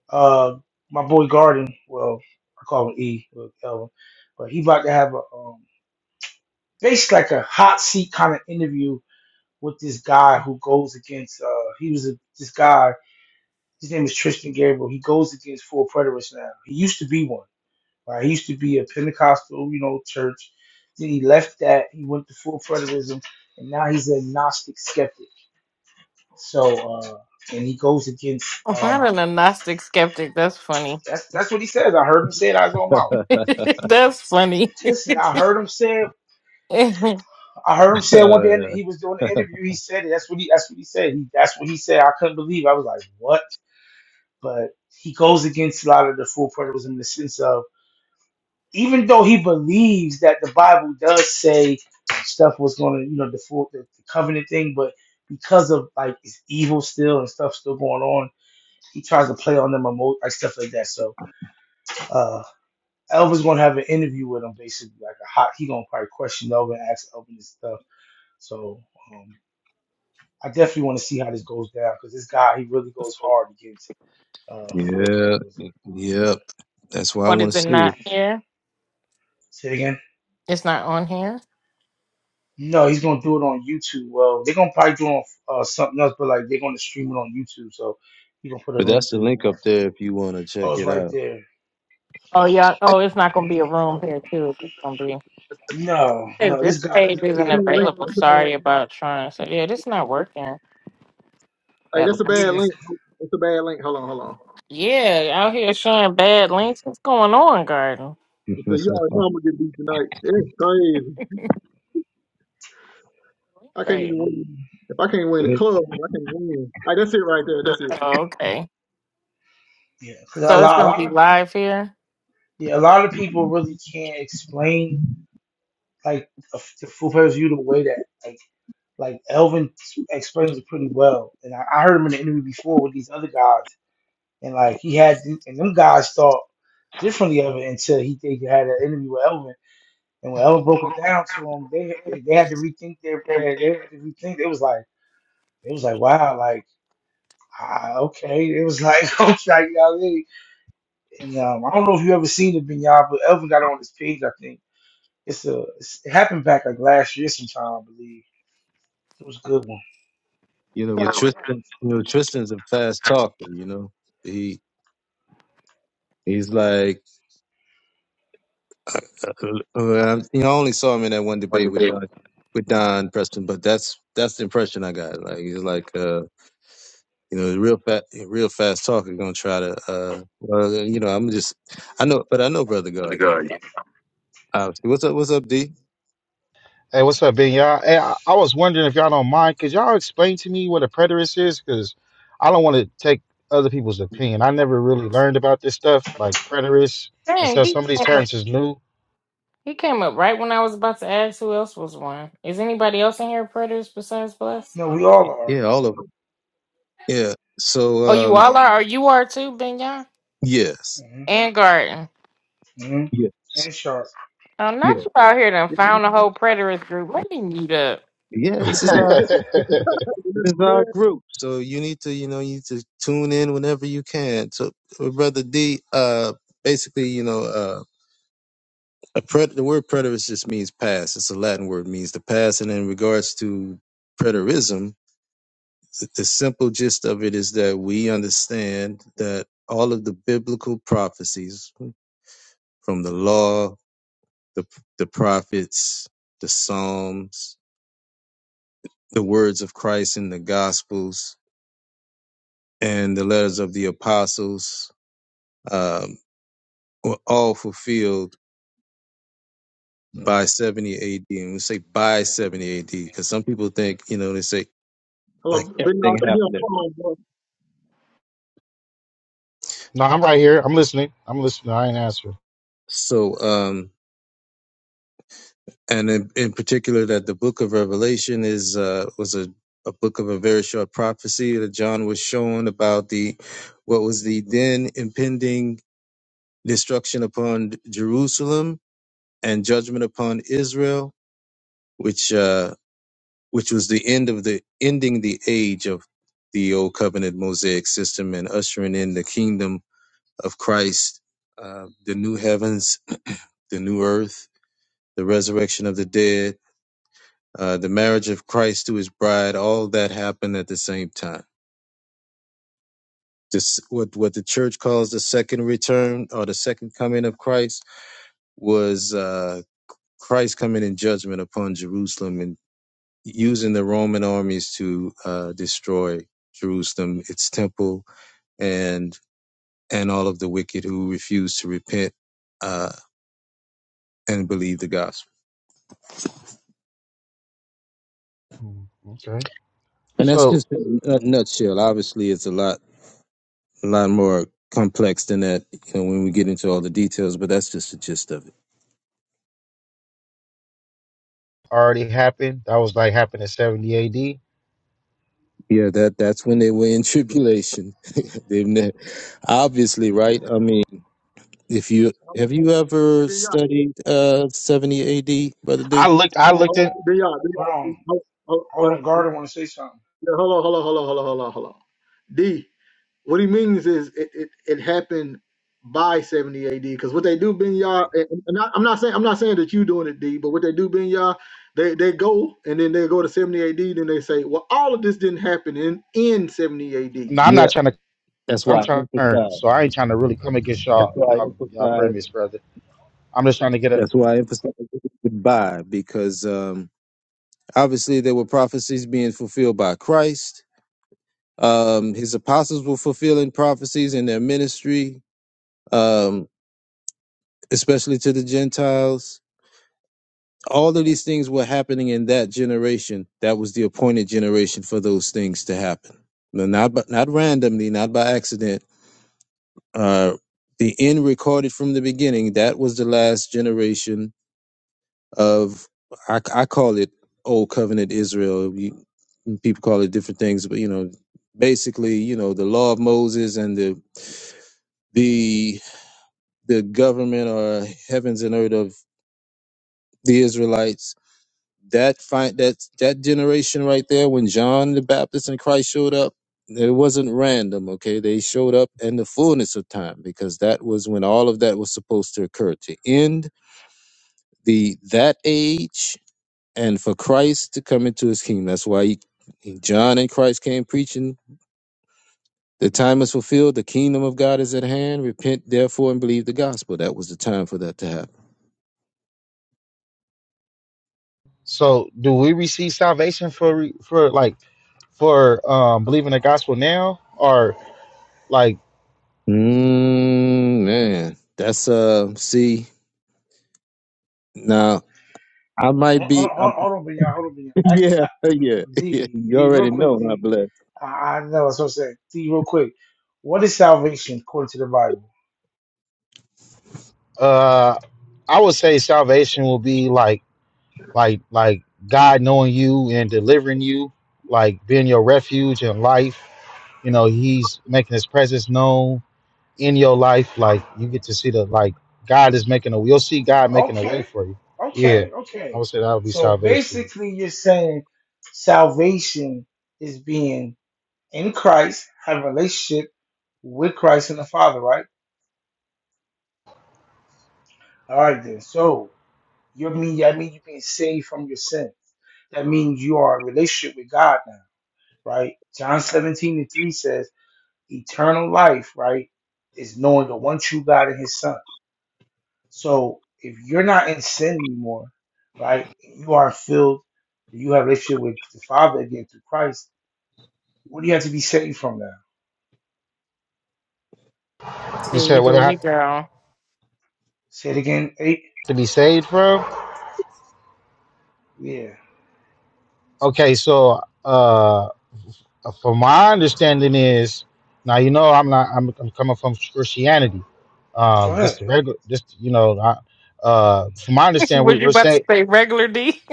uh, my boy Garden, well, I call him E, or Elvin, but he about to have a um, basically like a hot seat kind of interview with this guy who goes against. Uh, he was a, this guy. His name is Tristan Gabriel. He goes against four predators now. He used to be one Right? He used to be a Pentecostal, you know, church. Then he left that. He went to full preterism, and now he's an agnostic skeptic. So, uh, and he goes against.
Not
Um,
an agnostic skeptic. That's funny.
that's that's what he says. I heard him say it out of his own mouth.
That's funny.
Listen, I heard him say.
what
I heard him say it one
Uh,
day and he was doing the interview. He said it. That's what he. That's what he said. He, that's what he said. I couldn't believe. It. I was like, what? But he goes against a lot of the full preterism in the sense of even though he believes that the Bible does say stuff was going to, you know, default the, the covenant thing, but because of like it's evil still and stuff still going on, he tries to play on them emo- like stuff like that. So uh Elvin's gonna have an interview with him basically, like a hot. He gonna probably question Elvin, ask Elvin this stuff. So um I definitely want to see how this goes down because this guy he really goes hard against uh full
yeah,
predators.
yep. That's why I want
is
to
it
see it.
not here?
Say it again.
It's not on here.
No, he's gonna do it on YouTube. Well, they're gonna probably do it on uh, something else, but like they're gonna stream it on YouTube. So you gonna put a
But
link
that's
to
the
we can
link
watch
up
it.
there if you want to
Oh,
check
it's
it
right
out.
there.
Oh yeah. Oh, it's not gonna be a room here too. It's gonna be.
That's,
No,
Hey,
no, this
This
guy.
page
that's a
isn't
Yeah,
bad link.
available.
That's a bad,
Sorry about trying. So yeah, this not working.
hey,
That
that's a
yeah,
bad
the-
link. That's a bad link. Hold on, hold on.
yeah, out here
yeah.
showing bad links. What's going on, Garden?
So you already know
you
I'm gonna get beat tonight. It's crazy. I can't even
Great.
mhm,
win. If I can't win in club, I can't win. Hey, that's it right there. That's it.
Oh, okay.
yeah. 'Cause a
So it's
lot, a
gonna
lot
be
of
live here.
yeah, a lot of people really can't explain like a f- the Foo Fighters you the way that like like Elvin explains it pretty well. And I, I heard him in the interview before with these other guys, and like he had th- and them guys thought differently of it until he they had an interview with Elvin And when Ella broke it down to them, they they, they had to rethink their,
Yeah,
their they had to rethink. It was like it was like wow, like ah, okay. It was like okay, you know what I mean? And um, I don't know if you ever seen it, Binyard, but Elvin got it on his page. I think it's a it's, it happened back like last year sometime, I believe. It was a good one.
know, with
but
Tristan, you know, Tristan's a fast talker. You know, he he's like, uh, uh, uh, um, you know, I only saw him in that one
when the
debate with
big
Don, with Don Preston, but that's that's the impression I got. Like he's like, uh, you know, real fat, real fast talker. Gonna try to, uh, well, you know, I'm just, I know, but I know Brother
for the
Guard. You
guard,
know,
yeah.
obviously. What's up? What's up, D?
Hey, what's up, Ben? Y'all, hey, I, I was wondering if y'all don't mind. Could y'all explain to me what a preterist is? Because I don't want to take other people's opinion. I never really learned about this stuff, like preterists and
Dang,
stuff.
he
Some of these terms is new.
He came up right when I was about to ask who else was one. Is anybody else in here predators besides Bless?
No, we all are.
Yeah, all of them. Yeah. So
Oh, you
um
all are. Or you are too, Benya
yes.
hmm
and Garden.
hmm
Yes.
And sharp.
Oh,
Yeah.
not you out here done
Yeah,
found a whole predators group. Let me mute up.
Yeah,
no,
this is our this is
man.
our group. So you need to, you know, you need to tune in whenever you can. So uh, brother D, uh basically, you know, uh a pred- the word preterist just means past. It's a Latin word means the past and in regards to preterism, the, the simple gist of it is that we understand that all of the biblical prophecies from the law the the prophets, the Psalms, the words of Christ in the Gospels, and the letters of the apostles um, were all fulfilled by 70 AD. And we say by 70 AD because some people think, you know, they say like
Hold on, Ben you
everything
come here. Hold
happened at once.
on, phone, bro.
I'm right here. I'm listening. I'm listening. I ain't answering.
So, um, and in, in particular, that the book of Revelation is uh, was a a book of a very short prophecy that John was shown about the what was the then impending destruction upon Jerusalem and judgment upon Israel, which uh, which was the end of the ending the age of the old covenant mosaic system and ushering in the kingdom of Christ, uh, the new heavens, the new earth, the resurrection of the dead, uh, the marriage of Christ to His bride. All that happened at the same time. This what what the church calls the second return or the second coming of Christ was. Uh, Christ coming in judgment upon Jerusalem and using the Roman armies to uh, destroy Jerusalem, its temple, and and all of the wicked who refuse to repent uh, and believe the gospel.
Hmm, Okay.
And that's
So
just a nutshell. Obviously, it's a lot a lot more complex than that. You know, when we get into all the details, but that's just the gist of it.
already happened. That was like happened in 70 AD.
Yeah, that that's when they were in tribulation. They've ne- obviously right. I mean. If you have you
Hey,
ever
Ben Y'all,
studied uh 70 AD, Brother
I
D?
looked. I
hold on,
looked
hold
in.
on. Ben Y'all, Ben
Hold
Y'all.
on,
Hold, hold,
hold on, guard. I want to say something.
yeah, hold on, hold on, hold on, hold on, hold on, hold on. D. What he means is it, it, it happened by 70 AD because what they do, Ben Yah, and and I, I'm not saying I'm not saying that you doing it, D, but what they do, Ben Yah, they, they go and then they go to 70 AD, then they say, well, all of this didn't happen in in 70 AD.
No,
Say
I'm not
Yeah,
trying to.
that's
I'm
why I
trying. to learn.
emphasize.
So I ain't trying to really come against
That's
y'all.
why I
Y'all, y'all
emphasize.
premise, brother. I'm just trying to get a.
That's why I emphasize goodbye because um obviously there were prophecies being fulfilled by Christ. Um his apostles were fulfilling prophecies in their ministry, um especially to the Gentiles. All of these things were happening in that generation. That was the appointed generation for those things to happen. No, Not by, not randomly, not by accident Uh, the end recorded from the beginning, that was the last generation of, I, I call it Old Covenant Israel. You, people call it different things, but you know, basically, you know, the law of Moses and the, the, the government or heavens and earth of the Israelites. That find that that generation right there, when John the Baptist and Christ showed up, it wasn't random. Okay, they showed up in the fullness of time because that was when all of that was supposed to occur to end the that age and for Christ to come into his kingdom. That's why he, he- John and Christ came preaching. The time is fulfilled. The kingdom of God is at hand. Repent therefore and believe the gospel. That was the time for that to happen.
So, do we receive salvation for for like for um, believing the gospel now, or like
Mm, man, that's uh. See, now I
Hold,
might
on, hold,
be. i
on, hold on, Binyard. Hold on, Binyard. Ask,
yeah,
uh,
yeah, yeah.
D
You
D real
already know
quick, D.
I'm blessed.
I, I know. That's what I'm saying. See, real quick, what is salvation according to the Bible?
uh, I would say salvation will be like like like God knowing you and delivering you, like being your refuge in life. You know, He's making His presence known in your life. Like you get to see the like God is making a. You'll see God making a
Okay,
way for you. Yeah,
okay,
I
okay.
would say that would be
So
salvation.
basically, you're saying salvation is being in Christ, have a relationship with Christ and the Father, right? All right, then. So you mean that means you're being saved from your sins. That means you are in a relationship with God now, right? John 17 and 3 says, eternal life, right, is knowing the one true God and his son. So if you're not in sin anymore, right? You are filled, you have a relationship with the Father again through Christ. What do you have to be saved from now?
You said
See,
what
there
I
you
have
go.
Say it again, eight?
to be saved from?
Yeah.
Okay, so. uh Uh, from my understanding is now you know I'm not I'm, I'm coming from Christianity.
Go
Um,
ahead.
just the regular, just you know, I, uh, from my understanding, we,
what you
we're
about to
saying,
say, regular D?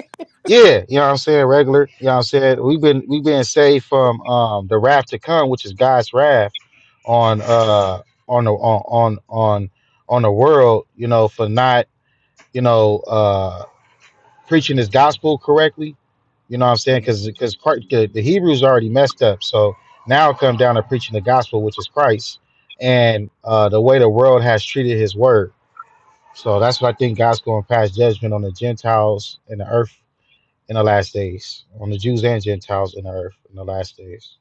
yeah, you know what I'm saying, regular, you know what I'm saying. We've been we've been saved from um the wrath to come, which is God's wrath on uh on the on on on on the world, you know, for not you know uh preaching his gospel correctly. You know what I'm saying?
mm
Because because the, the Hebrews already messed up, so now come down to preaching the gospel, which is Christ, and uh, the way the world has treated His word. So that's what I think God's going to pass judgment on the Gentiles and the earth in the last days, on the Jews and Gentiles in the earth in the last days.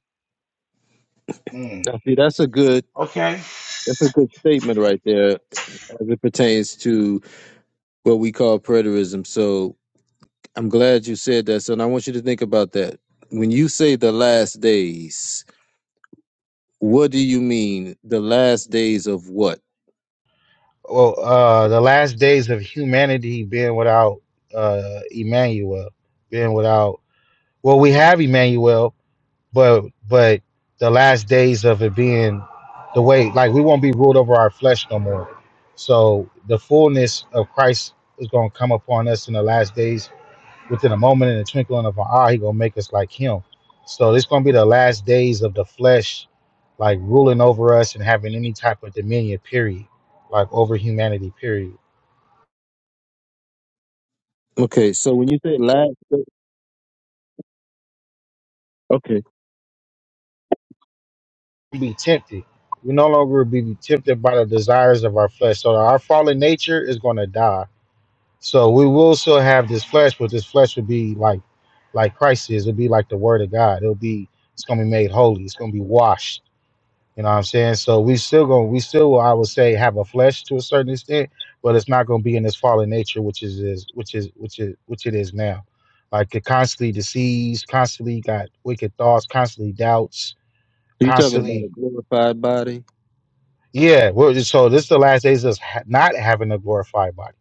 mm.
Now, see, that's a good.
Okay.
That's a good statement right there as it pertains to what we call preterism. So I'm glad you said that, son. I want you to think about that. When you say the last days, what do you mean? The last days of what?
Well, uh, the last days of humanity being without uh, Emmanuel, being without. Well, we have Emmanuel, but but the last days of it being the way like we won't be ruled over our flesh no more so the fullness of christ is going to come upon us in the last days within a moment in the twinkling of an eye he going to make us like him so it's going to be the last days of the flesh like ruling over us and having any type of dominion period like over humanity period
Okay, so when you say last, day- okay,
We'll be tempted we no longer be tempted by the desires of our flesh so our fallen nature is going to die So we will still have this flesh, but this flesh would be like like Christ is. It'll be like the Word of God. It'll be it's gonna be made holy. It's gonna be washed. You know what I'm saying? So we still gonna we still I would say have a flesh to a certain extent, but it's not gonna be in this fallen nature, which is is which is which is which it is now. Like it constantly deceased, constantly got wicked thoughts, constantly doubts,
so you're talking about a
constantly
glorified body.
yeah. We're, just- so this is the last days of us ha- not having a glorified body.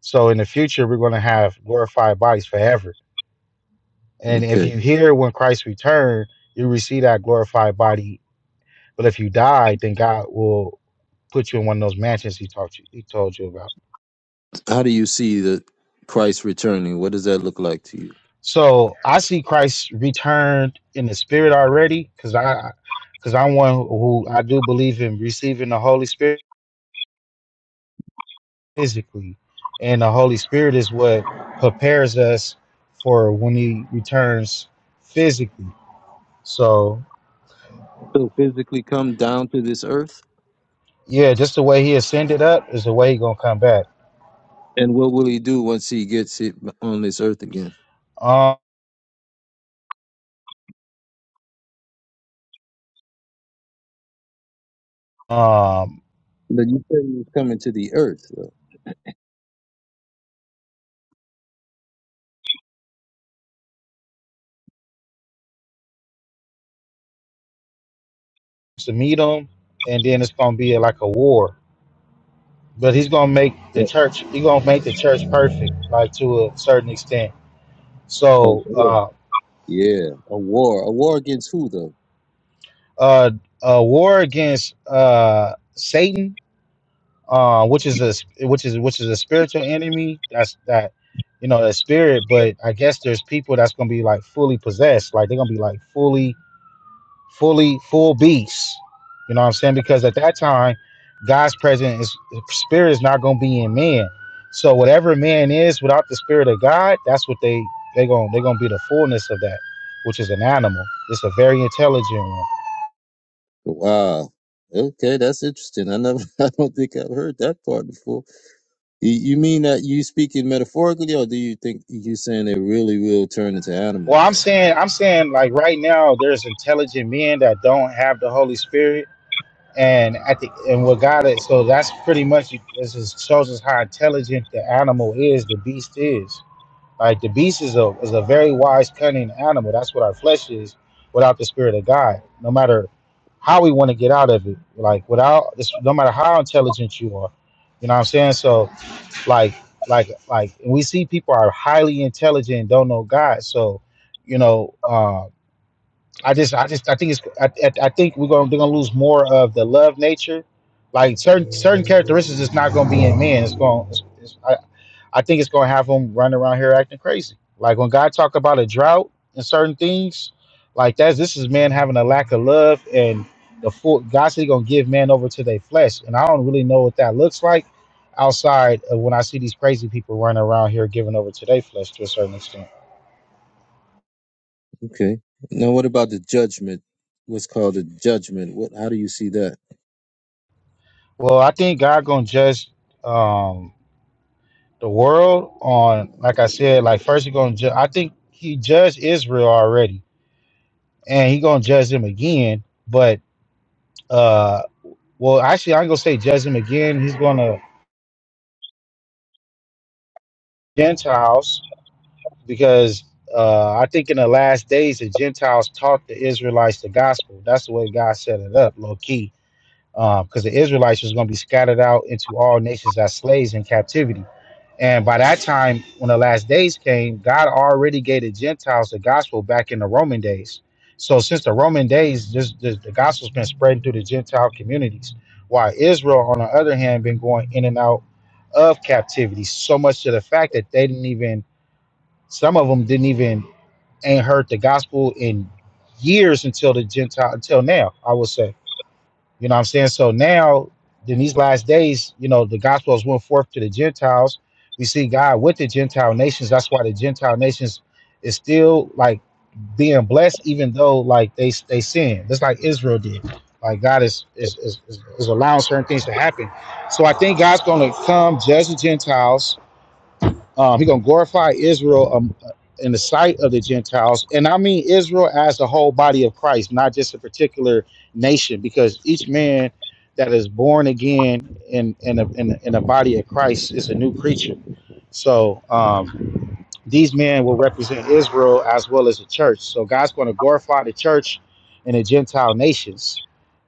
So in the future we're gonna have glorified bodies forever And if
Okay,
you hear when Christ return, you receive that glorified body. But if you die, then God will put you in one of those mansions he taught you he told you about.
how do you see the Christ returning? What does that look like to you?
So I see Christ returned in the spirit already, because I because I'm one who I do believe in receiving the Holy Spirit physically. And the Holy Spirit is what prepares us for when he returns physically. So
He'll physically come down to this earth,
yeah, just the way he ascended up is the way he gonna come back.
and what will he do once he gets it on this earth again?
Um um,
But you said he was coming to the earth. Though.
to meet him, and then it's gonna be like a war. But he's gonna make the
Yeah.
church. He's gonna make the church perfect, like to a certain extent.
A
So,
war.
uh,
Yeah, a war. A war against who though?
uh, a war against uh Satan, uh, which is a which is which is a spiritual enemy. That's that, you know, that spirit. But I guess there's people that's gonna be like fully possessed. Like they're gonna be like fully fully full beast. You know what I'm saying? Because at that time, God's presence is spirit is not gonna be in man. So whatever man is without the spirit of God, that's what they they going they're gonna be the fullness of that, which is an animal. It's a very intelligent one.
Wow. Okay, that's interesting. I never, I don't think I've heard that part before. You, you mean that you speaking metaphorically, or do you think you saying they really will turn into
Well, I'm
animals?
saying I'm saying like right now there's intelligent men that don't have the Holy Spirit. And at the and what God is so that's pretty much this is, shows us how intelligent the animal is, the beast is. Like the beast is a is a very wise, cunning animal. That's what our flesh is without the spirit of God. No matter how we want to get out of it, like without this, no matter how intelligent you are, you know what I'm saying. So like like like we see people are highly intelligent and don't know God. So you know, uh, I just I just I think it's I, I I think we're gonna they're gonna lose more of the love nature. Like certain certain characteristics is not gonna be in men. It's going. It's, it's, I, I think it's going to have them running around here acting crazy. Like when God talk about a drought and certain things, like that's this is man having a lack of love and the full God said he gonna give man over to their flesh, and I don't really know what that looks like outside of when I see these crazy people running around here giving over to their flesh to a certain extent.
Okay. Now, what about the judgment? What's called the judgment? What? How do you see that?
Well, I think God gonna judge um, the world on, like I said, like first he gonna judge. I think he judged Israel already, and he gonna judge them again, but. uh, Well, actually, I'm gonna say judge him again. He's going to Gentiles because uh, I think in the last days the Gentiles taught the Israelites the gospel. That's the way God set it up, low key. because um, the Israelites was going to be scattered out into all nations as slaves in captivity. And by that time, when the last days came, God already gave the Gentiles the gospel back in the Roman days. So since the Roman days, this, this, the gospel's been spreading through the Gentile communities, while Israel, on the other hand, been going in and out of captivity, so much to the fact that they didn't even, some of them didn't even ain't heard the gospel in years until the Gentile until now, I would say. You know what I'm saying? So now, in these last days, you know, the gospel has went forth to the Gentiles. We see God with the Gentile nations. That's why the Gentile nations is still like being blessed, even though like they they sin. Just like Israel did. Like God is is, is, is allowing certain things to happen. So I think God's gonna come judge the Gentiles um, he's going to glorify Israel um, in the sight of the Gentiles. And I mean Israel as the whole body of Christ, not just a particular nation, because each man that is born again in, in, a, in, a, in the body of Christ is a new creature. So um, these men will represent Israel as well as the church. So God's going to glorify the church and the Gentile nations.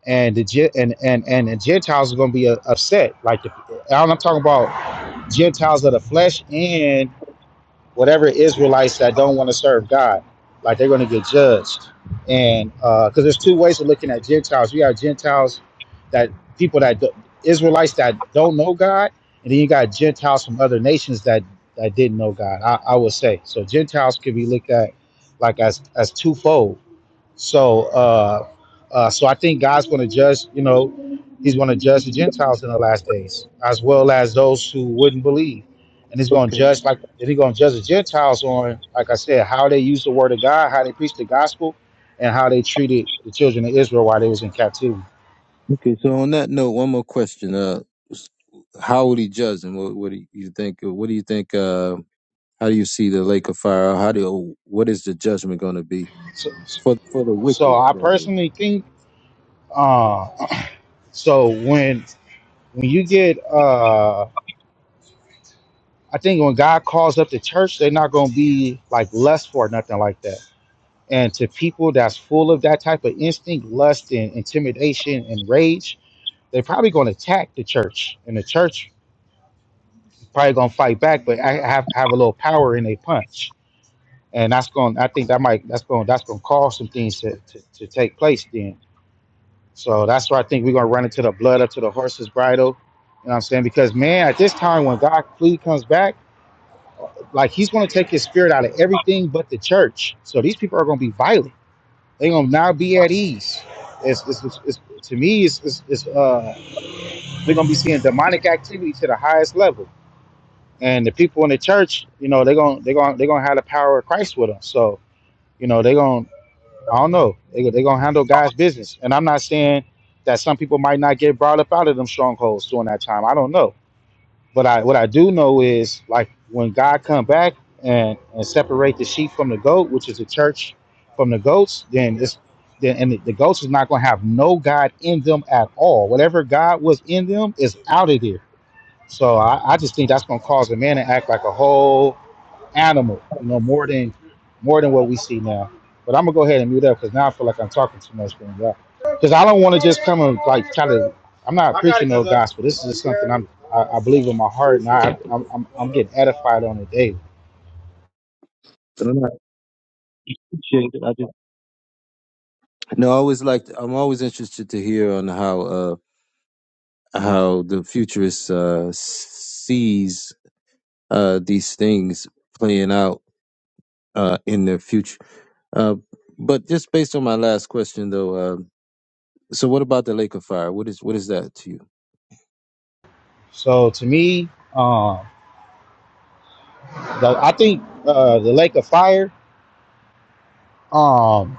And the Gen- and, and and the Gentiles are going to be uh, upset. Like the, I'm talking about Gentiles of the flesh and whatever Israelites that don't want to serve God, like they're going to get judged. And uh, because there's two ways of looking at Gentiles. You have Gentiles that people that do, Israelites that don't know God, and then you got Gentiles from other nations that that didn't know God. I, I would say so. Gentiles could be looked at like as as twofold so, uh, uh, so I think God's going to judge. You know, He's going to judge the Gentiles in the last days, as well as those who wouldn't believe, and He's going to judge like and He's going to judge the Gentiles on, like I said, how they use the Word of God, how they preach the gospel, and how they treated the children of Israel while they was in captivity.
Okay. So on that note, one more question. Uh, s- how would he judge them? What, what do you think? uh, What do you think? Uh, how do you see the lake of fire? How do? oh, What is the judgment going to be
So,
for for the wicked?
so I
Rather,
personally think. Uh, so when when you get, uh, I think when God calls up the church, they're not going to be like lust for or nothing like that And to people that's full of that type of instinct, lust, and intimidation and rage, they're probably going to attack the church, and the church probably going to fight back, but I have have a little power in a punch, and that's going. I think that might that's going that's going to cause some things to, to, to take place then. So that's why I think we're going to run into the blood up to the horse's bridle. You know what I'm saying? Because man, at this time when God clearly comes back, like He's going to take His spirit out of everything but the church. So these people are going to be violent They're gonna now be at ease. It's, it's, it's, it's- to me, it's, it's, it's uh, we're gonna be seeing demonic activity to the highest level, and the people in the church, you know, they're gonna they're gonna they're gonna have the power of Christ with them. So, you know, they're gonna I don't know, they they're gonna handle God's business. And I'm not saying that some people might not get brought up out of them strongholds during that time. I don't know but I what I do know is like when God come back and and separate the sheep from the goat, which is the church from the goats, then it's then and the, the goats is not going to have no God in them at all. Whatever God was in them is out of there. So I, I just think that's going to cause the man to act like a whole animal, you know, more than more than what we see now. But I'm gonna go ahead and mute up because now I feel like I'm talking too much. Because I don't want to just come and like try to. I'm not preaching no gospel. This is just something I'm I, I believe in my heart, and I I'm, I'm, I'm getting edified on the daily.
I'm not- No, I always like. I'm always interested to hear on how uh, how the futurist uh, sees uh, these things playing out uh, in their future. Uh, but just based on my last question, though, uh, so what about the Lake of Fire? What is what is that to you?
So to me, um, the, I think uh, the lake of fire. Um,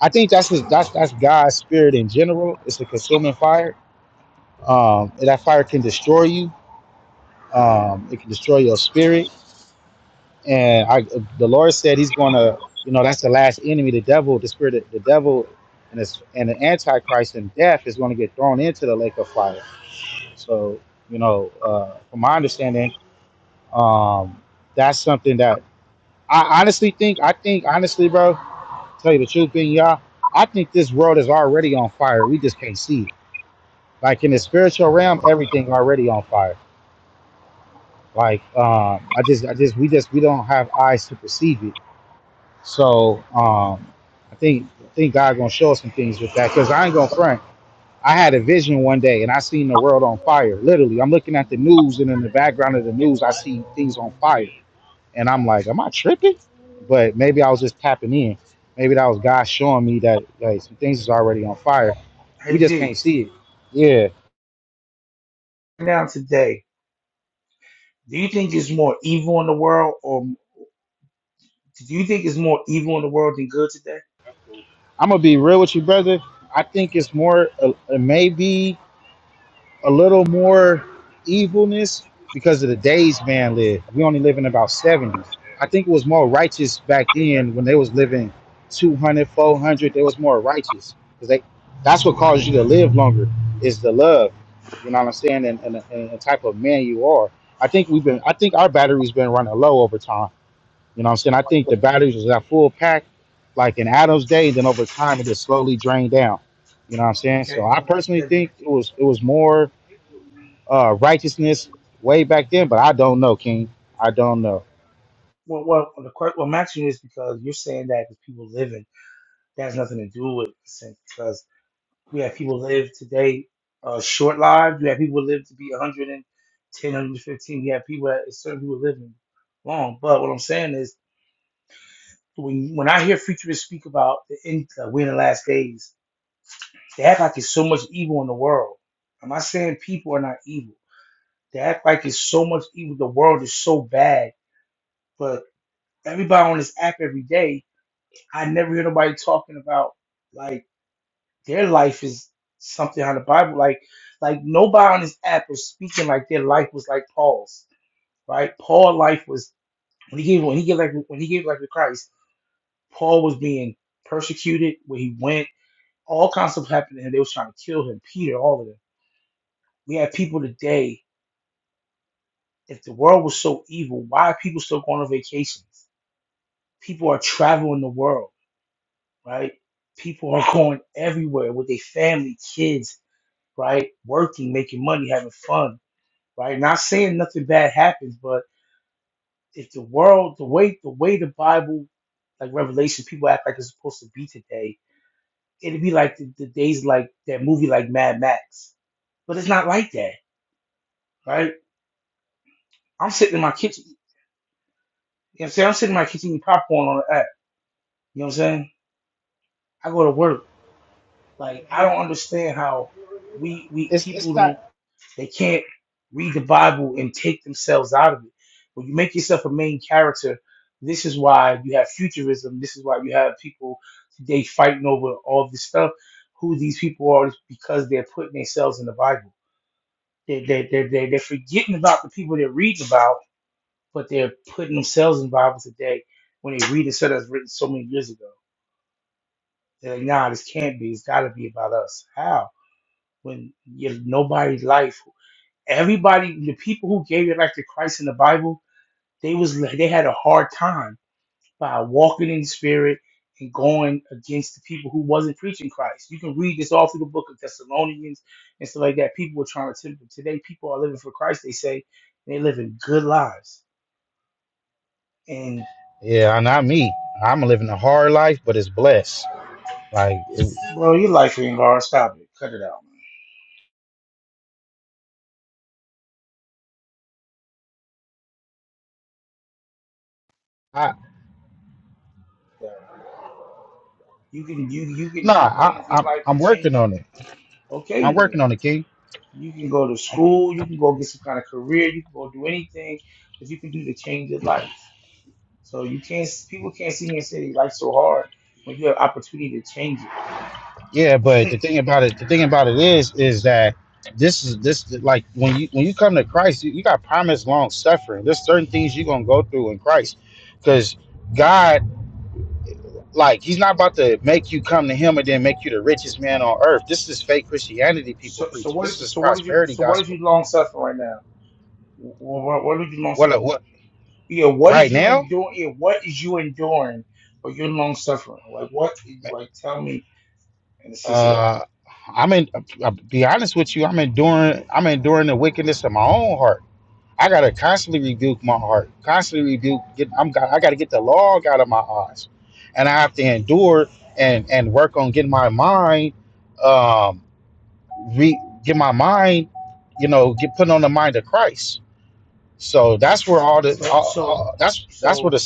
I think that's his, that's that's God's spirit in general. It's a consuming fire. Um, and that fire can destroy you. Um, it can destroy your spirit and I, the Lord said He's going to, you know, that's the last enemy, the devil, the spirit, of, the devil, and this, and the Antichrist and death is going to get thrown into the lake of fire. So, you know, uh, from my understanding, um, that's something that I honestly think. I think honestly, bro, tell you the truth, being y'all, I think this world is already on fire. We just can't see it. Like in the spiritual realm, everything already on fire. Like um, I just, I just, we just, we don't have eyes to perceive it So um, I think I think God gonna show us some things with that because I ain't gonna front. I had a vision one day and I seen the world on fire. Literally, I'm looking at the news and in the background of the news, I see things on fire, and I'm like, am I tripping? But maybe I was just tapping in. Maybe that was God showing me that like some things is already on fire. We
Hey
just
D,
can't see it. Yeah,
now today, do you think it's more evil in the world, or do you think it's more evil in the world than good today?
I'm gonna be real with you, brother. I think it's more. Uh, it may be. a little more evilness because of the days man lived. We only live in about 70. I think it was more righteous back then when they was living two hundred, four hundred. 400. They was more righteous because they that's what caused you to live longer is the love. You know what I'm saying? And, and, and the type of man you are. I think we've been. I think our battery's been running low over time. You know what I'm saying? I think the batteries was at full pack, like in Adam's day. Then over time, it just slowly drained down. You know what I'm saying?
Okay,
So I
well,
personally
that-
think it was it was more uh, righteousness way back then, but I don't know, King. I don't know.
well, well the question, well, I'm asking you is because you're saying that the people living that has nothing to do with sin, because. We have people live today uh, short lives. We have people live to be 110, We have people that certain people living long. But what I'm saying is, when when I hear futurists speak about the end, uh, we in the last days, they act like it's so much evil in the world. I'm not saying people are not evil. They act like it's so much evil. The world is so bad. But everybody on this app every day, I never hear nobody talking about like. their life is something out of the Bible. Like, like nobody on this app is speaking like their life was like Paul's, right? Paul' life was when he gave when he gave like when he gave life to Christ. Paul was being persecuted where he went. All kinds of stuff happened, and they was trying to kill him. Peter, all of them. We have people today. If the world was so evil, why are people still going on vacations? People are traveling the world, right? People are going everywhere with their family, kids, right? Working, making money, having fun right? Not saying nothing bad happens, but if the world, the way the way the Bible, like Revelation, people act like it's supposed to be today, it'd be like the, the days like that movie like Mad Max, but it's not like that, right? I'm sitting in my kitchen, you know what I'm saying? I'm sitting in my kitchen eating popcorn on the app, you know what I'm saying? I go to work, like I don't understand how we we
It's
people
it's
don't.
not.
They can't read the Bible and take themselves out of it. When you make yourself a main character, this is why you have futurism. This is why you have people today fighting over all this stuff. Who these people are is because they're putting themselves in the Bible. They, they, they, they, they're forgetting about the people they're reading about, but they're putting themselves in the Bible today when they read a set that's written so many years ago. They're like, nah, this can't be. It's got to be about us. How? When you, nobody's life everybody, the people who gave their life to Christ in the Bible, they was they had a hard time by walking in the Spirit and going against the people who wasn't preaching Christ. You can read this all through the book of Thessalonians and stuff like that. People were trying to tempt them. Today, people are living for Christ. They say they are living good lives. And
Yeah, not me. I'm living a hard life, but it's blessed. Like, it,
bro, your life ain't hard. Stop it. Cut it out.
I,
You can you you can
nah,
do things
I,
in
I'm
life to
I'm working
change
on
it.
it. I'm
Okay
working
then.
on it, King.
You can go to school, you can go get some kind of career, you can go do anything that you can do to change your life. So you can't people can't sit here and say they life so hard when you have opportunity to change
Yeah, but the
it.
thing about it, the thing about it is, is that this is this like when you when you come to Christ, you, you got promised long suffering. There's certain things you're gonna go through in Christ, because God Like he's not about to make you come to him and then make you the richest man on earth. This is fake Christianity people
so so
preaching. This
what
is
so what is you
prosperity
so what is you
gospel.
long suffering right now? What what did you long
What uh,
suffering?
what
Yeah, what
right
is you
now?
enduring? Yeah, what is you enduring or your long suffering? Like what? Like tell me in the sense of that.
Uh I'm in I'll be honest with you, I'm enduring I'm enduring the wickedness of my own heart. I gotta constantly rebuke my heart, constantly rebuke get I'm I gotta get the log out of my eyes. And I have to endure and and work on getting my mind um re get my mind, you know, get put on the mind of Christ So that's where all the
So
all,
so
all, that's that's where the
so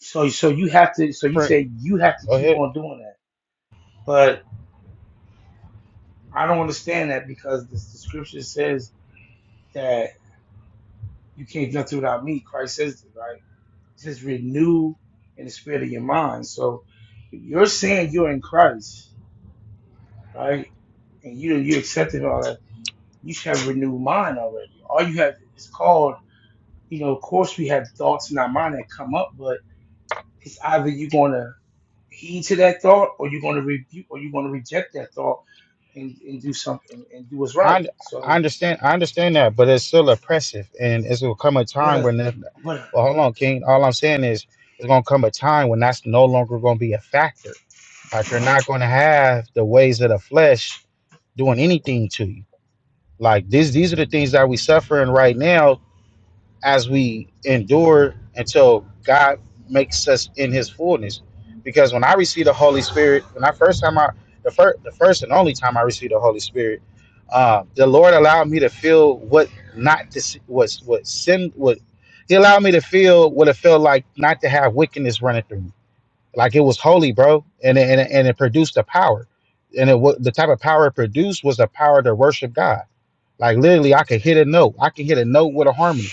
so so you have to. So you
suffering.
say you have to
Go
keep
ahead.
on doing that. but. I don't understand that because this, the scripture says that you can't do nothing without me. Christ says this, right? He says, renew in the spirit of your mind. So if you're saying you're in Christ, right? And you you accepted all that, you should have renewed mind already. All you have is called, you know, of course we have thoughts in our mind that come up, but it's either you're gonna heed to that thought or you're gonna rebuke or you're gonna reject that thought and, and do something and do what's right.
I I
So
understand I understand that, but it's still oppressive, and it's gonna come a
but
time
a
when. If,
but a,
well, hold on, King. All I'm saying is, it's gonna come a time when that's no longer gonna be a factor. Like you're not gonna have the ways of the flesh doing anything to you. Like these these are the things that we suffering right now as we endure until God makes us in His fullness. Because when I received the Holy Spirit, when I first time I the first the first and only time I received the Holy Spirit, uh, the Lord allowed me to feel what not to s- was what sin what He allowed me to feel what it felt like not to have wickedness running through me. Like it was holy, bro, and it, and it, and it produced the power, and it wa- the type of power it produced was the power to worship God. Like literally, I could hit a note. I can hit a note with a harmony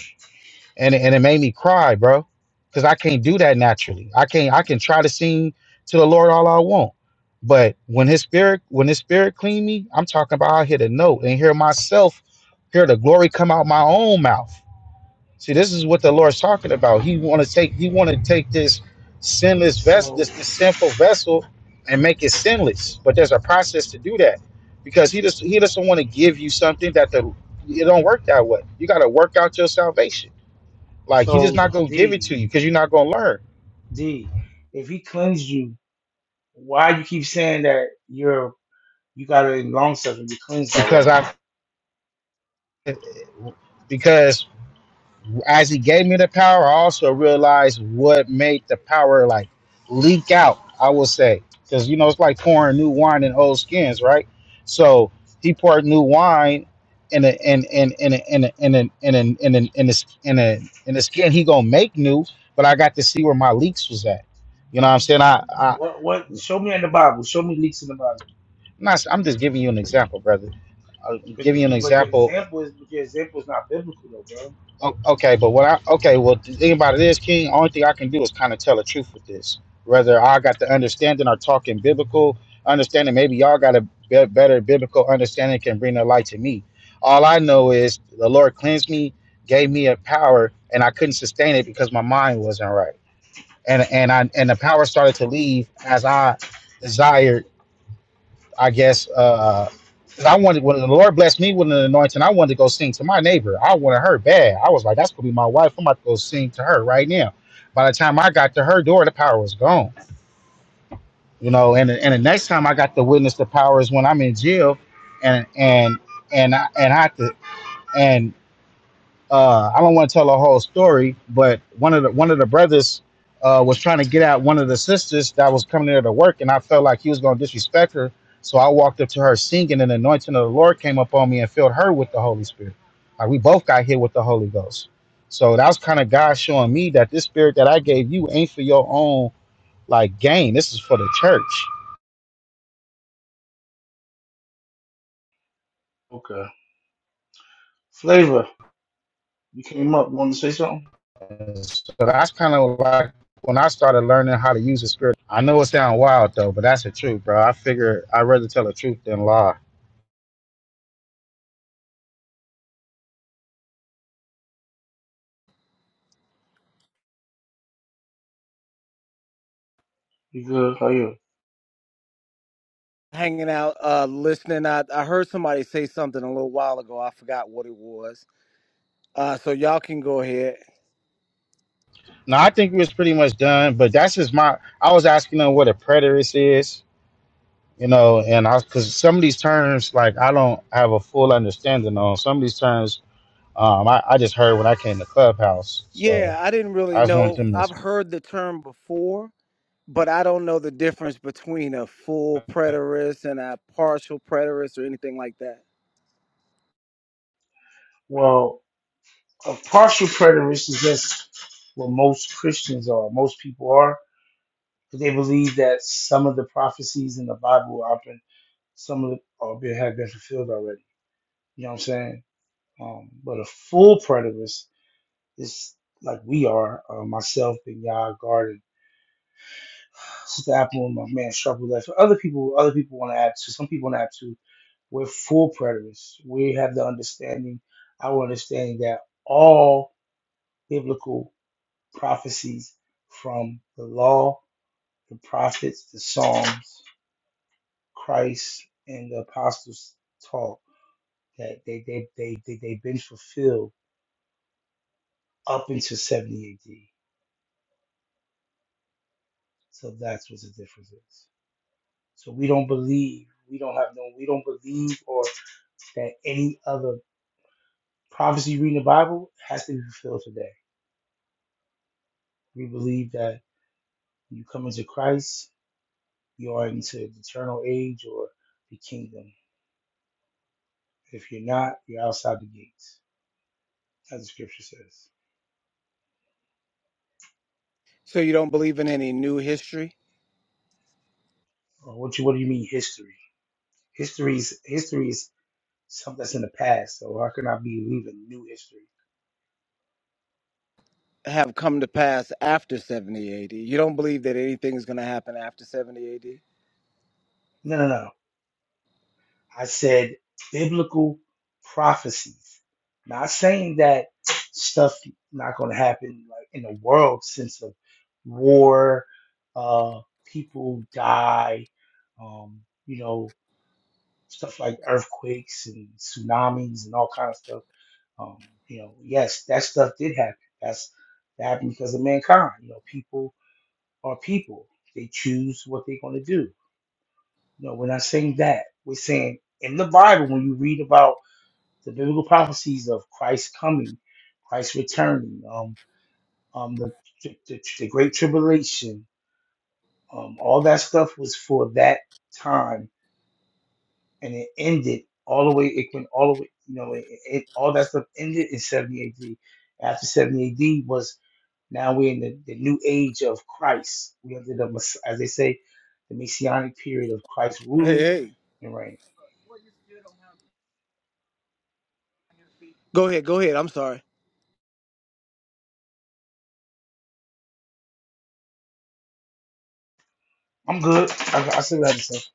and it- and it made me cry, bro, because I can't do that naturally. I can't. I can try to sing to the Lord all I want, but when His spirit when His spirit clean me, I'm talking about I hit a note and hear myself, hear the glory come out my own mouth. See, this is what the Lord's talking about. He want to take He want to take this sinless vessel,
so
this this sinful vessel, and make it sinless. But there's a process to do that, because He just He doesn't want to give you something that the it don't work that way. You got to work out your salvation like he's just
So,
not
so
gonna give it to
D,
you because you're not gonna learn.
D, if he cleansed you, why you keep saying that you're you got it in long suffering, you cleansed
Because
already?
I, because as he gave me the power, I also realized what made the power like leak out. I will say because you know it's like pouring new wine in old skins, right? So he poured new wine in a in in in a, in a, in a, in a, in a, in a, in a, in a skin he gonna make new, but I got to see where my leaks was at. You know what I'm saying? I, I I'm,
What what show me in the Bible, show me leaks in the Bible.
not, I'm just giving you an example, brother. I'm
But then
giving you an
you but your
example
example is but your example is not biblical though, bro.
O- Okay, but what I okay, well, the thing about it is, King. Only thing I can do is kind of tell the truth with this. Whether I got the understanding or talking biblical understanding, maybe y'all got a be- better biblical understanding can bring the light to me. All I know is the Lord cleansed me, gave me a power, and I couldn't sustain it because my mind wasn't right, and and I and the power started to leave as I desired I guess uh 'cause I wanted when the Lord blessed me with an anointing, I wanted to go sing to my neighbor. I wanted her bad. I was like, that's gonna be my wife. I'm about to go sing to her right now. By the time I got to her door, the power was gone. You know, and and the next time I got to witness the power is when I'm in jail, and and and I and I had to and uh, I don't want to tell the whole story, but one of the one of the brothers uh, was trying to get at one of the sisters that was coming there to work, and I felt like he was going to disrespect her. So I walked up to her singing, and the anointing of the Lord came up on me and filled her with the Holy Spirit. Like we both got hit with the Holy Ghost. So that was kind of God showing me that this spirit that I gave you ain't for your own like gain. This is for the church.
Okay. Flavor, you came up, wanna say something?
So that's kind of like when I started learning how to use the spirit. I know it sounds wild though, but that's the truth, bro. I figure I'd rather tell the truth than lie.
You good, how you?
hanging out, uh, listening. I, I heard somebody say something a little while ago. I forgot what it was. Uh, so y'all can go ahead.
Now I think we was pretty much done, but that's just my. I was asking them what a preterist is, you know, and I because some of these terms like I don't have a full understanding on some of these terms. Um, I, I just heard when I came to Clubhouse, so
Yeah, I didn't really
I just want
know.
them to
I've
explain.
heard the term before, but I don't know the difference between a full preterist and a partial preterist or anything like that.
Well, a partial preterist is just what most Christians are, most people are, because they believe that some of the prophecies in the Bible are been some of the, are been, have been fulfilled already. You know what I'm saying? Um, but a full preterist is like we are, uh, myself, Big Yah, Garden, Sister Apple, and my man Sharple Left. For Other people, other people want to add to. Some people want to add to. We're full preterists. We have the understanding, our understanding that all biblical prophecies from the law, the prophets, the Psalms, Christ, and the apostles taught that they they they they they've been fulfilled up until 70 AD So that's what the difference is. So we don't believe, we don't have no, we don't believe or that any other prophecy reading the Bible has to be fulfilled today. We believe that when you come into Christ, you are into the eternal age or the kingdom. If you're not, you're outside the gates, as the scripture says.
So you don't believe in any new history
Or what you what do you mean history? History is history is something that's in the past. So how can I be believing new history?
have come to pass after 70 AD. You don't believe that anything is going to happen after 70 AD.
No, no, no. I said biblical prophecies. Not saying that stuff not going to happen like in the world sense of war, uh, people die, um, you know, stuff like earthquakes and tsunamis and all kind of stuff. Um, you know, yes, that stuff did happen. That's that happened because of mankind. You know, people are people. They choose what they're going to do. You know, we're not saying that. We're saying in the Bible when you read about the biblical prophecies of Christ coming, Christ returning, um, um, the, the, the Great Tribulation, um, all that stuff was for that time, and it ended all the way. It went all the way, you know, it, it, all that stuff ended in 70 AD. After 70 AD was now we're in the, the new age of Christ. We under the mess- as they say, the messianic period of Christ
Hey,
ruling
hey,
and reigning.
go ahead, go ahead. I'm sorry.
I'm good. I, I said that. myself.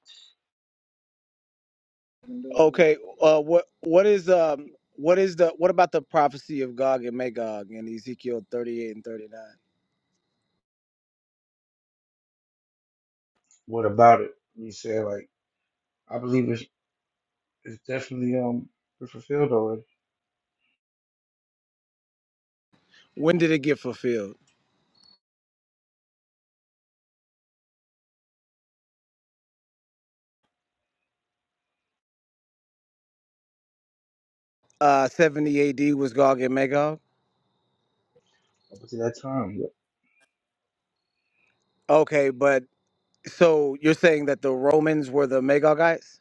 Okay. Uh, what what is um what is the what about the prophecy of Gog and Magog in Ezekiel thirty eight and thirty nine?
What about it? You said like I believe it. it's definitely um been fulfilled already
When did it get fulfilled? Uh, seventy A.D. was Gog and Magog.
up to that time. But,
Okay, but so you're saying that the Romans were the Magogites?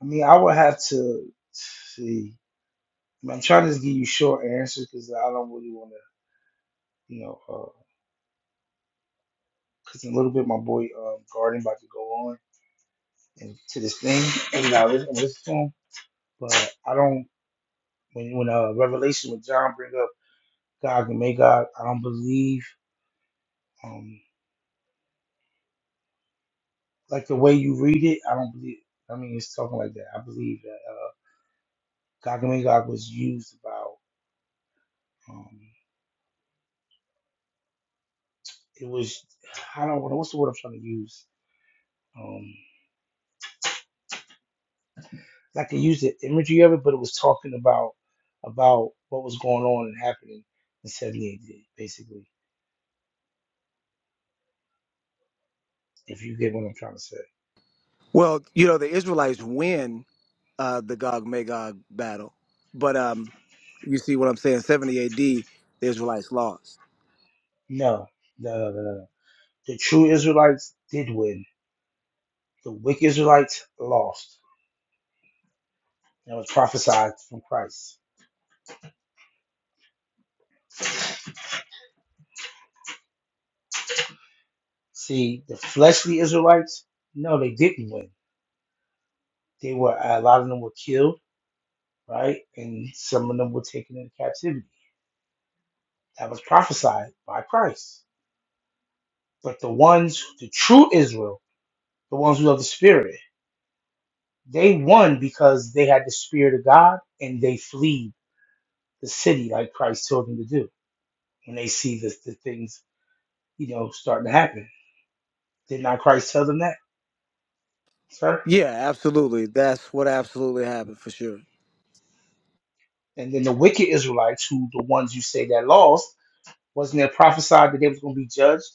I mean, I would have to see. I am trying to just give you short answers because I don't really want to, you know, because in a little bit my boy um, Garden about to go on and to this thing, and you listen, listen to him. But I don't when when uh, Revelation when John bring up God and may God, I don't believe um like the way you read it. I don't believe. I mean, it's talking like that. I believe that uh, God and may God was used about. um. it was I don't know what's the word I'm trying to use. Um, I could use the imagery of it, but it was talking about about what was going on and happening in '78, basically. If you get what I'm trying to say.
Well, you know the Israelites win uh, the Gog Magog battle. But um, you see what I'm saying? 70 AD, the Israelites lost.
No, no, no, no, no. The true Israelites did win. The wicked Israelites lost. That was prophesied from Christ. See, the fleshly Israelites, no, they didn't win. They were a lot of them were killed, right? And some of them were taken into captivity. That was prophesied by Christ But the ones, the true Israel, the ones who love the Spirit, they won because they had the Spirit of God and they flee the city like Christ told them to do. When they see the, the things, you know, starting to happen. Did not Christ tell them that, sir?
Yeah, absolutely. That's what absolutely happened for sure.
And then the wicked Israelites, who the ones you say that lost, wasn't there prophesied that they was going to be judged,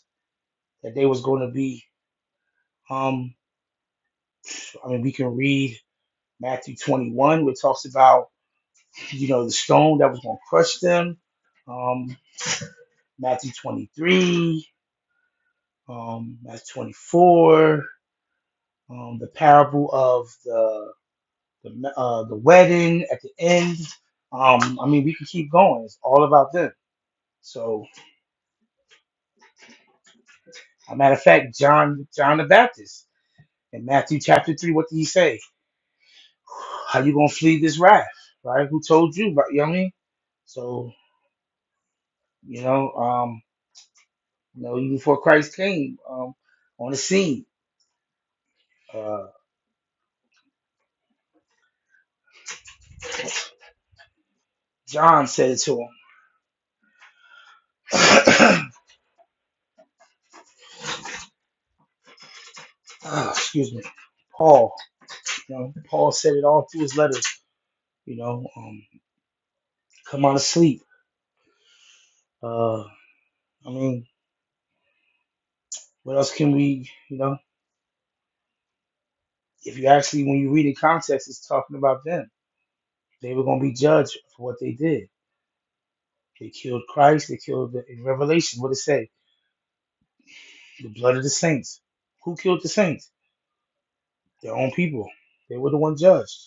that they was going to be, um, I mean, we can read Matthew 21, where it talks about, you know, the stone that was going to crush them. Um, Matthew 23, um, Matthew 24, um, the parable of the the, uh, the wedding at the end. Um, I mean, we can keep going. It's all about them. So, as a matter of fact, John John the Baptist in Matthew chapter three, what did he say? How you gonna flee this wrath? Right? Who told you? Right? You know what I mean? So, you know, um, you know, even before Christ came um, on the scene, uh, John said it to him. ah, excuse me, Paul. You know, Paul said it all through his letters. You know, um, come out of sleep. Uh, I mean, what else can we? You know, if you actually when you read in context, it's talking about them. They were going to be judged for what they did. They killed Christ. They killed the, in Revelation. What it say? The blood of the saints. Who killed the saints? Their own people. They were the one judged.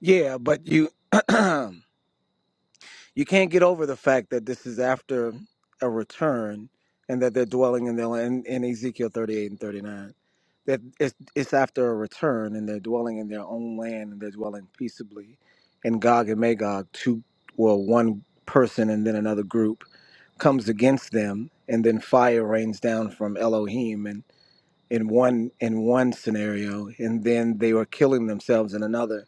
Yeah, but you you can't get over the fact that this is after a return and that they're dwelling in their land in Ezekiel 38 and 39. That it's, it's after a return and they're dwelling in their own land and they're dwelling peaceably. And Gog and Magog, two, well, one person and then another group comes against them and then fire rains down from Elohim and in one in one scenario and then they were killing themselves in another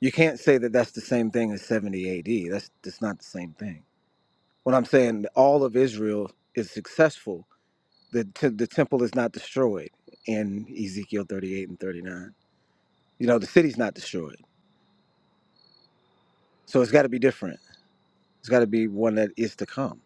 you can't say that that's the same thing as 70 AD that's that's not the same thing what i'm saying all of israel is successful the t- the temple is not destroyed in Ezekiel 38 and 39 you know the city's not destroyed so it's got to be different It's got to be one that is to come.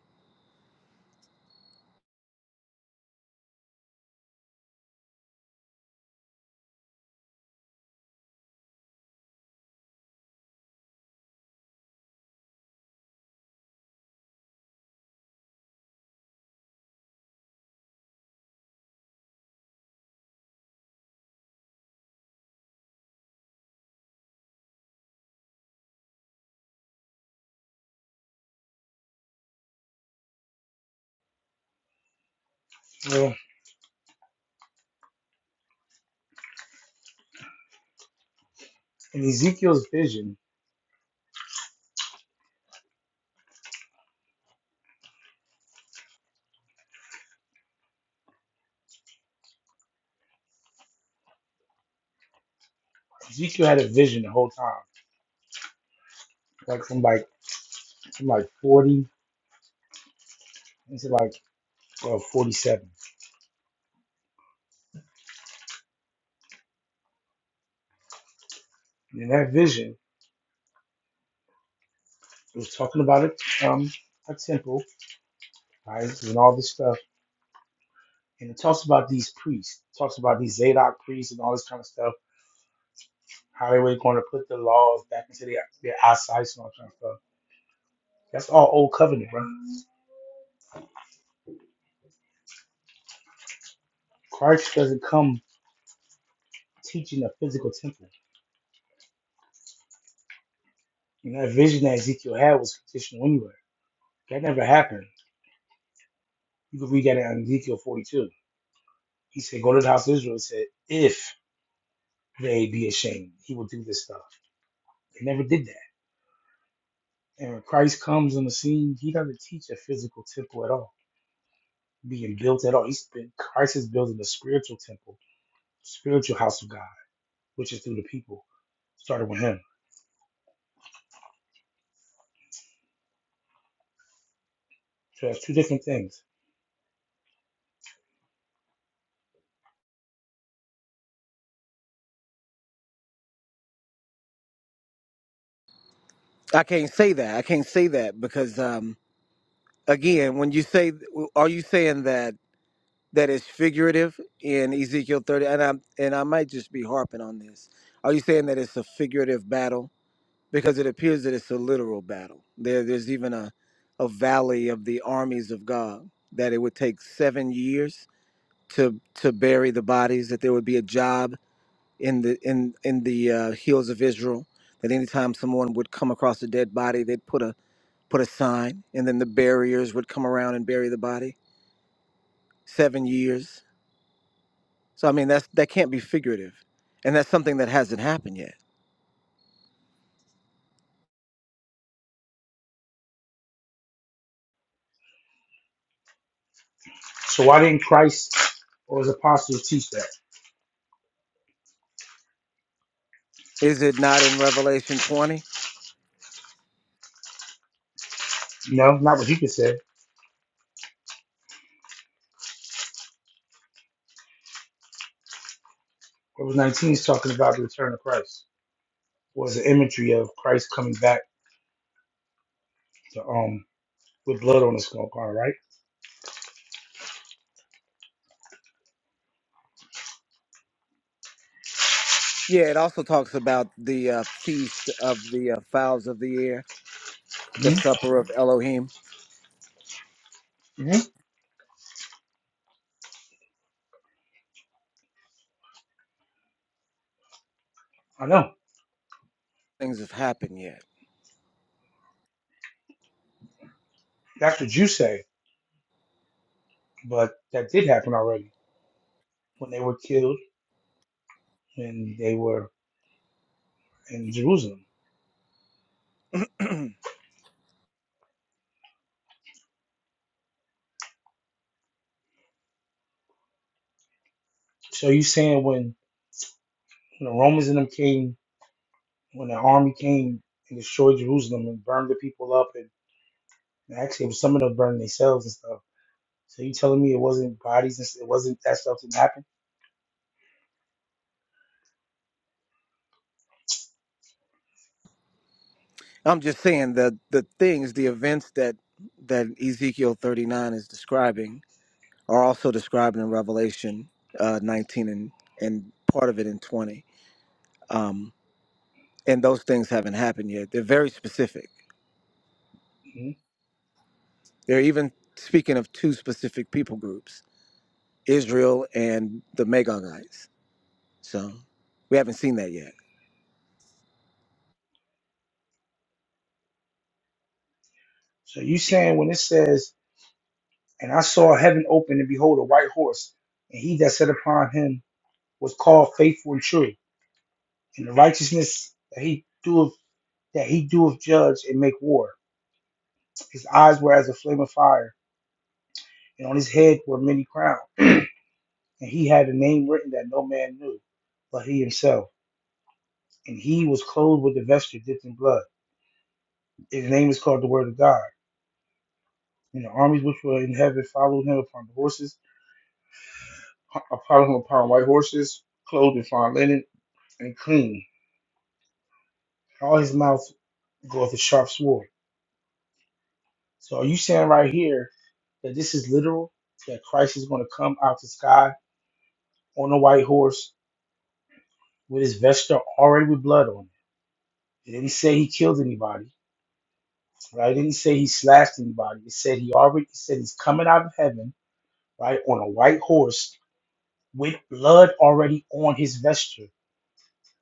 You know, in Ezekiel's vision, Ezekiel had a vision the whole time, like from like from like forty into like uh, forty-seven And in that vision, it was talking about a, um, a temple, right, and all this stuff. And it talks about these priests, it talks about these Zadok priests and all this kind of stuff, how they were going to put the laws back into their, their eyesight and all that kind of stuff. That's all old covenant, bro. Christ doesn't come teaching a physical temple. And that vision that Ezekiel had was fictional anyway. That never happened. You can read that in Ezekiel 42. He said, Go to the house of Israel. He said, If they be ashamed, he will do this stuff. They never did that. And when Christ comes on the scene, he doesn't teach a physical temple at all, being built at all. He's been, Christ is building the spiritual temple, spiritual house of God, which is through the people, started with him. So that's two different things.
I can't say that. I can't say that because um, again, when you say, are you saying that that is figurative in Ezekiel thirty? And I and I might just be harping on this. Are you saying that it's a figurative battle? because it appears that it's a literal battle. There, there's even a, a valley of the armies of God that it would take seven years to to bury the bodies. That there would be a job in the in in the uh, hills of Israel. That anytime someone would come across a dead body, they'd put a put a sign, and then the barriers would come around and bury the body. Seven years. So I mean, that's that can't be figurative, and that's something that hasn't happened yet.
So why didn't Christ or his apostles teach that?
Is it not in Revelation 20?
No, not what you could say. Verse 19 is talking about the return of Christ, Was the imagery of Christ coming back to, um, with blood on his skull, all right?
Yeah, it also talks about the uh, feast of the uh, fowls of the air, the
Mm-hmm.
supper of Elohim.
Mm-hmm. I know.
Things have happened yet.
That's what you say, but that did happen already when they were killed and they were in Jerusalem. So you saying when, when the Romans and them came, when the army came and destroyed Jerusalem and burned the people up, and actually it was some of them burned themselves and stuff. So you telling me it wasn't bodies and s- it wasn't that stuff that happened?
I'm just saying that the things, the events that that Ezekiel 39 is describing are also described in Revelation uh, 19 and and part of it in 20. Um, and those things haven't happened yet. They're very specific.
hmm
They're even speaking of two specific people groups. Israel and the Magogites. So we haven't seen that yet.
So you saying when it says, and I saw heaven open and behold a white horse, and he that sat upon him was called faithful and true, and the righteousness that he doeth that he doeth judge and make war. His eyes were as a flame of fire and on his head were many crowns, and he had a name written that no man knew, but he himself. And he was clothed with a vesture dipped in blood. His name is called the Word of God. And the armies which were in heaven followed him upon the horses, followed him upon white horses, clothed in fine linen and clean. All his mouth goeth a sharp sword. So are you saying right here that this is literal? That Christ is going to come out the sky on a white horse with his vesture already with blood on it. It didn't say he killed anybody. Right? It didn't say he slashed anybody. It said he already it said he's coming out of heaven, right, on a white horse with blood already on his vesture,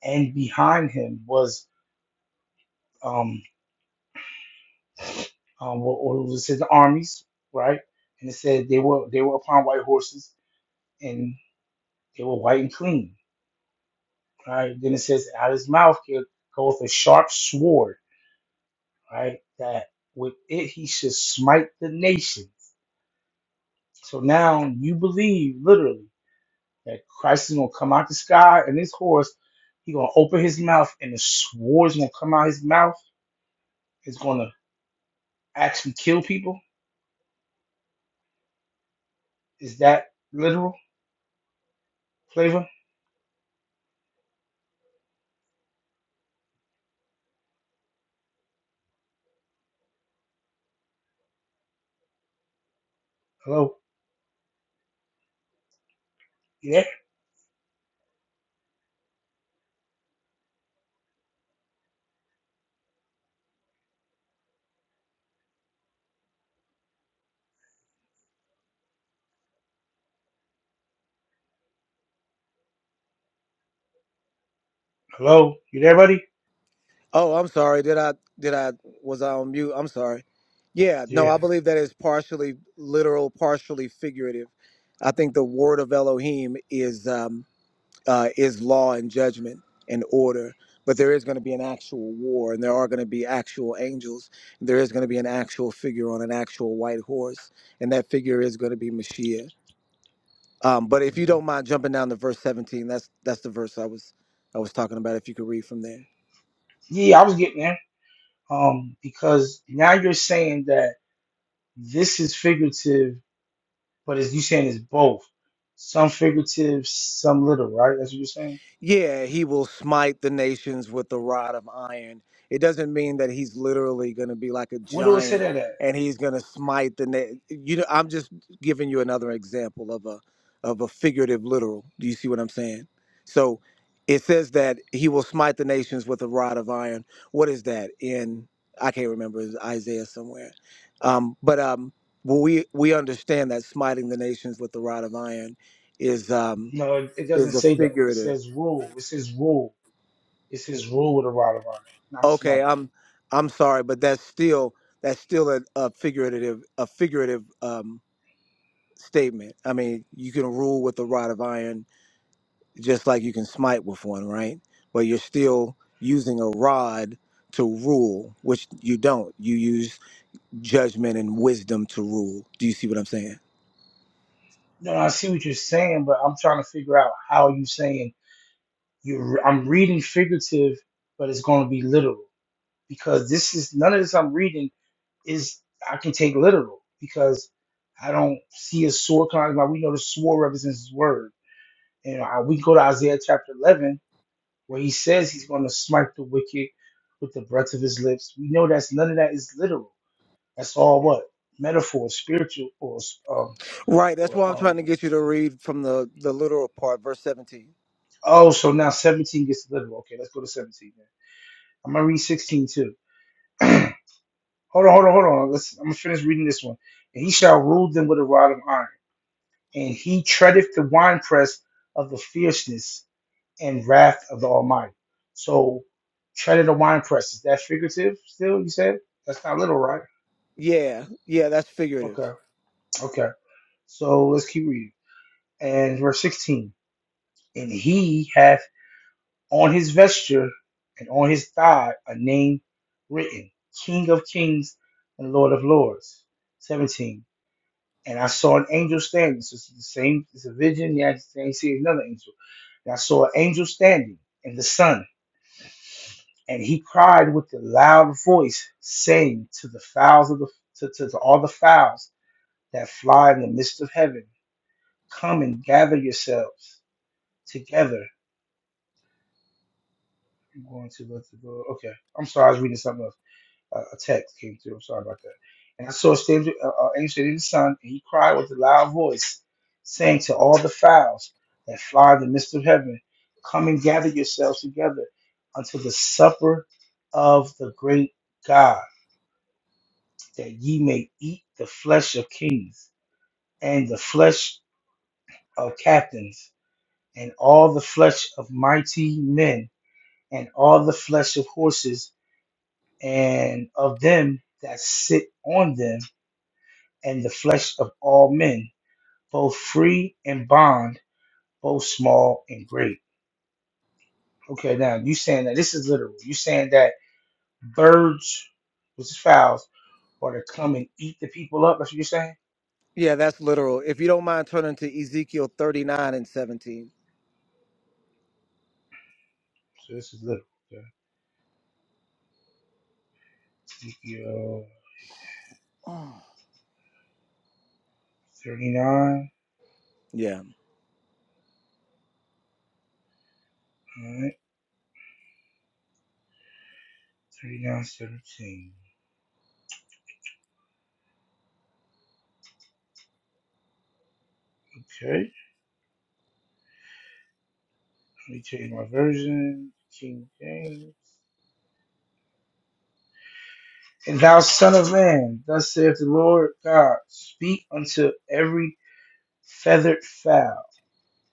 and behind him was um um what, what was his armies, right? And it said they were they were upon white horses and they were white and clean, right? Then it says out of his mouth here goeth a sharp sword, right? That with it he should smite the nation. So now you believe literally. that Christ is gonna come out the sky and this horse, he gonna open his mouth and the sword's gonna come out his mouth. It's gonna actually kill people. Is that literal flavor? Hello, you there? Hello, you there, buddy?
Oh, I'm sorry. Did I did I was I on mute? I'm sorry. Yeah, no,
Yeah,
I believe that is partially literal, partially figurative. I think the word of Elohim is um, uh, is law and judgment and order. But there is going to be an actual war, and there are going to be actual angels. And there is going to be an actual figure on an actual white horse, and that figure is going to be Mashiach. Um, but if you don't mind jumping down to verse 17, that's that's the verse I was I was talking about. If you could read from there.
yeah, I was getting there. Um, because now you're saying that this is figurative, but as you saying it's both, some figurative, some literal, right? That's what you're saying.
Yeah, he will smite the nations with the rod of iron. It doesn't mean that he's literally going to be like a
What do it say
giant
that at?
and he's going to smite the na- you know I'm just giving you another example of a of a figurative literal. Do you see what I'm saying? So it says that he will smite the nations with a rod of iron. What is that in I can't remember it's Isaiah somewhere. Um but um well, we we understand that smiting the nations with the rod of iron is um
No, it, it doesn't
is a
say that. It
figurative
says rule. It says rule. It's his rule with a rod of iron, not
Okay,
smite.
I'm I'm sorry, but that's still that's still a, a figurative a figurative um, statement. I mean, you can rule with a rod of iron just like you can smite with one, right? But you're still using a rod to rule, which you don't. You use judgment and wisdom to rule. Do you see what I'm saying?
No, no, I see what you're saying, but I'm trying to figure out how you are saying you. I'm reading figurative, but it's going to be literal because this is none of this I'm reading is I can take literal because I don't see a sword coming. Like we know the sword represents his word, and I, we go to Isaiah chapter 11 where he says he's going to smite the wicked with the breath of his lips. We know that's none of that is literal. That's all what metaphor, spiritual, or um
Right. That's
or
why I'm
um,
trying to get you to read from the the literal part, verse 17.
Oh, so now 17 gets delivered. Okay, let's go to 17 then. I'm gonna read 16 too. hold on, hold on, hold on. Let's I'm gonna finish reading this one. And he shall rule them with a rod of iron, and he treadeth the winepress of the fierceness and wrath of the Almighty. So treaded the winepress. Is that figurative still? You said that's not little, right?
Yeah. Yeah. That's figurative.
Okay, okay. So let's keep reading. And verse 16. And he hath On his vesture and on his thigh a name written, King of Kings and Lord of Lords. 17. And I saw an angel standing. So it's the same, it's a vision. Yeah, you see another angel. And I saw an angel standing in the sun, and he cried with a loud voice, saying to the fowls of the to, to, to all the fowls that fly in the midst of heaven, come and gather yourselves together. I'm going to let the door. Okay, I'm sorry, I was reading something else. uh, a text came through. I'm sorry about that. And I saw a stage, uh, uh, angel in the sun, and he cried with a loud voice, saying to all the fowls that fly in the midst of heaven, Come and gather yourselves together unto the supper of the great God, that ye may eat the flesh of kings, and the flesh of captains, and all the flesh of mighty men, and all the flesh of horses, and of them that sit on them and the flesh of all men, both free and bond, both small and great. Okay, now you saying that this is literal. You saying that birds, which is fowls, are to come and eat the people up. That's what you're saying.
Yeah. That's literal. If you don't mind turning to Ezekiel 39 and 17.
So this is literal. Okay. Ezekiel
Oh.
39.
Yeah.
All right. 39, 17. Okay. Let me change my version. King James. And Thou son of man, thus saith the Lord God, speak unto every feathered fowl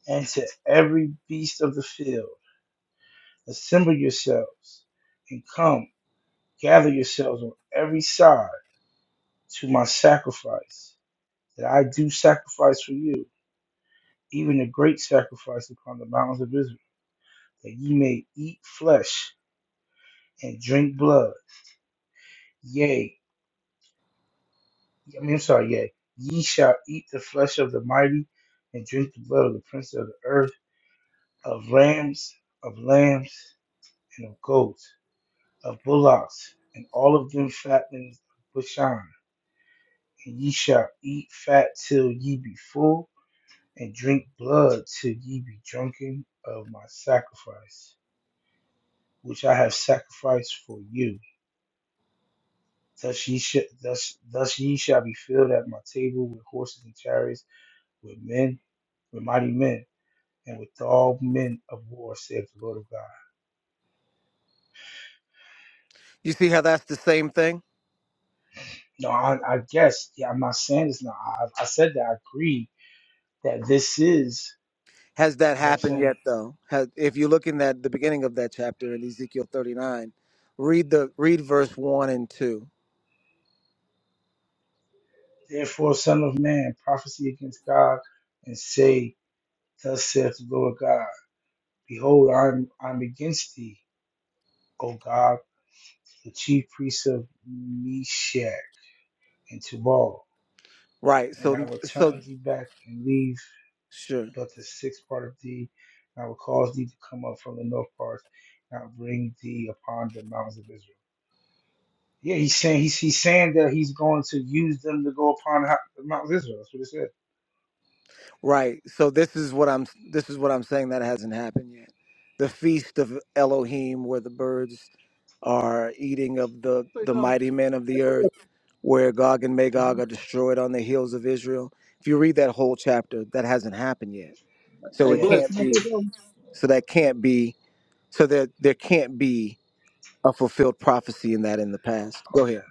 and to every beast of the field, assemble yourselves and come, gather yourselves on every side to my sacrifice that I do sacrifice for you, even a great sacrifice upon the mountains of Israel, that ye may eat flesh and drink blood. Yea, Yeah, I mean, I'm sorry, yeah. Ye shall eat the flesh of the mighty and drink the blood of the prince of the earth, of rams, of lambs, and of goats, of bullocks, and all of them fatlings of Bashan. And ye shall eat fat till ye be full, and drink blood till ye be drunken of my sacrifice, which I have sacrificed for you. Thus ye, shall, thus, thus ye shall be filled at my table with horses and chariots, with men, with mighty men. and with all men of war, saith the Lord of God.
You see how that's the same thing?
No, I, I guess, yeah, I'm not saying this now. I, I said that I agree that this is,
Has that
you know what I'm
happened
saying?
yet, though? Has, if you're looking at the beginning of that chapter in Ezekiel 39, read the read verse one and two.
Therefore, Son of Man, prophecy against God, and say, Thus saith the Lord God, Behold, I'm, I'm against thee, O God, the chief priest of Meshach and Tubal,
Right.
and I
So
will
so
turn thee back and leave.
sure.
but the sixth part of thee. And I will cause thee to come up from the north parts, and I will bring thee upon the mountains of Israel. Yeah, he's saying he's he's saying that he's going to use them to go upon the mountains of Israel. That's what it said.
Right. So this is what I'm this is what I'm saying that hasn't happened yet. The feast of Elohim where the birds are eating of the the
something.
mighty men of the earth where Gog and Magog are destroyed on the hills of Israel. If you read that whole chapter, that hasn't happened yet. So
Hey,
it
Yeah.
bless. Can
can't
I say
be
something?
so that can't be so there there can't be a fulfilled prophecy in that in the past. Go ahead.
Okay.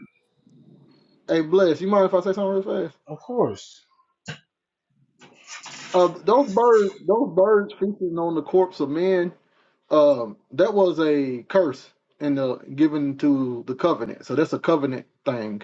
Hey, bless. You mind if I say something real fast?
Of course.
Uh, those birds, those birds feasting on the corpse of men, um, that was a curse in the given to the covenant. So that's a covenant thing.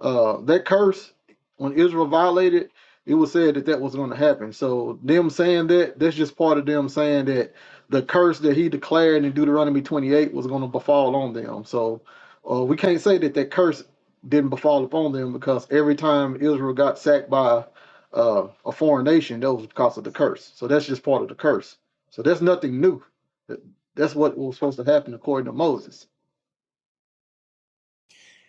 Uh, that curse when Israel violated, it was said that that was going to happen. So them saying that, that's just part of them saying that the curse that he declared in Deuteronomy 28 was going to befall on them. So uh, we can't say that that curse didn't befall upon them because every time Israel got sacked by uh, a foreign nation, that was because of the curse. So that's just part of the curse. So that's nothing new. That's what was supposed to happen according to Moses.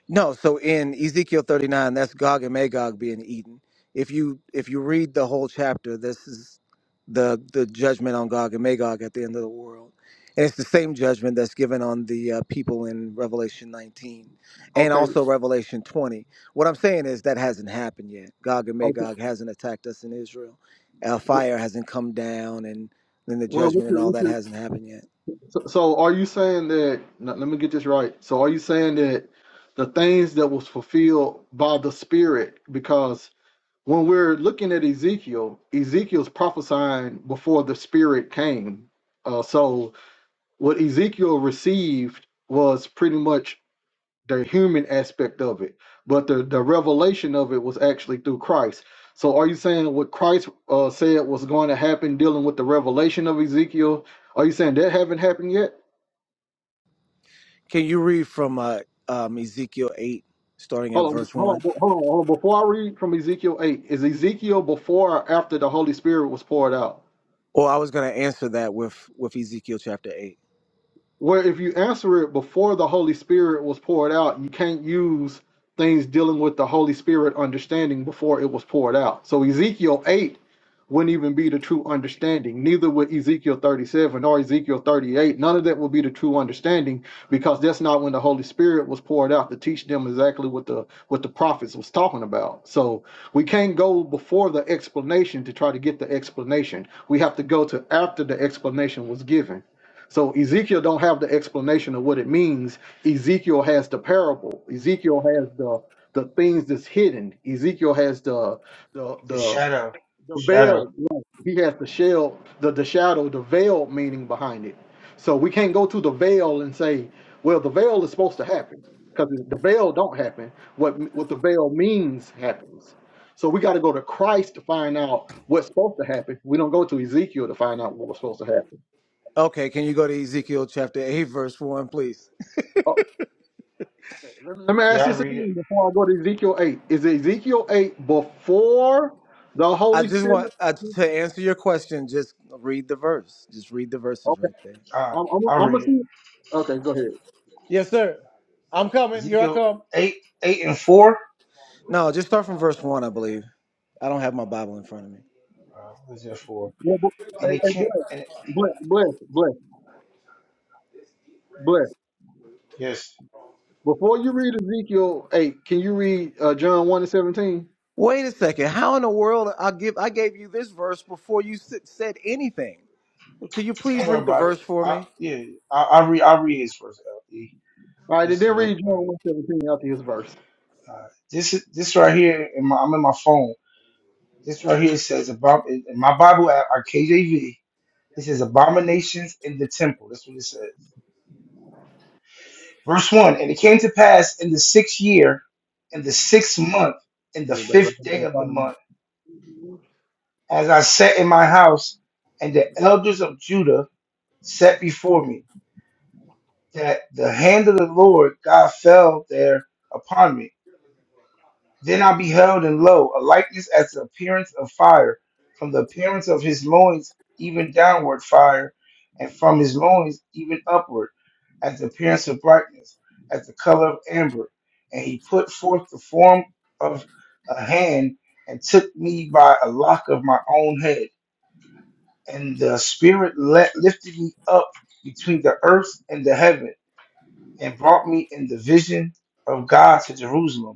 No, so in Ezekiel 39, that's Gog and Magog being eaten. If you if you read the whole chapter, this is the the judgment on Gog and Magog at the end of the world. And it's the same judgment that's given on the uh, people in Revelation 19 and
Okay.
also Revelation 20. What I'm saying is that hasn't happened yet. Gog and
Okay.
Magog hasn't attacked us in Israel. Uh, fire hasn't come down and then the
Well, what's
judgment and
your,
all
what's
that
your
hasn't happened yet.
So, so are you saying that? no, Let me get this right. So, are you saying that the things that was fulfilled by the Spirit? Because when we're looking at Ezekiel, Ezekiel's prophesying before the Spirit came. Uh, so, what Ezekiel received was pretty much the human aspect of it, but the the revelation of it was actually through Christ. So, are you saying what Christ uh, said was going to happen, dealing with the revelation of Ezekiel? Are you saying that haven't happened yet?
Can you read from uh, um, Ezekiel 8, starting at
Hold on,
verse
hold on,
1?
hold on, hold on. Before I read from Ezekiel 8, is Ezekiel before or after the Holy Spirit was poured out?
Or I was going to answer that with, with Ezekiel chapter 8.
where if you answer it before the Holy Spirit was poured out, you can't use things dealing with the Holy Spirit understanding before it was poured out. So Ezekiel 8 wouldn't even be the true understanding. Neither would Ezekiel 37 or Ezekiel 38. None of that would be the true understanding because that's not when the Holy Spirit was poured out to teach them exactly what the what the prophets was talking about. So we can't go before the explanation to try to get the explanation. We have to go to after the explanation was given so Ezekiel don't have the explanation of what it means. Ezekiel has the parable. Ezekiel has the the things that's hidden. Ezekiel has the the
The
the
shadow. The
the
shadow.
veil. He has the shell, the the shadow, the veil meaning behind it. So we can't go to the veil and say, well, the veil is supposed to happen because the veil don't happen. What what the veil means happens. So we got to go to Christ to find out what's supposed to happen. We don't go to Ezekiel to find out what was supposed to happen.
Okay, can you go to Ezekiel chapter 8, verse 1, please?
Uh, Let let me ask
Yeah, I
this
read it.
again before I go to Ezekiel 8. Is Ezekiel 8 before the
I
Holy
just
Spirit?
want uh, to answer your question, just read the verse. Just read the verses
Okay,
right there.
Uh,
I'm, I'm,
I'll
I'm going to
read it.
see. Okay, go ahead.
Yes, sir. I'm coming. Here I
Ezekiel
come.
eight eight and four.
No, just start from verse one, I believe. I don't have my Bible in front of me.
Uh, what is that for?
Well, bu-
And
hey,
it
hey,
can't.
bless,
And it,
bless, bless, bless, bless.
yes.
Before you read Ezekiel 8, can you read uh, John 1 and 17?
Wait a second. How in the world I give I gave you this verse before you s- said anything? Can you please
Don't worry
read the
about it.
verse for
I,
me?
yeah, I, I'll read. I'll read his first LP.
All right, and
Just
then read John
so.
one seventeen and 17 after his verse.
Uh, this is this right here. In my, I'm in my phone. This right here says abom- in in my Bible app, our KJV. It says abominations in the temple. That's what it says. Verse one. And it came to pass in the sixth year, in the sixth month, in the
Yeah, baby, I
fifth
haven't
day
done
of the
five minutes.
month, as I sat in my house, and the elders of Judah sat before me, that the hand of the Lord God fell there upon me Then I beheld, and lo, a likeness as the appearance of fire, from the appearance of his loins even downward fire, and from his loins even upward, as the appearance of brightness, as the color of amber. And he put forth the form of a hand, and took me by a lock of my own head. And the Spirit let, lifted me up between the earth and the heaven, and brought me in the vision of God to Jerusalem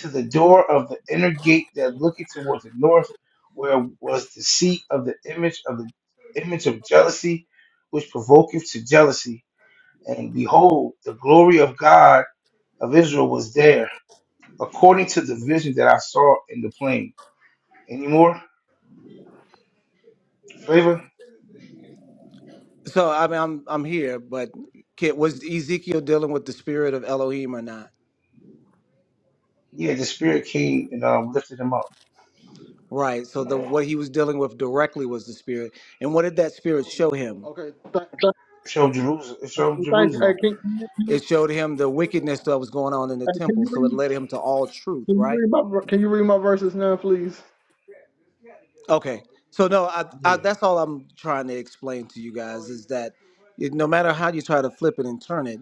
to the door of the inner gate that looketh toward the north, where was the seat of the image of the image of jealousy, which provoketh to jealousy. And behold, the glory of God of Israel was there, according to the vision that I saw in the plain. Any more flavor?
So I mean, I'm I'm here, but can, was Ezekiel dealing with the spirit of Elohim or not?
Yeah, the Spirit came and um, lifted him up.
Right. So the what he was dealing with directly was the spirit, and what did that spirit show him?
Okay, th-
Showed Jerusalem. Showed
th- thank you. Hey,
Jerusalem.
can, can, you-
It showed him the wickedness that was going on in the
hey, can
temple,
you
so
read?
it led him to all truth,
Can you
right?
read my ver- Can you read my verses now, please?
Okay. So no, I, I
Yeah.
that's all I'm trying to explain to you guys is that it, no matter how you try to flip it and turn it,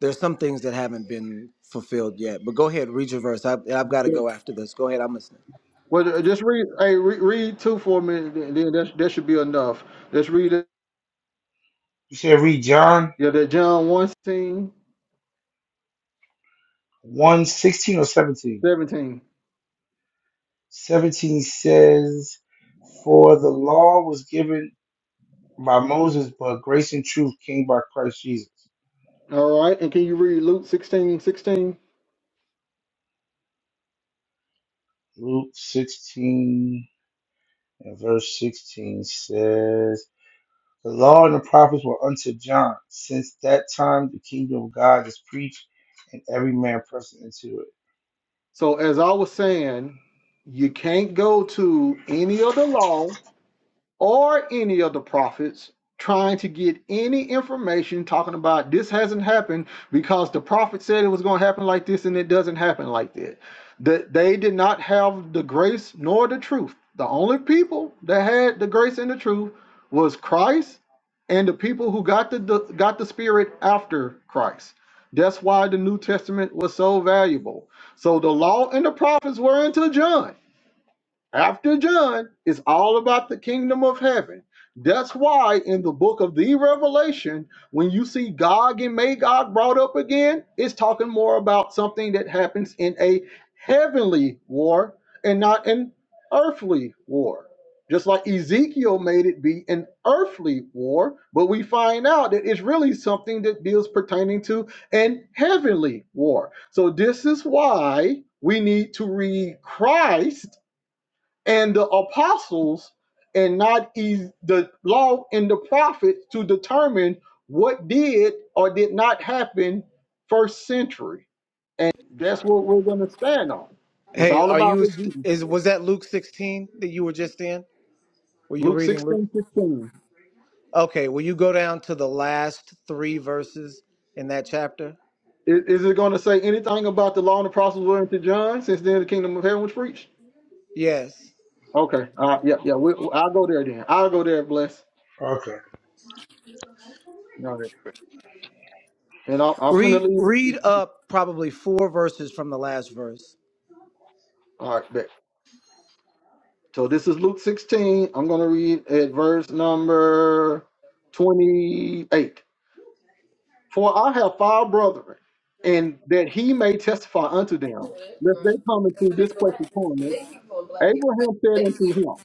there's some things that haven't been fulfilled yet. But go ahead, read your verse. I've, I've got to go after this. Go ahead, I'm listening.
Well, uh, just read. Hey, re- read two for a minute. Then then that that should be enough. Let's read it.
You said read John
Yeah, that John 16,
one 16 or 17. 17 says, For the law was given by Moses, but grace and truth came by Christ Jesus.
All right, and can you read Luke sixteen, sixteen?
Luke 16 and verse 16 says, The law and the prophets were unto John. Since that time, the kingdom of God is preached, and every man pressing into it.
So as I was saying, you can't go to any of the law or any of the prophets trying to get any information talking about this hasn't happened because the prophet said it was going to happen like this and it doesn't happen like that. That they did not have the grace nor the truth. The only people that had the grace and the truth was Christ and the people who got the, the got the spirit after Christ. That's why the New Testament was so valuable. So the law and the prophets were until John after John, it's all about the kingdom of heaven. That's why in the book of the Revelation, when you see Gog and Magog brought up again, it's talking more about something that happens in a heavenly war and not an earthly war. Just like Ezekiel made it be an earthly war, but we find out that it's really something that deals pertaining to an heavenly war. So this is why we need to read Christ and the apostles and not is the law and the prophets to determine what did or did not happen first century. And that's what we're going to stand on. It's
Hey,
all
are
about
you
what Jesus
is
did.
was that Luke 16 that you were just in? Were you
Luke
reading Luke?
sixteen fifteen.
Okay, will you go down to the last 3 verses in that chapter?
Is, is it going to say anything about the law and the prophets were to John since then the kingdom of heaven was preached?
Yes.
Okay. All right. Yeah. Yeah. We, I'll go there then. I'll go there, bless.
Okay.
All right. And I'll, I'll finna
Read
leave.
read up probably 4 verses from the last verse.
All right. Bet. So this is Luke 16. I'm going to read at verse number 28. For I have five brethren, and that he may testify unto them, lest they come into this place of torment. Abraham said unto him,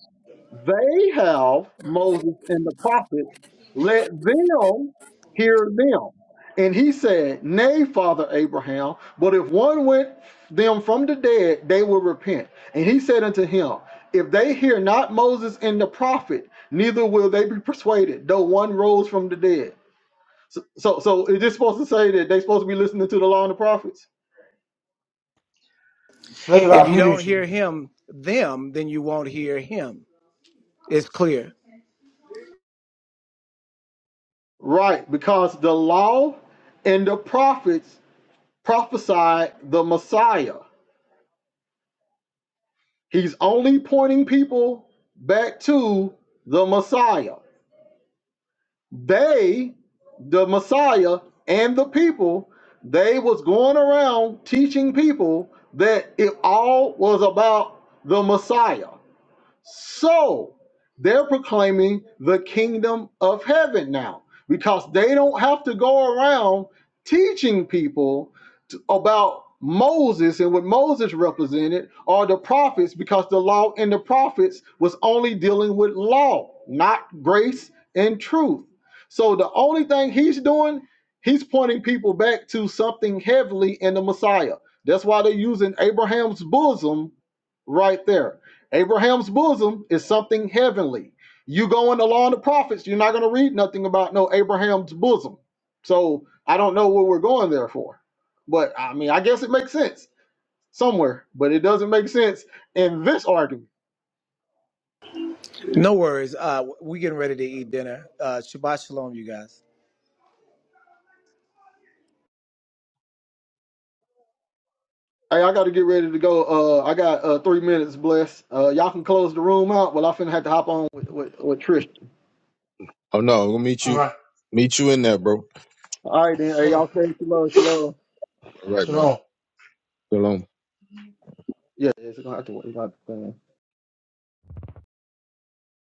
They have Moses and the prophets, let them hear them. And he said, Nay, Father Abraham, but if one went them from the dead, they will repent. And he said unto him, If they hear not Moses and the prophet, neither will they be persuaded, though one rose from the dead. So, so, so is this supposed to say that they supposed to be listening to the law and the prophets?
Flavor,
If
I
you don't
muted you.
hear him, them, then you won't hear him. It's clear.
Right, because the law and the prophets prophesied the Messiah. He's only pointing people back to the Messiah. They, the Messiah and the people, they was going around teaching people that it all was about the Messiah. So they're proclaiming the kingdom of heaven now because they don't have to go around teaching people t- about Moses and what Moses represented or the prophets because the law and the prophets was only dealing with law, not grace and truth. So the only thing he's doing, he's pointing people back to something heavenly in the Messiah. That's why they're using Abraham's bosom right there Abraham's bosom is something heavenly. You go in the law and the prophets, you're not going to read nothing about no Abraham's bosom. So I don't know what we're going there for. But I mean, I guess it makes sense somewhere, but it doesn't make sense in this argument.
No worries. Uh, we getting ready to eat dinner. Uh, Shabbat shalom, you guys.
Hey, I got to get ready to go. Uh, I got uh, three minutes, bless. Uh, y'all can close the room out. Well, I finna have to hop on with, with, with Trish.
Oh no, we'll meet
All
you.
right.
Meet you in there, bro.
All right, then. Hey,
Sure.
y'all stay shalom, shalom.
All right, man.
Shalom.
Shalom.
Yeah, it's going to have to. work.